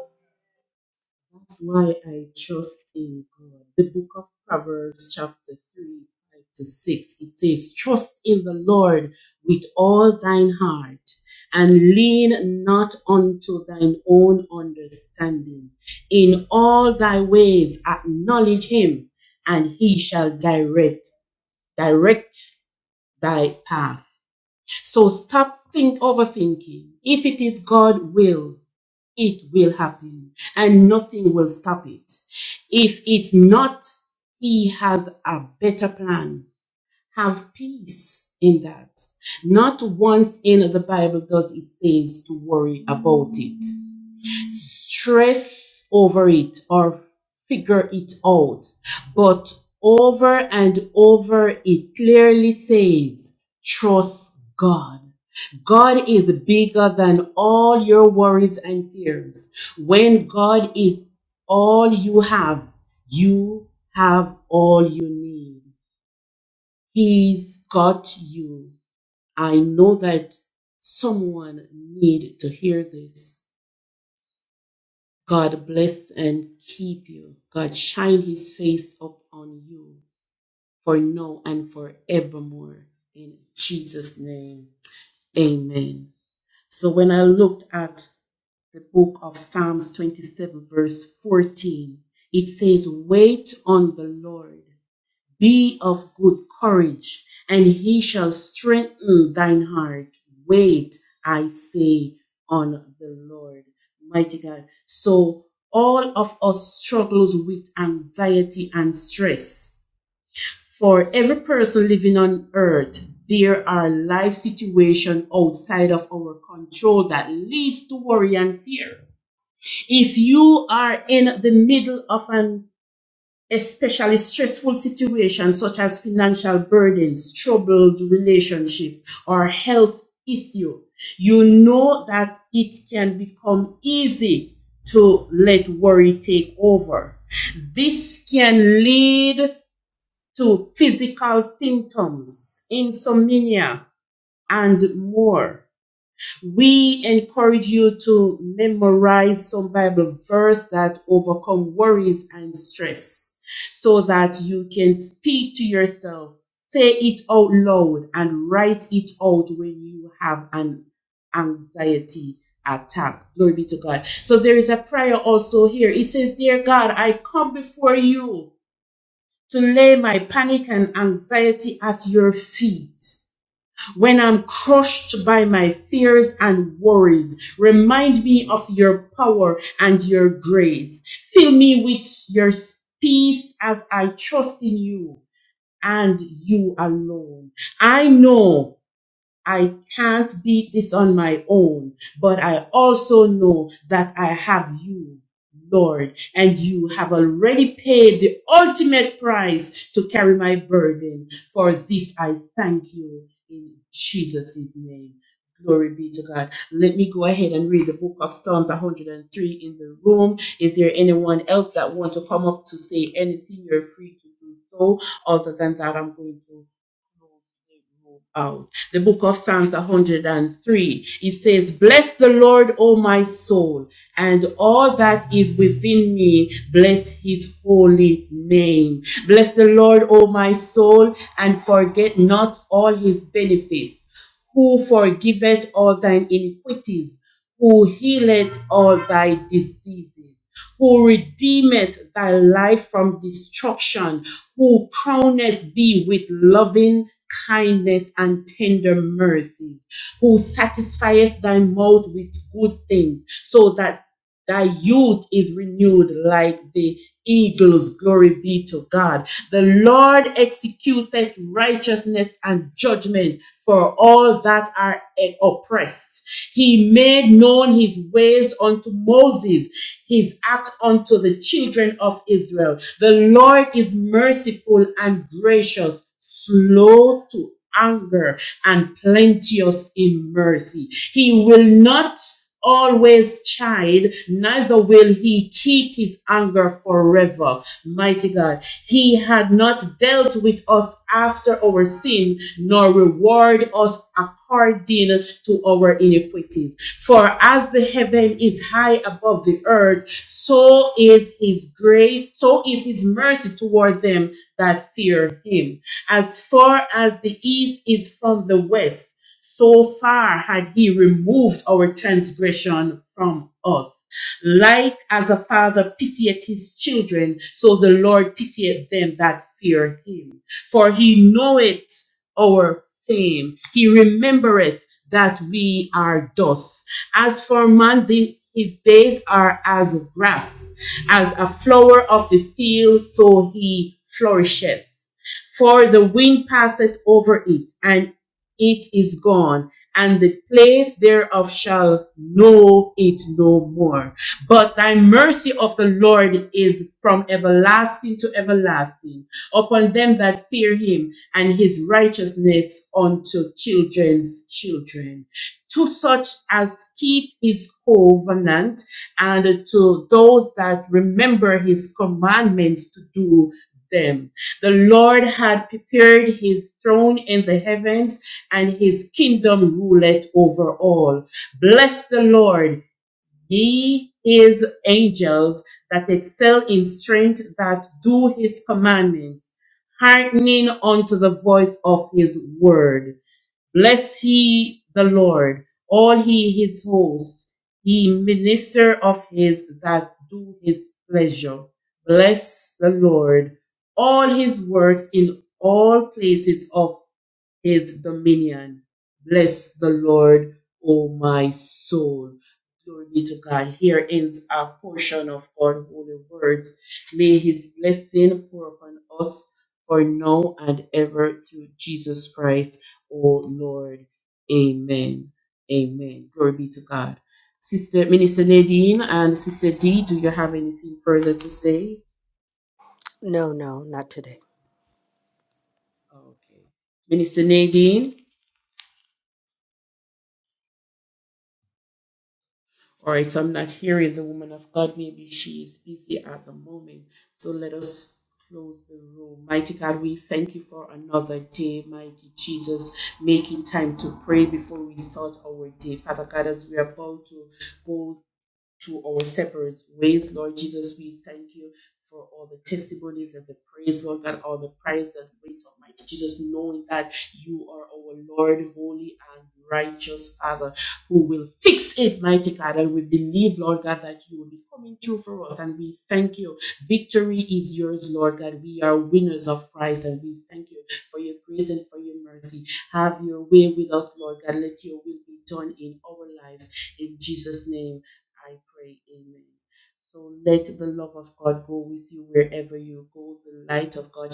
Speaker 12: No, no, not today.